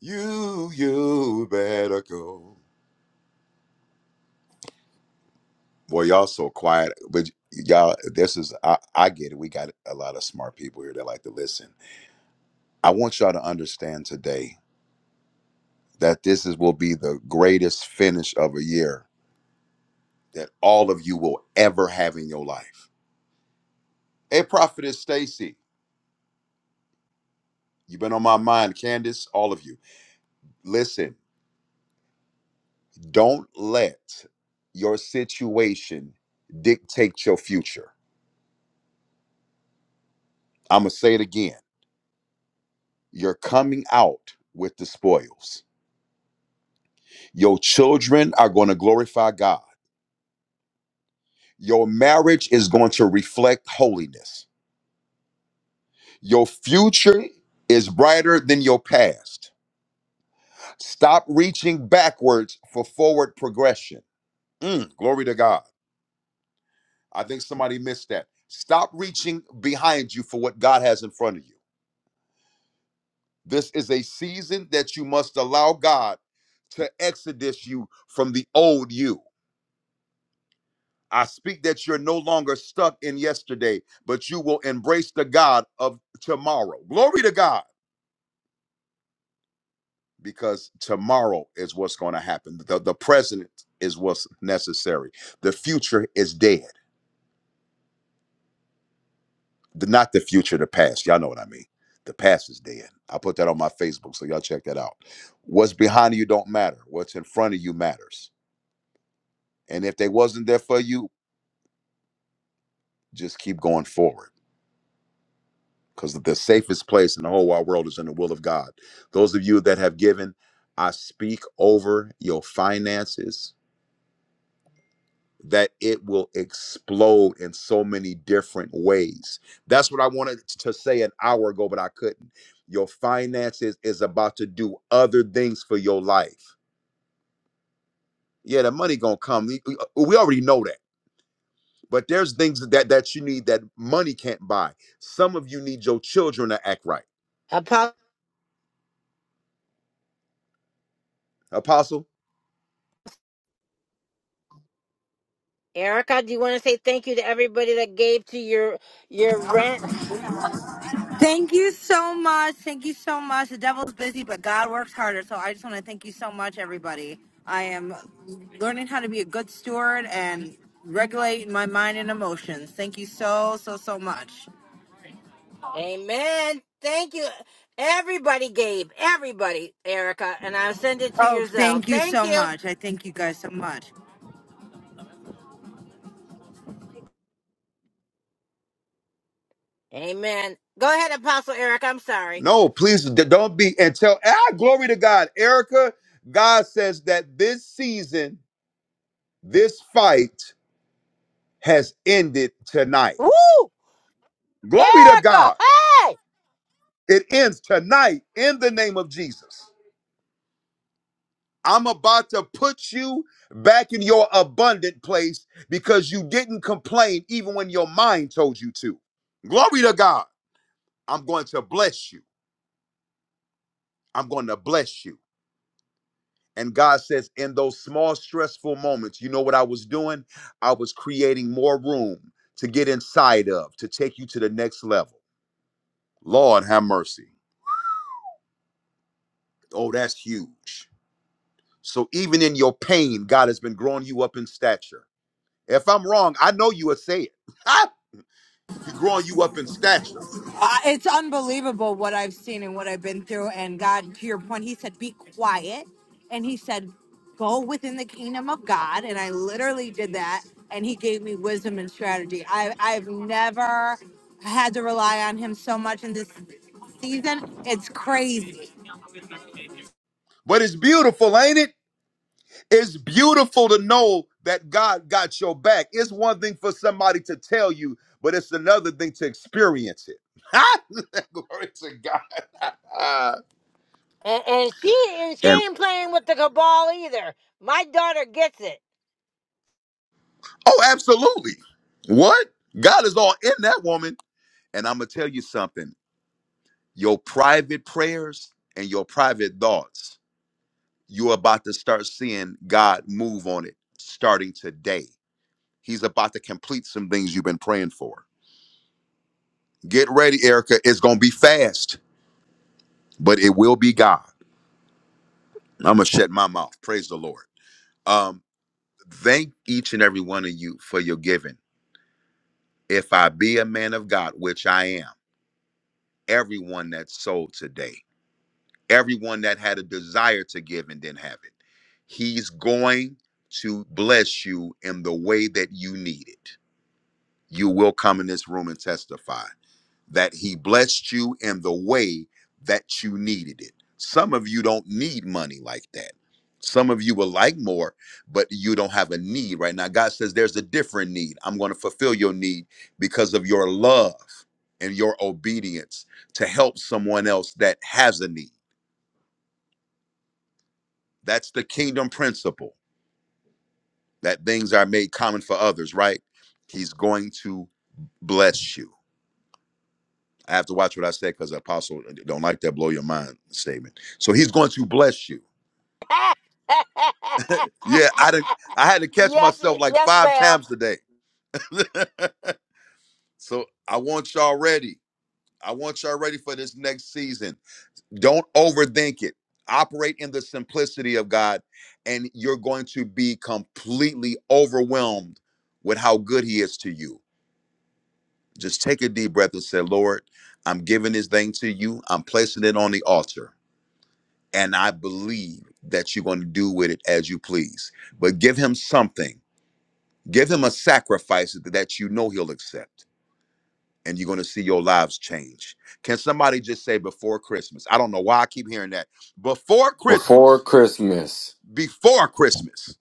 G: You, you better go. Boy, y'all so quiet, but y'all, this is I, I get it. We got a lot of smart people here that like to listen. I want y'all to understand today that this is will be the greatest finish of a year that all of you will ever have in your life. Hey, prophetess Stacy, you've been on my mind, Candace, all of you. Listen, don't let your situation dictate your future. I'm gonna say it again You're coming out with the spoils. Your children are going to glorify God. Your marriage is going to reflect holiness. Your future is brighter than your past. Stop reaching backwards for forward progression. Mm, glory to God. I think somebody missed that. Stop reaching behind you for what God has in front of you. This is a season that you must allow God to exodus you from the old you. I speak that you're no longer stuck in yesterday, but you will embrace the God of tomorrow. Glory to God, because tomorrow is what's going to happen. The, the present is what's necessary. The future is dead. The- not the future, the past. Y'all know what I mean. The past is dead. I put that on my Facebook, so y'all check that out. What's behind you don't matter. What's in front of you matters. And if they wasn't there for you, just keep going forward. because the safest place in the whole wide world is in the will of God. Those of you that have given, I speak over your finances that it will explode in so many different ways. That's what I wanted to say an hour ago, but I couldn't. Your finances is about to do other things for your life. Yeah, the money gonna come. We we already know that. But there's things that that you need that money can't buy. Some of you need your children to act right.
A: Apostle
G: Apostle.
A: Erica, do you want to say thank you to everybody that gave to your your rent?
R: Thank you so much. Thank you so much. The devil's busy, but God works harder. So I just want to thank you so much, everybody. I am learning how to be a good steward and regulate my mind and emotions. Thank you so, so, so much.
A: Amen. Thank you. Everybody gave. Everybody, Erica, and I'll send it to
R: Oh,
A: your Zelle.
R: thank you
A: Thank
R: so
A: you.
R: much. I thank you guys so much.
A: Amen. Go ahead, Apostle Erica. I'm sorry.
G: No, please d- don't be and tell ah glory to God. Erica, God says that this season, this fight has ended tonight.
A: Woo!
G: Glory to
A: Erica,
G: God.
A: hey!
G: It ends tonight in the name of Jesus. I'm about to put you back in your abundant place because you didn't complain even when your mind told you to. Glory to God. I'm going to bless you. I'm going to bless you. And God says, in those small, stressful moments, you know what I was doing? I was creating more room to get inside of, to take you to the next level. Lord, have mercy. Oh, that's huge. So even in your pain, God has been growing you up in stature. If I'm wrong, I know you would say it. He's growing you up in stature.
R: Uh, it's unbelievable what I've seen and what I've been through. And God, to your point, He said, be quiet. And He said, go within the kingdom of God. And I literally did that. And He gave me wisdom and strategy. I, I've never had to rely on Him so much in this season. It's crazy.
G: But it's beautiful, ain't it? It's beautiful to know that God got your back. It's one thing for somebody to tell you, but it's another thing to experience it. Glory to God.
A: And, and she and she
G: and
A: ain't playing with the cabal either. My daughter gets it.
G: oh, absolutely. What? God is all in that woman. And I'm going to tell you something your private prayers and your private thoughts, you're about to start seeing God move on it starting today. He's about to complete some things you've been praying for. Get ready, Erica. It's going to be fast but it will be God. I'm gonna shut my mouth. Praise the Lord. Um, thank each and every one of you for your giving. If I be a man of God, which I am, everyone that sold today, everyone that had a desire to give and didn't have it, he's going to bless you in the way that you need it. You will come in this room and testify. that he blessed you in the way that you needed it. Some of you don't need money like that. Some of you will like more, but you don't have a need right now. God says there's a different need. I'm going to fulfill your need because of your love and your obedience to help someone else that has a need. That's the kingdom principle that things are made common for others, right? He's going to bless you. I have to watch what I say because Apostle don't like that blow your mind statement. So he's going to bless you. Yeah, I did, I had to catch
A: yes,
G: myself
A: it-
G: like
A: yes,
G: five
A: Val.
G: times today. so I want y'all ready. I want y'all ready for this next season. Don't overthink it. Operate in the simplicity of God, and you're going to be completely overwhelmed with how good He is to you. Just take a deep breath and say, Lord, I'm giving this thing to you. I'm placing it on the altar. and I believe that you're going to do with it as you please. But give him something, give him a sacrifice that you know he'll accept, and you're going to see your lives change. Can somebody just say before Christmas? I don't know why I keep hearing that. Before
H: before
G: Christmas,
H: Christmas.
G: before Christmas,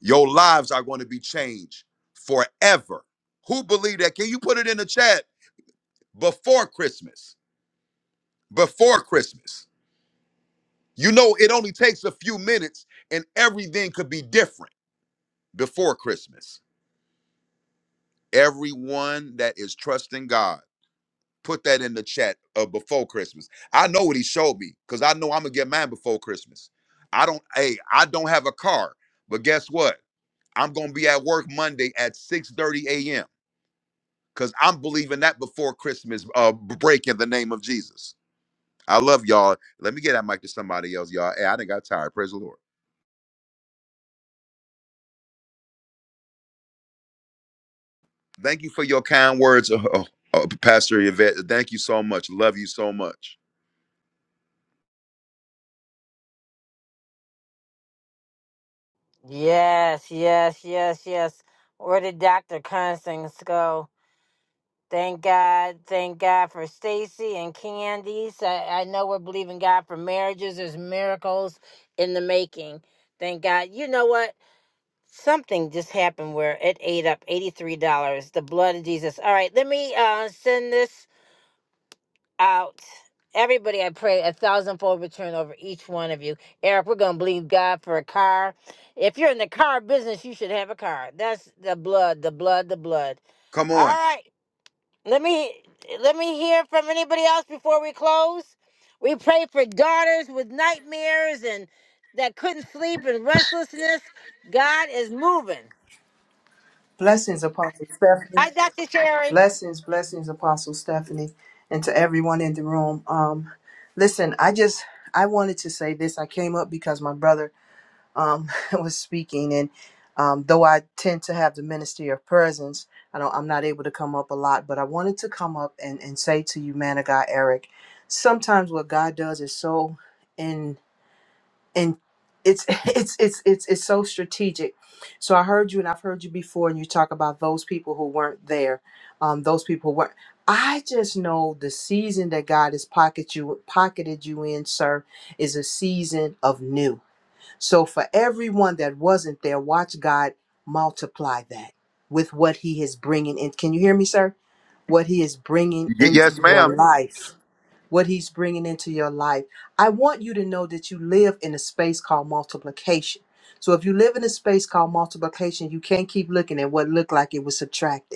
G: your lives are going to be changed forever. Who believe that? Can you put it in the chat? Before Christmas, before Christmas. You know, it only takes a few minutes and everything could be different before Christmas. Everyone that is trusting God, put that in the chat of before Christmas. I know what he showed me because I know I'm gonna get mine before Christmas. I don't hey, I don't have a car, but guess what? I'm gonna be at work Monday at 6:30 a.m. because I'm believing that before Christmas uh b- break in the name of Jesus. I love y'all. Let me get that mic to somebody else, y'all. Hey, I didn't got tired. Praise the Lord. Thank you for your kind words, uh, uh, uh, Pastor Yvette. Thank you so much. Love you so much.
A: Yes, yes, yes, yes. Where did Dr. Constance go? Thank God, thank God for Stacy and Candice. I, I know we're believing God for marriages. There's miracles in the making. Thank God. You know what? Something just happened where it ate up $83. The blood of Jesus. All right, let me uh, send this. out. Everybody, I pray a thousandfold return over each one of you. Eric, we're going to believe God for a car. If you're in the car business, you should have a car. That's the blood, the blood, the blood.
G: Come
A: All
G: on.
A: right. Let me let me hear from anybody else before we close. We pray for daughters with nightmares and that couldn't sleep and restlessness. God is moving.
S: Blessings, Apostle Stephanie.
A: Hi, Dr. Sherry.
S: Blessings, blessings, Apostle Stephanie, and to everyone in the room. Um, listen, I just I wanted to say this. I came up because my brother um was speaking, and um, though I tend to have the ministry of presence, I don't I'm not able to come up a lot, but I wanted to come up and and say to you, man of God, Eric. Sometimes what God does is so and it's it's it's it's it's so strategic. So I heard you, and I've heard you before, and you talk about those people who weren't there, um, those people who weren't. I just know the season that God has pocket you pocketed you in, sir, is a season of new. So for everyone that wasn't there, watch God multiply that with what He is bringing in. Can you hear me, sir? What He is bringing
G: Y-
S: into
G: yes,
S: your
G: ma'am.
S: life what he's bringing into your life. I want you to know that you live in a space called multiplication. So if you live in a space called multiplication, you can't keep looking at what looked like it was subtracted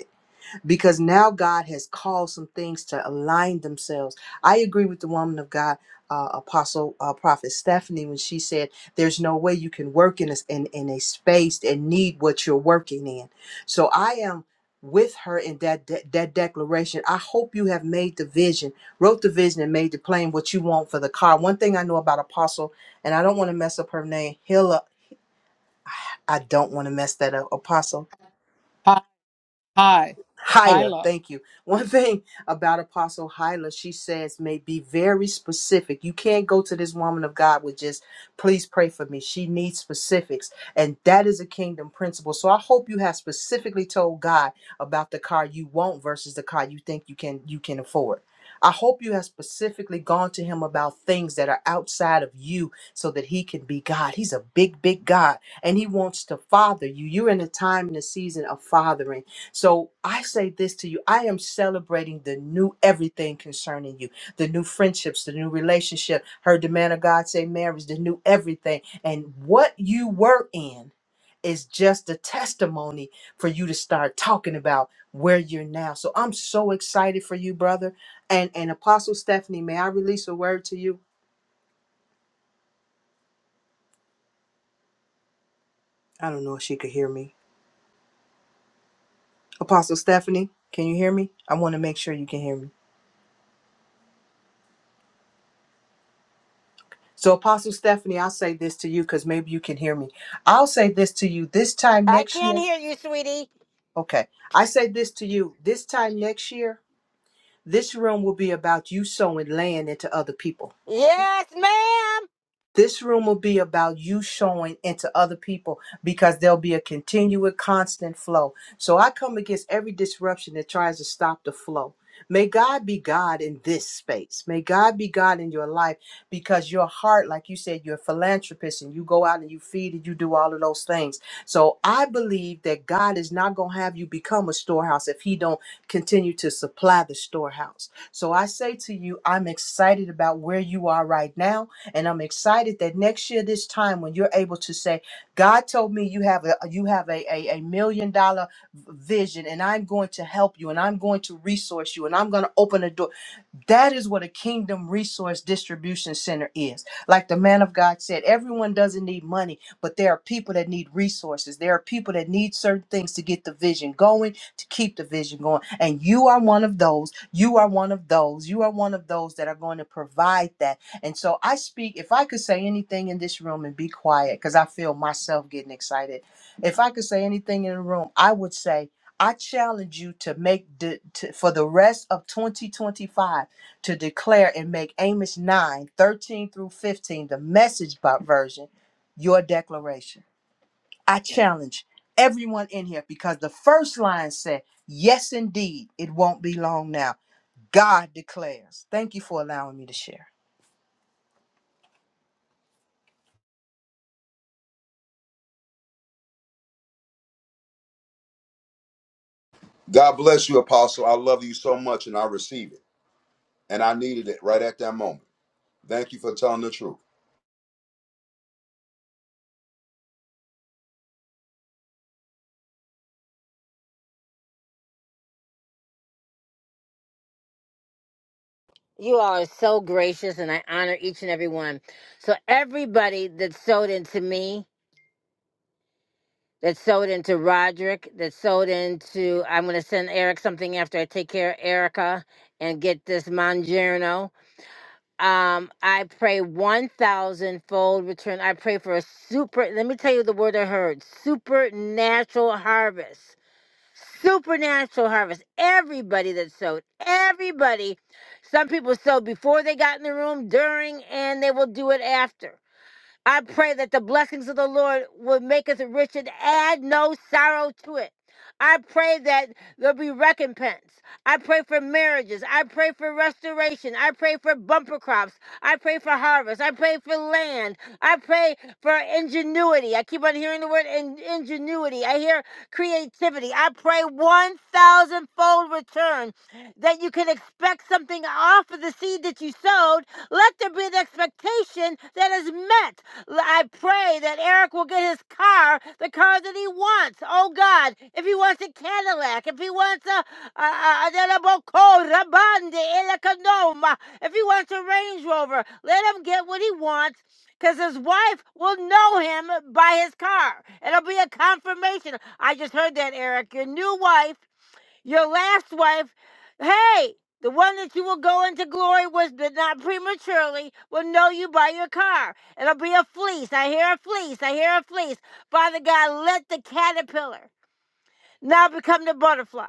S: because now God has called some things to align themselves. I agree with the woman of God, uh, Apostle uh, Prophet Stephanie, when she said, "There's no way you can work in a, in, in a space and need what you're working in." So I am with her in that de- that declaration. I hope you have made the vision, wrote the vision, and made the plan what you want for the car. One thing I know about Apostle, and I don't want to mess up her name, Hilla. I don't want to mess that up, Apostle.
D: Hi, hi,
S: Hyla,
D: Hyla.
S: thank you. One thing about Apostle Hyla, she says, may be very specific. You can't go to this woman of God with just, please pray for me. She needs specifics. And that is a kingdom principle. So I hope you have specifically told God about the car you want versus the car you think you can you can afford. I hope you have specifically gone to him about things that are outside of you so that he can be God. He's a big, big God and he wants to father you. You're in a time and a season of fathering so I say this to you I am celebrating the new everything concerning you, the new friendships, the new relationship. Heard the man of God say marriage, the new everything. And what you were in is just a testimony for you to start talking about where you're now. So I'm so excited for you, brother. And and Apostle Stephanie, may I release a word to you? I don't know if she could hear me. Apostle Stephanie, can you hear me? I want to make sure you can hear me. So, Apostle Stephanie, I'll say this to you because maybe you can hear me. I'll say this to you this time
A: I
S: next
A: can't
S: year.
A: hear you, sweetie.
S: Okay. I say this to you this time next year, this room will be about you sowing land into other people.
A: Yes, ma'am.
S: This room will be about you showing into other people because there'll be a continuous, constant flow. So I come against every disruption that tries to stop the flow. May God be God in this space. May God be God in your life because your heart, like you said, you're a philanthropist and you go out and you feed and you do all of those things. So I believe that God is not going to have you become a storehouse if he don't continue to supply the storehouse. So I say to you, I'm excited about where you are right now. And I'm excited that next year, this time, when you're able to say, God told me you have a you have a, a, a million dollar vision, and I'm going to help you, and I'm going to resource you, and I'm going to open a door. That is what a kingdom resource distribution center is. Like the man of God said, everyone doesn't need money, but there are people that need resources. There are people that need certain things to get the vision going, to keep the vision going. And you are one of those. You are one of those. You are one of those that are going to provide that. And so I speak, if I could say anything in this room and be quiet, because I feel myself getting excited. If I could say anything in the room, I would say, I challenge you to make de- to, for the rest of 2025 to declare and make Amos 9:13 through 15, the message Bi- version, your declaration. I challenge everyone in here because the first line said, Yes, indeed, it won't be long now. God declares. Thank you for allowing me to share.
G: God bless you, Apostle. I love you so much, and I receive it. And I needed it right at that moment. Thank you for telling the truth.
A: You all are so gracious, and I honor each and every one. So, everybody that sewed into me, that sewed into Roderick, that sewed into, I'm going to send Eric something after I take care of Erica and get this Mangiano. Um, I pray 1,000 fold return. I pray for a super, let me tell you the word I heard supernatural harvest Supernatural harvest. Everybody that sowed, everybody. Some people sowed before they got in the room, during, and they will do it after. I pray that the blessings of the Lord will make us rich and add no sorrow to it. I pray that there'll be recompense. I pray for marriages. I pray for restoration. I pray for bumper crops. I pray for harvest. I pray for land. I pray for ingenuity. I keep on hearing the word in- ingenuity. I hear creativity. I pray 1,000 fold return that you can expect something off of the seed that you sowed. Let there be an expectation that is met. I pray that Eric will get his car, the car that he wants. Oh God, if he wants a Cadillac, if he wants a, a, a, a a Boco, Rabande, Elecanoma, if he wants a Range Rover, let him get what he wants because his wife will know him by his car. It'll be a confirmation. I just heard that, Eric. Your new wife your last wife, hey, the one that you will go into glory with, but not prematurely, will know you by your car. It'll be a fleece. I hear a fleece. I hear a fleece. Father God, let the caterpillar now become the butterfly.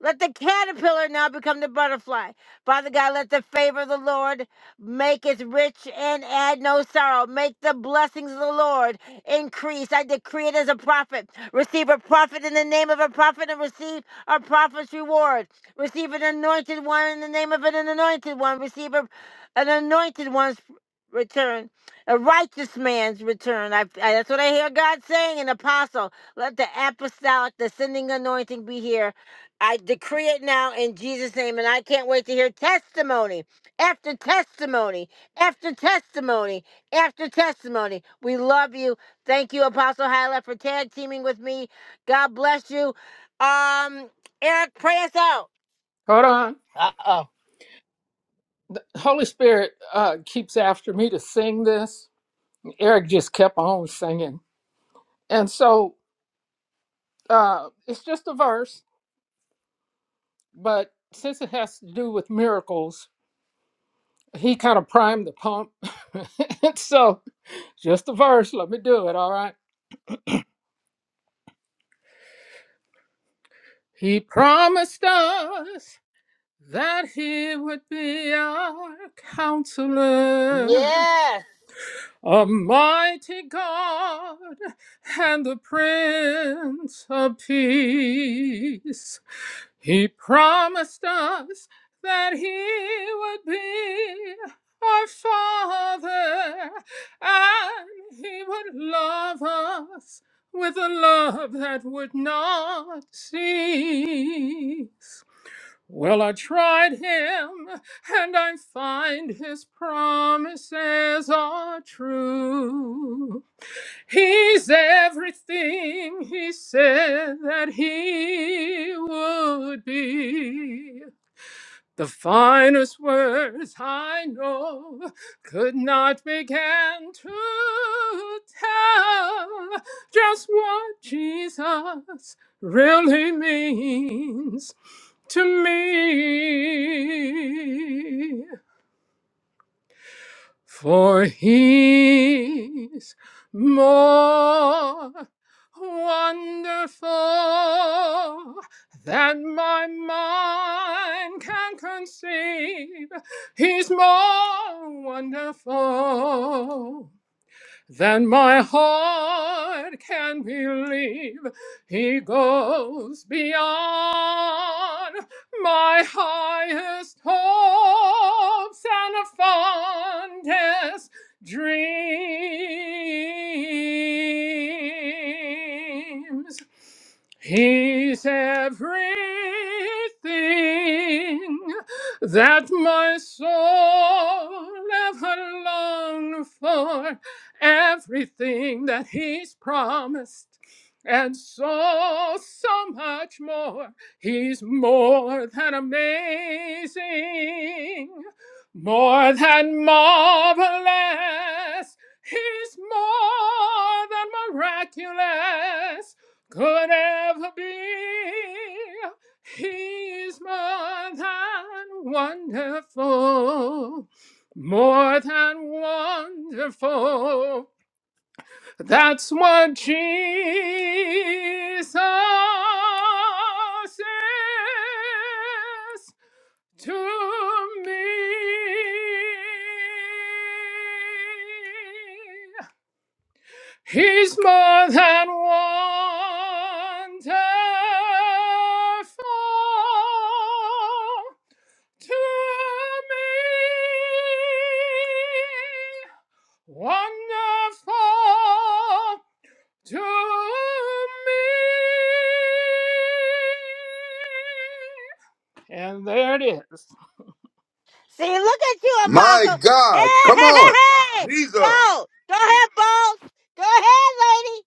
A: Let the caterpillar now become the butterfly. Father God, let the favor of the Lord make us rich and add no sorrow. Make the blessings of the Lord increase. I decree it as a prophet. Receive a prophet in the name of a prophet and receive a prophet's reward. Receive an anointed one in the name of an anointed one. Receive a, an anointed one's return. A righteous man's return. I, I- that's what I hear God saying. An apostle, let the apostolic, descending anointing be here. I decree it now in Jesus' name, and I can't wait to hear testimony after testimony after testimony after testimony. We love you. Thank you, Apostle Hyla, for tag teaming with me. God bless you. Um, Eric, pray us out.
D: Hold on.
A: Uh oh.
D: The Holy Spirit uh, keeps after me to sing this. Eric just kept on singing. And so uh, it's just a verse, but since it has to do with miracles, he kind of primed the pump. and so, just a verse, let me do it, all right? He promised us that he would be our counselor,
A: Yes.
D: a mighty God, and the Prince of Peace. He promised us that he would be our father and he would love us with a love that would not cease. Well, I tried him and I find his promises are true. He's everything he said that he would be. The finest words I know could not begin to tell just what Jesus really means to me. For he's more wonderful than my mind can conceive. He's more wonderful than my heart can believe. He goes beyond my highest hopes and fondest dreams. He's everything that my soul ever longed for, everything that He's promised, and so, so much more. He's more than amazing, more than marvelous. He's more than miraculous could ever be. He's more than wonderful, more than wonderful. That's what Jesus is to me. He's more than wonderful to me. Wonderful to me. And there it is.
A: See, look at you,
G: My
A: Apostle. Hey,
G: God, come
A: hey, hey,
G: on,
A: hey.
G: Jesus.
A: Bo, go ahead, bold. Go ahead, lady.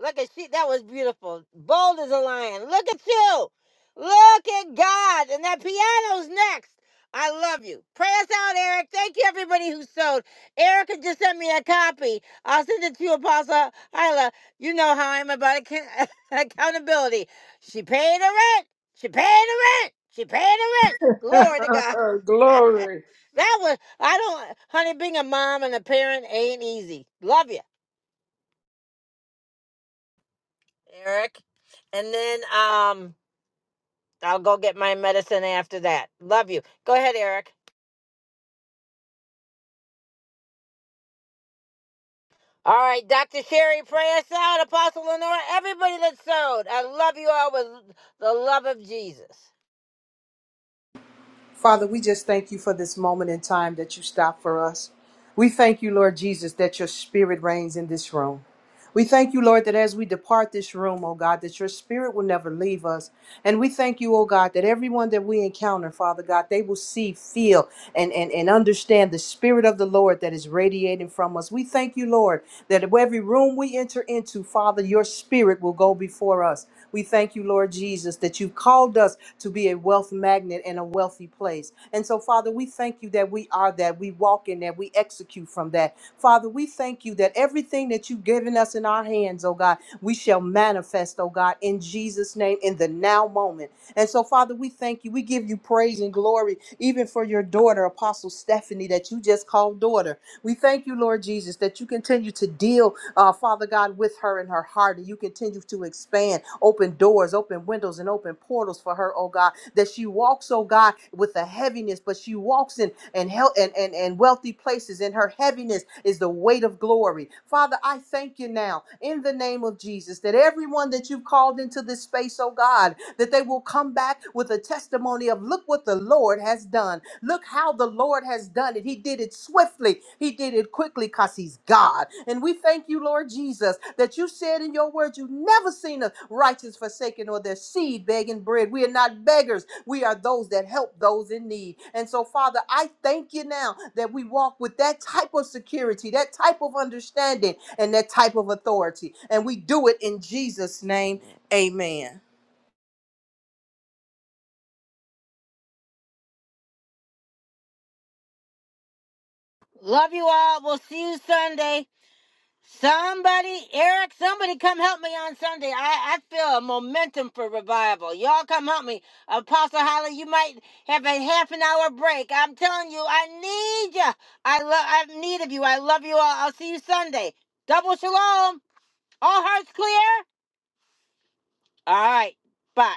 A: Look at she. That was beautiful. Bold as a lion. Look at you. Look at God. And that piano's next. I love you. Pray us out, Eric. Thank you, everybody who sewed. Erica just sent me a copy. I'll send it to you, Apostle Hyla. You know how I'm about account- accountability. She paid her rent. She paid her rent. She paid her rent. Glory to God that
D: Glory.
A: was I don't, honey. Being a mom and a parent ain't easy. Love you, Eric. And then um, I'll go get my medicine after that. Love you. Go ahead, Eric. All right, Dr. Sherry, pray us out. Apostle Lenora, everybody that sewed. I love you all with the love of Jesus.
S: Father, we just thank you for this moment in time that you stop for us. We thank you, Lord Jesus, that your spirit reigns in this room. We thank you, Lord, that as we depart this room, oh God, that your spirit will never leave us. And we thank you, oh God, that everyone that we encounter, Father God, they will see, feel, and, and, and understand the spirit of the Lord that is radiating from us. We thank you, Lord, that every room we enter into, Father, your spirit will go before us. We thank you, Lord Jesus, that you've called us to be a wealth magnet and a wealthy place. And so, Father, we thank you that we are that. We walk in that. We execute from that. Father, we thank you that everything that you've given us in our hands, oh God, we shall manifest, oh God, in Jesus' name, in the now moment. And so, Father, we thank you. We give you praise and glory, even for your daughter, Apostle Stephanie, that you just called daughter. We thank you, Lord Jesus, that you continue to deal uh, Father God, with her in her heart. And you continue to expand, open doors, open windows, and open portals for her, oh God, that she walks, oh God, with a heaviness, but she walks in and hel- and, and, and wealthy places, and her heaviness is the weight of glory. Father, I thank you now in the name of Jesus that everyone that you've called into this space, oh God, that they will come back with a testimony of look what the Lord has done. Look how the Lord has done it. He did it swiftly, He did it quickly because He's God. And we thank you, Lord Jesus, that you said in your word, You've never seen a righteous forsaken or their seed begging bread. We are not beggars, we are those that help those in need. And so, Father, I thank you now that we walk with that type of security, that type of understanding, and that type of authority. And we do it in Jesus' name. Amen.
A: Love you all. We'll see you Sunday. Somebody, Eric, somebody come help me on Sunday. I, I feel a momentum for revival. Y'all come help me. Apostle Holly, you might have a half an hour break. I'm telling you, I need you. I love I have need of you. I love you all. I'll see you Sunday. Double shalom. All hearts clear? All right. Bye.